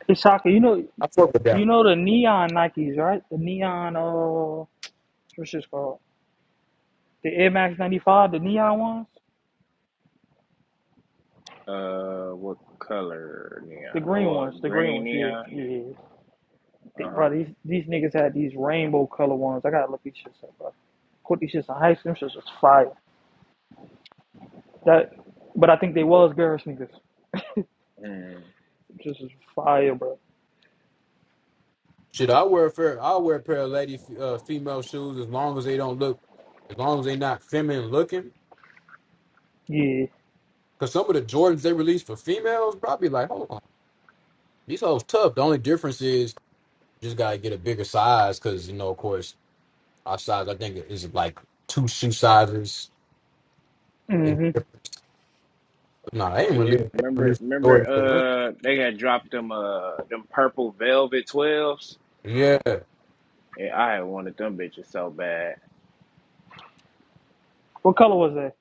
Speaker 3: Hey, Shaka, you know,
Speaker 5: I fuck with
Speaker 3: you
Speaker 5: that.
Speaker 3: know the neon Nikes, right? The neon, uh, what's this called? The Air Max 95, the neon ones?
Speaker 1: Uh, what color neon?
Speaker 3: The green
Speaker 1: Oh, uh,
Speaker 3: ones, the green
Speaker 1: green
Speaker 3: ones, yeah,
Speaker 1: neon.
Speaker 3: yeah. They,
Speaker 1: Uh
Speaker 3: bro,
Speaker 1: huh.
Speaker 3: these, these niggas had these rainbow color ones. I gotta look these shits up, bro. Put these shits in high school, shits was fire. That, but I think they was girls niggas.
Speaker 1: Mm.
Speaker 3: Shits was fire, bro.
Speaker 5: Shit, I wear a fair, I wear a pair of lady uh, female shoes as long as they don't look, as long as they not feminine looking.
Speaker 3: Yeah.
Speaker 5: Cause some of the Jordans they release for females, probably like, hold on. These hoes tough. The only difference is just gotta get a bigger size because you know, of course, our size I think is like two shoe sizes. in
Speaker 3: hmm
Speaker 5: difference. No, they ain't really
Speaker 1: Yeah,
Speaker 5: they ain't
Speaker 1: remember,
Speaker 5: really
Speaker 1: remember.
Speaker 5: Jordan for women.
Speaker 1: Uh, they had dropped them. Uh, them purple velvet twelves.
Speaker 5: Yeah, they're
Speaker 1: Yeah, I had wanted them bitches so bad.
Speaker 3: What color was that?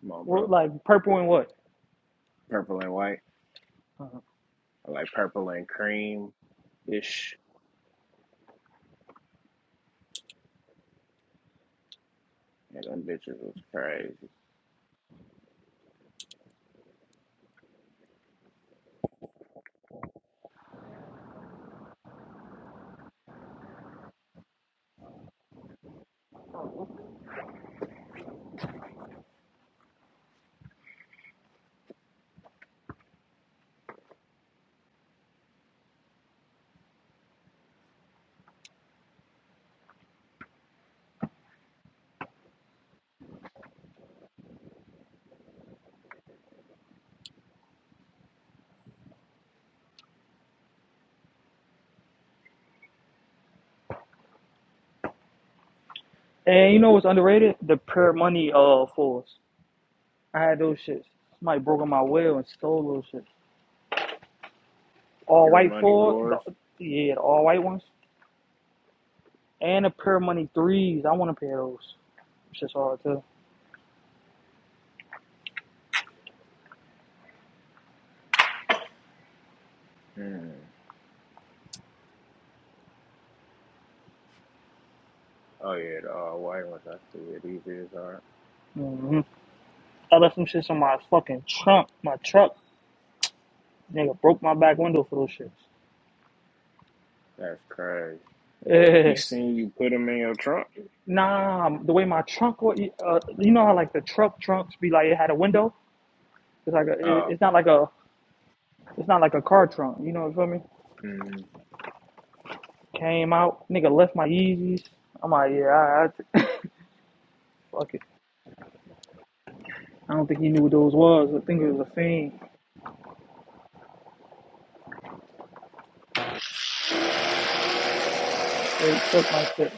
Speaker 1: Come on,
Speaker 3: What,
Speaker 1: bro.
Speaker 3: like purple and what?
Speaker 1: Purple and white.
Speaker 3: Uh-huh.
Speaker 1: I like purple and cream ish. Yeah, them bitches was crazy.
Speaker 3: And you know what's underrated? The prayer money uh fours. I had those shits. Somebody broke in my will and stole those shits. All
Speaker 1: Pure
Speaker 3: white
Speaker 1: money
Speaker 3: four,
Speaker 1: for
Speaker 3: the,
Speaker 1: us.
Speaker 3: yeah, the all white ones, and the prayer money threes. I want a pair of those. Shits hard too.
Speaker 1: Hmm. Oh yeah, the all white ones. I see it. These is hard.
Speaker 3: hmm I left some shits on my fucking trunk, my truck. Nigga broke my back window for those shits.
Speaker 1: That's crazy. He
Speaker 3: Yeah.
Speaker 1: seen you put him in your trunk.
Speaker 3: Nah, the way my trunk, wa- uh, you know how like the truck trunks be like it had a window. It's like a, it-
Speaker 1: Oh,
Speaker 3: it's not like a It's not like a car trunk, you know, what I mean?
Speaker 1: mm,
Speaker 3: Came out, nigga left my Yeezys. I'm like, yeah, I, fuck it. I don't think he knew what those was. I think it was a fiend. They took my shit.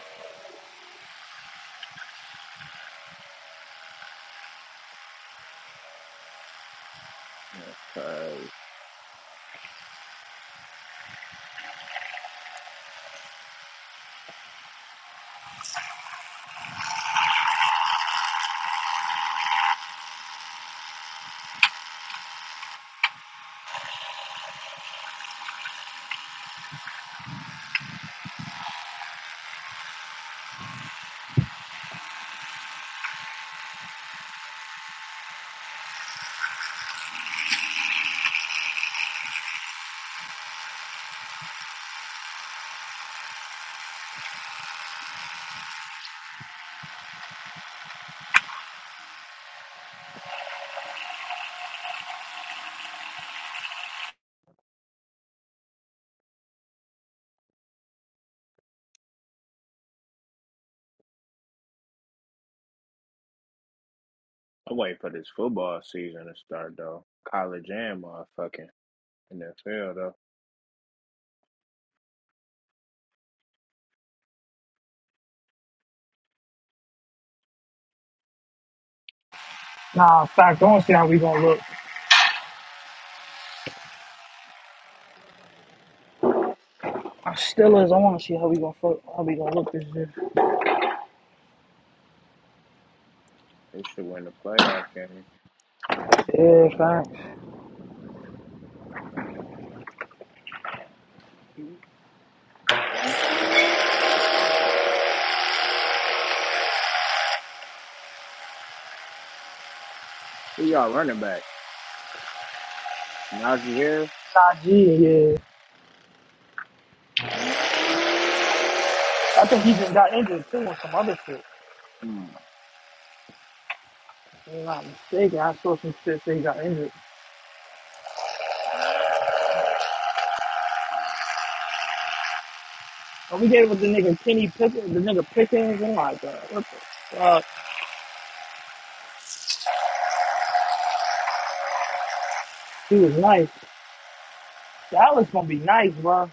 Speaker 1: that's crazy. I wait for this football season to start though. College and motherfucking NFL though.
Speaker 3: Nah, fact, I don't see how we gonna look. I still is. I wanna see how we gonna fuck, how we gonna look this year.
Speaker 1: They should win the playoff game.
Speaker 3: Yeah, fact.
Speaker 1: Who y'all running back? Najee Harris.
Speaker 3: Nah, G, yeah. I think he just got injured too on some other shit.
Speaker 1: Hmm.
Speaker 3: If I'm not mistaken, I saw some shit that he got injured. When we gave it with the nigga Kenny Pickens, the nigga Pickens, and like that. What the fuck? He was nice. Dallas gonna be nice, bro.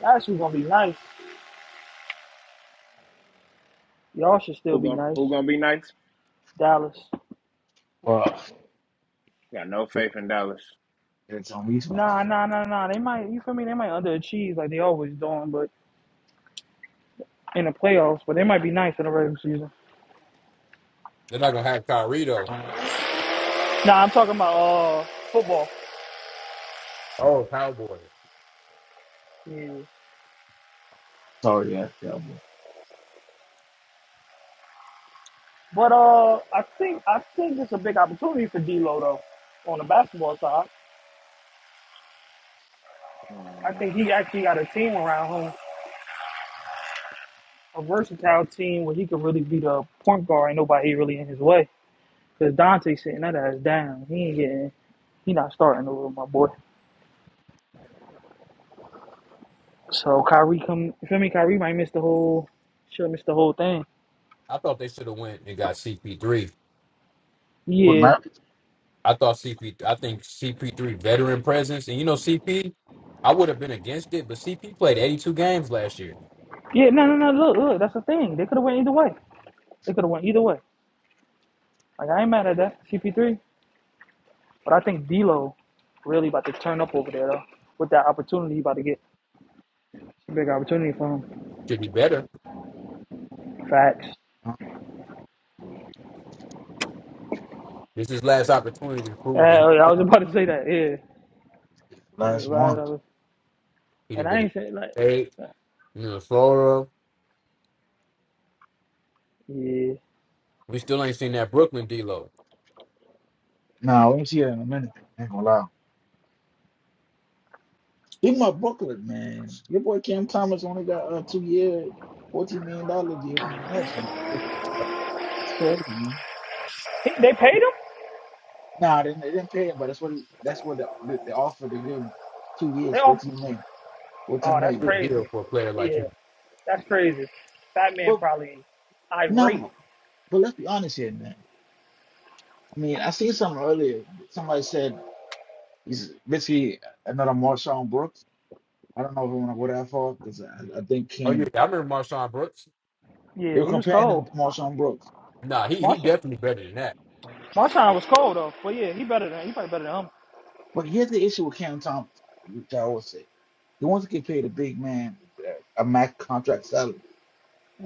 Speaker 3: Dallas is gonna be nice. Y'all should still
Speaker 1: Who
Speaker 3: be
Speaker 1: to
Speaker 3: nice.
Speaker 1: Who gonna be next?
Speaker 3: Dallas.
Speaker 7: Well,
Speaker 1: Got no
Speaker 7: yeah,
Speaker 1: faith in Dallas.
Speaker 7: it's on me
Speaker 3: Nah, nah, nah, nah. They might, you feel me? They might underachieve like they always doing, but in the playoffs. But they might be nice in the regular season.
Speaker 5: not gonna
Speaker 1: Oh.
Speaker 5: have Kyrie though.
Speaker 3: Nah, I'm talking about uh football.
Speaker 5: Oh, Cowboys.
Speaker 3: Yeah.
Speaker 7: Sorry, yeah, Cowboys.
Speaker 3: But uh, I think I think it's a big opportunity for D'Lo though on the basketball side. I
Speaker 1: Hmm.
Speaker 3: think he actually got a team around him, a versatile team where he could really be the point guard and nobody really in his way. Cause Dante sitting that ass down. He ain't getting. He not starting over my boy. So Kyrie come you feel me, Kyrie might miss the whole should miss the whole thing.
Speaker 5: I thought they should have went and got CP3.
Speaker 7: What
Speaker 3: Yeah.
Speaker 7: matters?
Speaker 5: I thought CP. I think CP3 veteran presence, and you know CP. I would have been against it, but CP played 82 games last year.
Speaker 3: Yeah, no no no look, look, that's the thing. They could have went either way. They could have went either way. Like I ain't mad at that, CP three. But I think D'Lo really about to turn up over there though. With that opportunity he about to get. a big opportunity for him.
Speaker 5: Should be better.
Speaker 3: Facts.
Speaker 5: This is his last opportunity to
Speaker 3: Uh,
Speaker 5: prove
Speaker 3: yeah, I
Speaker 5: that
Speaker 3: was about to say that, yeah.
Speaker 7: Last
Speaker 3: Right,
Speaker 7: one.
Speaker 3: I was-
Speaker 5: he'd
Speaker 3: And
Speaker 5: have
Speaker 3: I ain't saying like
Speaker 5: been. You Florida.
Speaker 3: yeah.
Speaker 5: We still ain't seen that Brooklyn D low.
Speaker 7: Nah, we'll see it in a minute. Ain't gonna lie. Even my Brooklyn man, your boy Cam Thomas only got a uh, two year, fourteen million dollar deal from the Nets. man.
Speaker 5: That's
Speaker 7: That's crazy, man.
Speaker 3: He- They paid him?
Speaker 7: Nah, they, they didn't pay him, but that's what he, that's what the, the, the offer they give him. Two
Speaker 3: They
Speaker 7: years,
Speaker 3: off
Speaker 7: fourteen million,
Speaker 3: oh
Speaker 7: fourteen
Speaker 3: that's
Speaker 5: a
Speaker 7: million.
Speaker 5: good
Speaker 3: crazy.
Speaker 5: deal for a player like
Speaker 3: Yeah.
Speaker 5: him.
Speaker 3: That's crazy. That man
Speaker 7: But
Speaker 3: probably irate.
Speaker 7: no, but let's be honest here, man. I mean, I seen something earlier. Somebody said he's basically another Marshawn Brooks. I don't know if I want to go that far because I, I think
Speaker 5: Oh yeah,
Speaker 7: Cam,
Speaker 5: I remember Marshawn Brooks.
Speaker 3: Yeah,
Speaker 7: you're
Speaker 3: he was
Speaker 7: comparing him
Speaker 3: cold.
Speaker 7: to Marshawn Brooks.
Speaker 5: Nah, he he
Speaker 3: Marshawn.
Speaker 5: definitely better than that.
Speaker 3: Marshawn was cold though. But yeah, he better than he probably better than
Speaker 7: But here's the issue with Cam Thomas, which I always say. He wants to get paid a big man, uh, a max contract salary.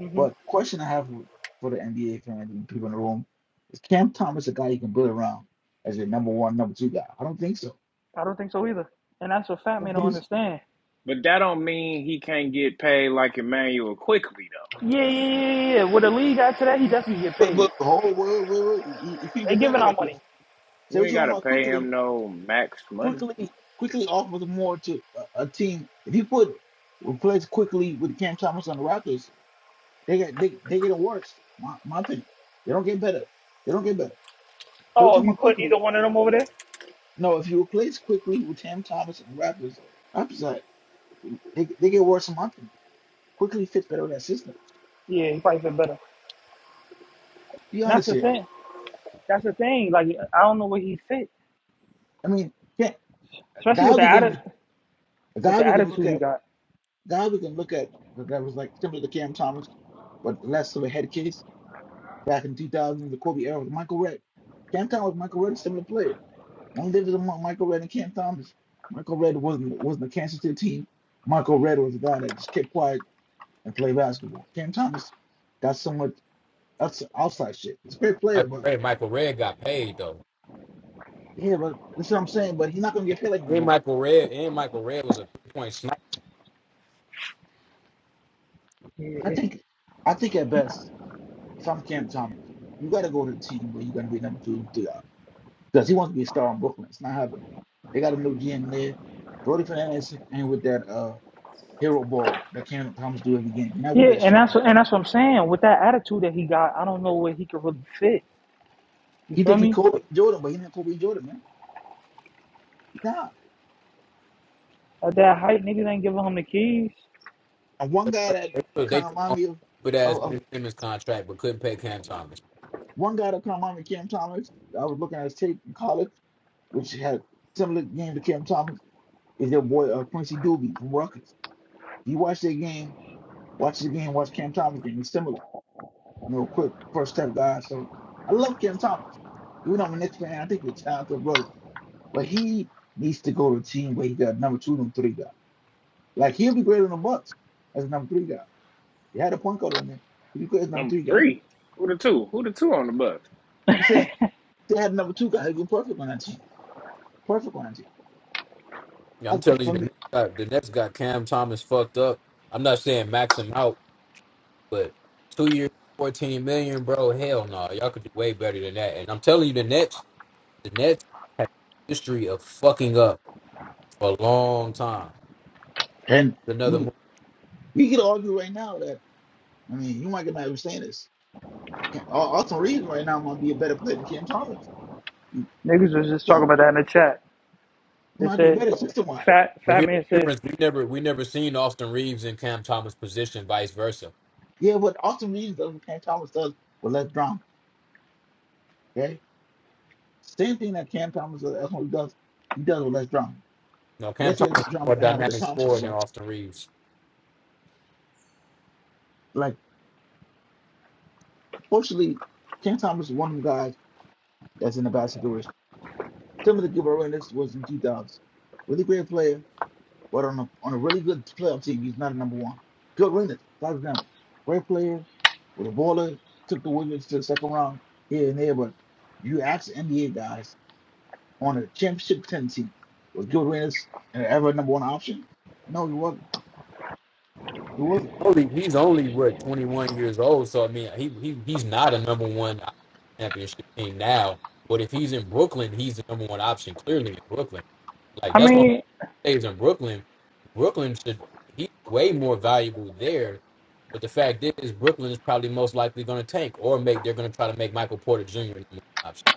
Speaker 3: him. hmm
Speaker 7: But the question I have for the NBA fans and people in the room is Cam Thomas a guy you can build around as your number one, number two guy? I don't think so.
Speaker 3: I don't think so either. And that's what
Speaker 7: I
Speaker 3: fat
Speaker 7: don't
Speaker 3: man don't
Speaker 7: think so.
Speaker 3: understand.
Speaker 1: But that don't mean he can't get paid like Emmanuel quickly though.
Speaker 3: Yeah, yeah, yeah, yeah. yeah. With the league got to that, he definitely get
Speaker 7: But,
Speaker 3: paid.
Speaker 7: but, hold, wait, wait, wait. You, you can't
Speaker 3: They
Speaker 7: get
Speaker 3: giving
Speaker 7: paid
Speaker 3: out
Speaker 7: like that.
Speaker 3: money.
Speaker 7: Say
Speaker 1: You
Speaker 7: what
Speaker 1: ain't
Speaker 7: you want
Speaker 1: gotta
Speaker 7: about
Speaker 1: pay
Speaker 7: quickly.
Speaker 1: him no max money.
Speaker 7: quickly quickly offers more to a, a team. If you put replace quickly with Cam Thomas on the Raptors, they get they, they get worse. My my opinion, they don't get better. They don't get better. They're
Speaker 3: Oh,
Speaker 7: talking
Speaker 3: if you
Speaker 7: about
Speaker 3: put
Speaker 7: quickly.
Speaker 3: either one of them over there,
Speaker 7: No, if you replace quickly with Cam Thomas and the Raptors, Raptors are, they they get worse. In my opinion, quickly fits better in that system.
Speaker 3: Yeah, he probably fit better.
Speaker 7: Be
Speaker 3: And that's
Speaker 7: honest
Speaker 3: the
Speaker 7: here.
Speaker 3: thing. That's the thing. Like I don't know where he fit,
Speaker 7: I mean, yeah, a
Speaker 3: especially
Speaker 7: guy
Speaker 3: with the
Speaker 7: we can
Speaker 3: atti-
Speaker 7: a
Speaker 3: with
Speaker 7: guy
Speaker 3: the
Speaker 7: we can look
Speaker 3: attitude he
Speaker 7: at
Speaker 3: got.
Speaker 7: a guy we can look at that was like similar to Cam Thomas, but less of a head case back in 2000, the Kobe era with Michael Redd. Cam Thomas Michael Redd, similar player. Only difference among Michael Redd and Cam Thomas, Michael Redd wasn't wasn't a cancer to the team. Michael Redd was a guy that just kept quiet and played basketball. Cam Thomas got so much that's outside shit. He's a great player,
Speaker 5: Michael
Speaker 7: but
Speaker 5: Red, Michael Red got paid though.
Speaker 7: yeah, but that's what I'm saying. But he's not gonna get paid like
Speaker 5: And
Speaker 7: Michael Redd.
Speaker 5: Michael Red and Michael Red was a three point sniper.
Speaker 7: I
Speaker 3: yeah,
Speaker 7: think, I think at best, if I'm Cam Thomas, you gotta go to the team where you got to be number two and three out because he wants to be a star in Brooklyn. It's not happening. They got a new GM there. Brody Fernandez and with that. uh. hero ball that Cam Thomas do every game. You're not with
Speaker 3: Yeah,
Speaker 7: that
Speaker 3: and
Speaker 7: shit.
Speaker 3: that's what and that's what I'm saying. With that attitude that he got, I don't know where he could really fit. You
Speaker 7: He
Speaker 3: feel
Speaker 7: think he
Speaker 3: me?
Speaker 7: Kobe Jordan, but he not Kobe Jordan, man. Nah,
Speaker 3: At that height, niggas ain't giving him the keys.
Speaker 7: And one
Speaker 5: They
Speaker 7: guy that
Speaker 5: took they
Speaker 7: kind of
Speaker 5: took
Speaker 7: remind
Speaker 5: on
Speaker 7: me of,
Speaker 5: good ass
Speaker 7: of, of
Speaker 5: Ben Simmons contract, but couldn't pay Cam Thomas.
Speaker 7: one guy that kind of remind me of Cam Thomas. I was looking at his tape in college, which had similar game to Cam Thomas. Is their boy uh, Quincy Doobie from Rockets? You watch their game, watch the game, watch Cam Thomas game. It's similar, you know, quick first step guy. So I love Cam Thomas. Even though I'm a Knicks fan, I think he's a talented brother, but he needs to go to a team where he got number two, and number three guy. Like he'll be greater than the Bucks as a number three guy. They had a point guard on there. He'd be great as a number
Speaker 1: Number
Speaker 7: three guy.
Speaker 1: three. Who the two? Who the two on the Bucks?
Speaker 7: I'm saying if they had a number two guy, he'd be perfect on that team. Perfect on that team.
Speaker 5: Yeah, I'm
Speaker 7: I,
Speaker 5: telling you,
Speaker 7: for
Speaker 5: the
Speaker 7: me,
Speaker 5: next got the next got Cam Thomas fucked up. I'm not saying max him out, but two years, fourteen million, bro. Hell no, y'all could do way better than that. And I'm telling you, the Nets The Nets have a history of fucking up for a long time.
Speaker 7: and
Speaker 5: It's Another
Speaker 7: we,
Speaker 5: move.
Speaker 7: we could argue right now that I mean you might get mad for saying this. Can- Au- Austin Reeves right now might be a better player than Cam Thomas. You
Speaker 3: Niggas was just talking
Speaker 7: don't.
Speaker 3: about that in the chat.
Speaker 7: He
Speaker 3: They
Speaker 7: might be
Speaker 3: said,
Speaker 7: better system wise.
Speaker 3: "Fat
Speaker 5: But
Speaker 3: Fat
Speaker 5: here's
Speaker 3: Man
Speaker 5: the
Speaker 3: said."
Speaker 5: difference. We never we never seen Austin Reeves in Cam Thomas position, vice versa.
Speaker 7: Yeah, what Austin Reeves does, what Cam Thomas does, with less drama. Okay, same thing that Cam Thomas does. That's what he does. He does with less drama.
Speaker 5: No, Cam
Speaker 7: Yes, he
Speaker 5: Thomas
Speaker 7: has
Speaker 5: is
Speaker 7: drama
Speaker 5: more
Speaker 7: right now with
Speaker 5: dynamic
Speaker 7: the contract,
Speaker 5: scorer than
Speaker 7: but
Speaker 5: Austin Reeves.
Speaker 7: like. Fortunately, Cam Thomas is one of them guys that's in a bad situation. Similar to Gilbert Arenas was in 2000. Really great player, but on a, on a really good playoff team, he's not a number one. Gilbert Arenas, for example, great player, was a baller, took the Wizards to the second round here and there, but you ask NBA guys on a championship contending team, was Gilbert Arenas ever a number one option? No, he wasn't. He wasn't.
Speaker 5: Only he's only what twenty one years old, so I mean he, he he's not a number one championship team now. But if he's in Brooklyn, he's the number one option clearly in Brooklyn. Like
Speaker 3: I
Speaker 5: that's my
Speaker 3: mean,
Speaker 5: stays in Brooklyn, Brooklyn should he's way more valuable there. But the fact is, Brooklyn is probably most likely going to tank or make they're going to try to make Michael Porter Jr. the number one option.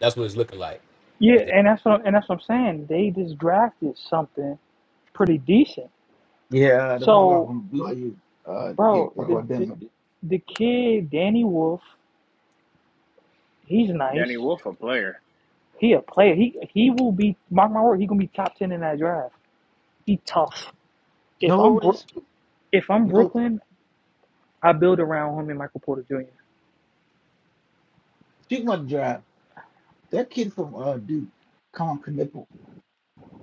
Speaker 5: That's what it's looking like.
Speaker 3: yeah,
Speaker 5: Because if
Speaker 3: and that's what and that's what I'm saying. They just drafted something pretty decent.
Speaker 7: Yeah, the point guard
Speaker 3: So,
Speaker 7: from BYU, uh, yeah,
Speaker 3: bro,
Speaker 7: talk
Speaker 3: the
Speaker 7: about
Speaker 3: the,
Speaker 7: them.
Speaker 3: the kid Danny Wolf, he's nice.
Speaker 1: Danny Wolf a player.
Speaker 3: He a player. He he will be mark my word. He gonna be top ten in that draft. He tough. If I'm
Speaker 7: No, it
Speaker 3: Bro-
Speaker 7: is.
Speaker 3: if I'm
Speaker 7: No,
Speaker 3: Brooklyn, I build around him and Michael Porter Jr.
Speaker 7: speaking about the draft. That kid from uh Duke, Colin Knipple,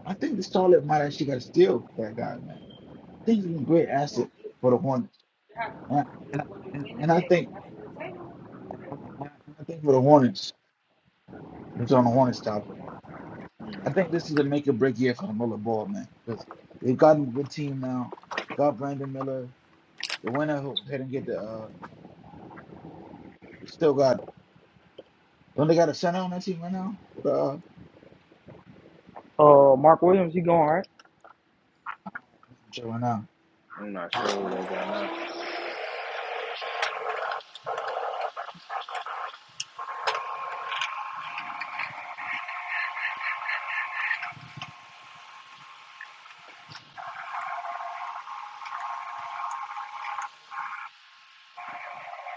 Speaker 7: I think the Charlotte might actually got to steal that guy, man. I think he's a great asset for the Hornets. And I, and I, and and I think I I think for the Hornets, it's on the Hornets topic. I
Speaker 1: Mm,
Speaker 7: think this is a make or break year for the Miller ball, man, because they've got a good team now. They got Brandon Miller. They went ahead and get the. uh They still got. Don't they got a center on that team right now? Uh, I'm
Speaker 3: Uh, Mark Williams, he going all right.
Speaker 7: sure right now.
Speaker 1: I'm not sure who they got now.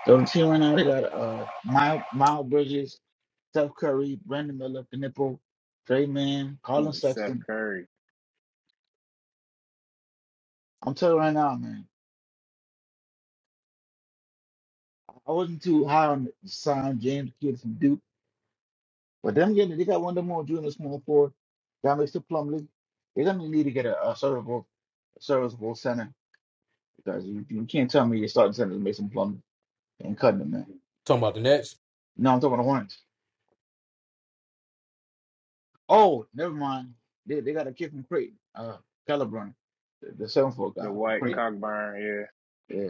Speaker 7: So the team right now they got uh Miles Miles Bridges. Steph Curry, Brandon Miller, Nipple, Trey Man, Colin
Speaker 1: Hmm, Seth
Speaker 7: Sexton.
Speaker 1: Curry,
Speaker 7: I'm telling you right now, man, I wasn't too high on sign James Kidd from Duke, but them getting they got one of them more junior small forward, Got Mister to Plumlee. They're gonna need to get a, a serviceable, serviceable center because you, you can't tell me your starting center is Mason Plumlee and cutting them, man.
Speaker 5: you're talking about the Nets,
Speaker 7: No, I'm talking about the Hornets. Oh, never mind. They they got a kid from Creighton, uh, Caliburn, the, the seven foot guy
Speaker 1: the
Speaker 7: from
Speaker 1: White
Speaker 7: Creighton.
Speaker 1: Cockburn, yeah.
Speaker 7: Yeah.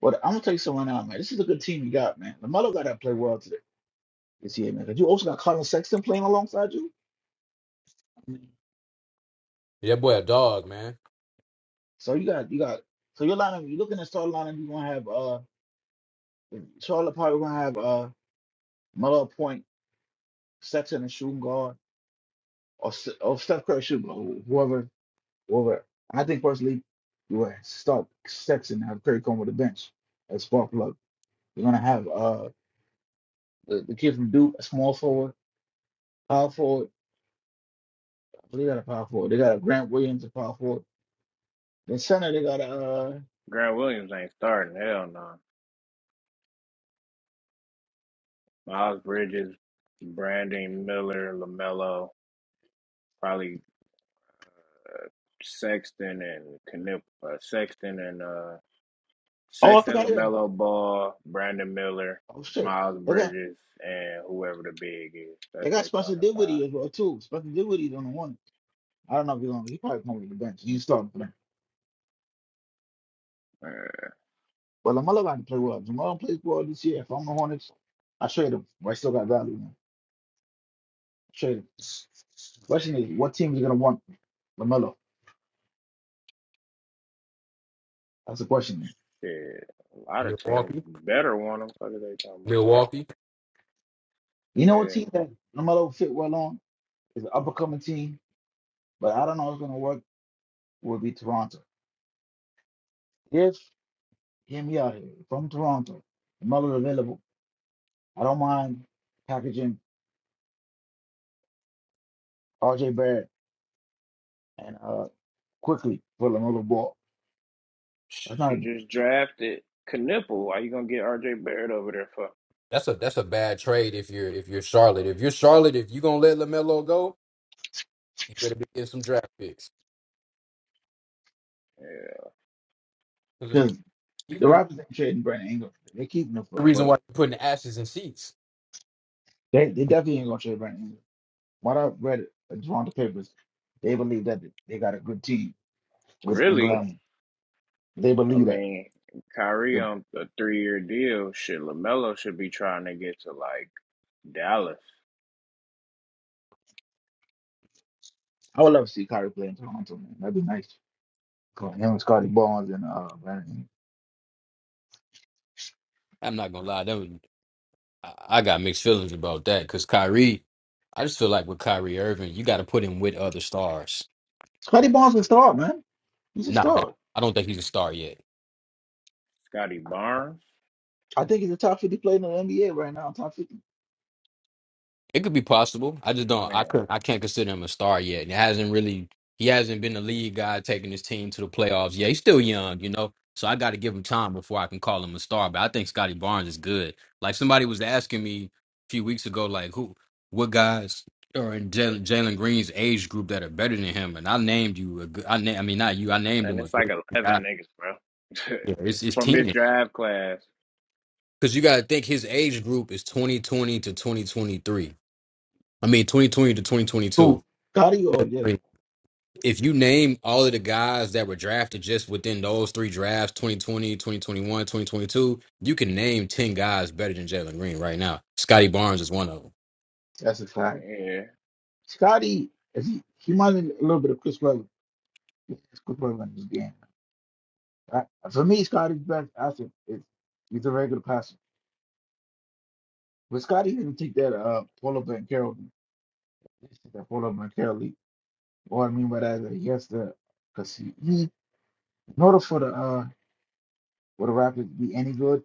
Speaker 7: But I'm gonna tell you something right now, man. This is a good team you got, man. Lamelo got to play well today this year, man. 'cause you also got Colin Sexton playing alongside you.
Speaker 5: yeah, boy, a dog, man.
Speaker 7: So you got you got so your lineup. You're looking at starting lineup. You're gonna have uh Charlotte probably gonna have uh Melo at Point, Sexton, and shooting guard, or S- or Steph Curry shooting guard, wh- whoever, whoever. I think personally, you would start Sexton and have Curry come with the bench as spark plug. You're gonna have uh the, the kid from Duke, a small forward, power forward. I believe they got a power forward. They got a Grant Williams, a power forward. Then Sunday they got uh
Speaker 1: Grant Williams ain't starting. Hell no. Miles Bridges, Brandon Miller, Lamelo, probably Sexton and Knip, uh, Sexton and uh,
Speaker 7: oh I
Speaker 1: Sexton,
Speaker 7: forgot it.
Speaker 1: LaMelo Ball, Brandon Miller,
Speaker 7: Oh shit.
Speaker 1: Miles
Speaker 7: They got
Speaker 1: Bridges, and whoever the big is.
Speaker 7: they
Speaker 1: That's
Speaker 7: got
Speaker 1: their
Speaker 7: Spencer
Speaker 1: starting five.
Speaker 7: Dinwiddie as well too. Spencer Dinwiddie's on the one. I don't know if he's gonna he probably come with the bench. He's starting for them.
Speaker 1: Uh,
Speaker 7: But Lamelo got to play well. If Lamelo plays well this year, if I'm the Hornets, I trade him. But I still got value now. Trade him. Question is what team is gonna want Lamelo? That's the question.
Speaker 1: Shit. A lot of teams
Speaker 5: Milwaukee,
Speaker 1: better want them. What are they talking about?
Speaker 5: Milwaukee.
Speaker 7: You know what
Speaker 1: Yeah.
Speaker 7: team that Lamelo fit well on is an up and coming team, but I don't know if it's gonna work will be Toronto. If hear me out here, from Toronto, Lamelo available. I don't mind packaging RJ Barrett and uh quickly for LaMelo Ball. That's not
Speaker 1: You just drafted Knipple. Why you going to get RJ Barrett over there for?
Speaker 5: That's a that's a bad trade if you're if you're Charlotte. If you're Charlotte, if you're gonna let Lamelo go, you better be getting some draft picks.
Speaker 1: Yeah.
Speaker 5: Because I mean,
Speaker 7: because
Speaker 5: he's
Speaker 7: the
Speaker 5: the
Speaker 7: Raptors ain't trading Brandon Ingram. They keeping him for,
Speaker 5: the reason
Speaker 7: for
Speaker 5: why you're putting ashes in seats.
Speaker 7: they they definitely ain't gonna trade Brandon Ingram. What I read in Toronto papers, they believe that they got a good team with
Speaker 1: Really?
Speaker 7: Ingram. They
Speaker 1: I
Speaker 7: believe that.
Speaker 1: mean, Kyrie
Speaker 7: If-
Speaker 1: on a three year deal. Shit, LaMelo should be trying to get to like Dallas.
Speaker 7: I would love to see Kyrie play in Toronto, man. That'd be nice. Cool. Him and Scotty Barnes and uh Brandon. Ingram.
Speaker 5: I'm not gonna lie, that was. I, I got mixed feelings about that because Kyrie, I just feel like with Kyrie Irving, you got to put him with other stars.
Speaker 7: Scotty Barnes is start, man. He's a
Speaker 5: Not that
Speaker 7: star.
Speaker 5: I don't think he's a star yet.
Speaker 1: Scotty Barnes?
Speaker 7: I think he's a top fifty player in the NBA right now, top fifty.
Speaker 5: It could be possible. I just
Speaker 1: Oh
Speaker 5: don't. I
Speaker 1: man.
Speaker 5: could. I can't consider him a star yet. And it hasn't really. He hasn't been the lead guy taking his team to the playoffs. Yeah, he's still young, you know. So I got to give him time before I can call him a star. But I think Scotty Barnes is good. Like somebody was asking me a few weeks ago, like who, what guys are in Jalen Jalen Green's age group that are better than him? And I named you a good. I na- I mean, not you. I named him
Speaker 1: And
Speaker 5: a
Speaker 1: it's like
Speaker 5: good guy.
Speaker 1: 11 niggas, bro.
Speaker 5: Yeah, it's it's
Speaker 1: From his
Speaker 5: ten.
Speaker 1: drive class.
Speaker 5: Because you got to think his age group is 2020 to 2023. I mean, 2020 to 2022.
Speaker 7: Who? Scotty or
Speaker 5: That's
Speaker 7: yeah,
Speaker 5: crazy. if you name all of the guys that were drafted just within those three drafts 2020 2021 2022, you can name 10 guys better than jalen green right now scotty barnes is one of them
Speaker 7: that's a fact.
Speaker 1: Yeah.
Speaker 7: Scotty is he, he reminded me a little bit of Chris Webber. It's Chris Webber in this game. I, for me, Scotty's best asset is he's a regular passer. But Scotty didn't take that uh pull up and Carroll He didn't take that pull up and Carroll lead. What I mean by that is that he has to because he, he in order for the uh for the Raptors to be any good,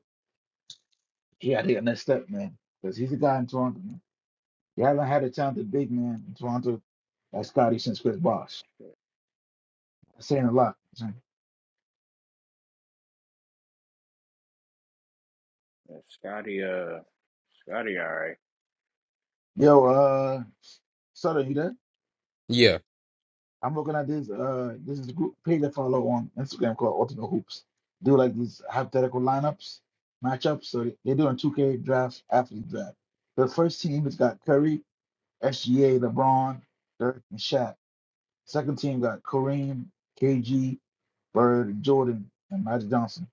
Speaker 7: he got to get next step, man. Because he's a guy in Toronto. Man. You haven't had a talented big man in Toronto like Scotty since Chris
Speaker 1: Oh,
Speaker 7: Bosh. That's saying a lot.
Speaker 1: yeah, Scotty, uh, Scotty, all right.
Speaker 7: Yo, uh, Sutter, you there?
Speaker 5: yeah
Speaker 7: I'm looking at this. Uh, this is a group page I follow on Instagram called Ultimate Hoops. Do like these hypothetical lineups, matchups. So they- they're doing 2K draft, athlete draft. The first team has got Curry, SGA, LeBron, Dirk, and Shaq. Second team got Kareem, KG, Bird, Jordan, and Magic Johnson.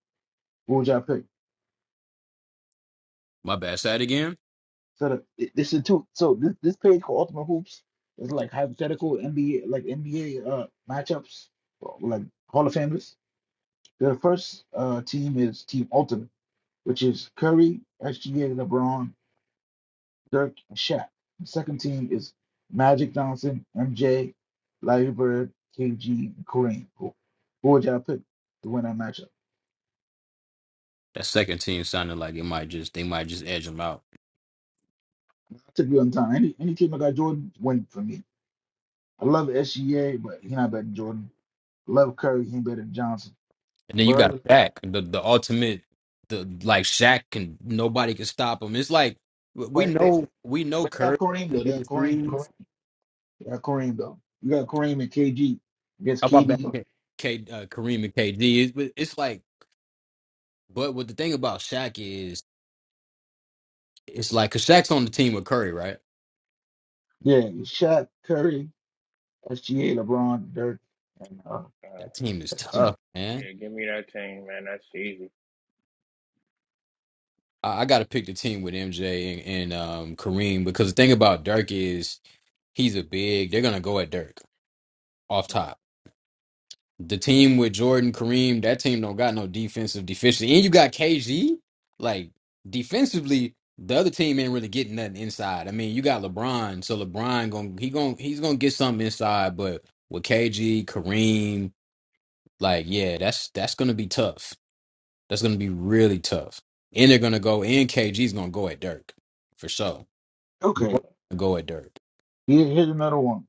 Speaker 7: Who would y'all pick?
Speaker 5: my bad side again
Speaker 7: So the, it- this is two. So this this page called Ultimate Hoops is like hypothetical NBA, like NBA uh matchups, like Hall of Famers. The first uh, team is Team Ultimate, which is Curry, SGA, LeBron, Dirk, and Shaq. The second team is Magic Johnson, MJ, Larry Bird, KG, and Kareem. Who, who would y'all pick to win that matchup?
Speaker 5: that second team sounded like it might just they might just edge them out
Speaker 7: I took you on time. Any any team that got Jordan, win for me. I love SGA, but he not better than Jordan. love Curry, he ain't better than Johnson.
Speaker 5: and then you got
Speaker 7: Bird,
Speaker 5: Shaq, the, the ultimate the like Shaq can nobody can stop him it's like we
Speaker 7: but they
Speaker 5: know we know
Speaker 7: but they got
Speaker 5: Curry
Speaker 7: Kareem
Speaker 5: can
Speaker 7: though. They
Speaker 5: get
Speaker 7: got
Speaker 5: his
Speaker 7: Kareem. Kareem.
Speaker 5: threes
Speaker 7: They got Kareem though. You got Kareem and KG against
Speaker 5: how about back
Speaker 7: KD.
Speaker 5: K, K- uh, Kareem and KD it's, but it's like But what the thing about Shaq is, it's like, cause Shaq's on the team with Curry, right?
Speaker 7: Yeah, it's Shaq, Curry, SGA, LeBron, Dirk, and uh,
Speaker 1: Uh,
Speaker 5: That team is
Speaker 7: that's the team.
Speaker 5: tough, man.
Speaker 1: yeah, give me that thing, man. That's easy.
Speaker 5: I, I got to pick the team with MJ and, and um, Kareem because the thing about Dirk is he's a big. They're gonna go at Dirk off
Speaker 1: Mm.
Speaker 5: top. The team with Jordan, Kareem, that team don't got no defensive deficiency, and you got KG. Like defensively, the other team ain't really getting nothing inside. I mean, you got LeBron, so LeBron gonna he gonna he's gonna get something inside, but with KG, Kareem. Like, yeah, that's that's gonna be tough. That's gonna be really tough. And they're gonna go, and KG's gonna go at Dirk for sure.
Speaker 7: Okay,
Speaker 5: Jordan gonna Go at Dirk.
Speaker 7: here, here's another one.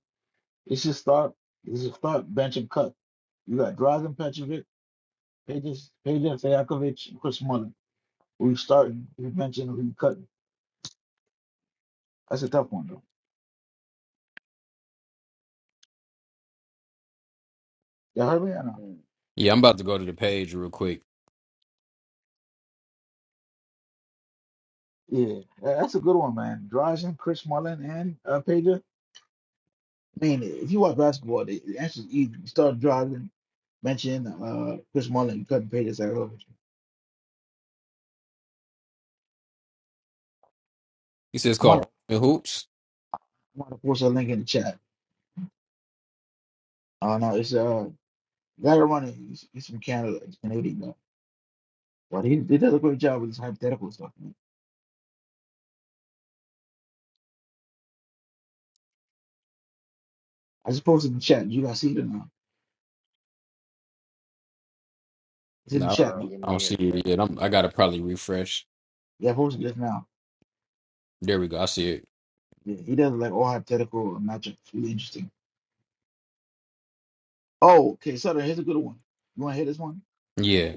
Speaker 7: It's your start. It's your start bench and cut. You got Dragan Petrovic, Pages, Pages, Stojakovic, and Chris Mullin. Who you starting? Who you benching? Who you cutting? That's a tough one though. You heard me or not?
Speaker 1: Mm.
Speaker 5: Yeah, I'm about to go to the page real quick.
Speaker 7: Yeah, tha- that's a good one, man. Dragan, Chris Mullin, and uh, Pages. I mean, if you watch basketball, the, the answer is easy. You start Dragan, benching uh, Chris Mullin, you cutting Pages, Stojakovic.
Speaker 5: He says, "Call the hoops."
Speaker 7: I'm gonna post a link in the chat. Uh, no, it's uh, Larry Running. He's, he's from Canada. He's Canadian though. But he, he does a great job with his hypothetical stuff. Man. I just posted in the chat. You guys see it or not? It's in
Speaker 5: No,
Speaker 7: the
Speaker 5: I don't
Speaker 7: chat,
Speaker 1: Uh,
Speaker 7: man.
Speaker 1: give
Speaker 5: I don't
Speaker 1: me a
Speaker 5: see
Speaker 1: second.
Speaker 5: it yet. I'm, I gotta probably refresh.
Speaker 7: Yeah, I posted just now.
Speaker 5: There we go. I see it.
Speaker 7: Yeah, he does like all hypothetical and matchup. really interesting. Oh, okay, Sutter. Here's a good one. You want to hear this one?
Speaker 5: Yeah,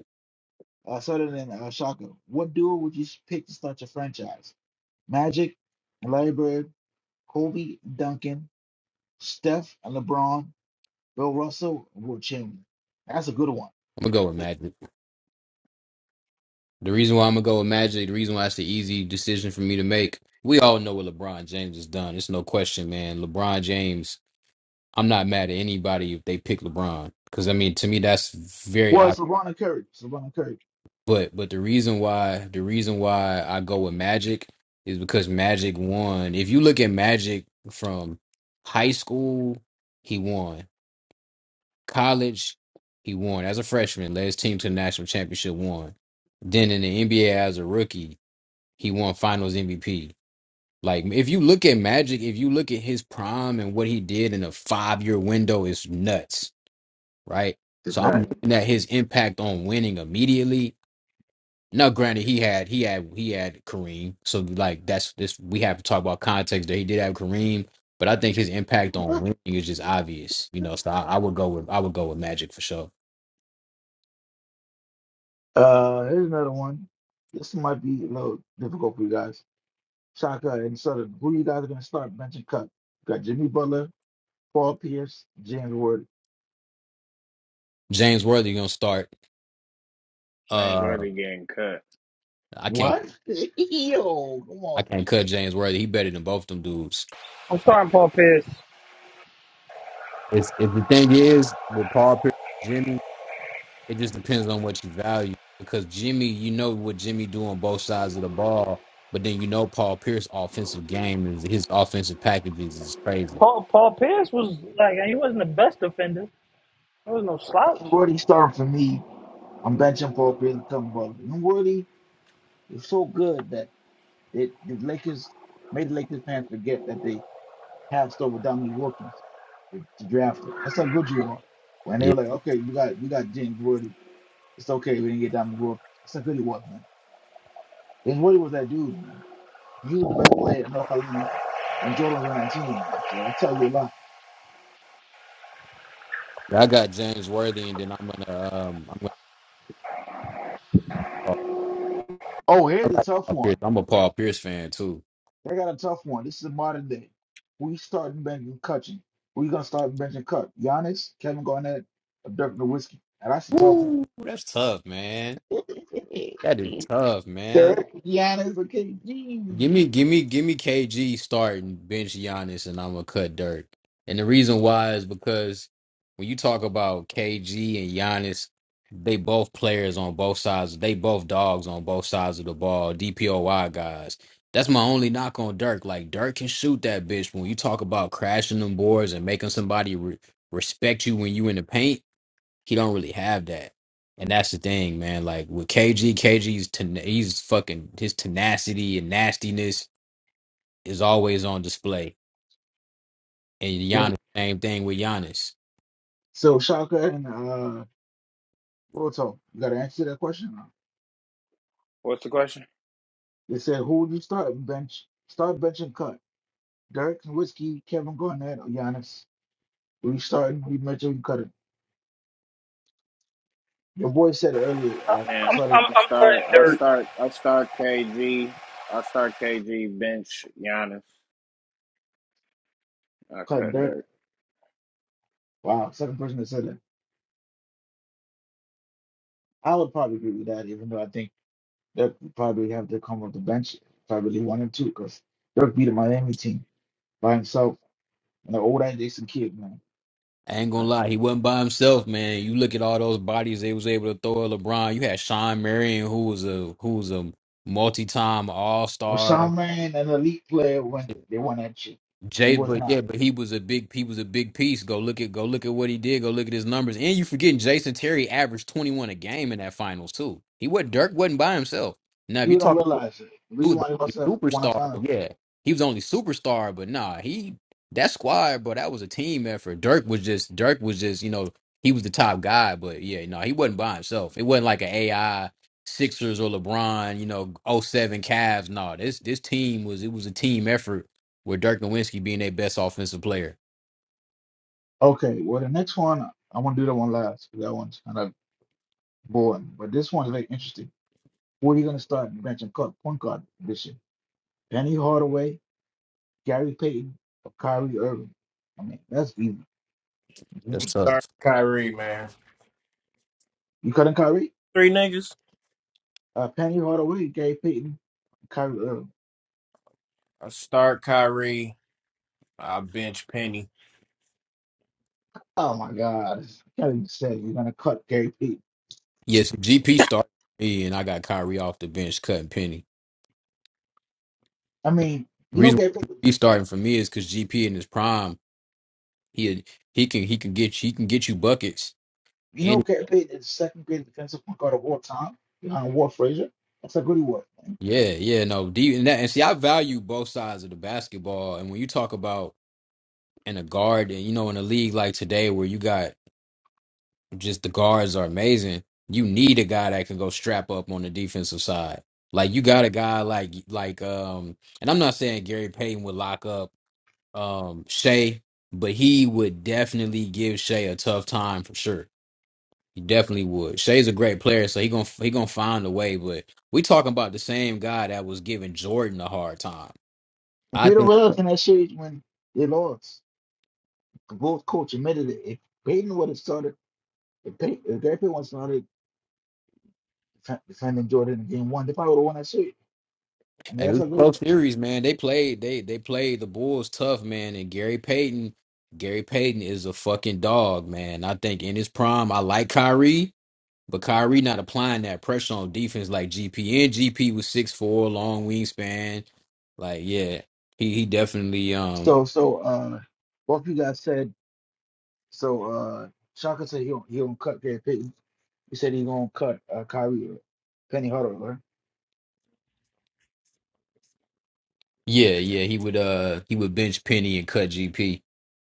Speaker 7: Uh, Sutter and uh, Shaka. What duo would you pick to start your franchise? Magic and Larry Bird, Kobe, and Duncan, Steph and LeBron, Bill Russell, and Will Chamberlain. That's a good one.
Speaker 5: I'm gonna go with Magic. The reason why I'm gonna go with Magic, the reason why it's the easy decision for me to make. We all know what LeBron James has done. It's no question, man. LeBron James I'm not mad at anybody if they pick LeBron because I mean to me that's very
Speaker 7: Well,
Speaker 5: odd.
Speaker 7: Savannah Curry. Savannah Curry.
Speaker 5: But but the reason why the reason why I go with Magic is because Magic won. If you look at Magic from high school, he won. College, he won. As a freshman, led his team to the national championship. Won. Then in the NBA as a rookie, he won Finals MVP. Like if you look at Magic, if you look at his prime and what he did in a five year window, it's nuts right?
Speaker 7: That's
Speaker 5: So
Speaker 7: all
Speaker 5: I'm
Speaker 7: right.
Speaker 1: Mm.
Speaker 5: looking at his impact on winning immediately. Now, granted, he had he had he had Kareem, so like that's this we have to talk about context that he did have Kareem, but I think his impact on winning is just obvious, you know. So I, I would go with I would go with Magic for sure.
Speaker 7: Uh, here's another one. This might be a little difficult for you guys. Shaka and Southern. Who you guys are going to start benching cut? Got Jimmy Butler, Paul Pierce, James Ward.
Speaker 5: James Worthy gonna start.
Speaker 1: James
Speaker 5: Uh,
Speaker 1: Worthy getting cut.
Speaker 5: I can't
Speaker 7: What? Yo, come
Speaker 5: I
Speaker 7: on.
Speaker 5: can't cut James Worthy. He better than both of them dudes.
Speaker 3: I'm starting Paul Pierce.
Speaker 5: It's if the thing is with Paul Pierce, Jimmy. It just depends on what you value. Because Jimmy, you know what Jimmy do on both sides of the ball, but then you know Paul Pierce offensive game is his offensive packages is crazy.
Speaker 3: Paul Paul Pierce was like he wasn't the best defender. There was no slouch.
Speaker 7: James Worthy starting for me. I'm benching Paul Pierce and Jimmy Butler. And Worthy is so good that it, the Lakers made the Lakers fans forget that they passed over Dominique Wilkins to, to draft it. That's how good you are. When they
Speaker 5: Yeah,
Speaker 7: were like, okay, you got you got James Worthy. It's okay. We didn't get Dominic Wilkins. That's how good he was, man. And Woody was that dude, man. He was the best player at North Carolina when Jordan was 19, man. So that tell you a lot.
Speaker 5: I got James Worthy, and then I'm gonna um I'm gonna
Speaker 7: Oh,
Speaker 5: I
Speaker 7: here's a
Speaker 5: like
Speaker 7: tough
Speaker 5: Paul Pierce.
Speaker 7: one.
Speaker 5: I'm a Paul Pierce fan too.
Speaker 7: They got a tough one. This is a modern day. We starting benching Cutchin. We gonna start benching Cut. Giannis, Kevin Garnett, or Dirk Nowitzki. Now that's a tough one.
Speaker 5: Ooh, that's tough, man. That is tough, man.
Speaker 7: Dirk, Giannis, or
Speaker 5: Give
Speaker 7: KG.
Speaker 5: me, give me, give me KG starting bench Giannis, and I'm gonna cut Dirk. And the reason why is because when you talk about KG and Giannis, they both players on both sides. They both dogs on both sides of the ball. DPOY guys. That's my only knock on Dirk. Like Dirk can shoot that bitch. When you talk about crashing them boards and making somebody re- respect you when you in the paint, he don't really have that. And that's the thing, man. Like with KG, KG's ten- he's fucking his tenacity and nastiness is always on display. And
Speaker 7: So,
Speaker 5: Giannis, same thing with Giannis.
Speaker 7: so Shaka and uh, Roto, you gotta answer that question. Now.
Speaker 1: What's the question?
Speaker 7: They said, who would you start bench? Start benching Cut. Dirk, and Whiskey, Kevin Garnett, or Giannis. We starting. We mentioned we cut it. Your boy said it earlier. Uh,
Speaker 1: Man,
Speaker 7: started
Speaker 1: I'm start. I'll start. I'll start KG. I'll start KG bench Giannis. I
Speaker 7: cutting
Speaker 1: cut
Speaker 7: Dirk.
Speaker 1: dirt.
Speaker 7: Wow, second person that said it. I would probably agree with that, even though I think Dirk would probably have to come off the bench. Probably one and two, because Dirk beat a Miami team by himself. And the old ass Jason Kidd, man.
Speaker 5: I ain't gonna
Speaker 7: Like,
Speaker 5: lie, he wasn't by himself, man. You look at all those bodies they was able to throw at LeBron. You had Sean Marion, who was a who was a multi-time All
Speaker 7: well,
Speaker 5: Star.
Speaker 7: Sean Man, an elite player, when they won that shit. He
Speaker 5: Jay,
Speaker 7: was
Speaker 5: but
Speaker 7: not.
Speaker 5: yeah, but he was a big he was a big piece. Go look at go look at what he did. Go look at his numbers. And you forgetting Jason Terry averaged twenty one a game in that finals too. He what Dirk wasn't by himself. Now if you
Speaker 7: You
Speaker 5: talk
Speaker 7: don't realize it. The
Speaker 5: he
Speaker 7: reason
Speaker 5: was the
Speaker 7: why they
Speaker 5: only
Speaker 7: lost that one, I
Speaker 5: superstar.
Speaker 7: found
Speaker 5: Yeah, he was the only superstar. But nah, he that squad, bro. That was a team effort. Dirk was just Dirk was just you know he was the top guy. But yeah, no, he wasn't by himself. It wasn't like an AI Sixers or LeBron. You know, oh seven Cavs. Nah, this this team was it was a team effort with Dirk Nowitzki being their best offensive player.
Speaker 7: Okay, well, the next one, I want to do that one last, cause That one's kind of Boy, but this one is very interesting. Who are you going to start benching cut point guard this year? Penny Hardaway, Gary Payton, or Kyrie Irving? I mean, that's easy.
Speaker 5: That's
Speaker 7: Mhm.
Speaker 1: Sorry,
Speaker 5: tough.
Speaker 1: Kyrie, man.
Speaker 7: You cutting Kyrie?
Speaker 1: Three niggas.
Speaker 7: Uh, Penny Hardaway, Gary Payton, Kyrie Irving.
Speaker 1: I start Kyrie. I bench Penny.
Speaker 7: Oh my God, I can't even say you're going to cut Gary Payton.
Speaker 5: Yes, GP started for me, and I got Kyrie off the bench cutting Penny.
Speaker 7: I mean,
Speaker 5: The
Speaker 7: you know
Speaker 5: reason
Speaker 7: Gary
Speaker 5: why
Speaker 7: Payton.
Speaker 5: GP starting for me is because GP in his prime. He he can he can get you he can get you buckets.
Speaker 7: You know
Speaker 5: And
Speaker 7: Gary Payton is the second greatest defensive point guard of all time behind Walt Frazier. That's a good award.
Speaker 5: yeah, yeah, no. D and that and see I value both sides of the basketball. And when you talk about in a guard and you know in a league like today where you got just the guards are amazing, you need a guy that can go strap up on the defensive side. Like you got a guy like like um and I'm not saying Gary Payton would lock up um Shea, but he would definitely give Shea a tough time for sure He definitely would. Shea's a great player, so he gonna he gonna find a way. But we talking about the same guy that was giving Jordan a hard time.
Speaker 7: And
Speaker 5: I
Speaker 7: Peter
Speaker 5: think
Speaker 7: Willis in that series when they lost, both coach admitted it. If Payton would have started. If they if they one started defe- defending Jordan in game one, they probably would have won that series. I mean,
Speaker 5: and it
Speaker 7: that's
Speaker 5: was
Speaker 7: a
Speaker 5: a
Speaker 7: good.
Speaker 5: close series, man. They played they they played the Bulls tough, man. And Gary Payton, Gary Payton is a fucking dog, man. I think in his prime, I like Kyrie, but Kyrie not applying that pressure on defense like GP. And GP was six four, long wingspan. Like yeah, he he definitely um
Speaker 7: So so uh, both you guys said so. uh Shaka said he don't, he don't cut Gary Payton. You said he gonna cut uh, Kyrie or Penny Hardaway. Right?
Speaker 5: yeah yeah he would uh he would bench Penny and cut GP.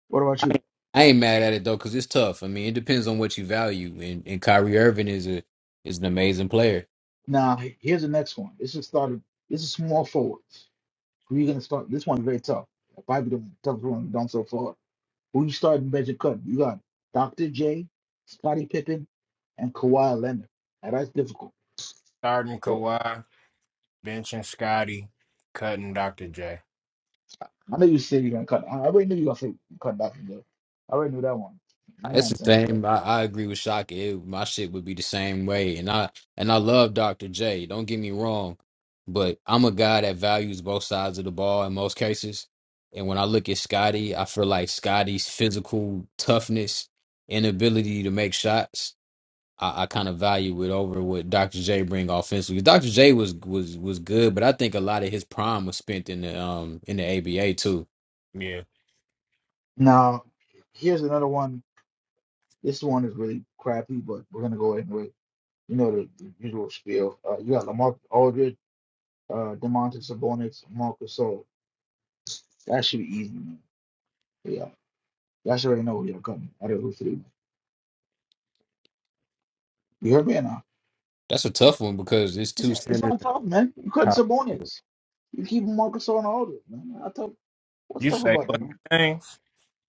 Speaker 7: What about
Speaker 5: I
Speaker 7: you?
Speaker 5: ain't I ain't mad at it though, because it's tough. I mean, it depends on what you value, and and Kyrie Irving is a is an amazing player.
Speaker 7: Now he- here's the next one. This is started. This is small forwards. Who you gonna start? This one's very tough. Probably the toughest one we've done so far. Who you starting? Bench and cut. You got Dr. J, Scottie Pippen, and Kawhi Leonard. Now that's difficult.
Speaker 1: Starting
Speaker 7: So,
Speaker 1: Kawhi. Benching Scotty. Cutting Dr. J.
Speaker 7: I know you said you're gonna cut. I already knew you were gonna say cut back and go. I already knew that one. Yeah,
Speaker 5: It's
Speaker 7: I'm
Speaker 5: the
Speaker 7: saying to
Speaker 5: same. I, I agree with Shaka. It, my shit would be the same way, and I and I love Dr. J. Don't get me wrong, but I'm a guy that values both sides of the ball in most cases. And when I look at Scotty, I feel like Scotty's physical toughness, inability to make shots. I, I kind of value it over what Dr. J bring offensively. Dr. J was was was good, but I think a lot of his prime was spent in the um in the ABA too.
Speaker 1: Yeah.
Speaker 7: Now, here's another one. This one is really crappy, but we're gonna go anyway. You know the, the usual spiel. Uh, you got Lamar Aldridge, uh, Demontis Sabonis, Marcus Sol. That should be easy, man. Yeah, y'all should already know who you're cutting. I don't know who three. You hear me or not?
Speaker 5: That's a tough one because it's
Speaker 7: It's,
Speaker 5: two
Speaker 7: it's
Speaker 5: centers.
Speaker 7: not
Speaker 5: and
Speaker 7: tough, man. You cutting
Speaker 5: power forward.
Speaker 7: Sabonis. You keep Marcus Sol and Aldridge, man. I tough. What's
Speaker 1: You
Speaker 7: tough
Speaker 1: say
Speaker 7: about
Speaker 1: what
Speaker 7: that, man?
Speaker 1: thing?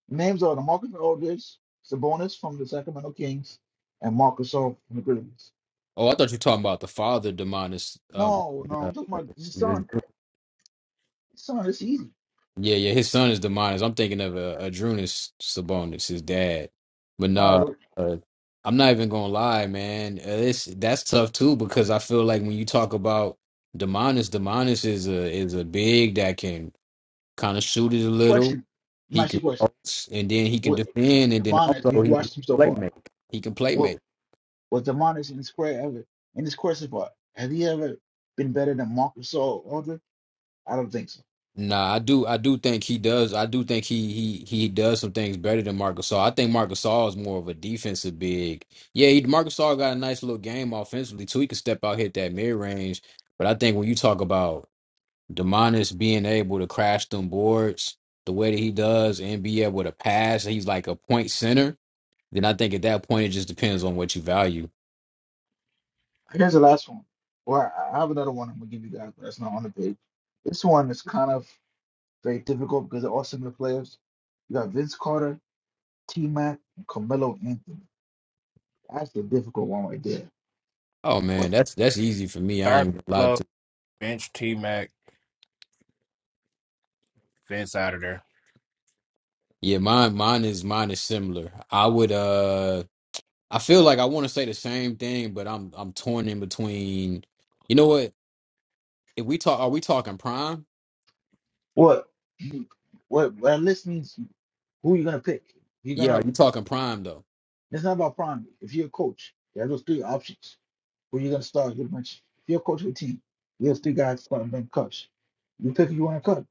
Speaker 7: Names are Demarcus Aldridge, Sabonis from the Sacramento Kings, and Marcus Gasol from the Grizzlies.
Speaker 5: Oh, I thought you were talking about the father, Demonis. Um,
Speaker 7: No, no,
Speaker 5: uh,
Speaker 7: I'm talking about this son.
Speaker 5: yeah,
Speaker 7: Son, it's easy.
Speaker 5: yeah, his son is Demonis. I'm thinking of uh, Adrunas Sabonis, his dad. But
Speaker 7: Not
Speaker 5: no,
Speaker 7: a
Speaker 5: uh, I'm not even gonna lie, man. Uh, It's that's tough too because I feel like when you talk about Demonis, Demonis is a is a big that can kind of shoot it a little.
Speaker 7: question. I'm
Speaker 5: He can
Speaker 7: asking you a question.
Speaker 5: post, and then he can
Speaker 7: What
Speaker 5: defend, and then
Speaker 7: Demonis? We
Speaker 5: also
Speaker 7: have
Speaker 5: he can
Speaker 7: watched him so
Speaker 5: play
Speaker 7: far.
Speaker 5: make. He can play
Speaker 7: What
Speaker 5: make.
Speaker 7: was Demonis in the square ever in this question part? Has he ever been better than Marcus Gasol, Aldridge? I don't think so.
Speaker 5: Nah, I do. I do think he does. I do think he he he does some things better than Marc Gasol. I think Marc Gasol is more of a defensive big. Yeah, he, Marc Gasol got a nice little game offensively too. He can step out, hit that mid range. But I think when you talk about Demonis being able to crash them boards the way that he does and be able to pass, he's like a point center. Then I think at that point it just depends on what you value
Speaker 7: Here's the last one. Well, I I have another one I'm gonna give you guys, but that's not on the page. This one is kind of very difficult because they're all similar players. You got Vince Carter, T Mac, Carmelo Anthony. That's a difficult one right there.
Speaker 5: Oh man,
Speaker 7: What
Speaker 5: that's that's easy for me. I
Speaker 1: Start
Speaker 5: ain't allowed
Speaker 1: Melo.
Speaker 5: to.
Speaker 1: Bench T Mac. Fence out of there.
Speaker 5: Yeah, mine mine is mine is similar. I would uh I feel like I want to say the same thing, but I'm I'm torn in between. You know what? If we talk, are we talking prime?
Speaker 7: what what what list means who you gonna pick? You're
Speaker 5: Yeah, are
Speaker 7: gonna
Speaker 5: you talking prime though?
Speaker 7: it's not about prime. If you're a coach, you have those three options. Who you gonna start your bench? If you're a coach of a team, you have three guys starting bench coach. You pick who you wanna cut.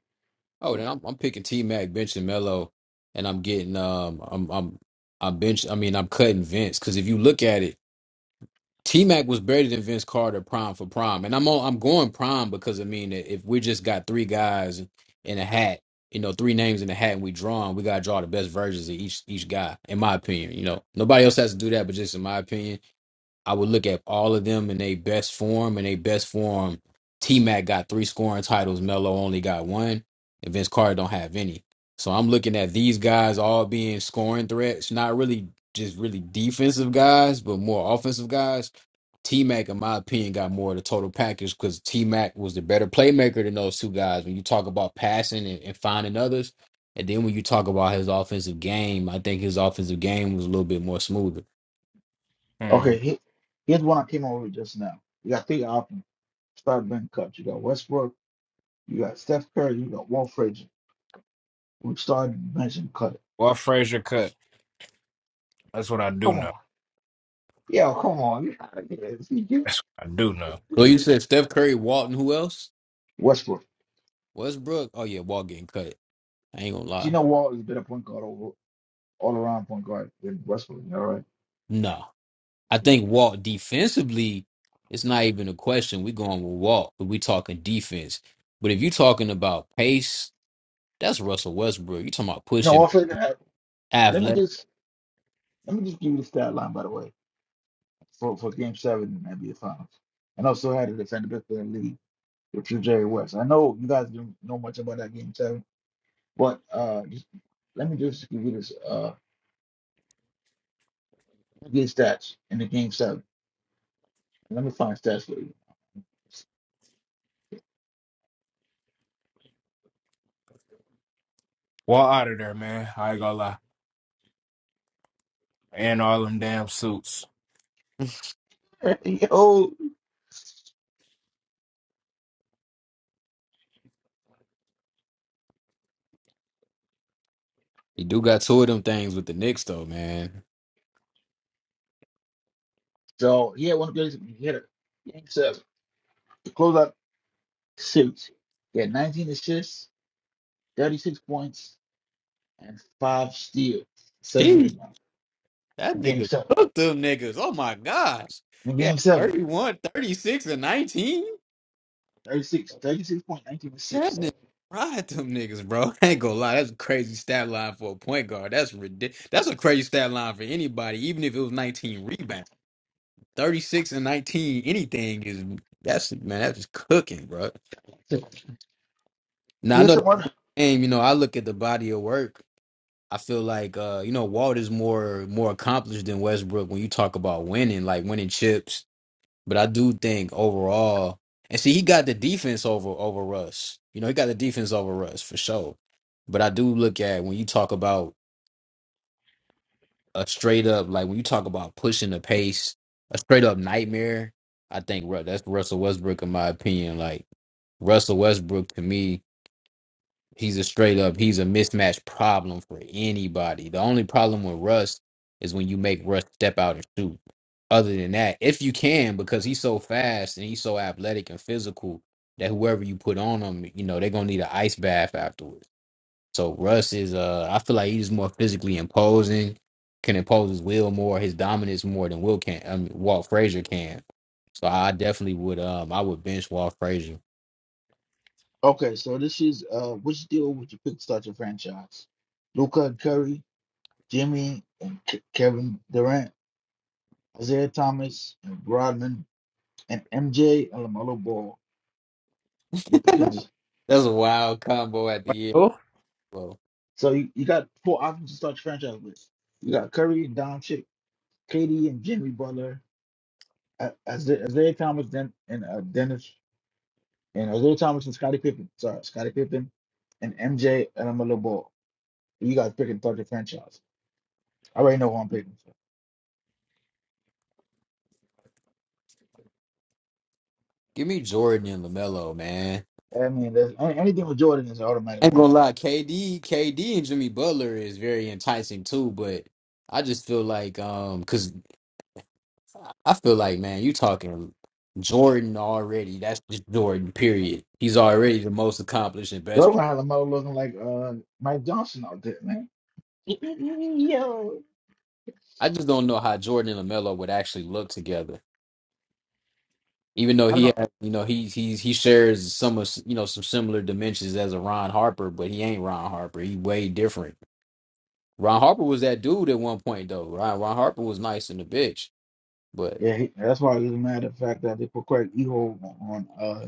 Speaker 5: Oh,
Speaker 7: So
Speaker 5: then I'm I'm picking T Mac, benching Melo, and I'm getting um I'm I'm I'm bench. I mean, I'm cutting Vince because if you look at it. T Mac was better than Vince Carter prime for prime, and I'm on, I'm going prime because I mean if we just got three guys in a hat, you know, three names in a hat, and we drawing, we gotta draw the best versions of each each guy, in my opinion. You know, nobody else has to do that, but just in my opinion. I would look at all of them in their best form. In their best form, T Mac got three scoring titles. Melo only got one, and Vince Carter don't have any. So I'm looking at these guys all being scoring threats, not really just really defensive guys, but more offensive guys. T Mac, in my opinion, got more of the total package because T Mac was the better playmaker than those two guys. When you talk about passing and, and finding others, and then when you talk about his offensive game, I think his offensive game was a little bit more smoother.
Speaker 1: Hmm.
Speaker 7: okay, he- here's one I came over with just now. You got three options. Start bench coach. You got Westbrook, you got Steph Curry, you got Walt Frazier. Who started bench and cut it.
Speaker 1: Well, Frazier cut. That's what I do
Speaker 7: Come on.
Speaker 1: know.
Speaker 7: Yo, come on. You gotta get
Speaker 1: That's
Speaker 7: it.
Speaker 1: what I do know.
Speaker 5: Well, you said Steph Curry, Walton, who else?
Speaker 7: Westbrook.
Speaker 5: Westbrook. Oh yeah, Walt getting cut. I ain't gonna
Speaker 7: But you
Speaker 5: lie.
Speaker 7: know, Wall is a better point guard over all around point guard than Westbrook. All right.
Speaker 5: No, I think Walt defensively, it's not even a question. We going with Walt, but we talking defense. But if you talking about pace, that's Russell Westbrook. You talking about
Speaker 7: You know,
Speaker 5: pushing,
Speaker 7: also that let me
Speaker 5: athletic.
Speaker 7: just let me just give you the stat line by the way for for Game Seven in the NBA Finals, and also had to defend the best player in the league with Drew Jerry West. I know you guys don't know much about that Game Seven, but uh, just let me just give you this uh let me get stats in the Game Seven. Let me find stats for you.
Speaker 1: Well, out of there, man. I ain't gonna lie. And all them damn suits.
Speaker 7: Yo,
Speaker 5: You do got two of them things with the Knicks though, man.
Speaker 7: so he had one of the greatest. He had a game seven to close out the He had 19 assists 36 points and five steals, seven
Speaker 5: Jeez,
Speaker 7: rebounds
Speaker 5: that
Speaker 7: in game
Speaker 5: nigga
Speaker 7: seven.
Speaker 5: took them niggas. Oh my gosh.
Speaker 7: In
Speaker 5: Yeah,
Speaker 7: game seven,
Speaker 5: 31, 36, and 19.
Speaker 7: 36, 36 point, 19
Speaker 5: That
Speaker 7: assists.
Speaker 5: nigga ride them niggas, bro. I ain't gonna lie. That's a crazy stat line for a point guard. That's ridiculous. That's a crazy stat line for anybody, even if it was 19 rebounds. 36 and 19, anything is that's man, that's just cooking, bro. Now I
Speaker 7: Yes,
Speaker 5: know that
Speaker 7: what?
Speaker 5: game, you know, I look at the body of work. I feel like uh, you know, Walt is more more accomplished than Westbrook when you talk about winning, like winning chips But I do think overall, and see, he got the defense over over Russ. You know, he got the defense over Russ for sure. But I do look at when you talk about a straight up, like when you talk about pushing the pace, a straight up nightmare. I think Ru- that's Russell Westbrook, in my opinion. Like Russell Westbrook to me He's a straight up, he's a mismatch problem for anybody. The only problem with Russ is when you make Russ step out and shoot. Other than that, if you can, because he's so fast and he's so athletic and physical that whoever you put on him, you know, they're gonna need an ice bath afterwards. So Russ is uh I feel like he's more physically imposing, can impose his will more, his dominance more than Will can I mean Walt Frazier can. So I definitely would um I would bench Walt Frazier.
Speaker 7: Okay, so this is uh, which deal would you pick to start your franchise? Luca and Curry, Jimmy and K- Kevin Durant, Isaiah Thomas and Rodman, and MJ and LaMelo Ball. You picking this-
Speaker 5: That's a wild combo at the
Speaker 1: Who?
Speaker 5: end.
Speaker 7: So you, you got four options to start your franchise with. You got Curry and Doncic, KD and Jimmy Butler, uh, Isaiah Isaiah Thomas Den, and uh, Dennis and Isaiah Thomas and Scottie Pippen. Sorry, Scottie Pippen and MJ and I'm a little ball. You guys picking third the franchise. I already know who I'm picking.
Speaker 5: Give me Jordan and LaMelo, man.
Speaker 7: So. I mean, there's, any- anything with Jordan is an automatic
Speaker 5: I ain't
Speaker 7: win.
Speaker 5: gonna lie, KD, KD and Jimmy Butler is very enticing too, but I just feel like um cuz I feel like man, you talking Jordan already. That's just Jordan period. He's already the most accomplished and
Speaker 7: The
Speaker 5: best.
Speaker 7: other
Speaker 5: player.
Speaker 7: one had a mother looking like uh, Mike Johnson out there, man. Yo,
Speaker 5: I just don't know how Jordan and LaMelo would actually look together. Even though
Speaker 7: I don't
Speaker 5: he
Speaker 7: know.
Speaker 5: has, you know, he he's he shares some of, you know, some similar dimensions as a Ron Harper, but he ain't Ron Harper. He way different. Ron Harper was that dude at one point though. Ron Ron Harper was nice in the bitch, but
Speaker 7: Yeah, he, that's why it doesn't matter the fact that they put Craig Eagle on uh,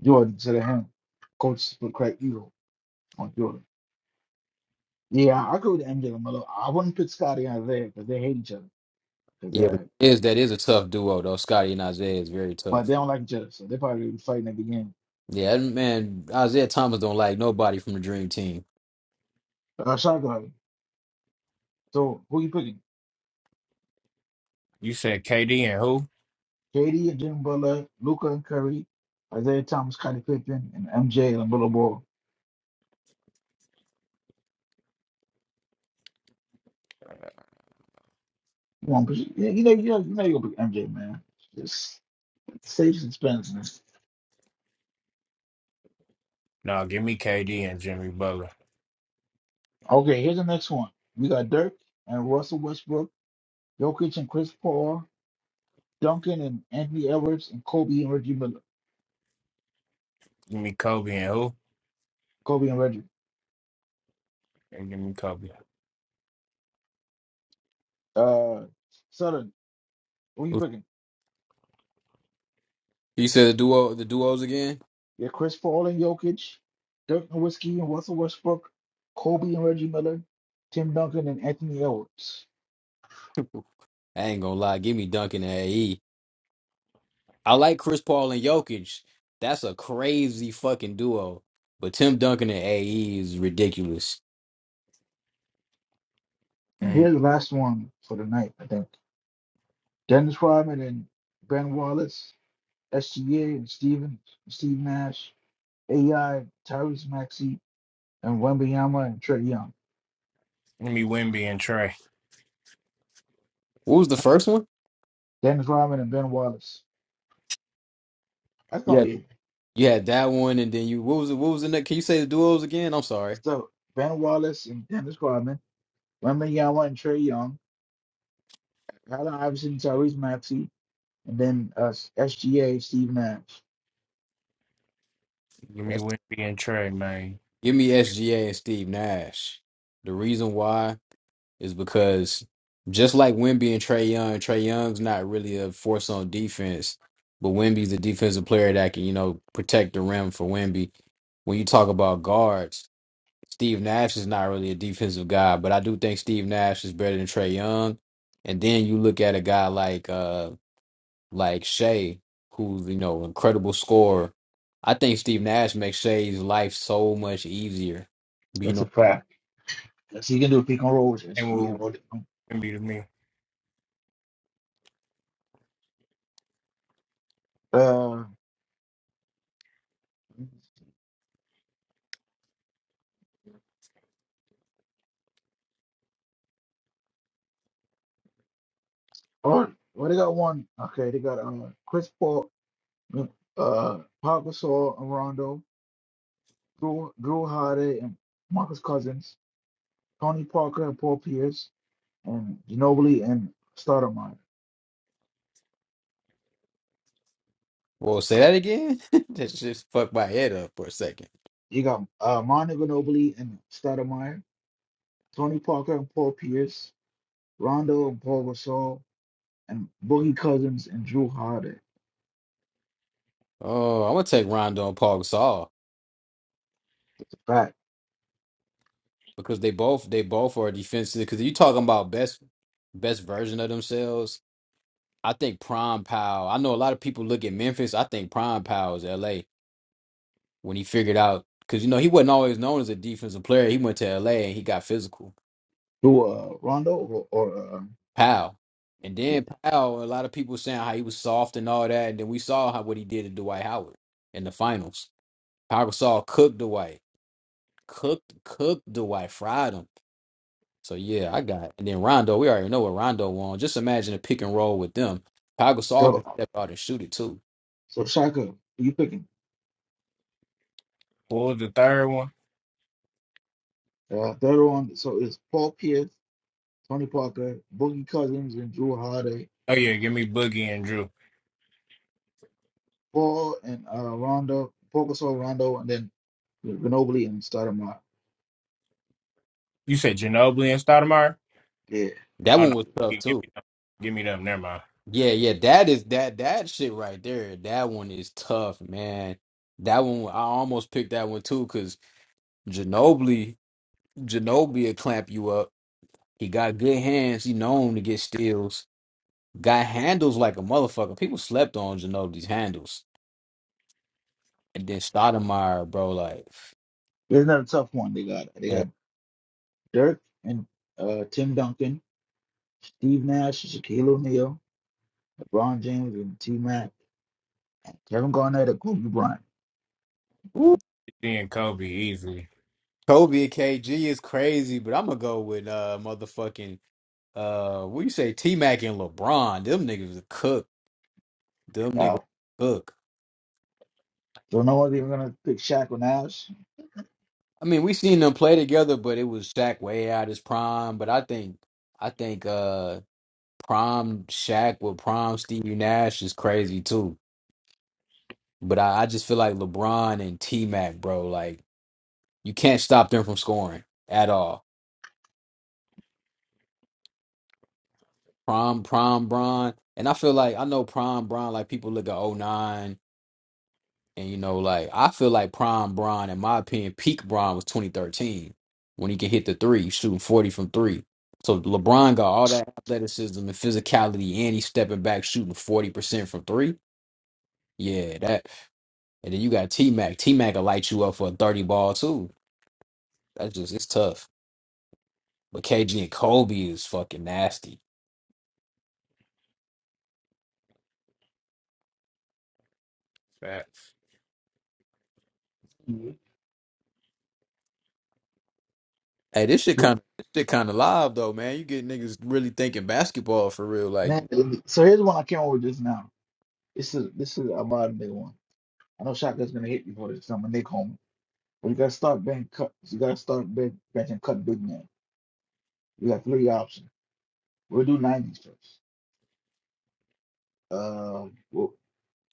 Speaker 7: Jordan instead of him. Coach put Craig Eagle on Jordan. Yeah, I go with MJ and Melo. I wouldn't put Scotty out there because they hate each other. 'Cause
Speaker 5: yeah, but
Speaker 7: they're,
Speaker 5: is that is a tough duo though. Scotty and Isaiah is very
Speaker 7: but
Speaker 5: tough.
Speaker 7: they don't like each other, so they probably be fighting at the game.
Speaker 5: Yeah, and man, Isaiah Thomas don't like nobody from the Dream Team.
Speaker 7: Uh, shot guard. So who you picking?
Speaker 1: You said KD and who?
Speaker 7: KD and Jimmy Butler, Luca and Curry, Isaiah Thomas, Scottie Pippen, and MJ and Little Ball. You want you you know you know you know you're gonna pick MJ, man. Just save suspense, man.
Speaker 1: No, give me KD and Jimmy Butler.
Speaker 7: Okay, here's the next one. We got Dirk and Russell Westbrook, Jokic and Chris Paul, Duncan and Anthony Edwards, and Kobe and Reggie Miller.
Speaker 1: Give me Kobe and who?
Speaker 7: Kobe and Reggie.
Speaker 1: And give me Kobe.
Speaker 7: Uh, Southern. Who you picking?
Speaker 5: He said the duo, the duos again.
Speaker 7: Yeah, Chris Paul and Jokic, Dirk Nowitzki and Russell Westbrook, Kobe and Reggie Miller, Tim Duncan and Anthony Edwards.
Speaker 5: I ain't gonna lie, give me Duncan and AE. I like Chris Paul and Jokic. That's a crazy fucking duo. But Tim Duncan and AE is ridiculous.
Speaker 7: And
Speaker 1: Mm.
Speaker 7: here's the last one for the night, I think. Dennis Rodman and Ben Wallace, SGA and Steven, Steve Nash, AI, Tyrese Maxey, and Wembyama and Trey Young.
Speaker 1: Give me Wimby and Trey.
Speaker 5: What was the first one?
Speaker 7: Dennis Rodman and Ben Wallace. That's gonna
Speaker 5: Yeah,
Speaker 7: be it.
Speaker 5: you had that one, and then you what was the, what was the next? Can you say the duos again? I'm sorry.
Speaker 7: So Ben Wallace and Dennis Rodman, Wembenyama and Trey Young, Allen Iverson, Tyrese Maxey, And then uh, SGA, Steve Nash.
Speaker 1: Give me Wimby and Trey, man.
Speaker 5: Give me SGA and Steve Nash. The reason why is because just like Wimby and Trey Young, Trey Young's not really a force on defense, but Wimby's a defensive player that can, you know, protect the rim for Wimby. When you talk about guards, Steve Nash is not really a defensive guy, but I do think Steve Nash is better than Trey Young. And then you look at a guy like uh like Shay, who's you know incredible scorer. I think Steve Nash makes Shay's life so much easier. You
Speaker 7: That's a
Speaker 5: know,
Speaker 7: fact. Yes, he can do a pick and roll with
Speaker 1: And
Speaker 7: SGA.
Speaker 1: we'll
Speaker 7: Or,
Speaker 1: Wimby to me.
Speaker 7: uh, or well, they got one. Okay, they got uh, Chris Paul, uh, Pau Gasol, and Rondo, Drew, Drew Holiday, and Marcus Cousins, Tony Parker, and Paul Pierce, and Ginobili and Stoudemire.
Speaker 5: well, say that again. that just fucked my head up for a second.
Speaker 7: You got uh, Mondo Ginobili and Stoudemire, Tony Parker and Paul Pierce, Rondo and Paul Gasol, and Boogie Cousins and Drew Holiday.
Speaker 5: Oh, I'm gonna take Rondo and Paul Gasol
Speaker 7: That's a fact.
Speaker 5: because they both they both are defensive. Because you talking about best best version of themselves. I think Prime Powell. I know a lot of people look at Memphis. I think Prime Powell is L.A. when he figured out because you know he wasn't always known as a defensive player. He went to L.A. and he got physical.
Speaker 7: Who, uh, Rondo or, or uh,
Speaker 5: Powell. And
Speaker 7: okay.
Speaker 5: then Powell, a lot of people saying how he was soft and all that. And then we saw how what he did to Dwight Howard in the finals. Powell saw cook Dwight, cooked cooked Dwight, fried him. So yeah, I got. And then Rondo, we already know what Rondo won. Just imagine a pick and roll with them. Powell saw can
Speaker 7: So,
Speaker 5: step out and shoot it too.
Speaker 7: so Shaka, you picking.
Speaker 1: What was the third one?
Speaker 7: Uh, third one, so it's Paul Pierce, Tony Parker, Boogie Cousins, and Drew Holiday.
Speaker 1: Oh yeah, give me Boogie and Drew.
Speaker 7: Paul and uh, Rondo, Paul Gasol, Rondo, and then Ginobili and Stoudemire.
Speaker 1: You said Ginobili and Stoudemire?
Speaker 7: Yeah,
Speaker 5: That
Speaker 1: Oh no,
Speaker 5: one was tough
Speaker 1: give me
Speaker 5: too.
Speaker 1: them. Give me them. Never mind.
Speaker 5: Yeah, yeah, that is that that shit right there. That one is tough, man. That one I almost picked that one too because Ginobili Ginobili will clamp you up He got good hands. He known to get steals. Got handles like a motherfucker. People slept on Ginobili's handles. And then Stoudemire, bro, like
Speaker 7: there's another tough one. They got they
Speaker 5: yeah.
Speaker 7: got Dirk and uh, Tim Duncan, Steve Nash, Shaquille O'Neal, LeBron James, and T Mac, and Kevin Garnett, and Kobe Bryant.
Speaker 5: Ooh.
Speaker 1: Then Kobe easily.
Speaker 5: Kobe and KG is crazy, but I'm gonna go with uh motherfucking uh what you say T Mac and LeBron. Them niggas cook. Them niggas
Speaker 7: Wow.
Speaker 5: cook.
Speaker 7: So no one's even gonna pick Shaq or Nash.
Speaker 5: I mean, we seen them play together, but it was Shaq way out his prime. But I think I think uh prime Shaq with prime Stevie Nash is crazy too. But I, I just feel like LeBron and T Mac, bro, like you can't stop them from scoring at all. Prime Prime Bron. And I feel like I know Prime Bron, like people look at '09, and you know, like I feel like Prime Bron, in my opinion, peak Bron was 2013 when he can hit the three, shooting 40 from three. So LeBron got all that athleticism and physicality and he's stepping back shooting 40% from three. Yeah, that and then you got T Mac. T Mac will light you up for a 30 ball too. That's just it's tough. But KG and Kobe is fucking nasty.
Speaker 1: Facts.
Speaker 5: Hey, this shit kind of shit kind of live though, man. You get niggas really thinking basketball for real, like
Speaker 7: Man, so here's one I came up with just now. This is this is a Ahmad Big one. I know Shotgun's gonna hit me for this. I'm a Nick home. But you gotta start bench cut. You gotta start bench, bench and cut big man. We got three options. We'll do 90s first. Uh, we'll,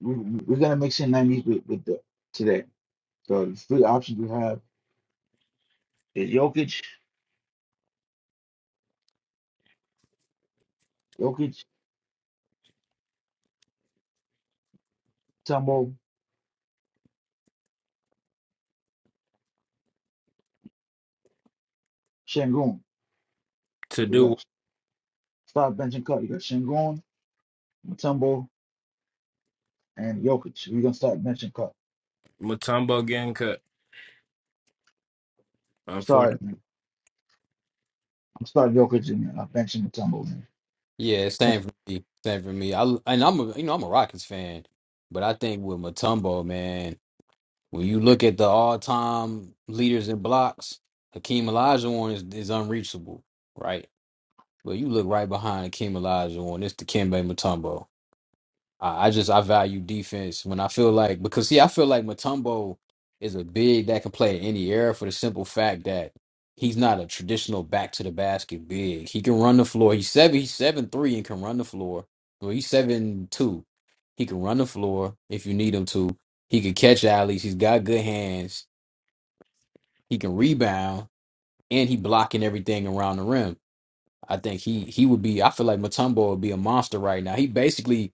Speaker 7: we we- we're gonna mix in 90s with, with the today. So the three options we have is Jokic, Jokic, Tumbo, Shangoon.
Speaker 1: To
Speaker 7: So you
Speaker 1: do what?
Speaker 7: got start bench and cut. You got Shangoon, Mutombo, and Jokic. We're gonna start bench and cut.
Speaker 1: Mutombo getting cut,
Speaker 7: Sorry.
Speaker 1: unfortunately.
Speaker 7: Start Jokic and uh, benching the tumble.
Speaker 5: Yeah, same for me. Same for me. I and I'm a you know I'm a Rockets fan, but I think with Matumbo, man, when you look at the all time leaders in blocks, Hakeem Olajuwon is, is unreachable, right? But you look right behind Hakeem Olajuwon, it's Dikembe Mutombo. I, I just I value defense when I feel like because see I feel like Matumbo is a big that can play in any era for the simple fact that he's not a traditional back to the basket big. He can run the floor. He's seven he's seven three and can run the floor. Well he's seven two. He can run the floor if you need him to. He can catch alleys. He's got good hands. He can rebound and he blocking everything around the rim. I think he he would be I feel like Matumbo would be a monster right now. He basically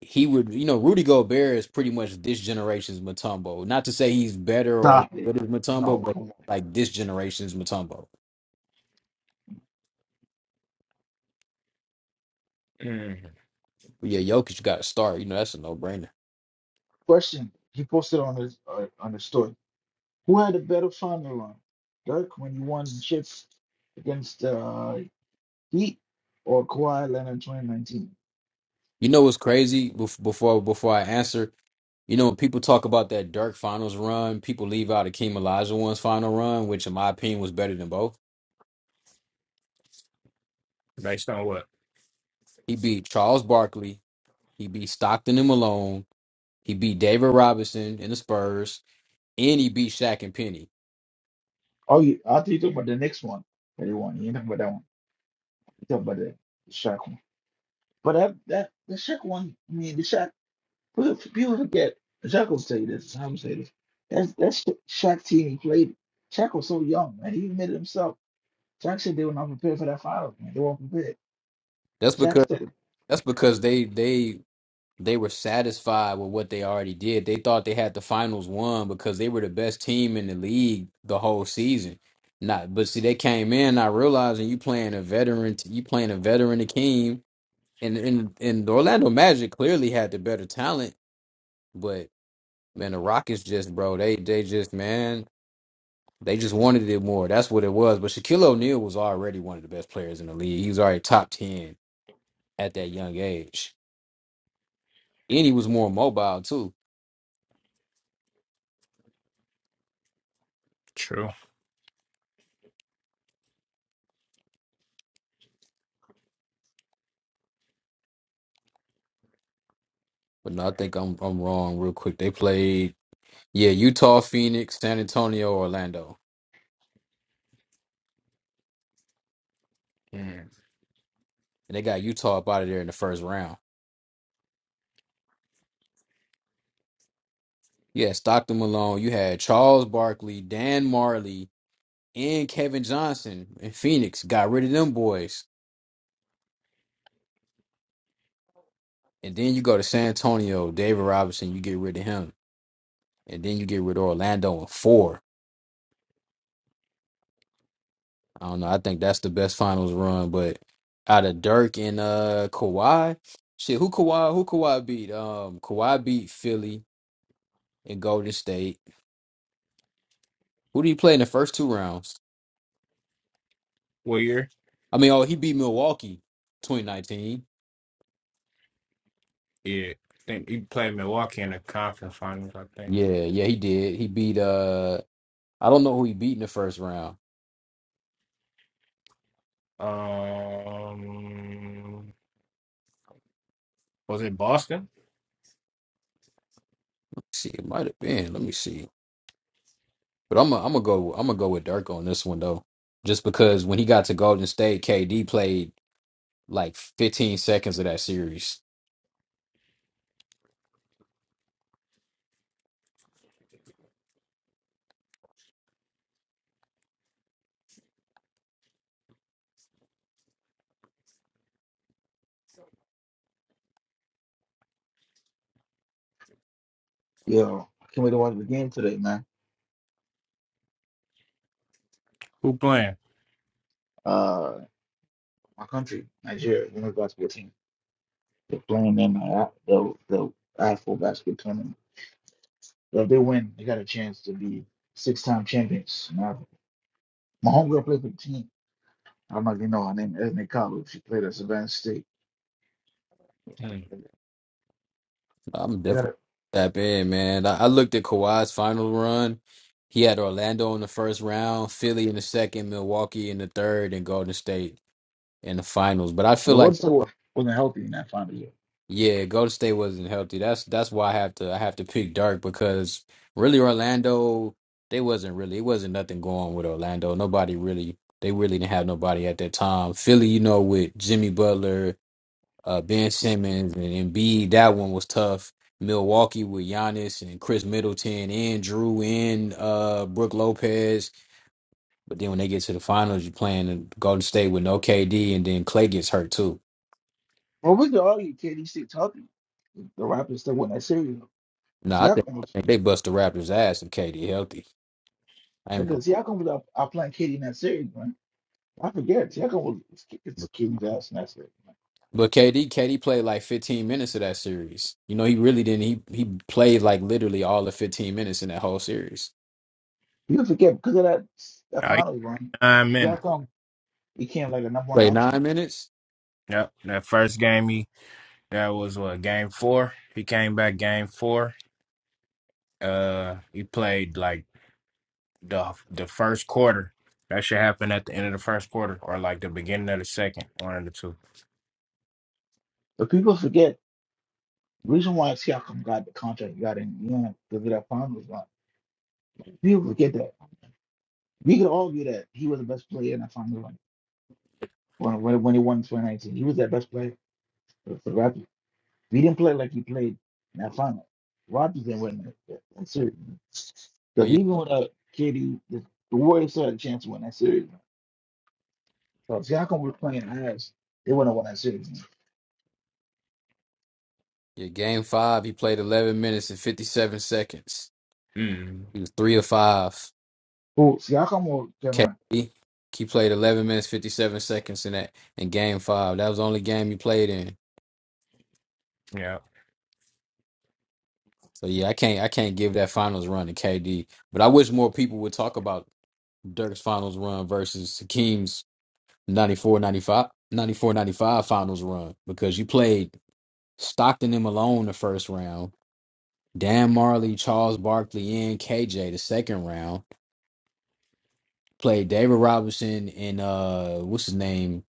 Speaker 5: he would, you know, Rudy Gobert is pretty much this generation's Matumbo. Not to say he's better or as
Speaker 7: Stop it.
Speaker 5: good as Matumbo,
Speaker 7: No,
Speaker 5: but
Speaker 7: come on.
Speaker 5: like this generation's Matumbo.
Speaker 1: Mm.
Speaker 5: But yeah, Jokic, you got to start. You know, that's a no brainer.
Speaker 7: Question he posted on his uh, on his story. Who had a better final run, Dirk when he won the chips against uh, Heat or Kawhi Leonard in 2019?
Speaker 5: You know what's crazy? Bef- Before before I answer, you know, when people talk about that Dirk finals run, people leave out Akeem Olajuwon's final run, which in my opinion was better than both.
Speaker 1: Based on what?
Speaker 5: He beat Charles Barkley, he beat Stockton and Malone, he beat David Robinson and the Spurs, and he beat Shaq and Penny.
Speaker 7: Oh, you, I thought you talking about the next one that he won. You ain't talking about that one. You talking about the, the Shaq one. But that that the Shaq one, I mean the Shaq. People people forget. Shaq will say this. I'm say this. That's that's Shaq team he played. Shaq was so young, man. He admitted himself. Shaq said they were not prepared for that final, man. They weren't prepared.
Speaker 5: That's
Speaker 7: Shaq
Speaker 5: because
Speaker 7: said,
Speaker 5: that's because they they They were satisfied with what they already did. They thought they had the finals won because they were the best team in the league the whole season. Not, but see, they came in not realizing you playing a veteran, you playing a veteran team, and and and the Orlando Magic clearly had the better talent, but man, the Rockets just bro, they they just man, they just wanted it more. That's what it was. But Shaquille O'Neal was already one of the best players in the league. He was already top ten at that young age, and he was more mobile too
Speaker 1: True.
Speaker 5: But no, I think I'm I'm wrong real quick. They played yeah, Utah, Phoenix, San Antonio, Orlando.
Speaker 1: Mm-hmm.
Speaker 5: And they got Utah up out of there in the first round. You had Stockton Malone, you had Charles Barkley, Dan Marley, and Kevin Johnson in Phoenix. Got rid of them boys. And then you go to San Antonio, David Robinson, you get rid of him. And then you get rid of Orlando in four. I don't know. I think that's the best finals run, but out of Dirk and uh Kawhi, shit, who Kawhi who Kawhi beat? Um Kawhi beat Philly. in Golden State. Who did he play in the first two rounds?
Speaker 1: What year?
Speaker 5: I mean, oh, he beat Milwaukee 2019.
Speaker 1: Yeah, I think he played Milwaukee in the conference finals. I think.
Speaker 5: Yeah, yeah, he did. He beat uh I don't know who he beat in the first round.
Speaker 1: Um, was it Boston?
Speaker 5: see, it might have been. Let me see. But I'm gonna I'm gonna go I'm gonna go with Dirk on this one though. Just because when he got to Golden State, KD played like 15 seconds of that series.
Speaker 7: yo, I can't wait to watch the game today, man.
Speaker 1: Who playing?
Speaker 7: Uh, my country, Nigeria, women's basketball team, they're playing in uh, the, the Afro basketball tournament. So if they win, they got a chance to be six-time champions. in My homegirl played for the team. I don't know if you know her name, Ethnic Kalu. She played at Savannah State.
Speaker 1: Hmm.
Speaker 7: They
Speaker 5: I'm
Speaker 7: got
Speaker 5: definitely
Speaker 7: it.
Speaker 5: tap in, man. I, I looked at Kawhi's final run. He had Orlando in the first round, Philly in the second, Milwaukee in the third, and Golden State. in the finals. But I
Speaker 7: But
Speaker 5: feel
Speaker 7: Golden
Speaker 5: like
Speaker 7: State wa- wasn't healthy in that final year.
Speaker 5: yeah, Golden State wasn't healthy. That's that's why I have to I have to pick Dirk because really Orlando they wasn't really it wasn't nothing going with Orlando. Nobody really they really didn't have nobody at that time. Philly, you know, with Jimmy Butler, uh, Ben Simmons, and Embiid, that one was tough. Milwaukee with Giannis and Chris Middleton and Drew and uh, Brooke Lopez. But then when they get to the finals, you're playing Golden State with no KD, and then Clay gets hurt too.
Speaker 7: Well, we could argue KD State's healthy. The Raptors still won that series.
Speaker 5: No, I think
Speaker 7: Siakam was
Speaker 5: I think they bust the Raptors' ass if KD healthy. I am going.
Speaker 7: Because Siakam was out, out playing Katie in that series, man. I forget Siakam was it's, it's Katie's ass in that series. Man.
Speaker 5: But KD, KD played like 15 minutes of that series. You know, he really didn't. He he played like literally all of 15 minutes in that whole series.
Speaker 7: People forget because of that that
Speaker 1: Oh, he-
Speaker 7: finals run.
Speaker 1: nine minutes.
Speaker 7: Siakam became like a number one
Speaker 5: Played
Speaker 7: option,
Speaker 5: nine minutes.
Speaker 1: Yep. That first game, he that was what game four. He came back game four. Uh, he played like the the first quarter. That should happen at the end of the first quarter or like the beginning of the second. One of the two.
Speaker 7: but people forget the reason why Siakam got the contract he got in the end because of that finals run. People forget that. We could argue that he was the best player in that finals run when when, when he won 2019. He was that best player. for for the Raptors. We didn't play like we played in that final. Rodgers didn't win that. that that series.
Speaker 5: Oh
Speaker 7: Because
Speaker 5: yeah,
Speaker 7: even without KD, the, the Warriors still had a chance to win that series. So if Siakam was playing as, they wouldn't have won that series.
Speaker 5: yeah. Game five, he played 11 minutes and 57 seconds.
Speaker 1: Mm.
Speaker 5: He was three of five.
Speaker 7: Who Siakam will can run.
Speaker 5: KD, he played 11 minutes 57 seconds in that in game five. That was the only game he played in.
Speaker 1: Yeah.
Speaker 5: So yeah, I can't I can't give that finals run to KD. But I wish more people would talk about Dirk's finals run versus Hakeem's 94 95 94 95 finals run because you played Stockton them alone the first round, Dan Marley, Charles Barkley, and KJ the second round, played David Robinson and uh, what's his name?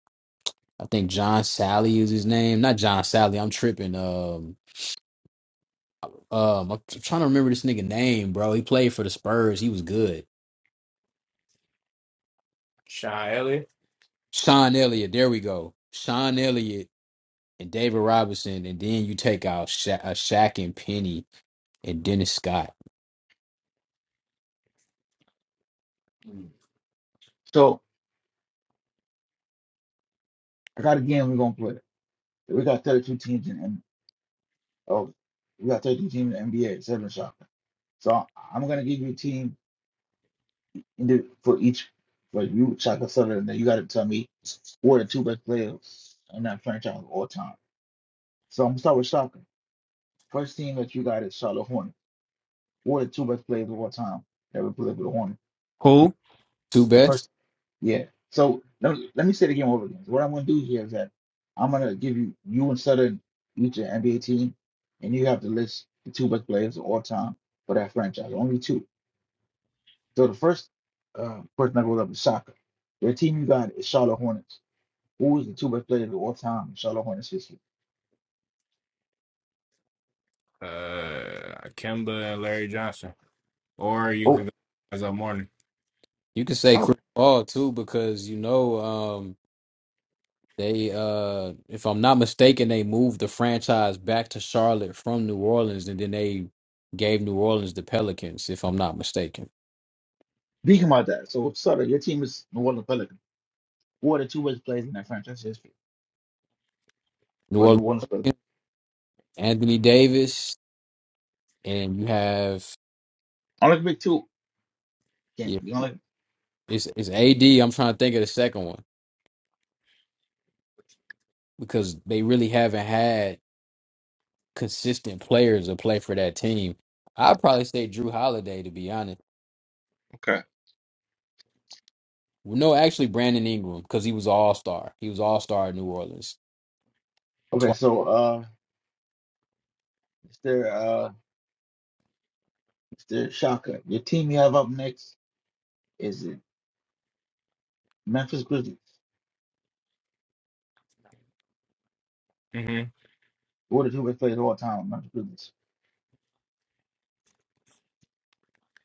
Speaker 5: I think John Sally is his name. Not John Sally, I'm tripping. Um, um, I'm t- trying to remember this nigga name, bro. He played for the Spurs, he was good.
Speaker 1: Shy Elliott.
Speaker 5: Sean Elliott, there we go. Sean Elliott and David Robinson, and then you take out Sha- uh, Shaq and Penny and Dennis Scott.
Speaker 7: So I got a game we're gonna play. We got 32 teams in N- oh, we got 32 teams in the NBA, seven shocker. So I'm gonna give you a team in the, for each for you shocker seven, and then you gotta tell me who are the two best players in that franchise of all time. So I'm gonna start with shocker. First team that you got is Charlotte Hornet. One are the two best players of all time that ever played with the Hornet.
Speaker 1: Who?
Speaker 5: Two
Speaker 7: The
Speaker 5: best.
Speaker 7: first, yeah. So let, me let me say the game over again. So, What I'm going to do here is that I'm going to give you you and Southern each an NBA team, and you have to list the two best players of all time for that franchise. Only two. So the first uh, person that goes up is Shaka. The team you got is Charlotte Hornets. Who is the two best players of all time in Charlotte Hornets history?
Speaker 1: Uh, Kemba and Larry Johnson. or you could
Speaker 7: Oh,
Speaker 1: go as a morning.
Speaker 5: You can say
Speaker 7: oh,
Speaker 5: Chris Paul too because you know um, they, uh, if I'm not mistaken, they moved the franchise back to Charlotte from New Orleans, and then they gave New Orleans the Pelicans, if I'm not mistaken.
Speaker 7: speaking about that. So Sutter, your team is New Orleans Pelicans. Who are the two best players in that franchise history?
Speaker 5: New
Speaker 7: What the
Speaker 5: Orleans,
Speaker 7: one spell?
Speaker 5: Pelicans, Anthony Davis, and you have
Speaker 7: Only can pick two. Can
Speaker 5: yeah,
Speaker 7: you only?
Speaker 5: it's it's AD. I'm trying to think of the second one because they really haven't had. consistent players to play for that team. I'd probably say Drew Holiday, to be honest.
Speaker 7: Okay.
Speaker 5: No, actually Brandon Ingram, because he was an all star. He was all star in New Orleans.
Speaker 7: Okay,
Speaker 5: Twice.
Speaker 7: so uh, Mr. Uh, Mr. Shaka, your team you have up next is the Memphis Grizzlies.
Speaker 1: hmm
Speaker 7: Who are the two best players of all time, Memphis Grizzlies?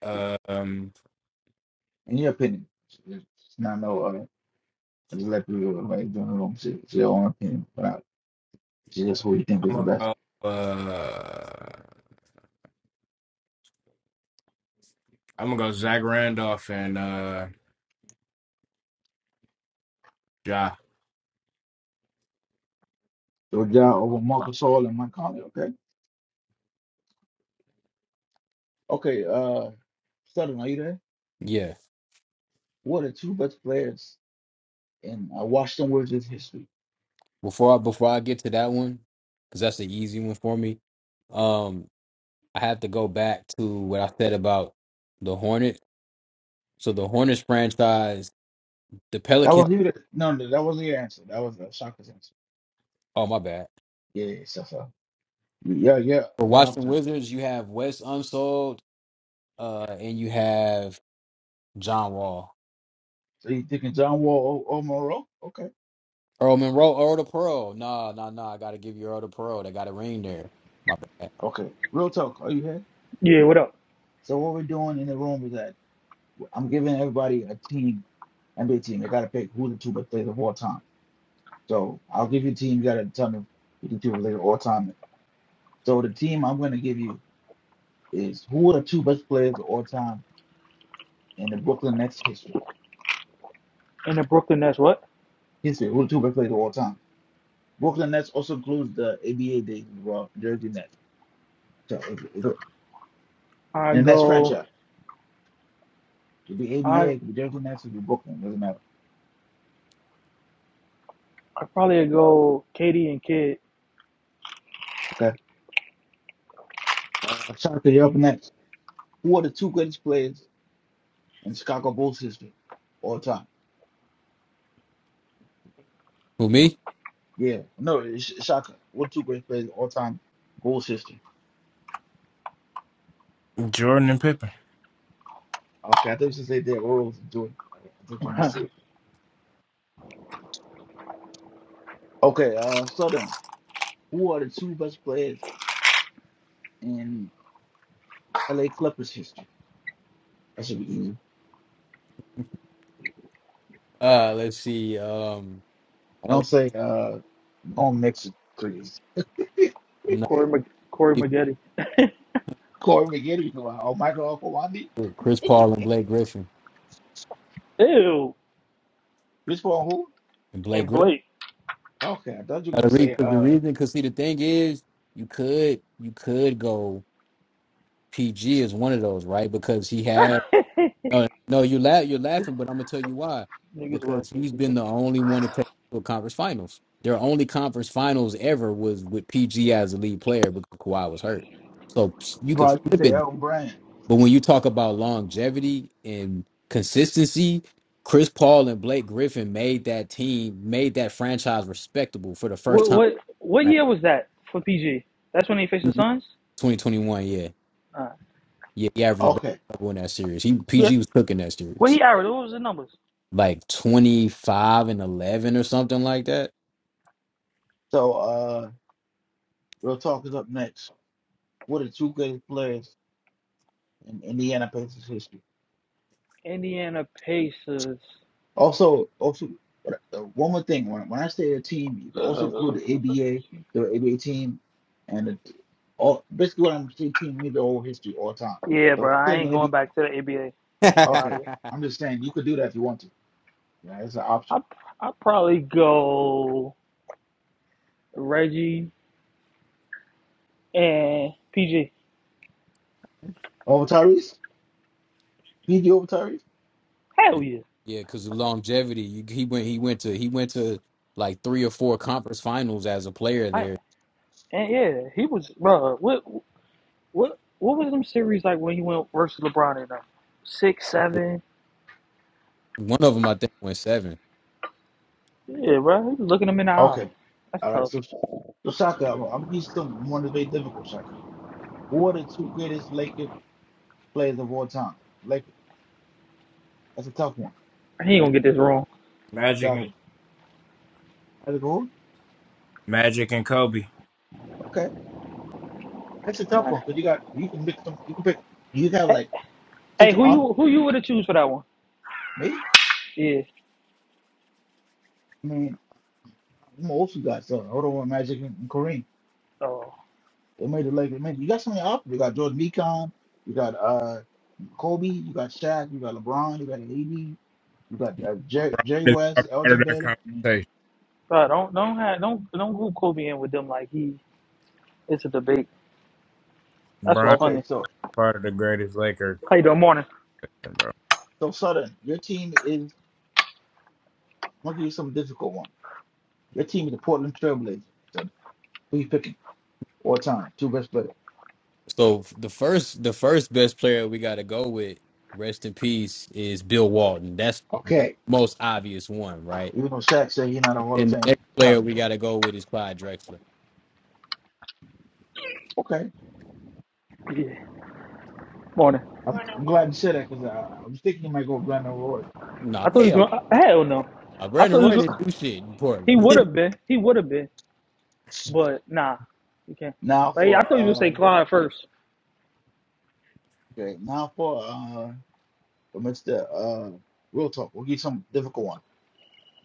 Speaker 1: um,
Speaker 7: In your opinion, it's not no. Uh, I just let people like doing their own shit. It's your own opinion, but I, it's just who you think is
Speaker 1: I'm
Speaker 7: the
Speaker 1: gonna
Speaker 7: best.
Speaker 1: go. Uh, I'm gonna go Zach Randolph and uh, Ja
Speaker 7: So Ja over Marcus All and Mike Conley. Okay, okay. Uh, Southern, are you there?
Speaker 5: Yeah.
Speaker 7: Who are the two best players in uh, Washington Wizards history?
Speaker 5: Before I, before I get to that one, because that's the easy one for me. Um, I have to go back to what I said about the Hornets. So the Hornets franchise, the
Speaker 7: That
Speaker 5: Pelicans.
Speaker 7: was you. That, no, no, that wasn't your answer. That was uh, Shaka's answer.
Speaker 5: Oh my bad.
Speaker 7: Yeah, yeah, so, so. yeah, yeah,
Speaker 5: For
Speaker 7: yeah. I'm
Speaker 5: Washington
Speaker 7: sorry.
Speaker 5: Wizards, you have Wes Unsold, uh, and you have John Wall.
Speaker 7: So you thinking John Wall or, or Monroe? Okay,
Speaker 5: Earl Monroe, Earl the Pearl. Nah, nah, nah. I gotta give you Earl the Pearl. They got a ring there. My bad.
Speaker 7: okay. Real talk. Are you here?
Speaker 3: Yeah, what up?
Speaker 7: So what we're doing in the room is that I'm giving everybody a team, NBA team. They gotta pick who the two best players of all time. So I'll give you a team. You gotta tell me who the two best players of all time. is. So the team I'm gonna give you is who are the two best players of all time in the Brooklyn Nets history.
Speaker 3: In the Brooklyn Nets, what?
Speaker 7: History. Who are the two best players of all time? Brooklyn Nets also includes the ABA days as well, Jersey Nets. So it, it,
Speaker 3: I
Speaker 7: and that's
Speaker 3: go.
Speaker 7: franchise. It could be
Speaker 3: I
Speaker 7: ABA, it could be Jersey Nets, it could be Brooklyn. doesn't matter.
Speaker 3: I probably go. Katie and Kid.
Speaker 7: Okay. Uh, shout out to the up next. Who are the two greatest players in Chicago Bulls history all time?
Speaker 5: Who me?
Speaker 7: Yeah. No, it's Sh- Shaka. What two greatest players in all time Bulls history?
Speaker 1: Jordan and Pippen.
Speaker 7: Okay, I thought you should say Derrick Rose and Jordan. I I thought you might say it. Okay, uh, so then, who are the two best players in LA Clippers history? That should be easy.
Speaker 5: Uh, let's see. Um,
Speaker 7: I
Speaker 5: L-
Speaker 7: don't say uh, don't mix it, please.
Speaker 5: no,
Speaker 3: Corey Mag- Corey Maggette.
Speaker 7: Corey McGinnis. Oh, Michael Okwandi.
Speaker 5: Chris Paul and Blake Griffin
Speaker 3: Ew.
Speaker 7: Which one? Who?
Speaker 5: and Blake
Speaker 3: And
Speaker 5: Griffin.
Speaker 3: Blake.
Speaker 7: Okay, I thought you were
Speaker 5: Gotta
Speaker 7: gonna
Speaker 5: read
Speaker 7: say
Speaker 5: because the
Speaker 7: uh,
Speaker 5: reason, because see, the thing is, you could you could go PG as one of those, right? Because he had. No, no, you laugh. You're laughing, but I'm gonna tell you why.
Speaker 3: Niggas want
Speaker 5: Because
Speaker 3: to say
Speaker 5: he's been
Speaker 3: PG.
Speaker 5: the only one to take it to a conference finals. Their only conference finals ever was with PG as a lead player because Kawhi was hurt. So ps- you can
Speaker 7: Tavares, you
Speaker 5: flip
Speaker 7: say
Speaker 5: it.
Speaker 7: Elton Brand.
Speaker 5: But when you talk about longevity and consistency, Chris Paul and Blake Griffin made that team, made that franchise respectable for the first
Speaker 3: What
Speaker 5: time.
Speaker 3: what what
Speaker 5: right?
Speaker 3: year was that for PG? That's when he faced the Suns.
Speaker 5: 2021, yeah,
Speaker 3: Uh,
Speaker 5: yeah, he averaged a
Speaker 7: Okay,
Speaker 5: double in that series. He
Speaker 3: yeah.
Speaker 5: PG was cooking that
Speaker 3: What
Speaker 5: series.
Speaker 3: he averaged? What was the numbers?
Speaker 5: like 25 and 11 or something like that.
Speaker 7: so uh, real talk is up next. What are the two greatest players in Indiana Pacers history?
Speaker 3: Indiana Pacers.
Speaker 7: Also, also uh, one more thing. When, when I say a team, you can also include the ABA, the ABA team, and the, all basically what I'm saying team means the whole history, all time.
Speaker 3: Yeah,
Speaker 7: So
Speaker 3: bro, I
Speaker 7: playing the
Speaker 3: ain't going
Speaker 7: NBA.
Speaker 3: back to the ABA. I ain't gonna lie to
Speaker 7: Okay,
Speaker 3: you.
Speaker 7: I'm just saying you could do that if you want to. Yeah, it's an
Speaker 3: I
Speaker 7: option.
Speaker 3: I probably go Reggie and PG.
Speaker 7: Over Tyrese, PG over Tyrese.
Speaker 3: Hell yeah.
Speaker 5: Yeah, because of longevity, you, he went he went to he went to like three or four conference finals as a player
Speaker 3: I
Speaker 5: there.
Speaker 3: and yeah, he was bro. What what what was them series like when he went versus LeBron in them six seven?
Speaker 5: One of them I think went seven.
Speaker 3: Yeah, bro, he was looking him in the eye.
Speaker 7: Okay.
Speaker 3: That's
Speaker 7: All right.
Speaker 3: tough.
Speaker 7: So, so Shaka, I'm gonna give you some one that's very difficult, Shaka. Who are the two greatest Lakers players of all time? Like that's a tough one,
Speaker 3: He ain't gonna get this wrong.
Speaker 1: Magic and
Speaker 7: Shaka. That's a good. one.
Speaker 1: Magic and Kobe.
Speaker 7: Okay, that's a tough one because you got you can pick some. You can pick. You have
Speaker 3: Hey,
Speaker 7: like six
Speaker 3: hey, who you
Speaker 7: options.
Speaker 3: who you would have choose for that one?
Speaker 7: Me,
Speaker 3: Yeah.
Speaker 7: I mean, I'm an old school guy, so I would want Magic and, and Kareem.
Speaker 3: Oh,
Speaker 7: They made the Lakers. Man, you got so many options. You got George Mekon. You got uh Kobe. You got Shaq. You got LeBron. You got AD. You got uh, Jerry, Jerry
Speaker 1: It's
Speaker 7: West,
Speaker 1: part
Speaker 7: Elgin
Speaker 1: of that
Speaker 7: Baylor. I mean,
Speaker 1: conversation.
Speaker 3: bro, don't don't have don't don't group Kobe in with them like he. It's a debate. That's what's
Speaker 1: Brian
Speaker 7: Okay,
Speaker 3: funny.
Speaker 7: so
Speaker 1: part of the greatest Laker.
Speaker 3: How you doing, morning?
Speaker 7: So Sutton, your team is I'm gonna give you some difficult one. Your team is the Portland Trailblazers. Sutton, who you picking all time? Two best player.
Speaker 5: So the first the first best player we got to go with, rest in peace, is Bill Walton. That's the
Speaker 7: Okay.
Speaker 5: most obvious one, right?
Speaker 7: Even though Shaq said he's not a Hall of
Speaker 5: And the
Speaker 7: Fame
Speaker 5: next player
Speaker 7: talent,
Speaker 5: we
Speaker 7: though.
Speaker 5: got to go with is Clyde Drexler.
Speaker 7: Okay.
Speaker 3: Yeah. Morning.
Speaker 7: I'm I'm glad you said that because I, I was thinking you might go Brandon Roy. but
Speaker 5: Nah,
Speaker 3: I thought he was
Speaker 5: hell,
Speaker 3: gonna uh, hell no.
Speaker 5: uh,
Speaker 3: I
Speaker 5: Brandon
Speaker 3: thought
Speaker 7: I
Speaker 3: he
Speaker 5: Roy
Speaker 3: was
Speaker 5: didn't
Speaker 7: understand.
Speaker 3: gonna,
Speaker 5: do shit in
Speaker 3: he would
Speaker 5: Portland.
Speaker 3: have been. He would have been. But nah. He can't.
Speaker 7: Now
Speaker 3: But yeah, I
Speaker 7: for
Speaker 3: thought you was gonna say
Speaker 7: uh
Speaker 3: Clyde first.
Speaker 7: okay, now for uh for Mr. Uh Real Talk. We'll give you some difficult one.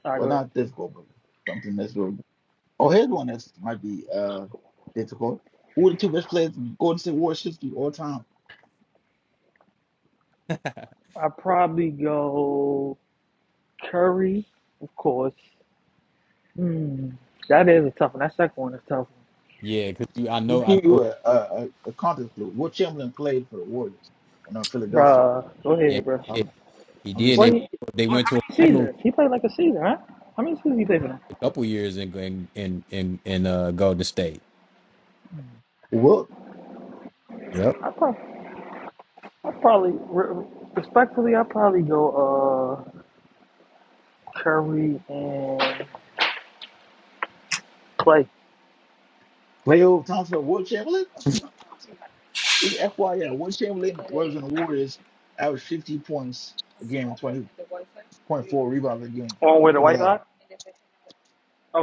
Speaker 3: Alright,
Speaker 7: Well
Speaker 3: go ahead.
Speaker 7: not difficult, but something that's real. Oh here's one that might be uh difficult. Who are the two best players in Golden State Warriors history all time?
Speaker 3: I probably go Curry, of course. Hmm. That is a tough one. That second one is a tough
Speaker 5: yeah, because I know
Speaker 7: Just
Speaker 5: I
Speaker 7: give
Speaker 5: know
Speaker 7: you a, a, a a context clue. Will Chamberlain played for the Warriors and not
Speaker 3: one.
Speaker 7: Philadelphia.
Speaker 3: Bruh, go
Speaker 5: Yeah,
Speaker 3: ahead, bruh.
Speaker 5: he did.
Speaker 7: I'm,
Speaker 5: He
Speaker 7: I'm
Speaker 5: did.
Speaker 7: just
Speaker 3: What
Speaker 5: They
Speaker 7: saying.
Speaker 3: he
Speaker 5: they
Speaker 3: what,
Speaker 5: went
Speaker 3: how
Speaker 5: to a
Speaker 3: many
Speaker 5: final
Speaker 3: seasons? He played like a season, right? How many seasons he played for them?
Speaker 5: a couple years in in in in, in uh, Golden State.
Speaker 7: Will
Speaker 5: Yep.
Speaker 3: I probably I probably re- respectfully I probably go uh Curry and Clay.
Speaker 7: Cleo Thompson, Will Chamberlain? This is FYI. Will Chamberlain was in the Warriors, averaged 50 points a game, 20.4 rebounds a game.
Speaker 3: Oh,
Speaker 7: To
Speaker 3: with the
Speaker 7: put it
Speaker 3: White
Speaker 7: out there.
Speaker 3: Sox?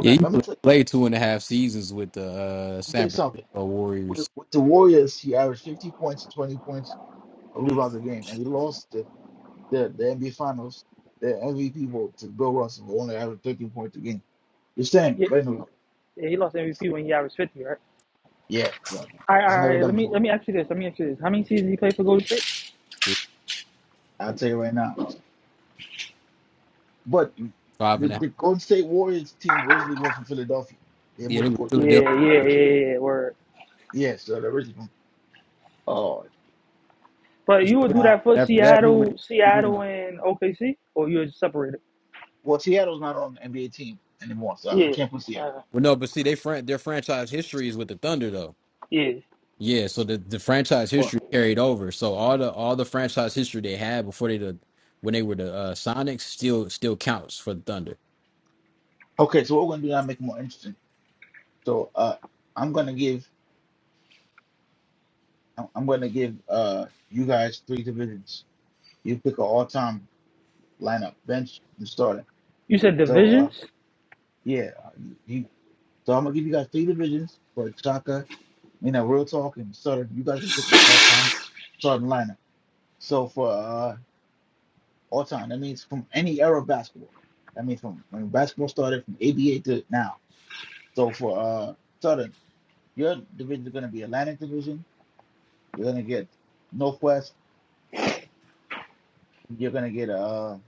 Speaker 5: Yeah, he
Speaker 7: Let me
Speaker 5: played,
Speaker 7: tell,
Speaker 5: played two and a half seasons with the uh,
Speaker 7: let me tell you
Speaker 5: San
Speaker 7: something.
Speaker 5: Francisco
Speaker 7: With,
Speaker 5: Warriors.
Speaker 7: with the Warriors, he averaged 50 points and 20 points of rebounds a game, and he lost the, the, the NBA Finals, the MVP vote to Bill Russell, who only averaged 13 points a game. You're saying,
Speaker 3: Yeah,
Speaker 7: but anyway,
Speaker 3: yeah, he lost MVP when he averaged 50, right?
Speaker 7: Yeah, so
Speaker 3: All right,
Speaker 7: it's
Speaker 3: all
Speaker 7: never
Speaker 3: right. Let
Speaker 7: done
Speaker 3: me let
Speaker 7: before.
Speaker 3: me ask you this. Let me ask you this. How many seasons he played for Golden State?
Speaker 5: Yeah,
Speaker 7: I'll tell you right now. But
Speaker 5: Five
Speaker 7: the,
Speaker 5: and a half.
Speaker 7: the Golden State Warriors team originally was from Philadelphia. They
Speaker 5: Yeah,
Speaker 7: moved
Speaker 5: they
Speaker 7: to
Speaker 5: were
Speaker 7: court. State.
Speaker 5: Philadelphia.
Speaker 3: Yeah, yeah, yeah, yeah. Word.
Speaker 7: Yeah, so they're originally from oh
Speaker 3: But
Speaker 5: It's
Speaker 3: you would
Speaker 5: crazy.
Speaker 3: do
Speaker 7: now
Speaker 3: that for
Speaker 5: After that, he
Speaker 3: Seattle,
Speaker 5: went. He
Speaker 3: Seattle
Speaker 5: went.
Speaker 3: and OKC, or you would separate it?
Speaker 7: well Seattle's not on the NBA team anymore, so I can't put
Speaker 3: Yeah,
Speaker 7: Seattle.
Speaker 3: uh,
Speaker 5: Well, no, but see, they fran- their franchise history is with the Thunder, though.
Speaker 3: yeah.
Speaker 5: Yeah, so the, the franchise
Speaker 7: Well,
Speaker 5: history carried over. So all the all the franchise history they had before they the when they were the uh, Sonics still still counts for the Thunder.
Speaker 7: okay, so what we're gonna do now make it more interesting. So uh I'm gonna give I'm I'm gonna give uh you guys three divisions. You pick an all time lineup, bench and starter.
Speaker 3: You said
Speaker 7: So uh
Speaker 3: divisions.
Speaker 7: yeah, you so I'm gonna give you guys three divisions for soccer You know, real talk and Southern, you guys can pick your all time Southern lineup. So for uh, all time, that means from any era of basketball. That means from when basketball started from ABA to now. So for uh, Southern, your division is going to be Atlantic Division. You're going to get Northwest. You're going to get uh,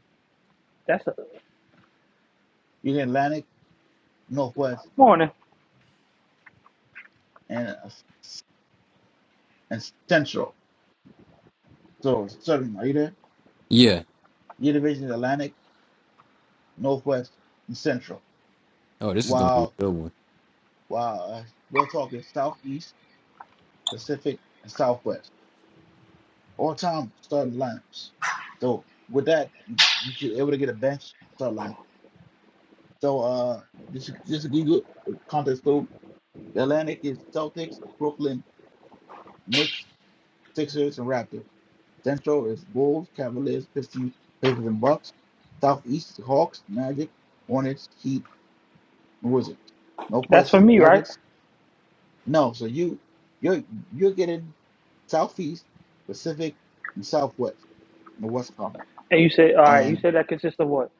Speaker 3: That's a
Speaker 7: you get Atlantic, Northwest,
Speaker 3: morning.
Speaker 7: and uh, and Central. So Southern, are you there?
Speaker 5: Yeah,
Speaker 7: Your division is Atlantic, Northwest, and Central.
Speaker 5: Oh, this is gonna be a
Speaker 7: While
Speaker 5: good one.
Speaker 7: while uh, real talk is Southeast. Pacific and Southwest. All time starting lineups. So with that, you should be able to get a bench start line. So uh, this is this is good context clue. The Atlantic is Celtics, Brooklyn, Knicks, Sixers, and Raptors. Central is Bulls, Cavaliers, Pistons, Pacers, and Bucks. Southeast is Hawks, Magic, Hornets, Heat, and Wizards. No
Speaker 3: That's for
Speaker 7: questions,
Speaker 3: me, right?
Speaker 7: Nuggets. No, so you you're you're getting Southeast, Pacific, and Southwest, and the West Conference.
Speaker 3: And you said, all right. You
Speaker 7: and
Speaker 3: said that consists of what?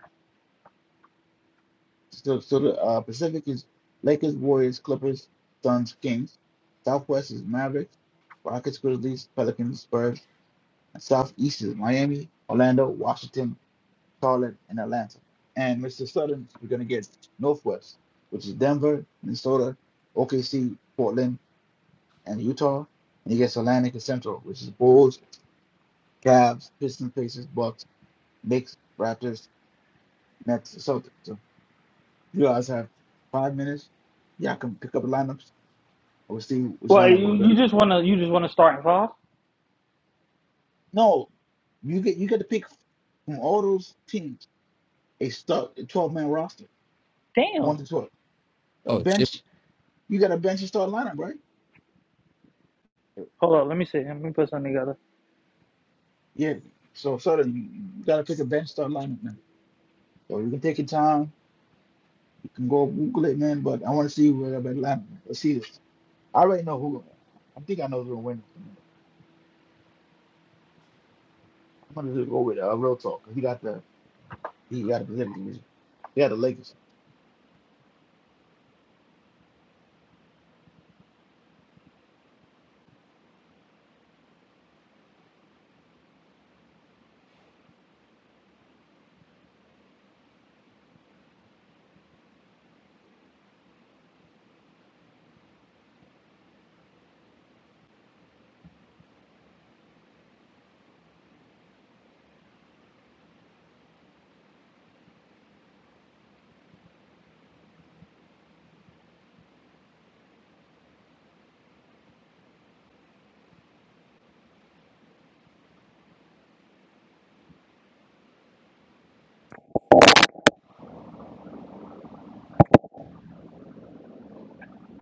Speaker 7: So, so the uh, Pacific is Lakers, Warriors, Clippers, Suns, Kings. Southwest is Mavericks, Rockets, Grizzlies, Pelicans, Spurs. And Southeast is Miami, Orlando, Washington, Charlotte, and Atlanta. And Mr. Southern, we're going to get Northwest, which is Denver, Minnesota, OKC, Portland, and Utah. And he gets Atlantic and Central, which is Bulls, Cavs, Pistons, Pacers, Bucks, Knicks, Raptors, Nets, and Celtics. So you guys have five minutes. Y'all can pick up the lineups We'll see which
Speaker 3: Well,
Speaker 7: lineup
Speaker 3: you,
Speaker 7: it'll be.
Speaker 3: you just wanna you just wanna start in five.
Speaker 7: No, you get you get to pick from all those teams a start a twelve man roster,
Speaker 3: Damn.
Speaker 7: one to twelve. A
Speaker 5: Oh, chip.
Speaker 7: bench, you got a bench and start lineup, right?
Speaker 3: Hold up. Let me see. Let me put something together.
Speaker 7: Yeah. So suddenly you, you got to pick a bench start lineup now. So you can take your time. You can go Google it, man. But I want to see where that lineup. Man. Let's see this. I already know who. I think I know who's gonna win this. Anyway. I'm gonna just go with uh, real talk. 'cause He got the he got the Pacific Division. He got the Lakers.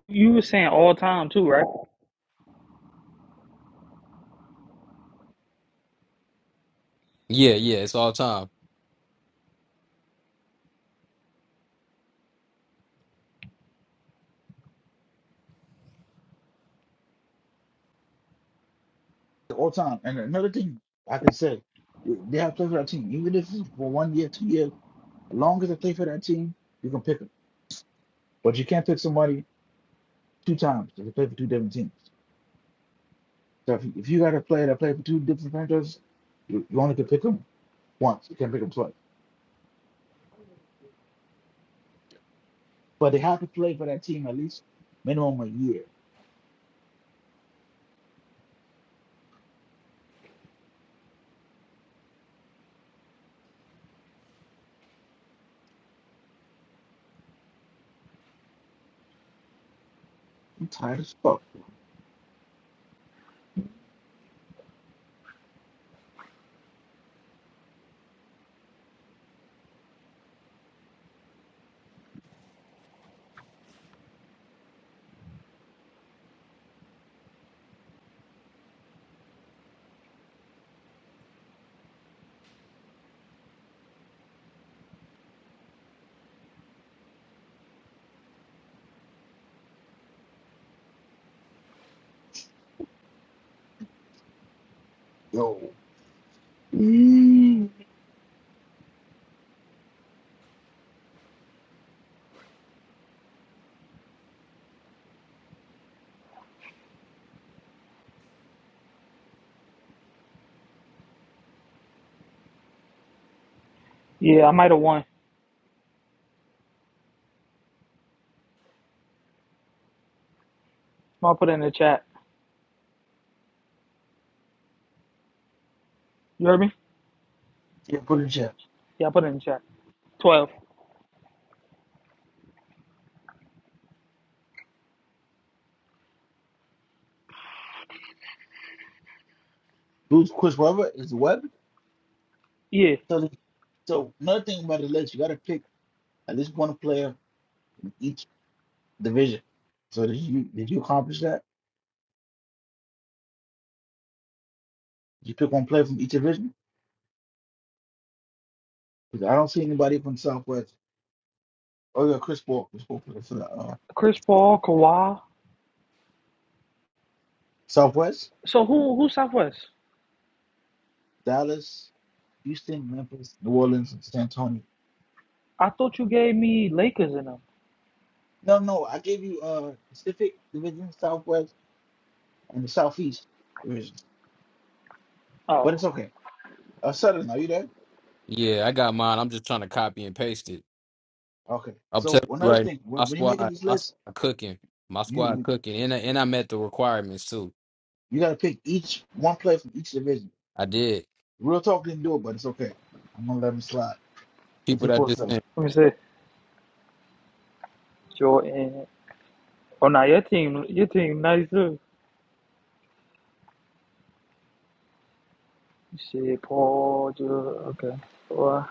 Speaker 3: You were saying all time too, right?
Speaker 5: Yeah, yeah, it's all time.
Speaker 7: all time. And another thing I can say, they have to play for that team. Even if it's for one year, two years, as long as they play for that team, you can pick them. But you can't pick somebody two times if they play for two different teams. So if you, if you got a player that played for two different franchises, you, you only can pick them once. You can't pick them twice. But they have to play for that team at least minimum a year. I'm tired as fuck. Yo. Mm.
Speaker 3: Yeah, I might have won. I'll put it in the chat. You heard me?
Speaker 7: Yeah, put it in chat.
Speaker 3: Yeah, I put it in the chat. Twelve.
Speaker 7: Who's Chris Webber is Webb.
Speaker 3: Yeah.
Speaker 7: So, so another thing about the list, you got to pick at least one player from each. division. So did you did you accomplish that? Did you pick one player from each division? Because I don't see anybody from Southwest. Oh yeah, Chris Paul. Chris Paul for the, for the uh,
Speaker 3: Chris Paul, Kawhi.
Speaker 7: Southwest,
Speaker 3: So who who Southwest?
Speaker 7: Dallas, Houston, Memphis, New Orleans, and San Antonio.
Speaker 3: I thought you gave me Lakers in them.
Speaker 7: No, no, I gave you uh Pacific Division, Southwest, and the Southeast Division.
Speaker 3: Oh,
Speaker 7: But it's okay. Uh, Southern, are you there?
Speaker 5: Yeah, I got mine. I'm just trying to copy and paste it.
Speaker 7: Okay.
Speaker 5: I'm
Speaker 7: So
Speaker 5: telling you
Speaker 7: another
Speaker 5: right now,
Speaker 7: thing,
Speaker 5: my
Speaker 7: when, when you're
Speaker 5: squad,
Speaker 7: making these
Speaker 5: my
Speaker 7: lists,
Speaker 5: squad cooking, my squad
Speaker 7: you
Speaker 5: cooking, and I, and I met the requirements too.
Speaker 7: you gotta pick each one player from each division.
Speaker 5: I did.
Speaker 7: Real talk didn't do it, but it's okay. I'm gonna let him slide. Because
Speaker 5: People
Speaker 7: he
Speaker 5: that just
Speaker 7: posted
Speaker 5: sent.
Speaker 3: let me see. Jordan. Oh, now your team, your team, nice too. Shit, Paul. George. Okay. Well,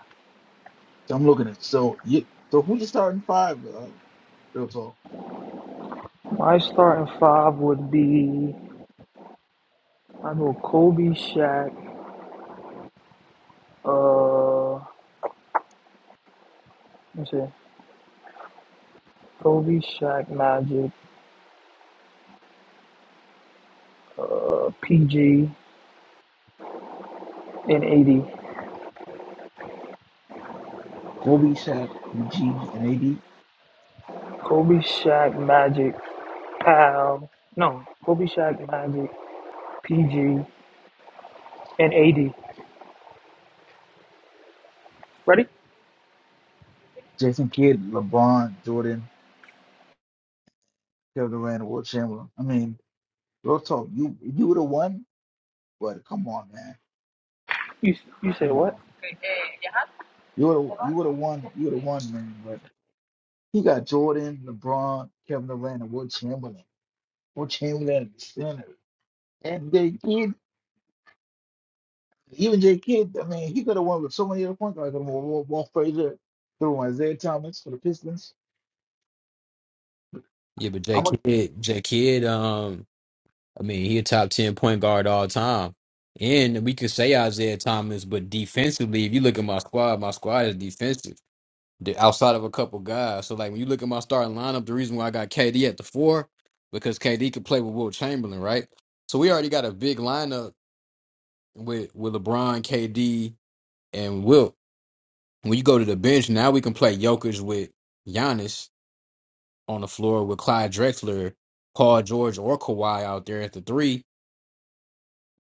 Speaker 7: So I'm looking at so you so who you starting five? Uh, real talk.
Speaker 3: my starting five would be I know Kobe, Shaq. Uh, let me see. Kobe, Shaq, Magic, uh, PG, and AD.
Speaker 7: Kobe, Shaq, G, and AD,
Speaker 3: Kobe Shaq Magic Pal. No, Kobe Shaq Magic PG and AD. Ready?
Speaker 7: Jason Kidd, LeBron, Jordan, Kevin Durant, Will Chamberlain. I mean, real talk. You you would have won, but come on, man,
Speaker 3: You you said
Speaker 7: come
Speaker 3: what?
Speaker 7: on. You would you would have won. You would have won, man. But he got Jordan, LeBron, Kevin Durant, and Will Chamberlain. Will Chamberlain at the center, and Jay Kidd. Even Jay Kidd, I mean, he could have won with so many other points, like I mean, Walt Walt Frazier, threw Isaiah Thomas for the Pistons.
Speaker 5: Yeah, but J Kidd, J Kidd, um, I mean, he a top ten point guard all time. And we could say Isaiah Thomas, but defensively, if you look at my squad, my squad is defensive. the- outside of a couple guys. So like when you look at my starting lineup, the reason why I got KD at the four because KD could play with Will Chamberlain, right? So we already got a big lineup with with LeBron, KD, and Wilt. When you go to the bench, now we can play Jokic with Giannis on the floor with Clyde Drexler, Paul George, or Kawhi out there at the three,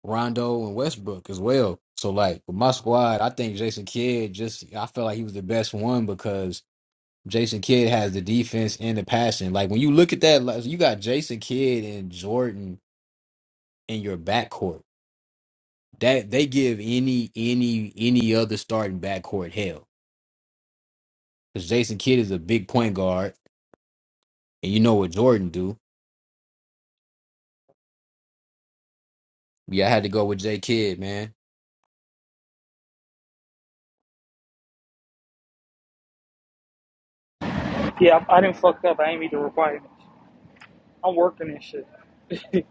Speaker 5: Rondo and Westbrook as well. So like with my squad, I think Jason Kidd just I felt like he was the best one because Jason Kidd has the defense and the passion. Like when you look at that, like, you got Jason Kidd and Jordan in your backcourt. That they give any any any other starting backcourt hell because Jason Kidd is a big point guard, and you know what Jordan do. Yeah, I had to go with J Kidd, man.
Speaker 3: Yeah, I, I didn't fuck up. I ain't meet the requirements. I'm working this shit.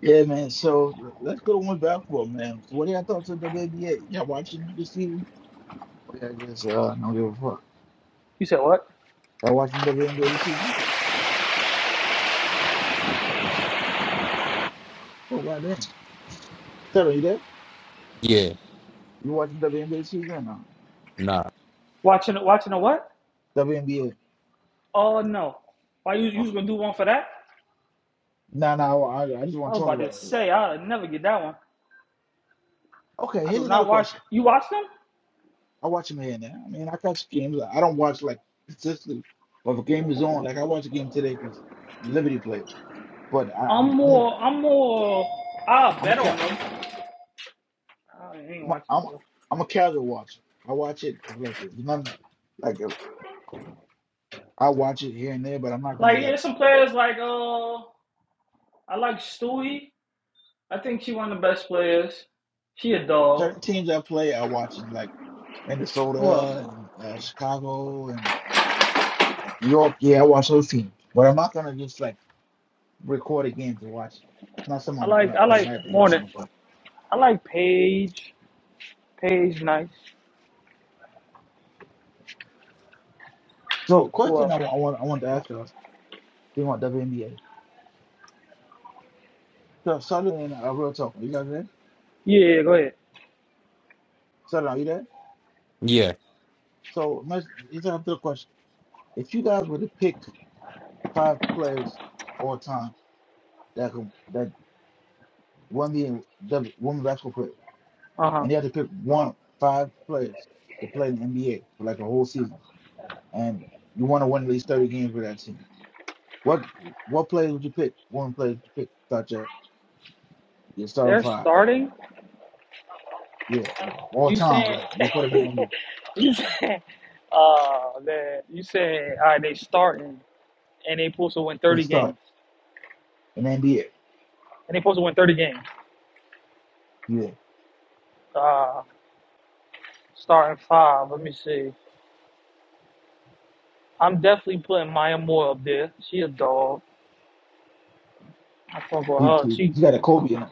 Speaker 7: Yeah, man. So let's go to one basketball, man. So what are your thoughts on WNBA? Y'all watching this season? Or y'all just uh, don't give a fuck?
Speaker 3: you said what?
Speaker 7: Y'all watching WNBA this season? Oh, why then? Tell you there?
Speaker 5: Yeah,
Speaker 7: You watching WNBA this season or no?
Speaker 5: nah,
Speaker 3: Watching watching a what?
Speaker 7: WNBA.
Speaker 3: Oh no. Why you you
Speaker 7: Oh.
Speaker 3: was gonna do one for that?
Speaker 7: No, no, I, I just
Speaker 3: I
Speaker 7: want
Speaker 3: was
Speaker 7: to talk
Speaker 3: about
Speaker 7: about
Speaker 3: to
Speaker 7: it.
Speaker 3: say I'll never get that one.
Speaker 7: Okay,
Speaker 3: I do
Speaker 7: here's another
Speaker 3: not watch.
Speaker 7: question.
Speaker 3: You watch them?
Speaker 7: I watch them here now. I mean, I catch games. I don't watch like consistently, but if a game is on, like I watch a game today because Liberty played. But I, I,
Speaker 3: I'm
Speaker 7: I'm
Speaker 3: more. I'm more. I'll
Speaker 7: I'm a
Speaker 3: bet
Speaker 7: cat.
Speaker 3: on them. I ain't
Speaker 7: I'm a,
Speaker 3: watching
Speaker 7: I'm a,
Speaker 3: them. Though.
Speaker 7: I'm a casual watcher. I watch it like it's none like uh, I watch it here and there, but I'm not
Speaker 3: Like
Speaker 7: gonna like
Speaker 3: there's some players like uh, I like Stewie. I think she one of the best players. She a dog.
Speaker 7: certain teams I play. I watch them like
Speaker 3: Who else?
Speaker 7: Minnesota and uh, Chicago and, and New York. Yeah, I watch those teams, but I'm not gonna just like record a game to watch. It. Not something
Speaker 3: I
Speaker 7: I'm
Speaker 3: like
Speaker 7: gonna
Speaker 3: I like
Speaker 7: automatically use
Speaker 3: Morning.
Speaker 7: on the phone.
Speaker 3: I like Paige. Paige nice.
Speaker 7: So,
Speaker 3: Who
Speaker 7: question
Speaker 3: else?
Speaker 7: I wa- I want I want to ask us: Do you want WNBA? So, Sutherland, uh, real talk. Are you guys there?
Speaker 3: Yeah, yeah, go ahead.
Speaker 7: Sutherland, are you there?
Speaker 5: yeah.
Speaker 7: So, let's let's have the question. If you guys were to pick five players all time that could, that won the the women basketball player,
Speaker 3: Uh huh.
Speaker 7: and you have to pick one five players to play in the NBA for like a whole season, and you want to win at least thirty games with that team. What what players would you pick? One player would you pick? Start your your starting
Speaker 3: They're
Speaker 7: five.
Speaker 3: starting.
Speaker 7: Yeah, like, all
Speaker 3: You
Speaker 7: time.
Speaker 3: saying?
Speaker 7: Like you put him in the NBA,
Speaker 3: you saying? Uh, that you saying? All right, they starting, and they supposed to win
Speaker 7: they
Speaker 3: thirty
Speaker 7: start
Speaker 3: games,
Speaker 7: in the NBA.
Speaker 3: and they supposed to win thirty games.
Speaker 7: Yeah,
Speaker 3: Uh, starting five. Let me see. I'm definitely putting Maya Moore up there. She a dog. I fuck with
Speaker 7: you,
Speaker 3: her.
Speaker 7: you,
Speaker 3: She
Speaker 7: you got a Kobe in him.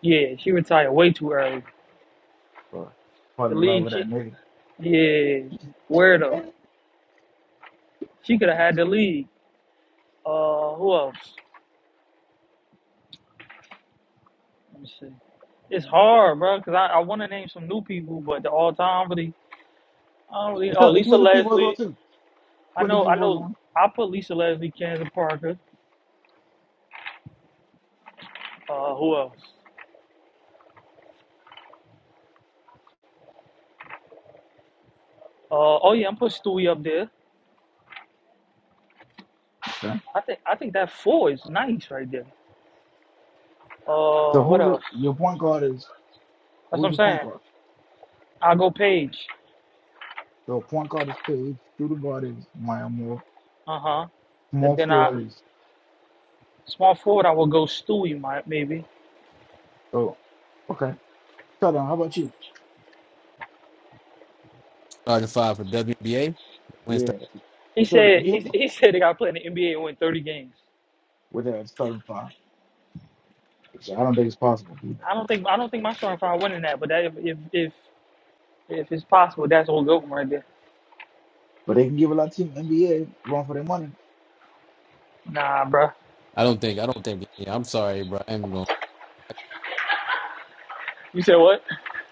Speaker 3: Yeah, she retired way too early.
Speaker 7: But Fall
Speaker 3: The
Speaker 7: in love
Speaker 3: league,
Speaker 7: with that
Speaker 3: she,
Speaker 7: nigga.
Speaker 3: yeah, weirdo. She could have had the league. Uh, who else? Let me see. It's hard, bro, because I, I want to name some new people, but the all time really, I don't really.
Speaker 7: It's
Speaker 3: Oh,
Speaker 7: not. It can
Speaker 3: Lisa
Speaker 7: be the people are going
Speaker 3: Leslie.
Speaker 7: too.
Speaker 3: I
Speaker 7: Put the
Speaker 3: know, I
Speaker 7: people are
Speaker 3: know.
Speaker 7: going.
Speaker 3: I put Lisa Leslie, Kansas Parker. Uh, who else? Uh, oh yeah, I'm putting Stewie up there.
Speaker 7: Okay.
Speaker 3: I think I think that four is nice right there.
Speaker 7: So
Speaker 3: Uh, what
Speaker 7: who's
Speaker 3: else?
Speaker 7: your your point guard is?
Speaker 3: That's what
Speaker 7: Who's
Speaker 3: I'm
Speaker 7: your point
Speaker 3: saying.
Speaker 7: guard?
Speaker 3: I'll go Page.
Speaker 7: So point guard is Page, shooting guard is Maya Moore,
Speaker 3: Uh huh. And
Speaker 7: small
Speaker 3: then I
Speaker 7: forward is
Speaker 3: Small forward, I will go Stewie, might maybe.
Speaker 7: so okay. Tell them how about you?
Speaker 5: Starting five for WNBA. Wednesday.
Speaker 7: Yeah,
Speaker 3: He
Speaker 7: tell
Speaker 3: said
Speaker 7: him
Speaker 3: he, he said they got to play in the NBA and win thirty games.
Speaker 7: with a starting five. Which I don't think it's possible, you never
Speaker 3: I don't
Speaker 7: know.
Speaker 3: think I don't think my starting five winning that, but that if if if, if it's possible, that's all good one right there.
Speaker 7: but they can give a lot of team NBA run for their money.
Speaker 3: Nah, bro.
Speaker 5: I don't think I don't think. Yeah, I'm sorry, bro. I ain't gonna
Speaker 3: You said what?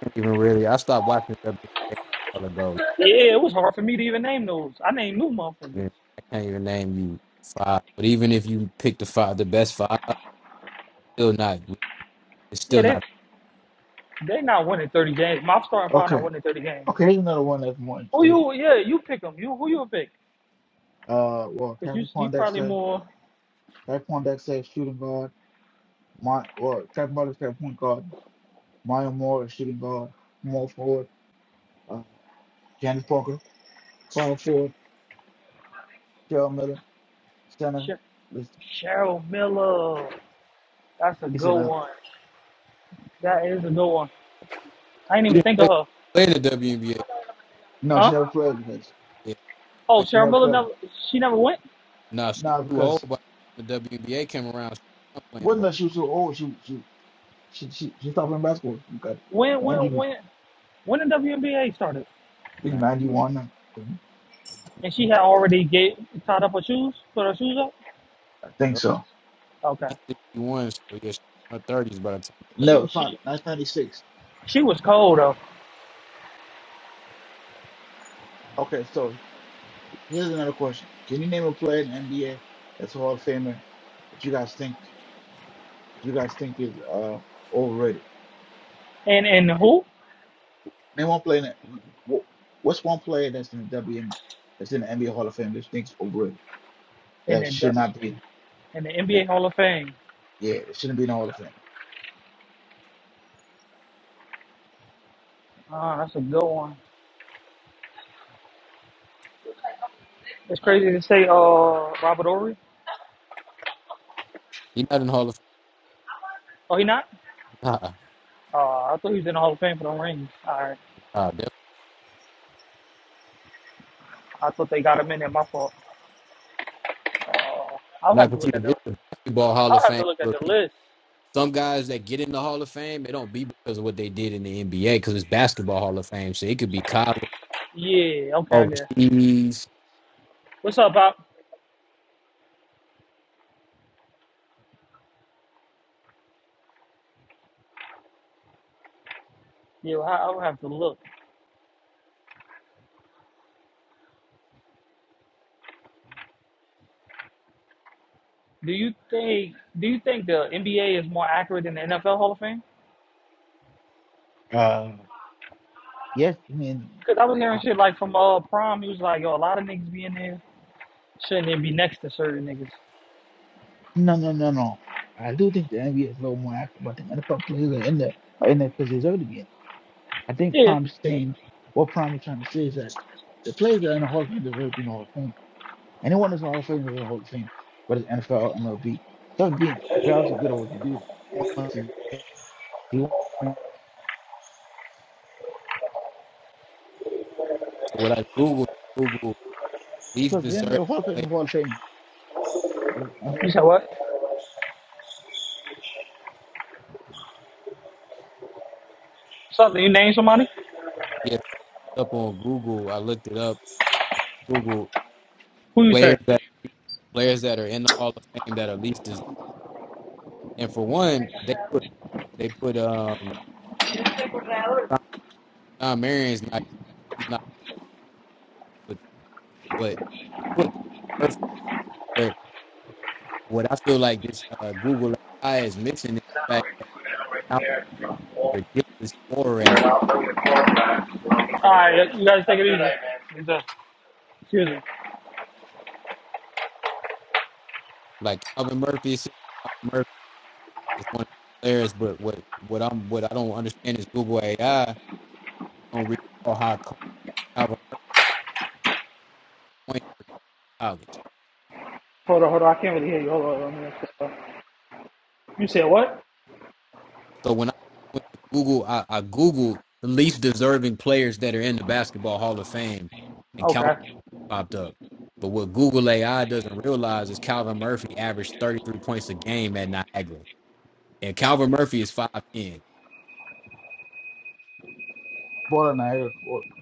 Speaker 5: I ain't even really. I stopped watching WNBA a a while ago.
Speaker 3: Yeah, it was hard for me to even name those. I named new motherfuckers.
Speaker 5: I can't even name you five. But even if you pick the five, the best five, still not. It's
Speaker 3: Yeah,
Speaker 5: still
Speaker 3: they
Speaker 5: not.
Speaker 3: they not winning thirty games. My starting five not
Speaker 7: Okay,
Speaker 3: winning thirty games.
Speaker 7: okay, here's another one that's more
Speaker 3: Who
Speaker 7: interesting.
Speaker 3: you? Yeah, you pick them. You who you pick?
Speaker 7: Uh, well,
Speaker 3: Cause you
Speaker 7: Kevin
Speaker 3: you probably
Speaker 7: Pondexter,
Speaker 3: more.
Speaker 7: Kevin Pondexter is shooting guard. My well, Kevin their point guard. Maya Moore is shooting guard, small forward. Uh, Janice Parker, small forward. Gerald Miller, center.
Speaker 3: Sh-
Speaker 7: This
Speaker 3: Cheryl Miller. That's a
Speaker 7: is a
Speaker 3: good one. That is a good one. I didn't
Speaker 5: She
Speaker 3: even
Speaker 5: didn't
Speaker 3: think of
Speaker 5: play,
Speaker 3: her.
Speaker 5: play in the WNBA.
Speaker 7: No, she
Speaker 3: Huh?
Speaker 7: never played because
Speaker 5: Yeah,
Speaker 3: Oh,
Speaker 5: play-
Speaker 7: she
Speaker 3: Cheryl
Speaker 7: never
Speaker 3: Miller
Speaker 7: played.
Speaker 3: never. She never went.
Speaker 5: nah, she was
Speaker 7: Nah,
Speaker 5: too old.
Speaker 7: because
Speaker 5: But when the WNBA came around, she was playing
Speaker 7: wasn't
Speaker 5: ball.
Speaker 7: that she was so old? She she she she, she stopped playing basketball. Okay,
Speaker 3: When
Speaker 7: Angie
Speaker 3: when
Speaker 7: was
Speaker 3: when
Speaker 7: I
Speaker 3: when the WNBA started,
Speaker 7: think
Speaker 5: Nah,
Speaker 7: ninety one now. Let
Speaker 3: and
Speaker 7: me
Speaker 3: she had
Speaker 7: check.
Speaker 3: already get tied up her shoes, put her shoes up.
Speaker 7: I think
Speaker 5: yup.
Speaker 7: so.
Speaker 3: Okay.
Speaker 5: She's sixty-one, so yeah, she's in her thirties by the time.
Speaker 7: No,
Speaker 3: She
Speaker 7: fine.
Speaker 3: she
Speaker 7: Nineteen ninety six.
Speaker 3: she was cold though.
Speaker 7: Okay, so here's another question: Can you name a player in the NBA that's a Hall of Famer that you guys think you guys think is uh overrated?
Speaker 3: And and who?
Speaker 7: Name one player. That, wh- what's one player that's in the WN that's in the NBA Hall of Fame that you think is overrated?
Speaker 3: And
Speaker 7: That
Speaker 3: the Du-
Speaker 7: should not be.
Speaker 3: and the
Speaker 7: in it?
Speaker 3: NBA Hall of Fame.
Speaker 7: Yeah, it shouldn't be in the Hall of Fame.
Speaker 3: Ah, that's a good one. It's crazy to say. Uh, Robert Ory.
Speaker 5: He's not in Hall of
Speaker 3: Oh, he not?
Speaker 5: Fame. Nah,
Speaker 3: Uh, I thought he was in the Hall of Fame for the rings. All right.
Speaker 5: nah, definitely
Speaker 3: I thought they got him in there. My fault. Uh, I'll
Speaker 5: not
Speaker 3: have to look at
Speaker 5: considered.
Speaker 3: the.
Speaker 5: It's the basketball Hall
Speaker 3: I'll
Speaker 5: of
Speaker 3: have to
Speaker 5: Fame
Speaker 3: look at
Speaker 5: for
Speaker 3: the
Speaker 5: people.
Speaker 3: list.
Speaker 5: Some guys that get in the Hall of Fame, it don't be because of what they did in the NBA, because it's basketball Hall of Fame. So it could be college
Speaker 3: Yeah. Okay. I guess.
Speaker 5: overseas
Speaker 3: What's up, Bob? Yeah, well, I- I'll have to look. Do you think Do you think the NBA is more accurate than the NFL Hall of Fame?
Speaker 7: Uh, yes, I mean,
Speaker 3: Because I was hearing
Speaker 7: I,
Speaker 3: shit like from uh Prime, he was like, "Yo, a lot of niggas be in there, shouldn't even be next to certain niggas."
Speaker 7: no, no, no, no. I do think the NBA is a little more active. but I think NFL players are in there, are in there because they deserve to be in. I think
Speaker 3: Yeah.
Speaker 7: Prime saying what Prime is trying to say is that the players that are in the Hall of Fame deserve to be in the Hall of Fame. Anyone that's in the Hall of Fame is in the Hall of Fame, whether it's NFL, MLB, deserve to be in. You're obviously good at what you do. because to- you want-
Speaker 5: So what I Googled, Google least
Speaker 7: Because
Speaker 5: deserved
Speaker 7: the Hall of Fame,
Speaker 5: player.
Speaker 7: is Hall of Fame, I mean,
Speaker 3: You said what? Something you name somebody?
Speaker 5: Yes, up on Google, I looked it up. Google
Speaker 3: Who you say?
Speaker 5: players that players that are in the Hall of Fame that are least deserved. And for one, they put they put um Sean, Sean Marion's not he's not put, but they put Calvin Murphy. But what I feel like this uh, Google AI is missing is the fact that how ridiculous scorer at
Speaker 3: All right, you guys take it easy. It's, uh, Excuse me.
Speaker 5: like Calvin Murphy. is- Calvin Murphy is one of the players, but what what I'm what I don't understand is Google AI don't recall how Kobe Calvin went to college.
Speaker 3: Hold on, hold on. I can't really hear you. Hold on, hold on. let me ask You You said what?
Speaker 5: So when I went to Google, I, I Googled the least deserving players that are in the Basketball Hall of Fame, and Calvin
Speaker 3: Okay.
Speaker 5: popped up. But what Google AI doesn't realize is Calvin Murphy averaged 33 points a game at Niagara. And Calvin Murphy is 5'10.
Speaker 7: baller in the air. You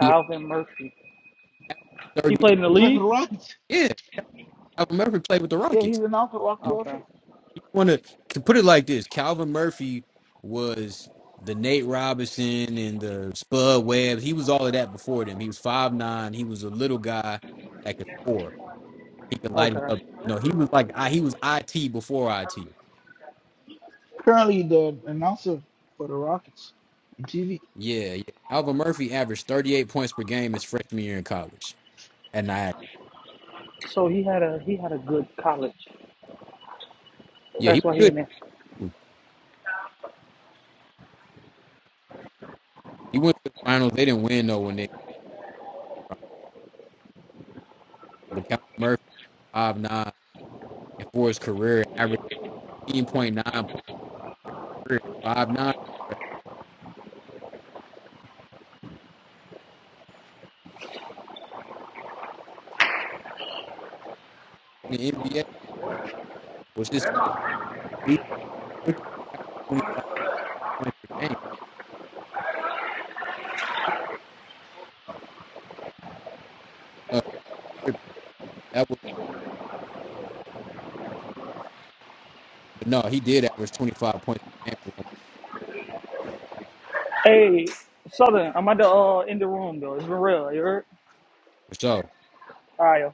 Speaker 5: He
Speaker 3: Murphy.
Speaker 5: averaged
Speaker 3: He
Speaker 5: 38.
Speaker 3: played in the
Speaker 7: play for
Speaker 3: league.
Speaker 7: the Rockets.
Speaker 5: Yeah, Calvin Murphy played with the
Speaker 7: Yeah, he's
Speaker 5: Rockets.
Speaker 7: announced for the
Speaker 3: Okay.
Speaker 7: Rockets.
Speaker 5: want to to put it like this: Calvin Murphy was the Nate Robinson and the Spud Webb. He was all of that before them. He was five nine. He was a little guy that could score. He could light it
Speaker 3: Okay.
Speaker 5: up. No, he was like I, he was IT before IT.
Speaker 7: currently the announcer for the Rockets on TV.
Speaker 5: Yeah, yeah. Alvin Murphy averaged thirty eight points per game his freshman year in college. And I,
Speaker 3: So he had a he had a good college.
Speaker 5: yeah, he
Speaker 3: That's
Speaker 5: was
Speaker 3: why he
Speaker 5: good.
Speaker 3: in there.
Speaker 5: He went to the finals. They didn't win though when they, but Calvin Murphy five nine and for his career averaged eighteen point nine points per career at five nine. in the NBA was his first league rookie average 25 points per game. No, that was, but no, he did average 25 points per game at
Speaker 3: Hey, Southern, I'm at the uh in the room though. It's been real. You heard?
Speaker 5: for sure.
Speaker 3: All right, yo.